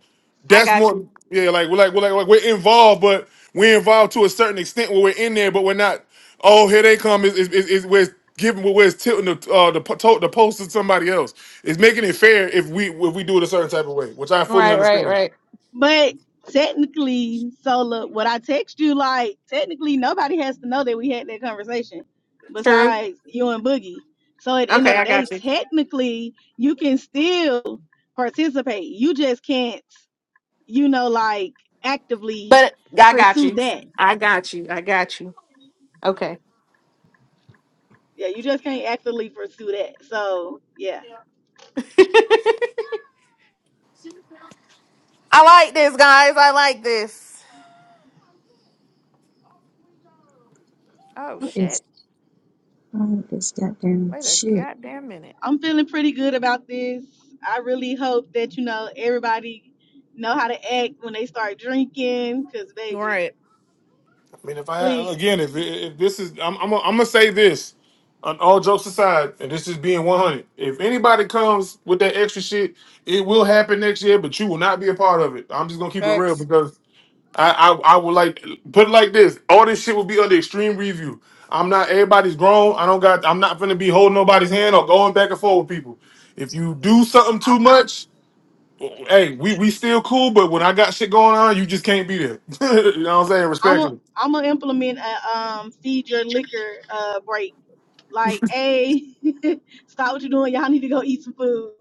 S2: I
S1: That's
S2: got
S1: more
S2: you.
S1: yeah, like we're like we're like, like we're involved, but we're involved to a certain extent where we're in there, but we're not. Oh, here they come! Is is is where it's giving where it's tilting the uh, the po- to- the post to somebody else. It's making it fair if we if we do it a certain type of way, which I fully
S2: Right, right,
S1: understand.
S2: right.
S8: But technically, Sola, what I text you, like, technically nobody has to know that we had that conversation
S2: True.
S8: besides you and Boogie. So at the end of
S2: Okay,
S8: the
S2: I
S8: day,
S2: got you.
S8: technically you can still participate. You just can't, you know, like actively
S2: But I got
S8: pursue
S2: you.
S8: that.
S2: I got you. I got you. Okay.
S8: Yeah, you just can't actively pursue that. So yeah.
S2: [laughs] I like this, guys. I like this. Oh
S5: What is
S2: shit!
S5: wrong with this goddamn
S2: Wait a
S5: shit?
S2: goddamn minute.
S8: I'm feeling pretty good about this. I really hope that, you know, everybody know how to act when they start drinking, cause baby,
S2: Right.
S1: I mean, if I
S8: Please,
S1: again, if if this is, I'm I'm gonna I'm gonna say this. On all jokes aside, and this is being 100. If anybody comes with that extra shit, it will happen next year, but you will not be a part of it. I'm just gonna keep it real
S2: Facts.
S1: because I I, I would like put it like this. All this shit will be under extreme review. I'm not everybody's grown. I don't got. I'm not gonna be holding nobody's hand or going back and forth with people. If you do something too
S8: I'm
S1: much, hey, we we still cool. But when I got shit going on, you just can't be there. [laughs] you know what I'm saying?
S8: I'm a,
S1: Respectfully.
S8: I'm gonna implement a um feed your liquor uh break. Like, hey, [laughs] stop what you're doing. Y'all need to go eat some food.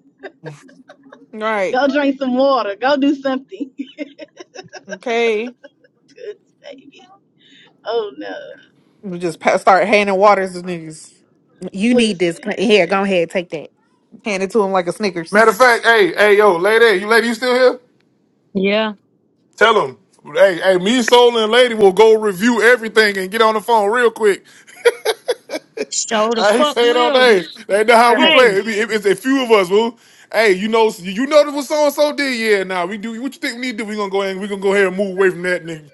S2: Right.
S8: Go drink some water. Go do something. [laughs]
S2: Okay.
S8: Good baby. Oh no.
S2: We just pa- start handing waters to niggas. You need this.
S8: Listen.
S2: Here, go ahead. Take that. Hand it to him like a
S1: Matter of
S2: Snickers.
S1: fact, hey, hey, yo, lady, you lady, you still here?
S5: Yeah.
S1: Tell them, hey, hey, me, Soul, and Lady will go review everything and get on the phone real quick.
S5: show
S1: [laughs]
S5: the
S1: I ain't
S5: fuck
S1: saying all
S5: will.
S1: day. They know how
S2: All
S1: we
S2: right,
S5: Hey,
S1: play. It be- it- it's a few of us, woo. Hey, you know, you know what so and so did. Yeah, now we do. What you think we need to do? We gonna go ahead. and We gonna go ahead and move away from that nigga.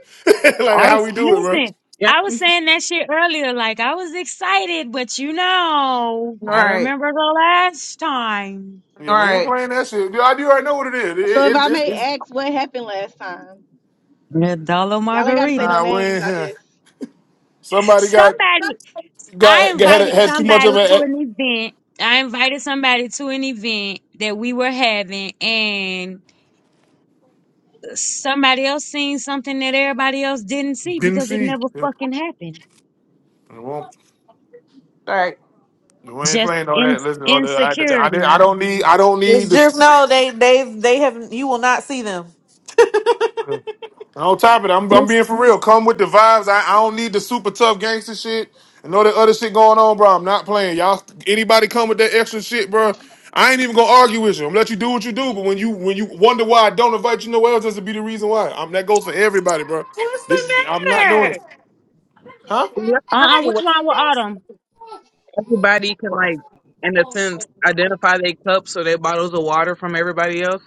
S1: [laughs] like
S5: I
S1: how
S5: was
S1: we do it, bro.
S5: listen.
S6: Yeah.
S5: I was saying that shit earlier. Like I was excited, but you know,
S2: all
S5: I
S2: right,
S5: remember the last time.
S1: Yeah,
S2: all
S1: we ain't
S2: right,
S1: playing that shit. Dude, I do already know what it is. It, it,
S8: So if
S1: it's
S8: I
S1: it's
S8: may
S1: it's
S8: ask, what happened last time?
S5: Yeah, dollar
S8: Y'all ain't gotta say no
S5: margaritas.
S1: nah. We
S8: names.
S1: ain't,
S8: I
S1: here.
S8: just.
S1: somebody got
S5: Somebody.
S1: got
S5: I
S1: had
S5: invited
S1: had too much
S5: somebody
S1: of
S5: to
S1: it.
S5: an event. I invited somebody to an event that we were having, and somebody else seen something that everybody else didn't see
S1: Didn't
S5: because it
S1: see.
S5: never fucking happened.
S1: Yeah.
S2: all right.
S1: We ain't
S5: Just
S1: playing all
S5: in
S1: that. Listen, all the, I, I, I
S5: insecurity.
S1: don't need. I don't
S2: Just
S1: need
S2: just
S1: the.
S2: know they they they have you will not see them.
S1: On top of it, I'm, I'm
S5: What's
S1: being for real. Come with the vibes. I, I don't need the super tough gangster shit and all that other shit going on, bro. I'm not playing. Y'all, anybody come with that extra shit, bro? I ain't even gonna argue with you. I'm gonna let you do what you do. But when you when you wonder why I don't invite you nowhere else, that's to be the reason why. I'm, that goes for everybody, bro.
S2: What's the
S1: Th- I'm not doing it,
S2: matter?
S1: huh?
S5: uh uh
S6: Yeah.
S5: what's wrong with Autumn?
S6: Everybody can like, in a sense, identify their cups or their bottles of water from everybody else.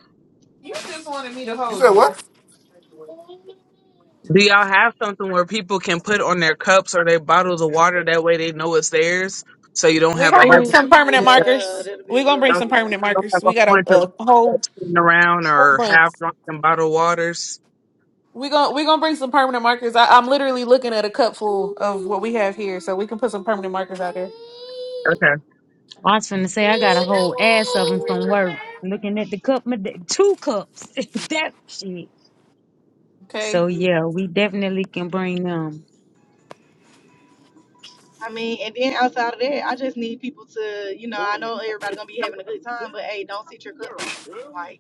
S1: You said what?
S6: Do y'all have something where people can put on their cups or their bottles of water? That way they know it's theirs, so you don't
S2: We're
S6: have a
S2: gonna
S6: whole
S2: bring
S8: Oh
S6: bunch
S2: some
S6: of
S2: permanent
S6: people that
S8: yeah,
S2: markers.
S8: that'll be a
S2: We're gonna
S8: good
S2: bring
S6: don't,
S2: some
S8: idea.
S2: permanent
S6: don't
S2: markers.
S6: have a
S2: We
S6: whole
S2: got a,
S6: bunch of
S2: a
S6: people
S2: whole
S6: sitting around
S2: whole
S6: or
S2: bunch.
S6: half drunken bottled waters.
S2: we gonna we gonna bring some permanent markers. I, I'm literally looking at a cup full of what we have here, so we can put some permanent markers out there.
S5: I was finna say I got a whole ass of them from work looking at the cup, my da- two cups. [laughs] that shit.
S2: Okay.
S5: So yeah, we definitely can bring them.
S8: I mean, and then outside of that, I just need people to, you know, I know everybody gonna be having a good time, but hey, don't sit your cup down. like.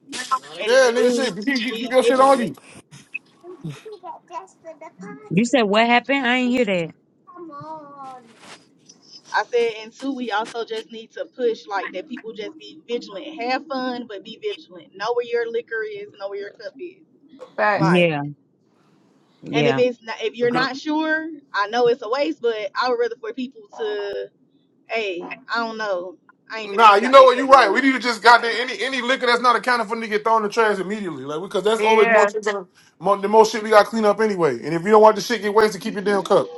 S8: And if
S1: Yeah,
S8: you
S1: nigga,
S8: do,
S1: shit. Keep, keep keep
S8: be
S1: your shit on
S8: vigilant.
S5: You said what happened? I ain't hear that.
S8: I said, and two, we also just need to push like that people just be vigilant. Have fun, but be vigilant. Know where your liquor is, know where your cup is.
S2: Facts.
S8: Like,
S5: Yeah,
S8: and if
S5: yeah.
S8: it's not, if you're
S1: you.
S8: not sure, I know it's a waste, but I would rather for people to, hey, I don't know, I ain't finna
S1: Nah,
S8: drink
S1: you
S8: out
S1: know
S8: that
S1: what?
S8: cup
S1: You're
S8: no
S1: right. We
S8: more.
S1: need to just goddamn
S8: Like,
S1: any any liquor that's not accounted for need to get thrown in the trash immediately, like because that's always more
S2: Yeah.
S1: shit. gonna- More, the most shit we got to clean up anyway. And if you don't want the shit get wasted, keep your damn cup.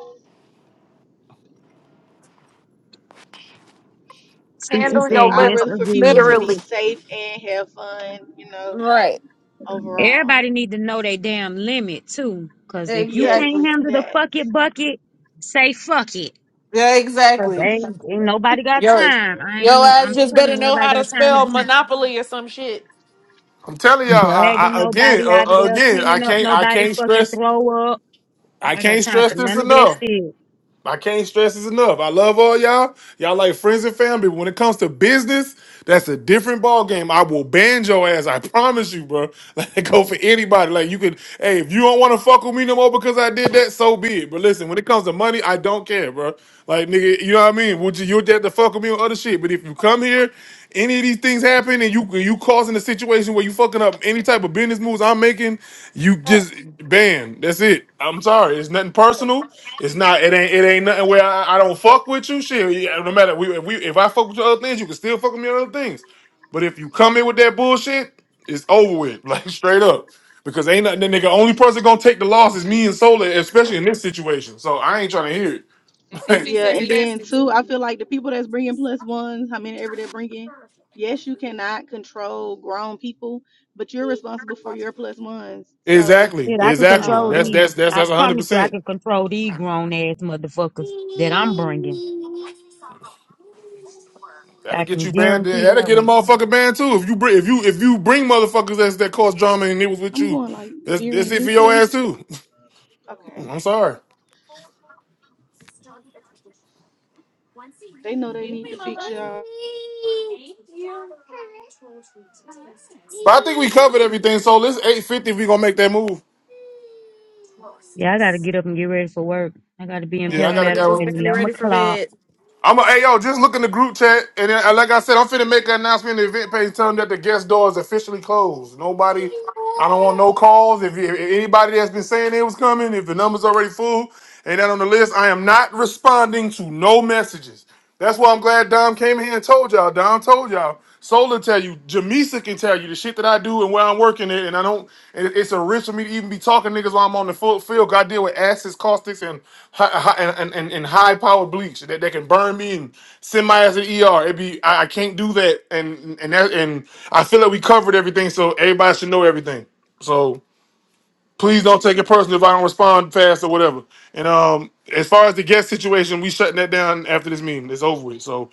S8: yeah,
S5: Cece
S2: Handle
S8: because
S5: said,
S2: your
S8: I'd
S5: yes,
S8: rather
S2: liquor.
S8: for people to
S5: agreed.
S8: be
S2: Literally.
S8: safe and have fun, you know,
S2: Right.
S8: overall.
S5: Everybody need to know their damn limit too. Cause if you
S2: Exactly.
S5: can't
S8: Yes,
S5: handle the
S8: that.
S5: fuck it bucket, say fuck it.
S2: Yeah.
S5: Cause
S2: Exactly.
S5: ain't, ain't nobody got
S2: Yo,
S5: time. I
S2: yo
S5: ain't,
S2: ass
S5: I'm
S2: just
S5: telling
S2: better
S5: you,
S2: know
S5: everybody
S2: how to
S5: got time to
S2: spell
S5: be
S2: monopoly or some shit.
S1: I'm telling y'all I,
S5: dragging
S1: I, again,
S5: nobody
S1: uh,
S5: out of
S1: uh,
S5: there,
S1: again. I
S5: cleaning up
S1: can't I
S5: nobody
S1: can't
S5: fucking
S1: stress
S5: throw up.
S1: I
S5: I got
S1: can't
S5: time
S1: stress
S5: for
S1: this
S5: none of that
S1: enough.
S5: shit.
S1: I can't stress this enough. I love all y'all. Y'all like friends and family. When it comes to business, that's a different ball game. I will ban your ass. I promise you, bro. [laughs] Like go for anybody. Like you could, hey, if you don't want to fuck with me no more because I did that, so be it. But listen, when it comes to money, I don't care, bro. Like nigga, you know what I mean? Would you you would to fuck with me on other shit? But if you come here, any of these things happen and you you causing a situation where you fucking up any type of business moves I'm making, you just ban. That's it. I'm sorry. It's nothing personal. It's not. It ain't. It ain't nothing where I, I don't fuck with you. Shit, yeah, no matter. We, if we if I fuck with your other things, you can still fuck with me on other things. But if you come in with that bullshit, it's over with. [laughs] Like straight up, because ain't nothing. The nigga only person gonna take the loss is me and Solar, especially in this situation. So I ain't trying to hear it.
S2: CC
S8: Yeah,
S2: said
S8: and
S2: yes.
S8: then too, I feel like the people that's bringing plus ones, how many ever they're bringing, yes, you cannot control grown people, but you're responsible for your plus ones.
S1: [laughs]
S8: So,
S1: exactly.
S5: Shit, I can
S1: Exactly.
S5: control
S1: That's
S5: these.
S8: um,
S1: that's that's
S5: I
S1: that's hundred
S5: promise you I
S1: percent.
S5: can control these grown ass motherfuckers that I'm bringing.
S1: That'll
S5: I
S1: get
S5: can
S1: you banned. then-
S5: guarantee that
S1: That'll get
S5: one.
S1: a motherfucker banned too. If you bring if you if you bring motherfuckers that's, that cause drama and it was with
S8: I'm
S1: you,
S8: going like
S1: that's that's
S8: veering
S1: it for
S8: this
S1: your
S8: way.
S1: ass too. [laughs]
S8: Okay,
S1: I'm sorry.
S8: they know they need to fix y'all.
S1: But I think we covered everything. So let's 850 if we gonna make that move.
S5: Yeah, I gotta get up and get ready for work. I gotta be in
S2: Man, I
S1: Yeah, I got
S2: gotta
S1: a
S2: get
S5: Palmetto at
S2: this
S1: guy.
S2: baby
S5: eleven
S2: ready for
S5: o'clock.
S2: bed.
S1: I'm a hey yo, just look in the group chat and then, uh, like I said, I'm finna make an announcement in the event page telling them that the guest door is officially closed. Nobody, I don't want no calls. If, you- if anybody that's been saying they was coming, if the number's already full ain't that on the list, I am not responding to no messages. That's why I'm glad Dom came in here and told y'all. Dom told y'all. Sola tell you. Jamisa can tell you the shit that I do and where I'm working it. And I don't. And it's a risk for me to even be talking niggas while I'm on the full field. 'cause I deal with acids, caustics, and hi- hi- and and, and, and high powered bleach that, that can burn me and send my ass to the ER. It be I, I can't do that. And and that, and I feel like we covered everything, so everybody should know everything. So please don't take it personally if I don't respond fast or whatever. And um, as far as the guest situation, we shutting that down after this meeting. It's over with. So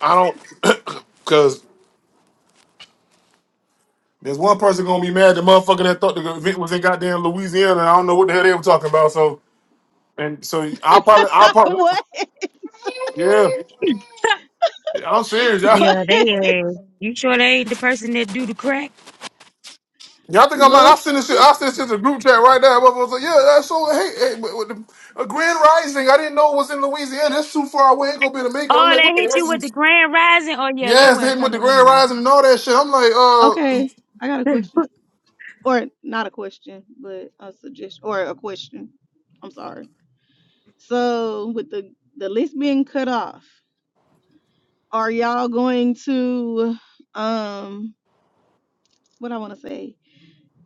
S1: I don't, [coughs] [clears throat] because there's one person gonna be mad. The motherfucker that thought the event was in goddamn Louisiana. And I don't know what the hell they were talking about. So and so I'll probably, I'll
S8: [laughs]
S1: probably,
S8: what?
S1: yeah.
S5: [clears throat] [laughs]
S1: I'm serious,
S8: [laughs]
S1: y'all.
S8: what?
S5: yeah, they is. You sure they ain't the person that do the crack?
S1: Y'all think I'm lying? I
S8: Look.
S1: send this shit. I send this shit to the group chat right now. Motherfuckers like, yeah, that's so. Hey, hey but with the, a Grand Rising. I didn't know it was in Louisiana. That's too far away. Ain't gonna be able to make it. I'm
S5: Oh,
S1: like, what
S5: they
S1: the
S5: hit you
S1: hell?
S5: with the grand rising. Oh yeah, they
S1: Yes, they
S5: wasn't
S1: hit him with the
S5: coming
S1: grand
S5: anyway.
S1: rising and all that shit. I'm like,
S8: Okay, I got a
S5: [laughs]
S8: question, or not a question, but a suggestion, or a question. I'm sorry. So with the the list being cut off. are y'all going to um what I want to say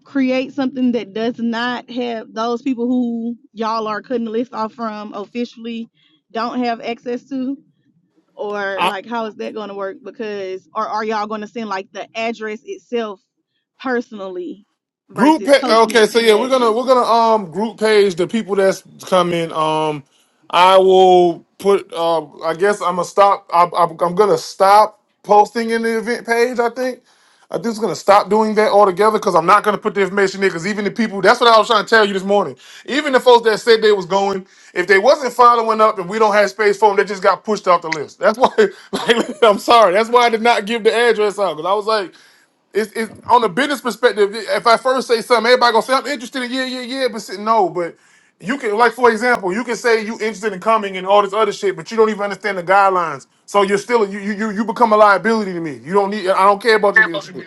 S8: create something that does not have those people who y'all are cutting the list off from officially don't have access to or
S1: uh,
S8: like how is that going to work because or are y'all going to send like the address itself personally
S1: Group
S8: versus
S1: pa-
S8: posting it
S1: okay, so
S8: in
S1: yeah, we're
S8: that
S1: gonna
S8: group
S1: we're gonna um group page the people that's coming. Um, I will put. Uh, I guess I'm gonna stop. I, I, I'm gonna stop posting in the event page. I think. I'm just gonna stop doing that altogether because I'm not gonna put the information there. Because even the people, that's what I was trying to tell you this morning. Even the folks that said they was going, if they wasn't following up and we don't have space for them, they just got pushed off the list. That's why. [laughs] Like, I'm sorry. That's why I did not give the address out because I was like, it's, it's on a business perspective. If I first say something, everybody gonna say I'm interested in yeah, yeah, yeah. But say, no, but you can like for example, you can say you interested in coming and all this other shit, but you don't even understand the guidelines. So you're still you you you you become a liability to me. You don't need. I don't care about you being interested.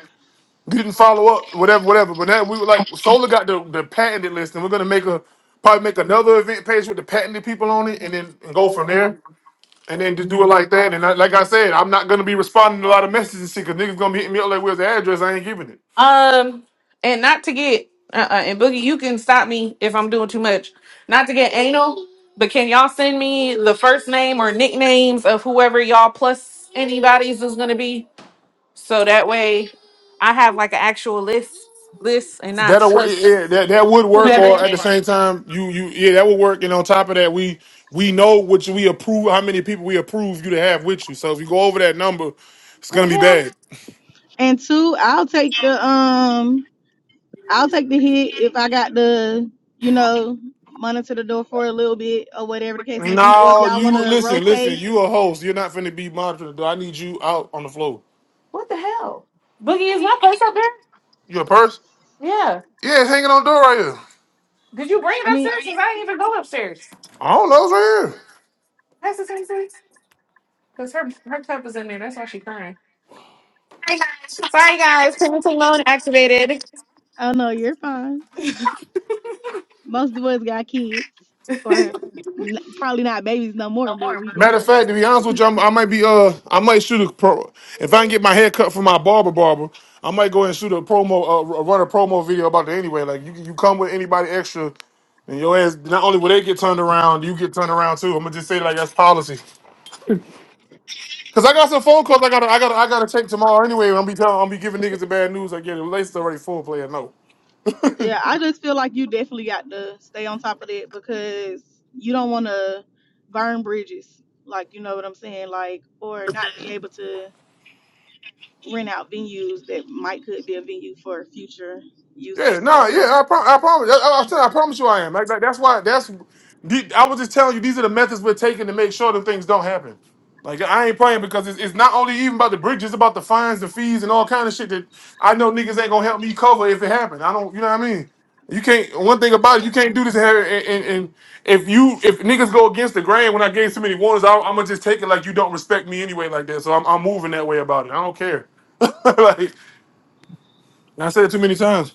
S1: You didn't follow up, whatever, whatever. But now we were like Solar got the the patented list, and we're gonna make a probably make another event page with the patented people on it, and then and go from there. And then just do it like that. And I, like I said, I'm not gonna be responding to a lot of messages and shit, cause niggas gonna be hitting me up like, "Where's the address? I ain't giving it."
S2: Um, and not to get uh, uh and Boogie, you can stop me if I'm doing too much. Not to get anal, but can y'all send me the first name or nicknames of whoever y'all plus anybody's is gonna be, so that way I have like an actual list, list, and not
S1: That'll work. Yeah,
S2: plus
S1: yeah, that that would work.
S8: yeah
S2: whomever.
S1: Or
S8: that
S1: at the same time, you you yeah, that would work. And on top of that, we we know which we approve, how many people we approve you to have with you. So if you go over that number, it's
S2: What the
S1: gonna be
S2: hell?
S1: bad.
S8: and two I'll take the um I'll take the hit if I got the, you know, money to the door for a little bit or whatever the case may be. Or if
S1: No,
S8: y'all want
S1: you
S8: to
S1: listen, listen.
S8: rotate,
S1: You a host. You're not finna be monitored. though. I need you out on the floor.
S2: What the hell? Boogie, is my place up there?
S1: You a purse?
S2: Yeah.
S1: Yeah, it's hanging on the door right here.
S2: Did you bring
S8: I
S2: it
S8: mean,
S2: upstairs? Because I didn't even go upstairs.
S1: I don't know. It's right here.
S2: That's the same thing. Because her, her cup is in there. That's why she's crying. Sorry, guys. Parenting mode activated.
S8: I don't know. You're fine. Most of us got kids,
S2: [laughs]
S8: or n- probably not babies no more, but we
S1: Matter
S8: got
S1: of
S8: 'em.
S1: fact, to be honest with you, I'm, I might be uh, I might shoot a pro. If I can get my hair cut from my barber, barber, I might go and shoot a promo, uh, run a promo video about it anyway. Like you, you come with anybody extra, and your ass. Not only will they get turned around, you get turned around too. I'm gonna just say like that's policy. Cause I got some phone calls I gotta, I gotta, I gotta take tomorrow anyway. I'm be telling, I'm be giving niggas the bad news. I get it. Relations already full player. No.
S8: Yeah, I just feel like you definitely got to stay on top of that because you don't want to burn bridges. Like, you know what I'm saying? Like, or not be able to rent out venues that might could be a venue for future
S1: Yeah,
S8: uses.
S1: no,
S8: So,
S1: yeah, I, pro- I promise. I, I, I said I promise you, I am. Like, like that's why. That's. the- I was just telling you these are the methods we're taking to make sure that things don't happen. Like I ain't playing because it's, it's not only even about the bridges, it's about the fines, the fees, and all kind of shit that I know niggas ain't gonna help me cover if it happened. I don't, you know what I mean? You can't. One thing about it, you can't do this and have it- and, and, and if you if niggas go against the grain when I gave so many warnings, I, I'm gonna just take it like you don't respect me anyway, like that. So I'm, I'm moving that way about it. I don't care. [laughs] like I said it too many times.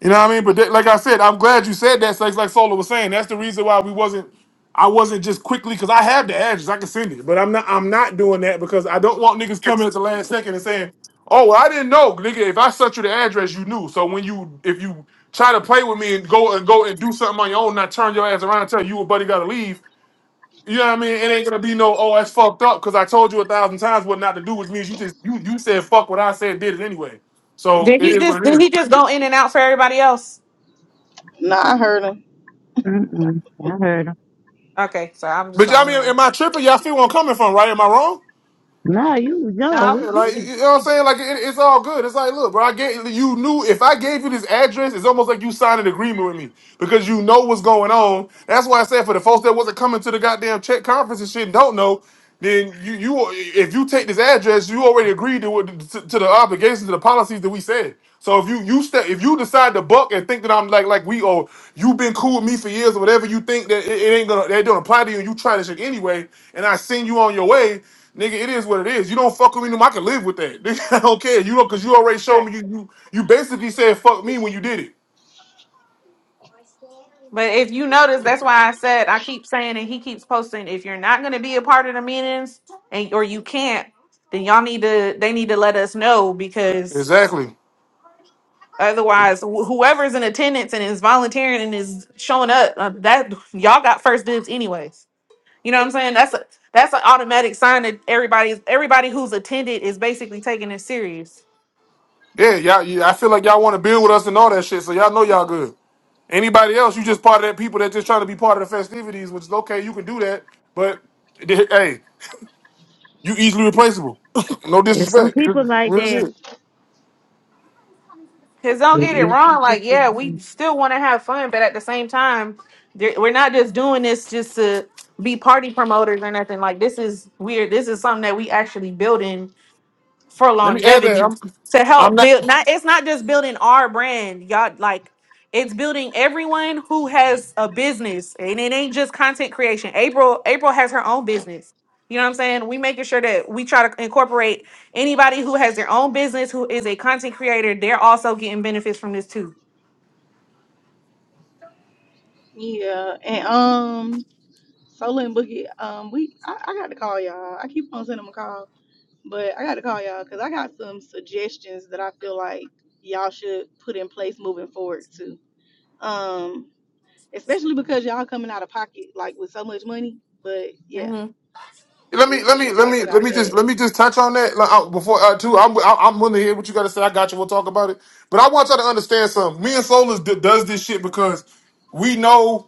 S1: You know what I mean? But that, like I said, I'm glad you said that. So it's like Solo was saying, that's the reason why we wasn't. I wasn't just quickly because I have the address, I can send it, but I'm not. I'm not doing that because I don't want niggas coming at the last second and saying, "Oh, well, I didn't know, nigga. If I sent you the address, you knew. So when you, if you try to play with me and go and go and do something on your own, and I turn your ass around and tell you and buddy gotta leave. You know what I mean? It ain't gonna be no, oh, that's fucked up because I told you a thousand times what not to do, which means you just you you said fuck what I said, did it anyway. So
S2: did
S1: it
S2: he
S1: is what
S2: just
S1: it
S2: did
S1: is.
S2: he just go in and out for everybody else?
S8: nah, I heard 'em.
S5: Mm-mm, I heard 'em.
S2: Okay, so I'm just the
S1: But I
S2: only
S1: mean,
S2: one.
S1: am I tripping? Y'all see where I'm coming from, right? Am I wrong?
S5: No, you no,
S2: No,
S1: Yeah,
S5: we get
S1: like
S5: it.
S1: you know what I'm saying? Like it, it's all good. It's like, look, bro, I gave you knew if I gave you this address, it's almost like you signed an agreement with me because you know what's going on. That's why I said for the folks that wasn't coming to the goddamn check conference and shit and don't know, then you you if you take this address, you already agreed to, what- to to the obligations to the policies that we said. So if you you step if you decide to buck and think that I'm like like we oh you've been cool with me for years or whatever you think that it, it ain't gonna that don't apply to you and you try this shit anyway and I send you on your way Nigga, it is what it is. You don't fuck with me, no more, I can live with that. [laughs] Nigga, I don't care. You know, cause you already showed me you you you basically said fuck me when you did it.
S2: but if you notice, that's why I said I keep saying and he keeps posting. If you're not going to be a part of the meetings and or you can't, then y'all need to they need to let us know because
S1: Exactly.
S2: Otherwise, wh- whoever's in attendance and is volunteering and is showing up, uh, that y'all got first dibs, anyways. You know what I'm saying? That's a that's an automatic sign that everybody's everybody who's attended is basically taking it serious.
S1: Yeah, y'all yeah, I feel like y'all want to build with us and all that shit, so y'all know y'all good. Anybody else, you just part of that people that just trying to be part of the festivities, which is okay, you can do that, but th- hey, you easily replaceable. [laughs] no
S5: There's some
S1: disrespect.
S5: people like
S1: Real
S5: that.
S1: shit.
S2: Cause don't
S5: There
S2: get it
S5: is some
S2: wrong, like
S5: people
S2: yeah,
S5: like
S2: we still want to have fun, but at the same time, there- we're not just doing this just to be party promoters or nothing. Like this is weird. This is something that we actually building for
S1: Let me add that.
S2: longevity
S1: I'm
S2: to
S1: I'm
S2: help
S1: not
S2: build not it's not just building our brand y'all like it's building everyone who has a business and it ain't just content creation april april has her own business you know what i'm saying we making sure that we try to incorporate anybody who has their own business who is a content creator they're also getting benefits from this too
S8: Yeah, and um, Sola and Boogie, um, we I, I got to call y'all. I keep on sending them a call, but I got to call y'all because I got some suggestions that I feel like y'all should put in place moving forward too. Um, especially because y'all coming out of pocket like with so much money. But yeah,
S2: hmm
S1: Let me
S8: we
S1: let
S8: we
S1: me
S8: can
S1: let
S8: talk
S1: me let
S8: about
S1: me just
S8: that.
S1: let me just touch on that like, uh, before uh, too. I'm I- I'm willing to hear what you got to say. I got you. We'll talk about it. But I want y'all to understand something. Me and Solus d- does this shit because we know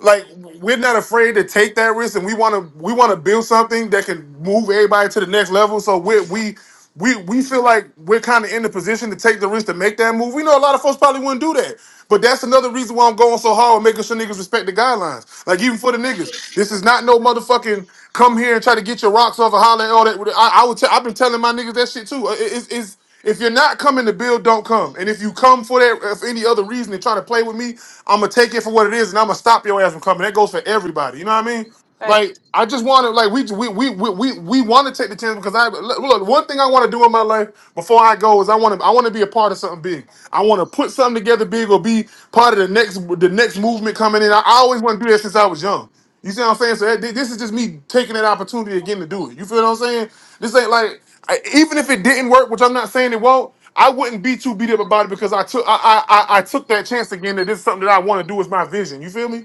S1: like we're not afraid to take that risk and we want to we want to build something that can move everybody to the next level so we we we we feel like we're kind of in the position to take the risk to make that move. We know a lot of folks probably wouldn't do that, but that's another reason why I'm going so hard with making sure niggas respect the guidelines. Like even for the niggas, this is not no motherfucking come here and try to get your rocks off and holler and all that. I, I would tell. I've been telling my niggas that shit too. Uh, It- It's, it's if you're not coming to build, don't come. And if you come for that, if any other reason and try to play with me, I'm gonna take it for what it is, and I'm gonna stop your ass from coming. That goes for everybody. You know what I mean?
S2: Thanks.
S1: Like I just want to, like we we we we we, we want to take the chance because I look. look, One thing I want to do in my life before I go is I want to I want to be a part of something big. I want to put something together big or be part of the next the next movement coming in. I, I always want to do that since I was young. You see what I'm saying? So that, this is just me taking that opportunity again to do it. You feel what I'm saying? This ain't like. I- even if it didn't work, which I'm not saying it won't, I wouldn't be too beat up about it because I took I I, I I took that chance again that this is something that I want to do is my vision. You feel me?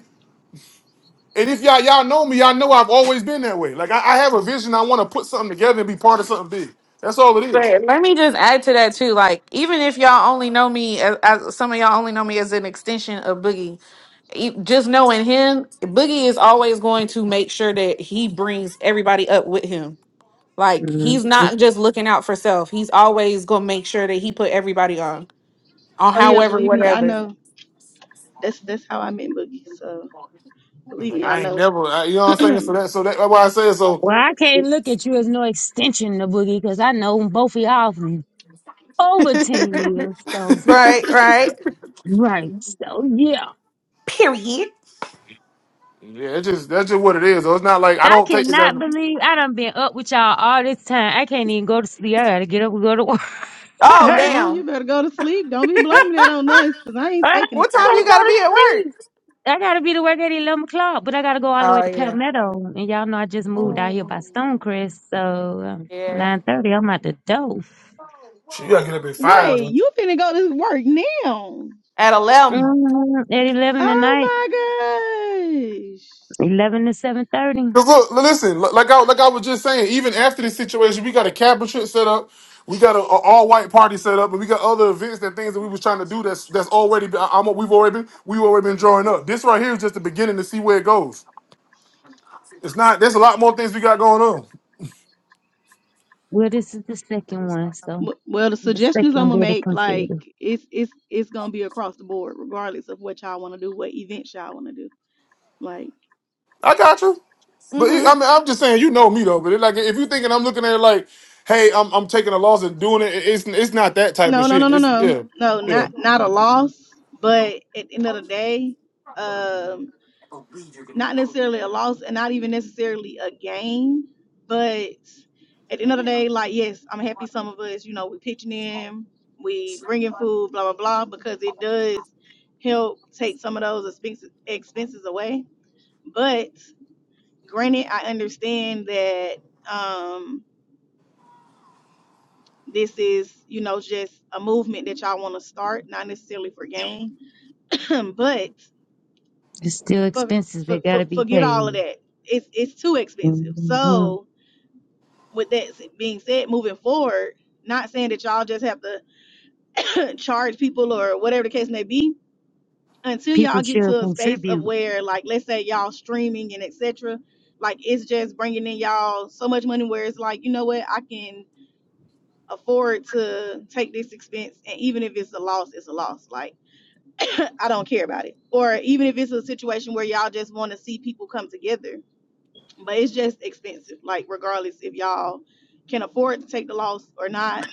S1: And if y'all y'all know me, y'all know I've always been that way. Like I, I have a vision, I want to put something together and be part of something big. That's all it is.
S2: But let me just add to that too. Like, even if y'all only know me as, as some of y'all only know me as an extension of Boogie, e- just knowing him, Boogie is always going to make sure that he brings everybody up with him. Like
S5: that.
S2: he's
S5: Mhm.
S2: not just looking out for self. He's always gonna make sure that he put everybody on, on
S8: Oh yeah,
S2: however,
S8: believe me, I
S2: whatever.
S8: know. That's that's how I met Boogie. So believe
S1: Like
S8: me, I
S1: I ain't
S8: know.
S1: never, I, you know
S8: [clears throat]
S1: what I'm saying.
S8: uh
S1: So that so that, that's why I said so.
S5: Well, I can't look at you as no extension of Boogie because I know both of y'all for
S2: [laughs]
S5: over ten years.
S1: [laughs]
S5: So
S2: right, right.
S5: right, so yeah.
S2: Period.
S1: yeah, it just that's just what it is. though. It's not like I
S5: I
S1: don't take it as.
S5: cannot believe I done been up with y'all all this time. I can't even go to sleep. I gotta get up and go to work. [laughs] I
S2: Oh
S8: uh you
S2: damn.
S8: better go to sleep. Don't be
S2: [laughs]
S8: blaming that on us, cause I ain't taking the
S2: what time you
S8: fall.
S5: can't go
S2: gotta
S5: to
S2: be at work?
S5: sleep. I gotta be to work at eleven o'clock, but I gotta go all the way
S2: Oh
S5: to
S2: yeah,
S5: Palmetto. And y'all know I just moved
S1: Mm.
S5: out here by Stonecrest, so um,
S2: yeah.
S5: nine thirty, I'm at the door.
S1: Shit, You gotta get up at
S8: Wait,
S1: five.
S8: you finna go to work now.
S2: At 11
S5: hmm At eleven tonight,
S8: Oh my gosh.
S5: eleven to seven thirty.
S1: Cause look, li- listen, li- like I like I was just saying, even after this situation, we got a cap and shit set up. We got an all white party set up, and we got other events and things that we was trying to do. That's that's already. I- I'm, we've already been we've already been drawing up. This right here is just the beginning to see where it goes. It's not. There's a lot more things we got going on.
S5: Well, this is the second one, so
S8: W- Well, the
S5: the
S8: suggestions I'm
S5: second
S8: gonna
S5: really
S8: make, like
S5: considered.
S8: it's it's it's gonna be across the board, regardless of what y'all wanna do, what events y'all wanna do. Like,
S1: I got you, but it,
S2: hmm
S1: I mean, I'm just saying, you know me though. But it, like, if you thinking I'm looking at it like, hey, I'm I'm taking a loss and doing it, it- it's it's not that type of
S8: no, no, no,
S1: shit.
S8: no,
S1: It's
S8: no,
S1: yeah,
S8: no,
S1: yeah.
S8: not not a loss, but at the end of the day, um, not necessarily a loss and not even necessarily a gain, but at the end of the day, like yes, I'm happy some of us, you know, we pitching in, we bringing food, blah blah blah, because it does help take some of those expenses expenses away. But granted, I understand that um, this is, you know, just a movement that y'all want to start, not necessarily for gain, [clears throat] but
S5: It's still
S8: for,
S5: expenses
S8: for,
S5: that
S8: for,
S5: gotta be
S8: forget all of
S5: paid.
S8: that. It's it's too expensive,
S5: hmm
S8: so with that being said, moving forward, not saying that y'all just have to [coughs] [laughs] charge people or whatever the case may be, until
S5: People
S8: y'all get
S5: should
S8: to a space of
S5: contribute.
S8: where, like, let's say y'all streaming and etc. Like, it's just bringing in y'all so much money where it's like, you know what, I can afford to take this expense, and even if it's a loss, it's a loss. Like, [coughs] [clears throat] I don't care about it. Or even if it's a situation where y'all just want to see people come together but it's just expensive. Like regardless if y'all can afford to take the loss or not.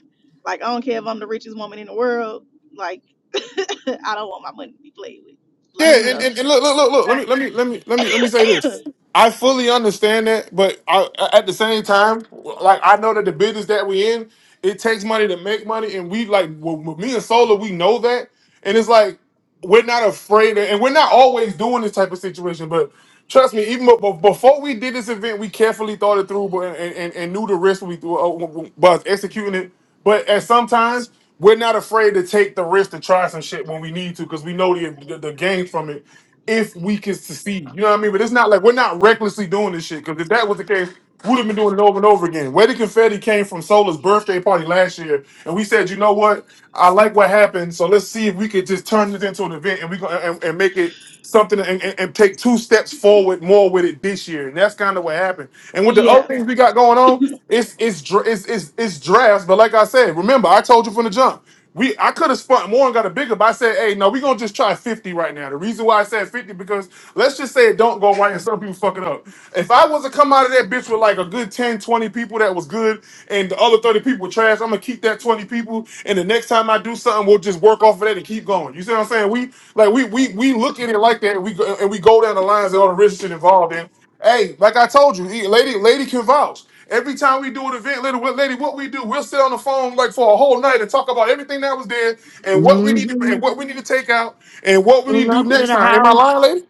S8: Like I don't care if I'm the richest woman in the world. Like [laughs] I don't want my money to be played with.
S1: Yeah,
S8: Like
S1: and,
S2: Mm-hmm.
S8: so,
S1: and, and look, look, look, look. Let me, let me, let me, let me, let me say
S8: [clears throat] [coughs]
S1: this. I fully understand that, but I, at the same time, like I know that the business that we in, it takes money to make money, and we like well, well, me and Solar, we know that, and it's like we're not afraid, of, and we're not always doing this type of situation. But trust me, even be- before we did this event, we carefully thought it through, but and, and, and knew the risk we uh, was executing it. But at sometimes we're not afraid to take the risk to try some shit when we need to because we know the, the the gain from it if we can succeed. You know what I mean? But it's not like we're not recklessly doing this shit because if that was the case, we'd have been doing it over and over again. Where the confetti came from Sola's birthday party last year, and we said, you know what? I like what happened, so let's see if we could just turn this into an event and we go and, and make it something and, and, and take two steps forward more with it this year. And that's kind of what happened. And with the other
S8: yeah.
S1: things we got going on it's it's dra- it's it's, it's drafts. But like I said, remember I told you from the jump. We I could have spun more and got a bigger, but I said, hey, no, we're gonna just try 50 right now. The reason why I said 50 because let's just say it don't go right and some people fuck it up. If I was to come out of that bitch with like a good 10, 20 people that was good and the other 30 people were trash, I'm gonna keep that 20 people and the next time I do something, we'll just work off of that and keep going. You see what I'm saying? We like we we we look at it like that, and we go and we go down the lines and all the risk shit involved in. Hey, like I told you, he- lady lady can vouch. Every time we do an event, lady, what lady, what we do, we'll sit on the phone like for a whole night and talk about everything that was there and what we need to,
S5: Mm-hmm.
S1: and what we need to take out and what we need to
S5: Pull
S1: do
S5: up to
S1: next
S5: the
S1: time. Am I
S5: house.
S1: lying, lady?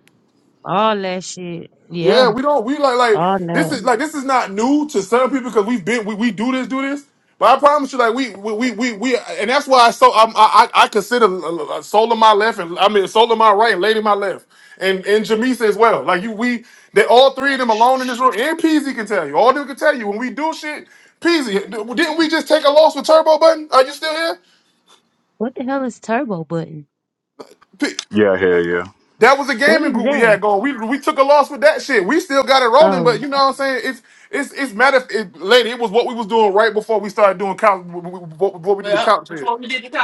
S5: All that shit. Yeah.
S1: Yeah, we don't. We like like
S5: All
S1: this
S5: that.
S1: is like this is not new to some people because we've been we, we do this do this. But I promise you, like we we we we, we and that's why I so I'm, I I I consider uh, uh, uh, soul of my left and I mean soul of my right and lady my left and and Jamisa as well. Like you, we they all three of them alone in this room and Peasy can tell you. All them can tell you when we do shit. Peasy, didn't we just take a loss with Turbo Button? Are you still
S5: What the hell is turbo button?
S1: here?
S3: Yeah, hell yeah.
S1: That was a
S5: What is
S1: gaming group we
S5: that?
S1: had going. We we took a loss with that shit. We still got it rolling, but
S5: Oh.
S1: you know what I'm saying? It's it's it's matter it, lady, it was what we was doing right before we started doing couch what, what we did the couch shit.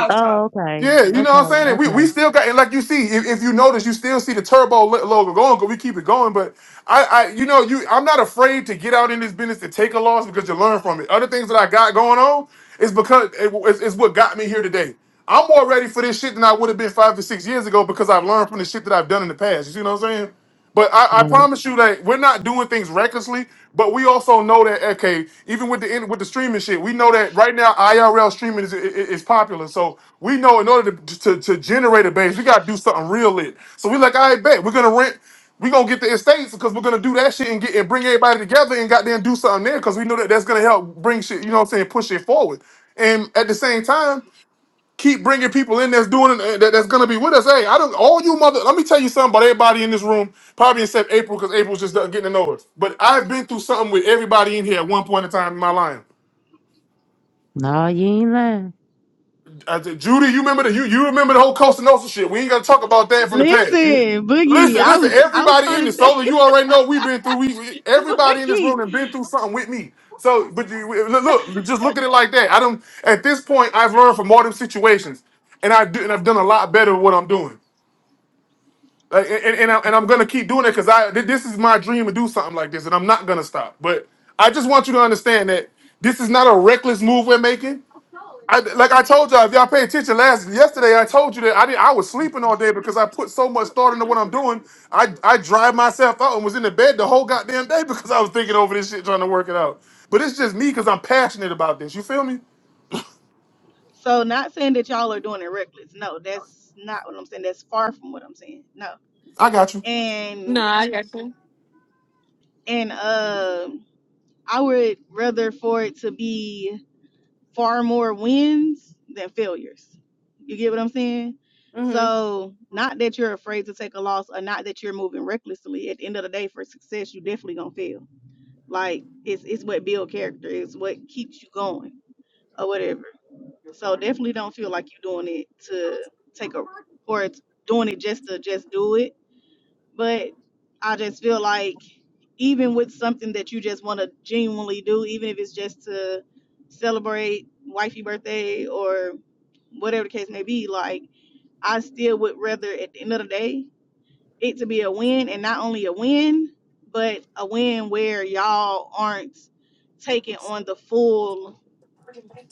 S5: Oh, okay.
S1: Yeah, you know
S5: Okay.
S1: what I'm saying? And we, we
S5: Okay.
S1: still got and like you see, if, if you notice, you still see the turbo lo- logo going, because we keep it going. But I, I you know, you I'm not afraid to get out in this business to take a loss because you learn from it. Other things that I got going on, it's because it- it's, it's what got me here today. I'm more ready for this shit than I would have been five to six years ago because I've learned from the shit that I've done in the past. You see what I'm saying? But I, I
S5: Right.
S1: promise you that we're not doing things recklessly. But we also know that okay, even with the in- with the streaming shit, we know that right now IRL streaming is, is, is popular. So we know in order to, to to generate a base, we gotta do something real lit. So we like, I bet we're gonna rent. We gonna get the estates because we're gonna do that shit and get and bring everybody together and goddamn do something there because we know that that's gonna help bring shit. You know what I'm saying? Push it forward. And at the same time, keep bringing people in that's doing it, uh, that, that's gonna be with us. Hey, I don't. All you mother. Let me tell you something about everybody in this room. Probably except April because April's just getting to know us. But I've been through something with everybody in here at one point in time in my life.
S5: No, you ain't lying.
S1: I said, Judy, you remember the you, you remember the whole Costa Nosa shit. We ain't gotta talk about that from the past.
S8: Listen, Boogie,
S1: Listen,
S8: I
S1: listen,
S8: was I was
S1: everybody in
S8: trying to
S1: this
S8: tell
S1: solo, you already know we've been through. We we-
S8: [laughs] you,
S1: everybody in this room
S8: Boogie.
S1: has been through something with me. So, but you, we- look, look, just look at it like that. I don't. At this point, I've learned from all them situations, and I do, and I've done a lot better with what I'm doing. Like, and and, and I, am gonna keep doing it because I thi- this is my dream to do something like this, and I'm not gonna stop. But I just want you to understand that this is not a reckless move we're making. I, like I told y'all, if y'all pay attention last yesterday, I told you that I didn't. I was sleeping all day because I put so much thought into what I'm doing. I I drive myself out and was in the bed the whole goddamn day [laughs] because I was thinking over this shit, trying to work it out. But it's just me because I'm passionate about this. You feel me?
S8: So not saying that y'all are doing it reckless. No, that's not what I'm saying. That's far from what I'm saying. No.
S1: I got you,
S2: No,
S8: And
S2: I got you.
S8: and um I would rather for it to be far more wins than failures. You get what I'm saying?
S2: hmm
S8: So, not that you're afraid to take a loss or not that you're moving recklessly. At the end of the day, for success, you definitely gonna fail. Like it's it's what build character, It's what keeps you going or whatever. So definitely don't feel like you're doing it to take a or it's doing it just to just do it but I just feel like even with something that you just want to genuinely do, even if it's just to celebrate wifey birthday or whatever the case may be, like I still would rather at the end of the day it to be a win and not only a win, but a win where y'all aren't taking on the full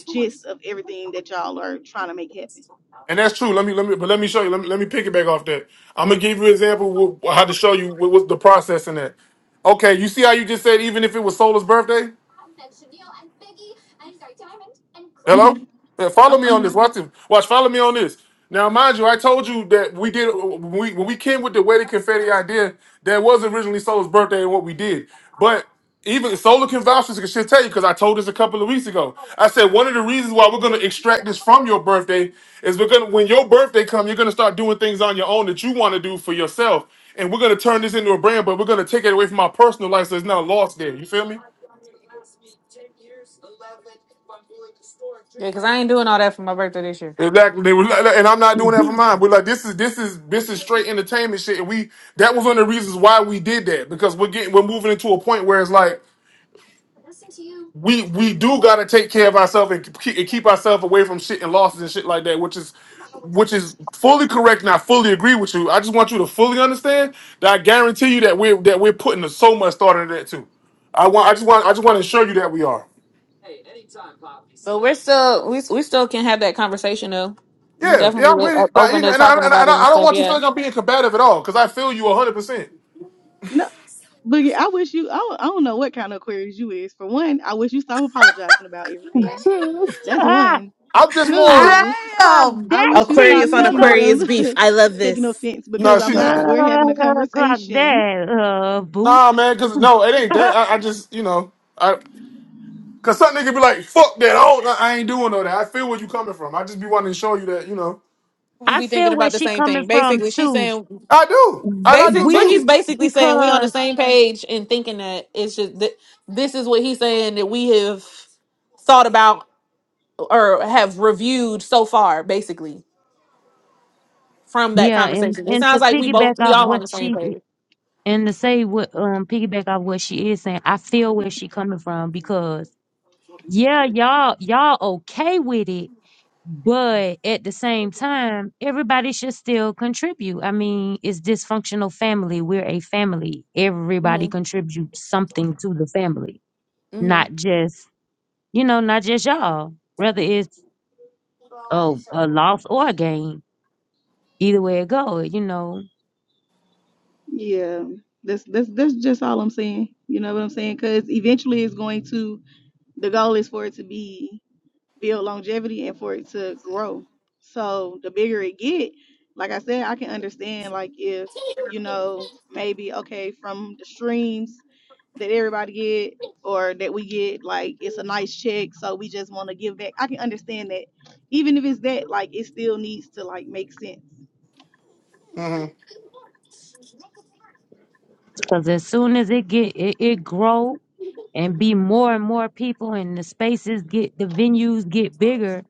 S8: gist of everything that y'all are trying to make happen.
S1: and that's true. Let me let me but let me show you. Let me let me pick it back off that. I'm gonna give you an example of how to show you what was the process in that. Okay, you see how you just said even if it was Solar's birthday. Hello?
S8: hmm
S1: Yeah, follow
S8: I'm,
S1: me
S8: I'm
S1: on
S8: here.
S1: this. Watch this. Watch, follow me on this. Now, mind you, I told you that we did when we when we came with the wedding confetti idea, that was originally Solar's birthday and what we did. But even Solar can vouch for this, 'cause she'll tell you because I told this a couple of weeks ago. I said one of the reasons why we're gonna extract this from your birthday is we're gonna when your birthday comes, you're gonna start doing things on your own that you want to do for yourself. And we're gonna turn this into a brand, but we're gonna take it away from my personal life so it's not lost there. You feel me?
S2: Yeah, because I ain't doing all that for my birthday this year.
S1: Exactly. They were, like- like, and I'm not doing that for
S5: [laughs]
S1: mine. We're like this is this is this is straight entertainment shit. And we that was one of the reasons why we did that because we're getting we're moving into a point where it's like we we do gotta take care of ourselves and keep, and keep ourselves away from shit and losses and shit like that, which is which is fully correct. And I fully agree with you. I just want you to fully understand that I guarantee you that we're that we're putting so much thought into that too. I want I just want I just want to assure you that we are.
S2: But we're still we we still can have that conversation though. We
S1: Yeah, yeah, I'm
S2: definitely
S1: with
S2: o-
S1: it, but
S2: open
S1: you know,
S2: to
S1: and I,
S2: talking
S1: and I,
S2: about
S1: and
S2: it and
S1: I don't
S2: stuff.
S1: want you to
S2: Yeah,
S1: feel like I'm being combative at all because I feel you 100. percent
S8: No, Boogie, I wish you. I don't, I don't know what kind of Aquarius you is. For one, I wish you stop apologizing about everything. That's
S5: ah,
S8: one.
S1: I'm just
S5: ah,
S1: more
S8: Two,
S5: clock
S2: Damn!
S8: I
S5: that
S8: wish you
S5: T,
S8: stop
S2: Aquarius on
S8: thinking
S5: nigga.
S8: that
S2: Aquarius
S8: I'm
S2: of
S8: [laughs] taking
S2: this.
S8: offense
S1: no.
S8: because
S1: She
S8: I'm
S1: just
S8: not. We're having a
S5: Uh, clock
S8: conversation.
S5: that, uh, boop.
S1: nah, man. Cause no, it ain't
S5: [laughs]
S1: that. I, I just you know, I cause some nigga be like, fuck that. Oh, I I ain't doing all that. I feel where you coming from. I just be wanting to show you that you know
S2: we
S5: I
S2: be thinking
S5: feel where
S2: about the
S5: she
S2: same
S5: coming
S2: thing.
S5: from
S2: Basically, she's
S5: too.
S2: saying
S1: I do, and I
S2: basic
S1: do
S5: We,
S1: too.
S2: boogie's basically saying we on the
S5: because,
S2: same page and thinking that it's just that this is what he's saying that we have thought about or have reviewed so far. Basically, from that
S5: yeah, and,
S2: conversation, it
S5: and to
S2: sounds like we both
S5: piggyback
S2: we
S5: off
S2: all on the
S5: what
S2: same
S5: she
S2: page.
S5: And to say what um piggyback off what she is saying, I feel where she coming from because yeah, y'all y'all okay with it, but at the same time, everybody should still contribute. I mean, it's dysfunctional family. We're a family. Everybody
S2: Mhm.
S5: contributes something to the family,
S2: Mhm.
S5: not just you know, not just y'all. Whether it's oh a loss or a gain, either way it go, you know,
S8: Yeah, that's that's that's just all I'm saying. You know what I'm saying? Because eventually, it's going to. The goal is for it to be build longevity and for it to grow. So the bigger it get, like I said, I can understand like if you know maybe okay from the streams that everybody get or that we get like it's a nice check so we just want to give back. I can understand that even if it's that like it still needs to like make sense.
S1: hmm
S5: because as soon as it get it, it grow and be more and more people and the spaces get the venues get bigger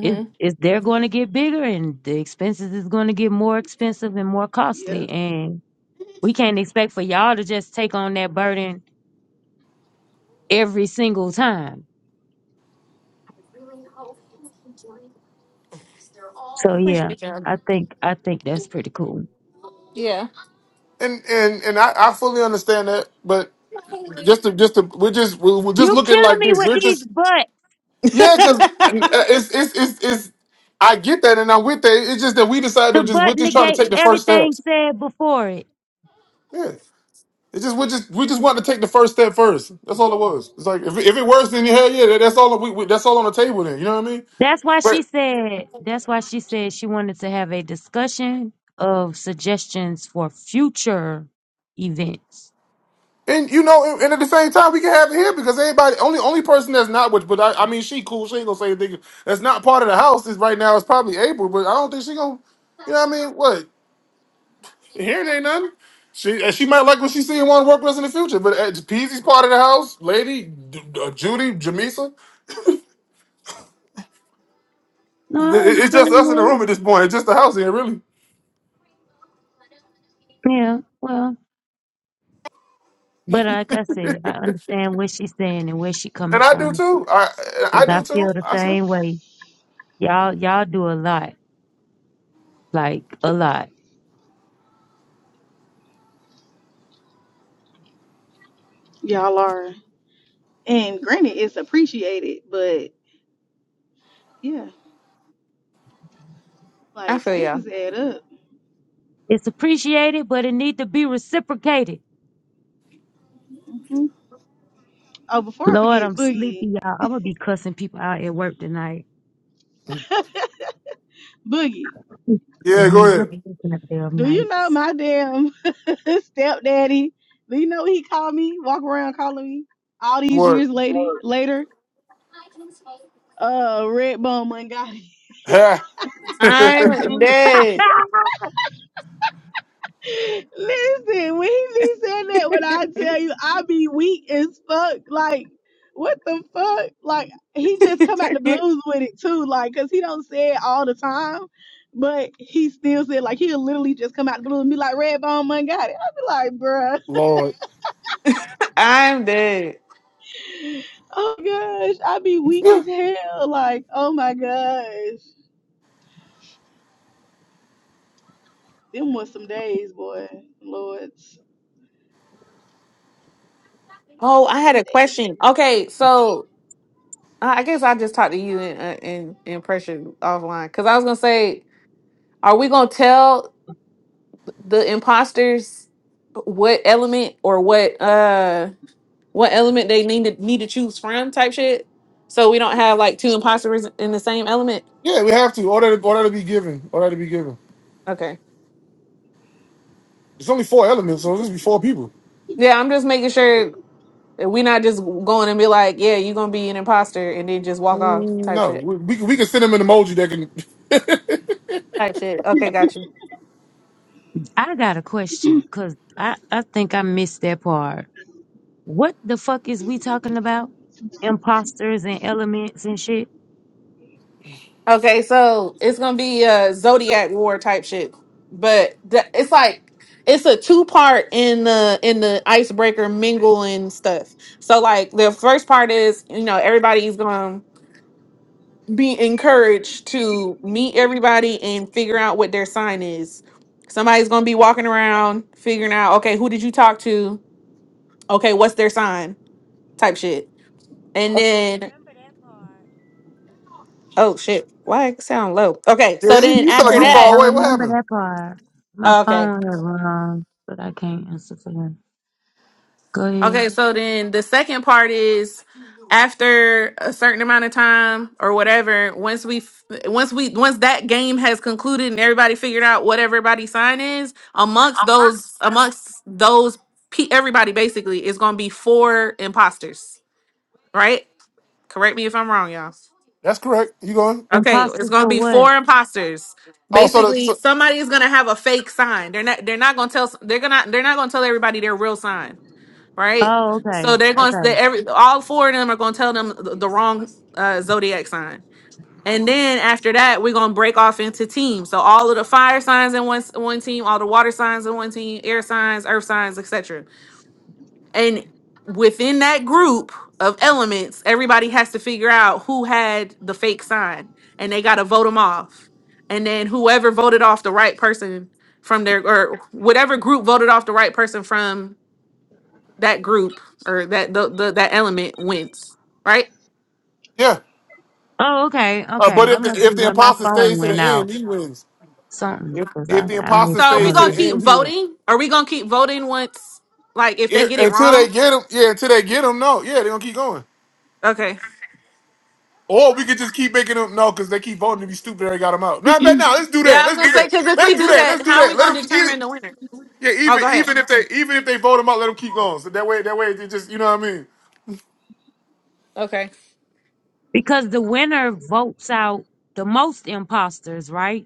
S5: it is they're going to get bigger and the expenses is going to get more expensive and more
S8: Yeah.
S5: costly and we can't expect for y'all to just take on that burden every single time so yeah i think i think that's pretty cool
S2: Yeah.
S1: And and and I, I fully understand that, but just to just to we're just we're, we're just
S5: you
S1: looking
S5: killing
S1: like
S5: me
S1: this.
S5: with
S1: We're
S5: these
S1: just
S5: butt
S1: yeah, cause uh,
S2: [laughs]
S1: it's it's it's it's. I get that, and I'm with that. It's just that we decided
S5: the
S1: to just we're
S5: butt
S1: just trying to take
S5: negates
S1: the first
S5: everything
S1: steps.
S5: said before it
S1: Yeah. It just we just we just wanted to take the first step first. That's all it was. It's like if it- if it works, then hell yeah, that- that's all we, we that's all on the table. Then you know what I mean.
S5: That's why she
S1: But
S5: said, that's why she said she wanted to have a discussion of suggestions for future events.
S1: and you know, and, and at the same time, we can have it here because everybody only only person that's not with, but I, I mean, she cool. She ain't gonna say anything. That's not part of the house. Is right now is probably April, but I don't think she gonna. You know what I mean? What here ain't nothing. She and she might like what she see and want to work with us in the future. But uh, Peasy's part of the house, Lady D- uh, Judy Jamisa.
S5: No,
S1: It-
S5: I
S1: it- it's
S5: understand
S1: just us in the
S5: that.
S1: room at this point. It's just the house here, really.
S5: Yeah, well, but like I said, I
S1: [laughs]
S5: understand what she's saying and where she coming
S1: And I do
S5: from
S1: too. I
S5: because
S1: I
S5: I
S1: do too.
S5: feel the
S1: I sure.
S5: same way. Y'all, y'all do a lot, like a lot.
S8: Y'all are. And granted it's appreciated, but yeah, like
S2: I feel ya.
S8: expenses add up.
S5: It's appreciated, but it need to be reciprocated.
S8: hmm Oh, before I
S5: Lord,
S8: forget,
S5: I'm sleepy,
S8: Boogie.
S5: y'all. I'm gonna be cussing people out at work tonight. [laughs]
S8: [laughs] Boogie.
S5: Gonna
S1: Yeah,
S5: be
S1: go ahead.
S5: cussing up them
S8: Do you know
S5: nights.
S8: my damn [laughs] stepdaddy? Do you know what he called me? Walk around calling me all these
S1: What?
S8: years later. Word. Later, uh, Red Bone Mangati.
S1: Ha. [laughs]
S2: I'm dead.
S5: [laughs]
S8: [laughs] Listen, when he be saying that, when I tell you I be weak as fuck, like what the fuck? Like he just come out
S2: [laughs]
S8: the blues with it too, Like, cause he don't say it all the time. But he still said like he'll literally just come out the blue and be like Red Bone Mangati. I be like, bruh.
S1: Lord.
S2: I'm dead.
S8: Oh gosh, I be weak
S1: Yeah,
S8: as hell. Like, oh my gosh. Them was some days, boy. Lords.
S2: Oh,
S8: Was
S2: I had
S8: some
S2: a
S8: days.
S2: question. Okay, so I I guess I'll just talk to you in uh, in, in pressure offline because I was gonna say, are we gonna tell the imposters what element or what uh what element they need to need to choose from type shit, so we don't have like two imposters in the same element?
S1: yeah, we have to. Order to order to be given. Order to be given.
S2: Okay.
S1: It's only four elements, so it's just be four people.
S2: Yeah, I'm just making sure that we not just going and be like, yeah, you're gonna be an imposter and then just walk off
S1: Mm,
S2: type
S1: No,
S2: shit.
S1: we we can, we can send them an emoji that can. [laughs]
S2: type shit. Okay, got you.
S5: I got a question because I, I think I missed that part. What the fuck is we talking about? Imposters and elements and shit?
S2: Okay, so it's gonna be a Zodiac War type shit, but the, it's like it's a two part in the in the icebreaker mingling stuff. So like the first part is you know everybody's gonna be encouraged to meet everybody and figure out what their sign is. Somebody's gonna be walking around figuring out okay who did you talk to? Okay, what's their sign? Type shit, and
S5: Okay, I
S2: then
S5: remember that part.
S2: oh shit, why it sound low? Okay, so
S1: Yeah,
S2: then
S1: you sound like
S2: after
S1: you
S2: that
S5: Yeah,
S1: far
S5: I
S1: away. What
S5: remember
S1: happened?
S5: that part. My
S2: Okay.
S5: phone had wrong, but I can't answer for that. Go ahead.
S2: Okay. So then the second part is after a certain amount of time or whatever, once we, f- once we, once that game has concluded and everybody figured out what everybody's sign is, amongst those, amongst those, pe- everybody basically is going to be four imposters, right? Correct me if I'm wrong, y'all.
S1: That's correct. You going?
S2: Okay,
S5: Imposters
S2: it's gonna
S5: for
S2: be
S5: what?
S2: four imposters.
S1: Oh, so, the,
S2: Basically,
S1: so
S2: somebody is gonna have a fake sign. They're not. They're not gonna tell. They're gonna. They're not gonna tell everybody their real sign. right?
S5: Oh, okay.
S2: So they're going to
S5: Okay.
S2: they every all four of them are going to tell them the, the wrong uh, zodiac sign, and then after that we're going to break off into teams. So all of the fire signs in one s- one team, all the water signs in one team, air signs, earth signs, etc. And within that group of elements, everybody has to figure out who had the fake sign, and they got to vote them off. And then whoever voted off the right person from their or whatever group voted off the right person from that group or that the, the that element wins, right?
S1: yeah.
S5: Oh, okay.
S1: Uh,
S5: Okay.
S1: but
S5: That
S1: if the
S5: must be
S1: if the
S5: when my
S1: imposter
S5: phone
S1: stays to the
S5: went
S1: end,
S5: out.
S1: he wins.
S5: Something.
S1: If
S5: Because I,
S1: if the
S5: I
S1: imposter
S5: missed
S2: So are we
S1: stays
S5: all of
S1: to
S2: gonna
S1: the
S5: that.
S2: keep
S1: end, he wins.
S2: voting? Are we gonna keep voting once, like if they
S1: If,
S2: get it
S1: until they
S2: wrong?
S1: get him, yeah. Until they get him, no, yeah, they're gonna keep going.
S2: Okay.
S1: Or we could just keep making them no, because they keep voting to be stupid. They got them out. No, man, no, let's do
S2: Yeah,
S1: that.
S2: I was
S1: Let's do
S2: gonna say
S1: that.
S2: because if
S1: Let's
S2: we
S1: do
S2: do
S1: that.
S2: that,
S1: Let's do
S2: how are
S1: that.
S2: we
S1: Let them
S2: gonna
S1: even,
S2: determine the winner?
S1: yeah,
S2: Oh,
S1: even
S2: go ahead.
S1: even if they even if they vote them out, let them keep going. So that way, that way, they just you know what I mean.
S2: Okay.
S5: Because the winner votes out the most imposters, right?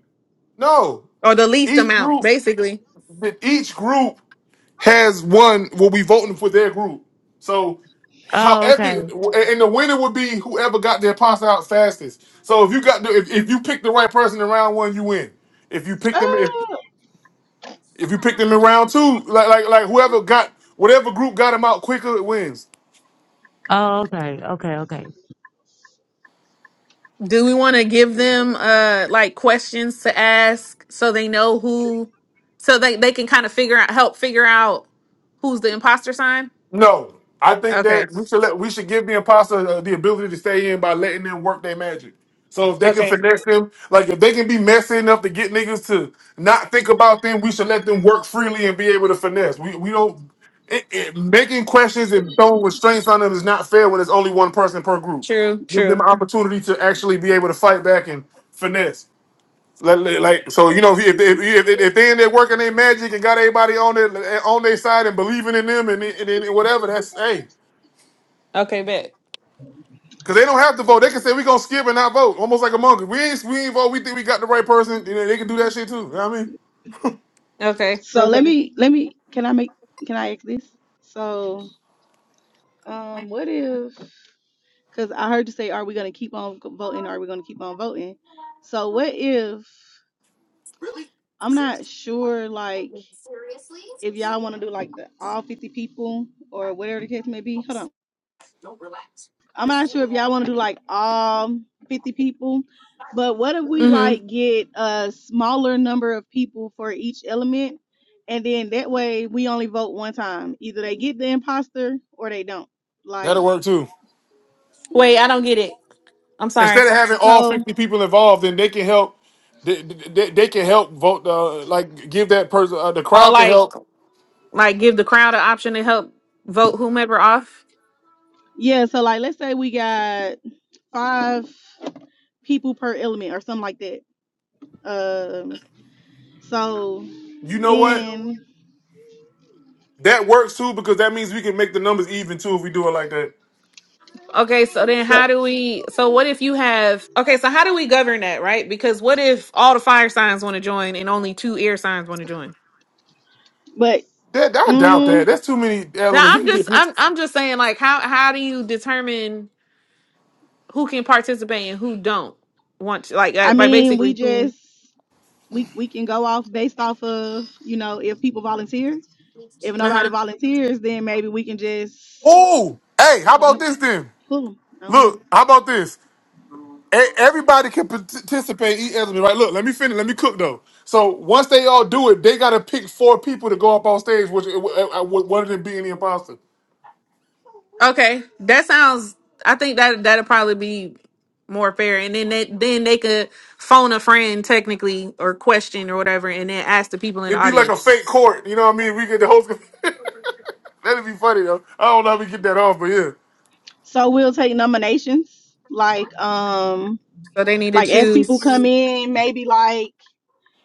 S1: No,
S2: Or the least
S1: each
S2: amount,
S1: group,
S2: basically.
S1: but each group has one will be voting for their group. So
S5: Oh,
S1: however,
S5: okay.
S1: and the winner would be whoever got their pasta out fastest. So if you got the, if, if you pick the right person in round one, you win. If you pick them, if
S8: Oh.
S1: If you pick them in round two, like like like whoever got whatever group got them out quicker wins.
S5: Oh, okay. Okay. Okay.
S2: Do we want to give them uh like questions to ask so they know who, so they they can kind of figure out help figure out who's the imposter sign?
S1: No, I think
S2: Okay.
S1: that we should let we should give the imposter uh, the ability to stay in by letting them work their magic. So if they can
S2: Okay.
S1: finesse them, like if they can be messy enough to get niggas to not think about them, we should let them work freely and be able to finesse. We we don't it, it, making questions and throwing restraints on them is not fair when it's only one person per group.
S2: True.
S1: Give them
S2: True.
S1: opportunity to actually be able to fight back and finesse. Like, like- so, you know, if if, if, if if they in there working their magic and got everybody on their on their side and believing in them and, and, and whatever, that's hey,
S2: Okay. Bet.
S1: because they don't have to vote. They can say we gonna skip and not vote, almost like a monkey. We ain't we ain't vote. We think we got the right person. You know, they can do that shit too. You know what I mean,
S2: Okay.
S8: So let me let me can I make can I ask this? So um what if because I heard you say are we gonna keep on g- voting, are we gonna keep on voting? So what if I'm not sure like if y'all wanna do like the all fifty people or whatever the case may be. Hold on. I'm not sure if y'all want to do like all 50 people, but what if we like get a smaller number of people for each element? And then that way we only vote one time. Either they get the imposter or they don't. Like,
S1: that'll work too.
S2: Wait, I don't get it. I'm sorry.
S1: Instead of having all
S8: so
S1: fifty people involved, then they can help. They, they, they can help vote. Uh, like give that person uh, the
S2: Oh,
S1: crowd can
S2: like
S1: help.
S2: like give the crowd an option to help vote whomever off.
S8: yeah, so like let's say we got five people per element or something like that. Um, so
S1: You know what?
S8: then,
S1: That works too because that means we can make the numbers even too if we do it like that.
S2: Okay, so then
S8: so,
S2: how do we so what if you have okay, so how do we govern that, right? Because what if all the fire signs want to join and only two air signs want to join?
S8: but
S1: That I doubt that.
S8: mm,
S1: That's too many
S2: Now
S1: elements.
S2: I'm
S1: You
S2: just
S1: can see. a
S2: I'm I'm just saying like how how do you determine who can participate and who don't want to like uh,
S8: I
S2: by
S8: mean, we
S2: basically who
S8: just we we can go off based off of you know if people volunteer. If
S2: uh-huh.
S8: nobody volunteers, then maybe we can just
S1: Oh, hey, how
S8: point
S1: about
S8: them
S1: this then?
S8: pull them. I don't know.
S1: Look, how about this? E- everybody can participate in each element, right? Look, let me finish. Let me cook though. So once they all do it, they gotta pick four people to go up on stage, which uh, uh, uh, one of them being the imposter.
S2: Okay, that sounds. I think that that'll probably be more fair, and then they, then they could phone a friend technically or question or whatever, and then ask the people in the
S1: It'd be like a
S2: audience.
S1: fake court. You know what I mean? We get the host. [laughs] That'd be funny though. I don't know if we get that off, but yeah.
S8: So we'll take nominations. Like um,
S2: So they need to
S8: like as people
S2: choose.
S8: come in, maybe like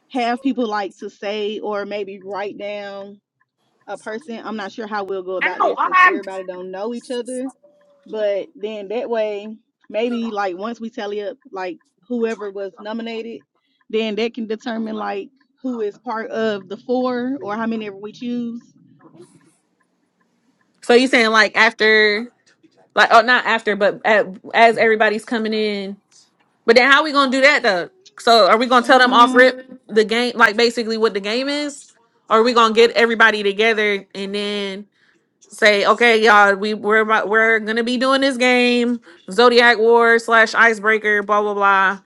S8: have people like to say or maybe write down a person. I'm not sure how we'll go about that since everybody don't know each other. But then that way, maybe like once we tally up like whoever was nominated, then that can determine like who is part of the four or how many we choose.
S2: So you saying like after, like oh not after, but at, as everybody's coming in. But then how we gonna do that though? So are we gonna tell them off
S8: Um,
S2: rip the game, like basically what the game is, or are we gonna get everybody together and then? say, okay, y'all, we we're about, we're gonna be doing this game, Zodiac War slash Icebreaker, blah blah blah.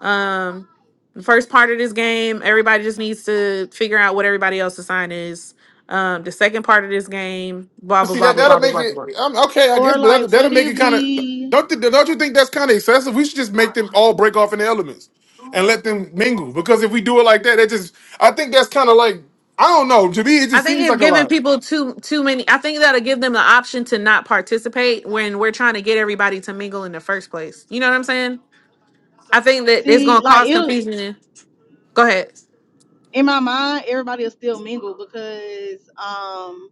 S2: Um, the first part of this game, everybody just needs to figure out what everybody else's sign is. Um, the second part of this game, blah
S1: But
S2: blah
S1: see
S2: blah
S1: that
S2: blah.
S1: that'll make it. Um, okay, I guess,
S8: or
S1: but
S8: like
S1: that'll, that'll
S8: what
S1: make
S8: if
S1: it kind of.
S8: we
S1: Don't th- don't you think that's kind of excessive? We should just make them all break off in the elements and let them mingle. Because if we do it like that, that just I think that's kind of like I don't know. To me, it
S2: I
S1: just
S2: think
S1: seems
S2: it's
S1: like a
S2: giving
S1: lot.
S2: people too too many. I think that'll give them the option to not participate when we're trying to get everybody to mingle in the first place. You know what I'm saying? I think that it's
S8: see
S2: gonna
S8: like
S2: cause
S8: it'll
S2: confusion. Go ahead.
S8: in my mind everybody will still mingle because um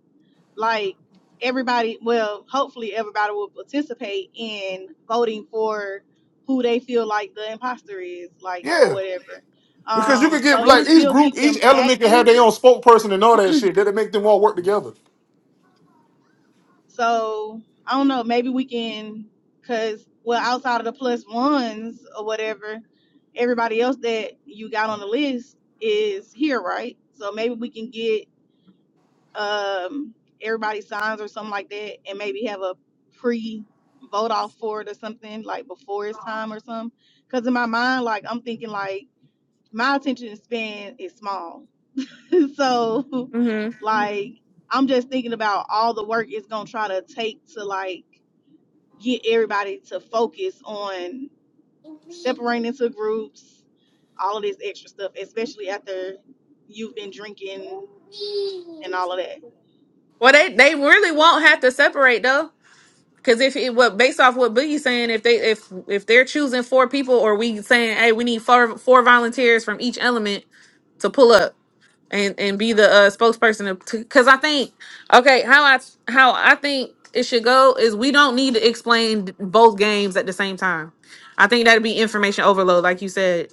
S8: like everybody well hopefully everybody will participate in voting for who they feel like the imposter is like or
S1: Yeah,
S8: whatever
S1: because you
S8: um
S1: could get
S8: so it'll
S1: like each
S8: still
S1: group,
S8: keep them
S1: each element can have
S8: active
S1: their own spokesperson and all that shit. That'll make them all work together.
S8: so i don't know maybe we can because well outside of the plus ones or whatever everybody else that you got on the list is here right so maybe we can get um everybody signs or something like that and maybe have a pre vote off for it or something like before it's time or something because in my mind like i'm thinking like my attention span is small [laughs] so
S2: hmm
S8: like i'm just thinking about all the work it's gonna try to take to like get everybody to focus on separating into groups all of this extra stuff especially after you've been drinking and all of that
S2: Well, they they really won't have to separate though. Because if it what based off what Boogie's saying, if they if if they're choosing four people, or we saying, hey, we need four four volunteers from each element to pull up and and be the uh, spokesperson. Because I think okay, how I how I think it should go is we don't need to explain both games at the same time. I think that'd be information overload, like you said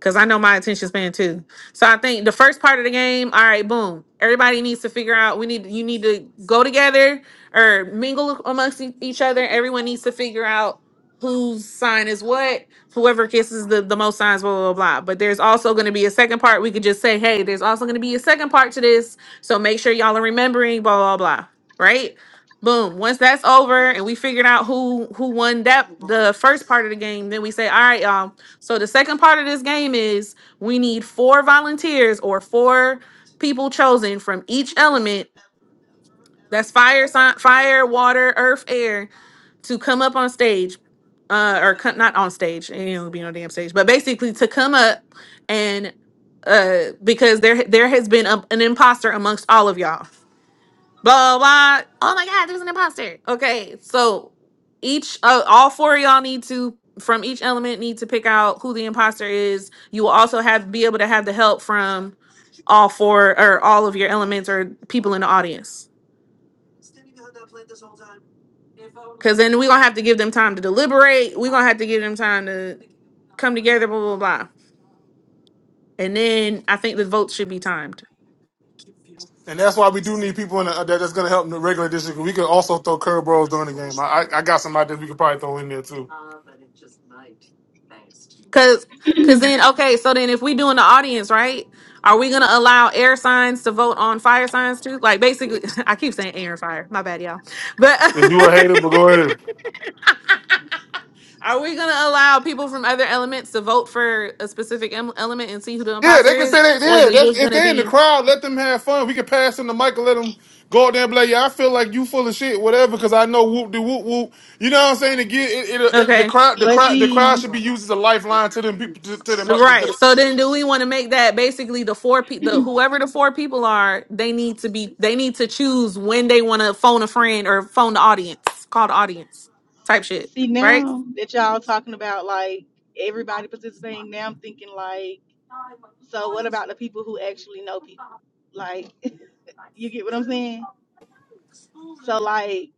S2: because I know my attention span too. So I think the first part of the game, all right, boom. Everybody needs to figure out we need you need to go together or mingle amongst e- each other. Everyone needs to figure out whose sign is what. Whoever kisses the, the most signs, blah, blah, blah. But there's also gonna be a second part. We could just say, hey, there's also gonna be a second part to this. So make sure y'all are remembering, blah, blah, blah. Right? Boom. Once that's over and we figured out who who won that the first part of the game, then we say, all right, y'all. So the second part of this game is we need four volunteers or four people chosen from each element. That's fire, si- fire, water, earth, air to come up on stage, uh, or co- not on stage. It ain't gonna be on damn stage, but basically to come up and uh, because there there has been a, an imposter amongst all of y'all blah blah. Oh my god, there's an imposter. Okay, so each uh, all four of y'all need to from each element need to pick out who the imposter is. You will also have be able to have the help from all four or all of your elements or people in the audience. Cause then we're gonna have to give them time to deliberate. We're gonna have to give them time to come together, blah blah blah. And then I think the votes should be timed.
S1: And that's why we do need people in the, uh, that- that's going to help in the regular district. We can also throw curveballs during the game. I, I I got some ideas we could probably throw in there too.
S2: Cause, cause then okay, so then if we do in the audience, right? Are we gonna allow air signs to vote on fire signs too? Like basically, [laughs] I keep saying air and fire. My bad, y'all. But [laughs]
S1: If you a hater, but go ahead.
S2: are we gonna allow people from other elements to vote for a specific em- element and see who the
S1: Yeah, they
S2: imposter
S1: can
S2: is,
S1: say that.
S2: or is
S1: Yeah,
S2: it
S1: that's,
S2: just
S1: if
S2: gonna
S1: they're in the
S2: be
S1: crowd, let them have fun. We can pass them the mic and let them go out there and be like, "Yeah, I feel like you full of shit, whatever." Because I know whoop de whoop whoop. You know what I'm saying? Again, it, it, it, the
S2: okay?
S1: crowd, the
S8: but
S1: crowd, the crowd
S8: see
S1: should be used as a lifeline to them people, to, to them. uh, To
S2: Right.
S1: the,
S2: So then do we want to make that basically the four people the whoever the four people are, they need to be they need to choose when they want to phone a friend or phone the audience, call the audience type shit,
S8: See
S2: right?
S8: now that y'all talking about like everybody participating, now I'm thinking like, so what about the people who actually know people? Like, [laughs] you get what I'm saying? So like,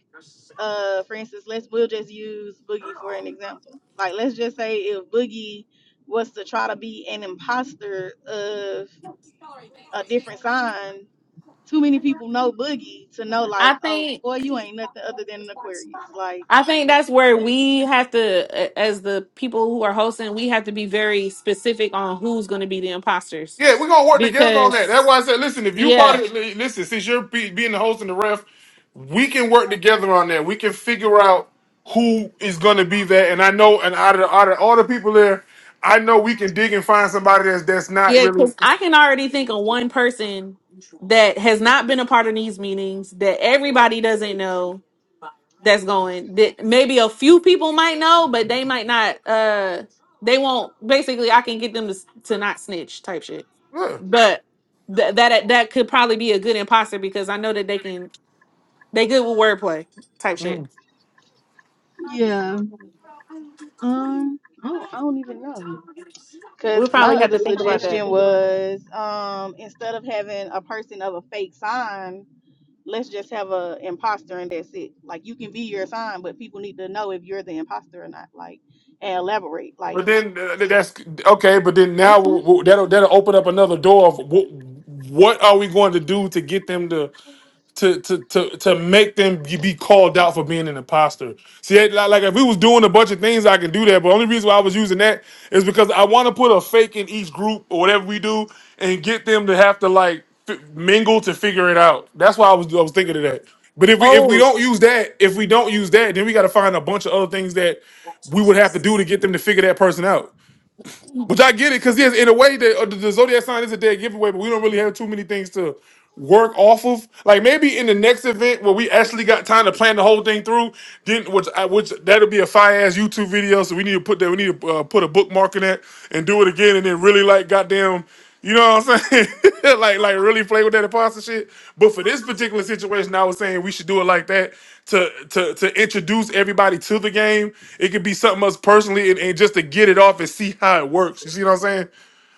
S8: uh, for instance, let's we'll just use Boogie for an example. Like, let's just say if Boogie was to try to be an imposter of a different sign, too many people know Boogie to know
S2: I
S8: like, oh
S2: think
S8: boy, you ain't nothing other than an Aquarius. Like,
S2: I think that's where we have to a- as the people who are hosting, we have to be very specific on who's going to be the imposters
S1: yeah, we're gonna work together on that.
S2: because
S1: That's why I said, listen, if you part
S2: yeah,
S1: of, li- listen, since you're be, being the host and the ref, we can work together on that. We can figure out who is gonna be there. And I know, and out of, out of all the people there, I know we can dig and find somebody that's that's not
S2: yeah,
S1: really.
S2: cuz I can already think of one person that has not been a part of these meetings that everybody doesn't know that's going that maybe a few people might know but they might not uh they won't basically i can get them to, s- to not snitch type shit
S1: Yeah.
S2: but th- that that could probably be a good imposter because i know that they can they good with wordplay type shit
S1: Mm.
S8: Yeah. Um. I don't. I don't even know.
S2: we'll
S8: Cause
S2: probably
S8: my
S2: have
S8: other
S2: to think about that
S8: suggestion was, um, instead of having a person of a fake sign, let's just have a imposter and that's it. Like you can be your sign, but people need to know if you're the imposter or not. Like and elaborate. Like
S1: But then uh, that's okay. But then now
S8: this one.
S1: w- w- that'll that'll open up another door of what, what are we going to do to get them to? to to to to make them be called out for being an imposter. See, it- like like if we was doing a bunch of things, I can do that. But only reason why I was using that is because I want to put a fake in each group or whatever we do, and get them to have to like f- mingle to figure it out. That's why I was I was thinking of that. But if we if we
S2: oh
S1: don't use that, if we don't use that, then we got to find a bunch of other things that we would have to do to get them to figure that person out. Which I get it, because yes, in a way, the, uh, the zodiac sign is a dead giveaway, but we don't really have too many things to work off of. Like maybe in the next event where we actually got time to plan the whole thing through, then which I, which that'll be a fire ass YouTube video. So we need to put that, we need to uh, put a bookmark in that and do it again, and then really like goddamn, you know what I'm saying? [laughs] like like really play with that imposter shit. But for this particular situation, I was saying we should do it like that to to to introduce everybody to the game. It could be something us personally, and, and just to get it off and see how it works. You see what I'm saying?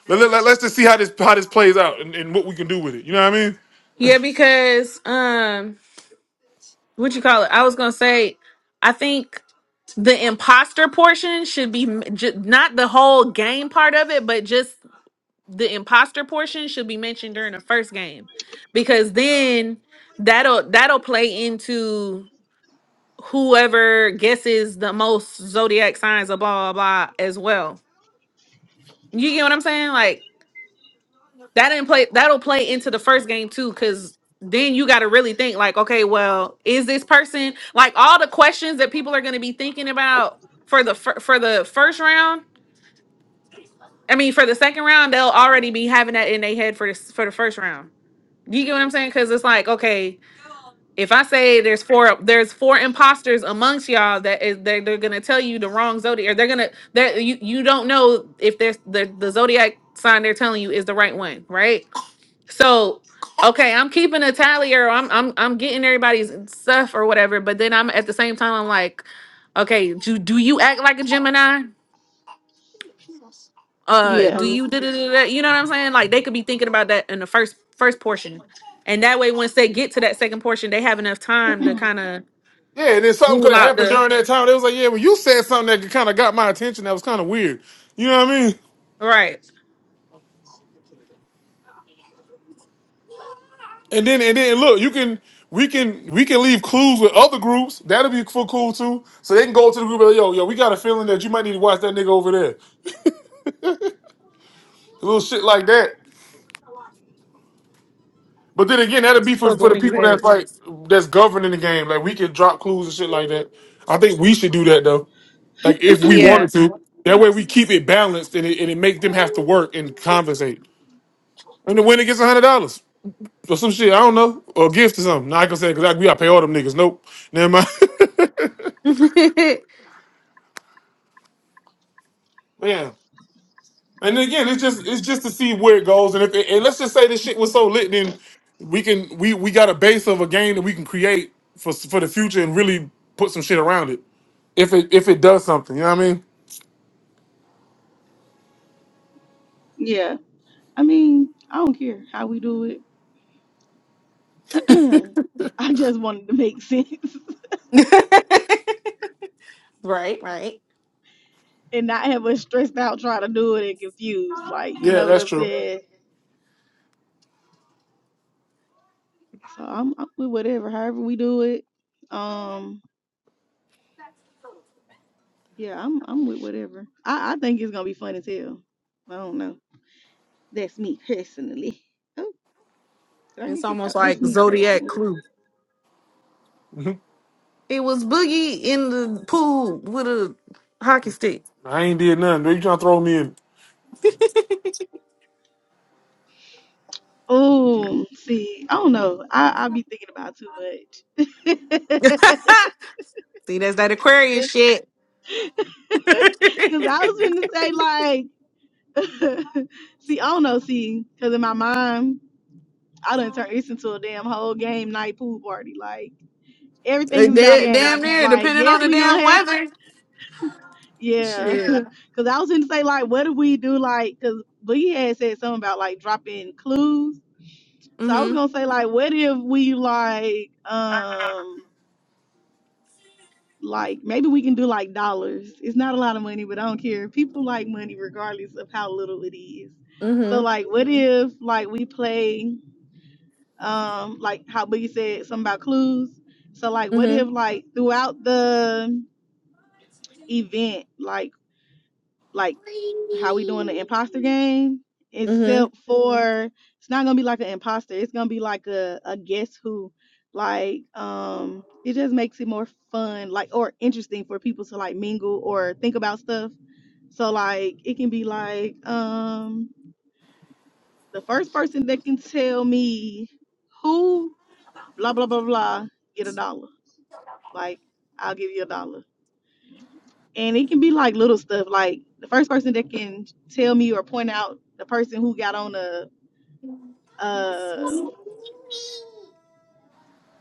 S1: Let, let, us just see how this how this plays out and, and what we can do with it. You know what I mean?
S2: yeah because um what you call it i was gonna say i think the imposter portion should be m- ju- not the whole game part of it but just the imposter portion should be mentioned during the first game because then that'll that'll play into whoever guesses the most zodiac signs of blah blah blah as well. You get what I'm saying? Like that didn't play that'll play into the first game too cuz then you got to really think like okay, well, is this person like all the questions that people are going to be thinking about for the fir- for the first round? I mean, for the second round, they'll already be having that in their head for the for the first round. You get what I'm saying? Because it's like, okay, if I say there's four, there's four imposters amongst y'all that is they're, they're gonna tell you the wrong zodiac, or they're gonna that you you don't know if there's the the zodiac sign they're telling you is the right one, right? So, okay, I'm keeping a tally, or I'm I'm I'm getting everybody's stuff or whatever, but then I'm at the same time I'm like, okay, do do you act like a Gemini? uh
S8: Yeah.
S2: do you da, da, da, da, you know what i'm saying like they could be thinking about that in the first first portion and that way once they get to that second portion they have enough time to kind of
S1: Yeah, and then something could
S2: rule
S1: have
S2: out
S1: happened
S2: the
S1: during that time. It was like, yeah, when you said something that kind of got my attention, that was kind of weird. You know what I mean?
S2: right
S1: And then and then look, you can we can we can leave clues with other groups. That'll be for cool too. So they can go to the group and like, yo, yo, we got a feeling that you might need to watch that nigga over there. A little shit like that. But then again, that'll be for,
S2: fuck
S1: for
S2: what
S1: the
S2: niggas
S1: people that's
S2: heads
S1: like that's governing the game. Like we can drop clues and shit like that. I think we should do that though. Like if we
S2: yeah
S1: wanted to, that way we keep it balanced and it, and it make them have to work and compensate. And the winner gets a hundred dollars or some shit. I don't know, or a gift or something. Not gonna say because we gotta pay all them niggas. Nope, never mind.
S2: [laughs]
S1: [laughs] Man. And again, it's just it's just to see where it goes. And if it, and let's just say this shit was so lit, then we can we we got a base of a game that we can create for for the future and really put some shit around it. If it if it does something, you know what I mean?
S8: [clears throat] yeah. I mean, I don't care how we do it. [clears throat] I just wanted to make sense
S2: right right
S8: [laughs] and not have us stressed out trying to do it and confused. Like you
S1: Yeah,
S8: know what
S1: that's
S8: I'm
S1: true.
S8: saying. So I'm, I'm with whatever, however we do it. Um. Yeah, I'm I'm with whatever. I, I think it's gonna be fun as hell. I don't know. That's me personally. [laughs] Oh, did I
S2: it's
S8: get kicked
S2: almost
S8: out? That's
S2: like
S8: me
S2: zodiac
S8: personally.
S2: clue
S1: Mhm.
S2: it was boogie in the pool with a hockey stick
S1: I ain't did nothing. You trying to throw me in?
S8: Oh, see, I don't know. I I be thinking about too much.
S2: [laughs] see that's that aquarius shit [laughs] Da-
S8: [laughs] Cause I was gonna say like, [laughs] see, I don't know, see, cause in my mind, I done turned this into a damn whole game night pool party. Like everything is about
S2: damn
S8: games.
S2: near
S8: Like
S2: depending
S8: yes,
S2: on the
S8: we gonna
S2: damn
S8: have
S2: weather
S8: Yeah, [laughs]
S2: shit
S8: because I was going to say, like, what do we do, like, because Boogie had said something about, like, dropping clues. So I was
S2: hmm
S8: going to say, like, what if we, like, um, like, maybe we can do, like, dollars. It's not a lot of money, but I don't care. People like money regardless of how little it is. So,
S2: Mhm.
S8: like, what if, like, we play, um, like, how Boogie said something about clues. So, like, what if,
S2: Mhm.
S8: like, throughout the event, like, like how we doing the imposter game,
S2: Mhm.
S8: except Mhm. for it's not gonna be like an imposter. It's gonna be like a, a guess who. Like, um, it just makes it more fun, like or interesting for people to like mingle or think about stuff. So like it can be like, um, the first person that can tell me who blah blah blah blah get a dollar. Like, I'll give you a dollar. And it can be like little stuff, like the first person that can tell me or point out the person who got on a Um,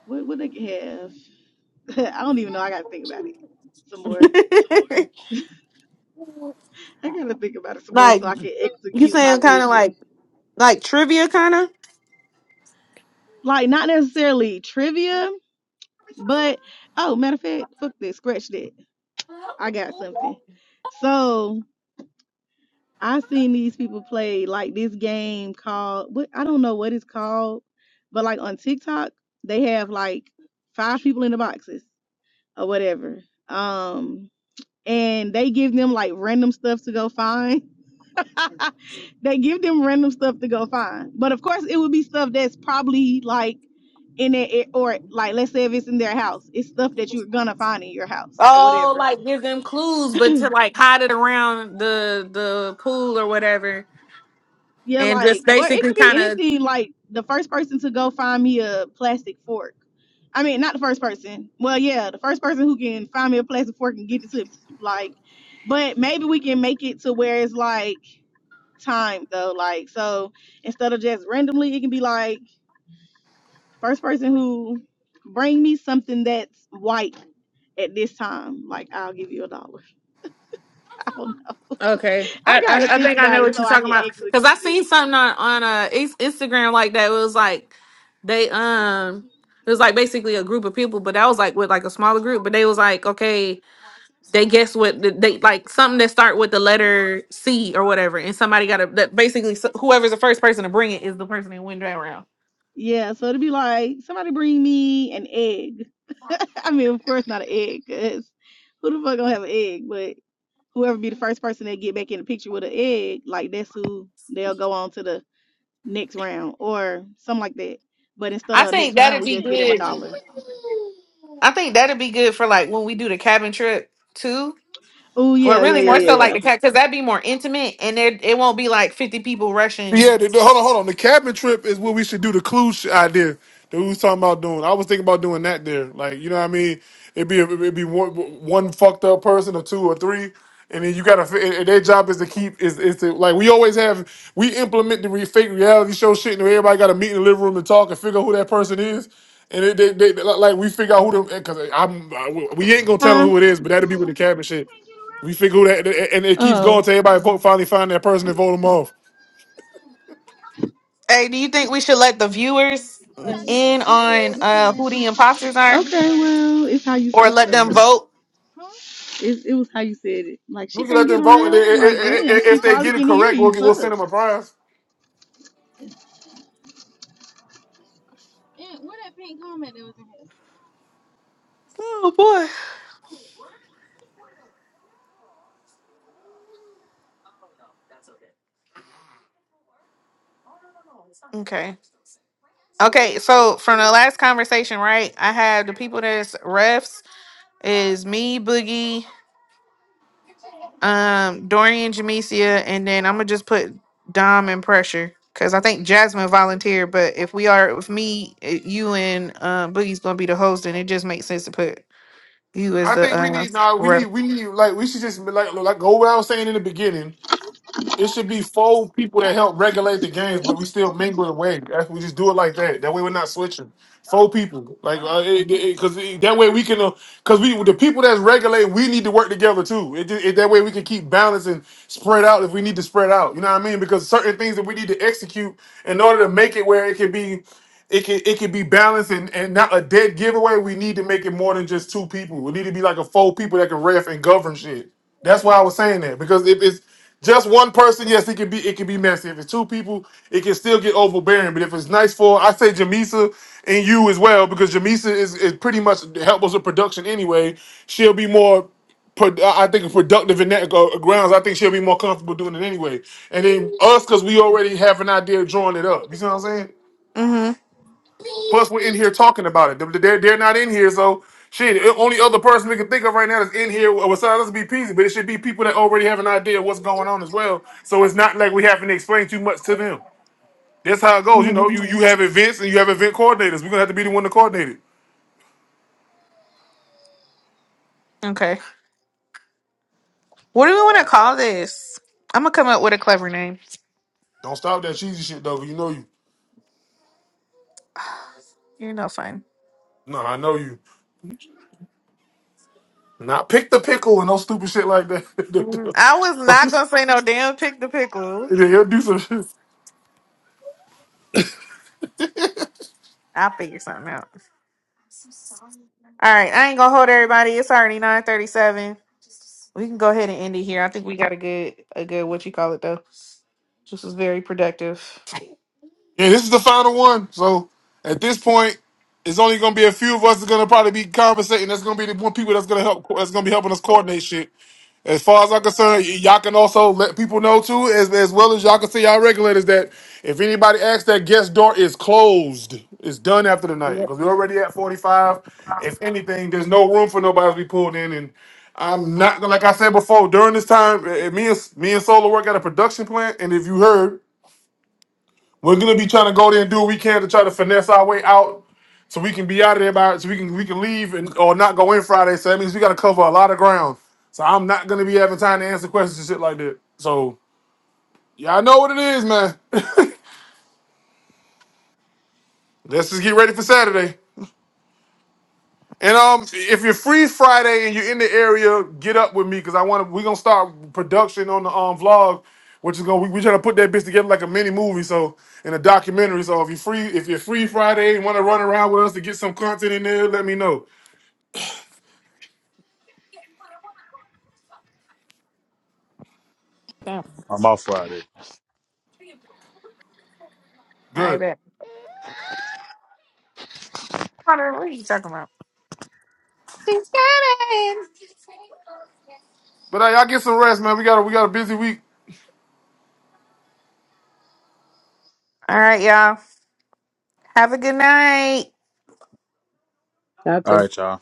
S8: what would I have? [laughs] I don't even know. I gotta think about it some more.
S2: [laughs]
S8: I gotta think about it some more
S2: like
S8: so I can
S2: you
S8: execute my
S2: saying kind of like
S8: vision.
S2: like trivia kind of
S8: Like not necessarily trivia, but oh, matter of fact, fuck this, scratch that. I got something. So I seen these people play like this game called what I don't know what it's called, but like on TikTok they have like five people in the boxes or whatever. Um and they give them like random stuff to go find. [laughs] they give them random stuff to go find. But of course, it would be stuff that's probably like in it or like let's say if it's in their house, it's stuff that you're gonna find in your house or
S2: Oh,
S8: whatever.
S2: like give them clues, but to like hide it around the the pool or whatever,
S8: Yeah,
S2: and
S8: like
S2: just
S8: or it
S2: basically
S8: could be
S2: kind of
S8: anything. Like the first person to go find me a plastic fork. I mean, not the first person. Well, yeah, the first person who can find me a plastic fork and get it to me. Like, but maybe we can make it to where it's like time though. Like so instead of just randomly, it can be like first person who bring me something that's white at this time, like I'll give you a dollar. [laughs] I don't know.
S2: okay.
S8: I
S2: I,
S8: got
S2: I
S8: to
S2: I
S8: think
S2: think I
S8: about
S2: know
S8: it
S2: what
S8: so
S2: you're
S8: I
S2: talking
S8: can
S2: about
S8: execute
S2: because I
S8: it.
S2: seen something on on uh Ins- Instagram like that. It was like they um it was like basically a group of people, but that was like with like a smaller group. But they was like okay, they guess what the- they like something that start with the letter C or whatever, and somebody got to that basically s- whoever's the first person to bring it is the person that win that round.
S8: Yeah, so it'd be like somebody bring me an egg. [laughs] I mean, of course not an egg, cause who the fuck gonna have an egg? But whoever be the first person that get back in the picture with an egg, like that's who they'll go on to the next round or something like that. But instead
S2: I
S8: of next
S2: think
S8: round,
S2: that'd
S8: we
S2: be
S8: just get him a
S2: good.
S8: dollar.
S2: I think that'd be good for like when we do the cabin trip too,
S8: Oh
S2: or
S8: yeah, yeah,
S2: really
S8: yeah,
S2: more
S8: yeah,
S2: so like
S8: yeah.
S2: the cat because that'd be more intimate and there it won't be like fifty people rushing.
S1: Yeah, the, the, hold on, hold on. The cabin trip is what we should do. The cruise idea that we was talking about doing. I was thinking about doing that there. Like, you know what I mean? It'd be it'd be one, one fucked up person or two or three, and then you gotta. fi- and their job is to keep is is to like we always have. We implement the re, fake reality show shit, and everybody got to meet in the living room and talk and figure out who that person is. And it, they, they, like we figure out who them because I'm I, we ain't gonna tell them
S8: Huh?
S1: who it is, but that'll be with the cabin shit. We figure who that, and it keeps
S8: Oh.
S1: going till everybody vote finally find that person and vote them off.
S2: Hey, do you think we should let the viewers in on uh who the imposters are,
S8: Okay, well, it's how you
S2: or
S8: say
S2: let
S8: stuff.
S2: them vote?
S8: It, it was how you said it. Like she
S1: We can
S8: can't
S1: let
S8: get
S1: them vote, and then
S8: around.
S1: i-
S8: Like
S1: i- i-
S8: damn,
S1: i-
S8: she
S1: if they
S8: probably
S1: get it
S8: can hear
S1: correct, we'll
S8: you.
S1: get, we'll send
S8: Fuck.
S1: them a prize.
S2: Oh boy. Okay. Okay, so from the last conversation, right? I have the people that's refs is me, Boogie, um, Dorian, Jamesia, and then I'm gonna just put Dom and pressure because I think Jasmine volunteered. But if we are with me, uh, you and uh, Boogie's gonna be the host, and it just makes sense to put you as
S1: I
S2: the
S1: think we
S2: uh,
S1: need nah, we
S2: ref.
S1: need we need like we should just like like go where I was saying in the beginning. It should be four people that help regulate the games, but we still mingle and wave. That's- We just do it like that. That way we're not switching. Four people, like, because it, it, 'cause it- that way we can, because we the people that's regulate, we need to work together too. It, ju- it, that way we can keep balance and spread out if we need to spread out. You know what I mean? Because certain things that we need to execute in order to make it where it can be, it can it can be balanced and, and not a dead giveaway. We need to make it more than just two people. We need to be like a four people that can ref and govern shit. That's why I was saying that because if it's just one person, yes, it can be it can be messy. If it's two people, it can still get overbearing. But if it's nice for, I say Jamisa and you as well because Jamisa is, is pretty much helps us with production anyway. She'll be more, pro- I think, productive in that go- grounds. I think she'll be more comfortable doing it anyway. And then us because we already have an idea of drawing it up. You see what I'm saying?
S2: Mm-hmm.
S1: Plus, we're in here talking about it. They- They're, they're not in here, so shit. The only other person we can think of right now that's in here well, besides us be Peasy, but it should be people that already have an idea of what's going on as well. So it's not like we having to explain too much to them. That's how it goes. You know, you you have events and you have event coordinators. We're gonna have to be the one to coordinate it.
S2: Okay. What do we want to call this? I'm gonna come up with a clever name.
S1: Don't stop that cheesy shit though. You know you.
S2: You're no fun.
S1: No, I know you. Not pick the pickle and no stupid shit like
S2: Mm,
S1: that.
S2: I was not gonna say no damn pick the
S1: [laughs]
S2: pickle.
S1: He'll do some. shit.
S2: I'll figure something out. All right, I ain't gonna hold everybody. It's already nine thirty-seven. We can go ahead and end it here. I think we got a good, a good what you call it though. This was very productive.
S1: Yeah, this is the final one. So at this point, it's only gonna be a few of us that's gonna probably be conversating. That's gonna be the one people that's gonna help. That's gonna be helping us coordinate shit. As far as I'm concerned, y- y'all can also let people know too, as as well as y'all can see y'all regulators that if anybody asks, that guest door is closed. It's done after the night because we're already at 45. If anything, there's no room for nobody to be pulled in and. I'm not like I said before. During this time, eh, eh, me and me and Solo work at a production plant, and if you heard, we're gonna be trying to go there and do what we can to try to finesse our way out, so we can be out of there by so we can we can leave and or not go in Friday. So that means we got to cover a lot of ground. So I'm not gonna be having time to answer questions and shit like that. So y'all know what it is, man. [laughs] Let's just get ready for Saturday. And um, if you're free Friday and you're in the area, get up with me because I want to. We're gonna start production on the um vlog, which is gonna we, we trying to put that bitch together like a mini movie, so in a documentary. So if you're free, if you're free Friday and want to run around with us to get some content in there, let me know.
S2: Damn,
S3: I'm off Friday.
S2: I
S1: Good.
S2: bet. What are what are you talking about?
S1: But hey, y'all get some rest, man. We got a we got a busy week.
S2: All right, y'all. Have a good night.
S6: Okay.
S3: All right, y'all.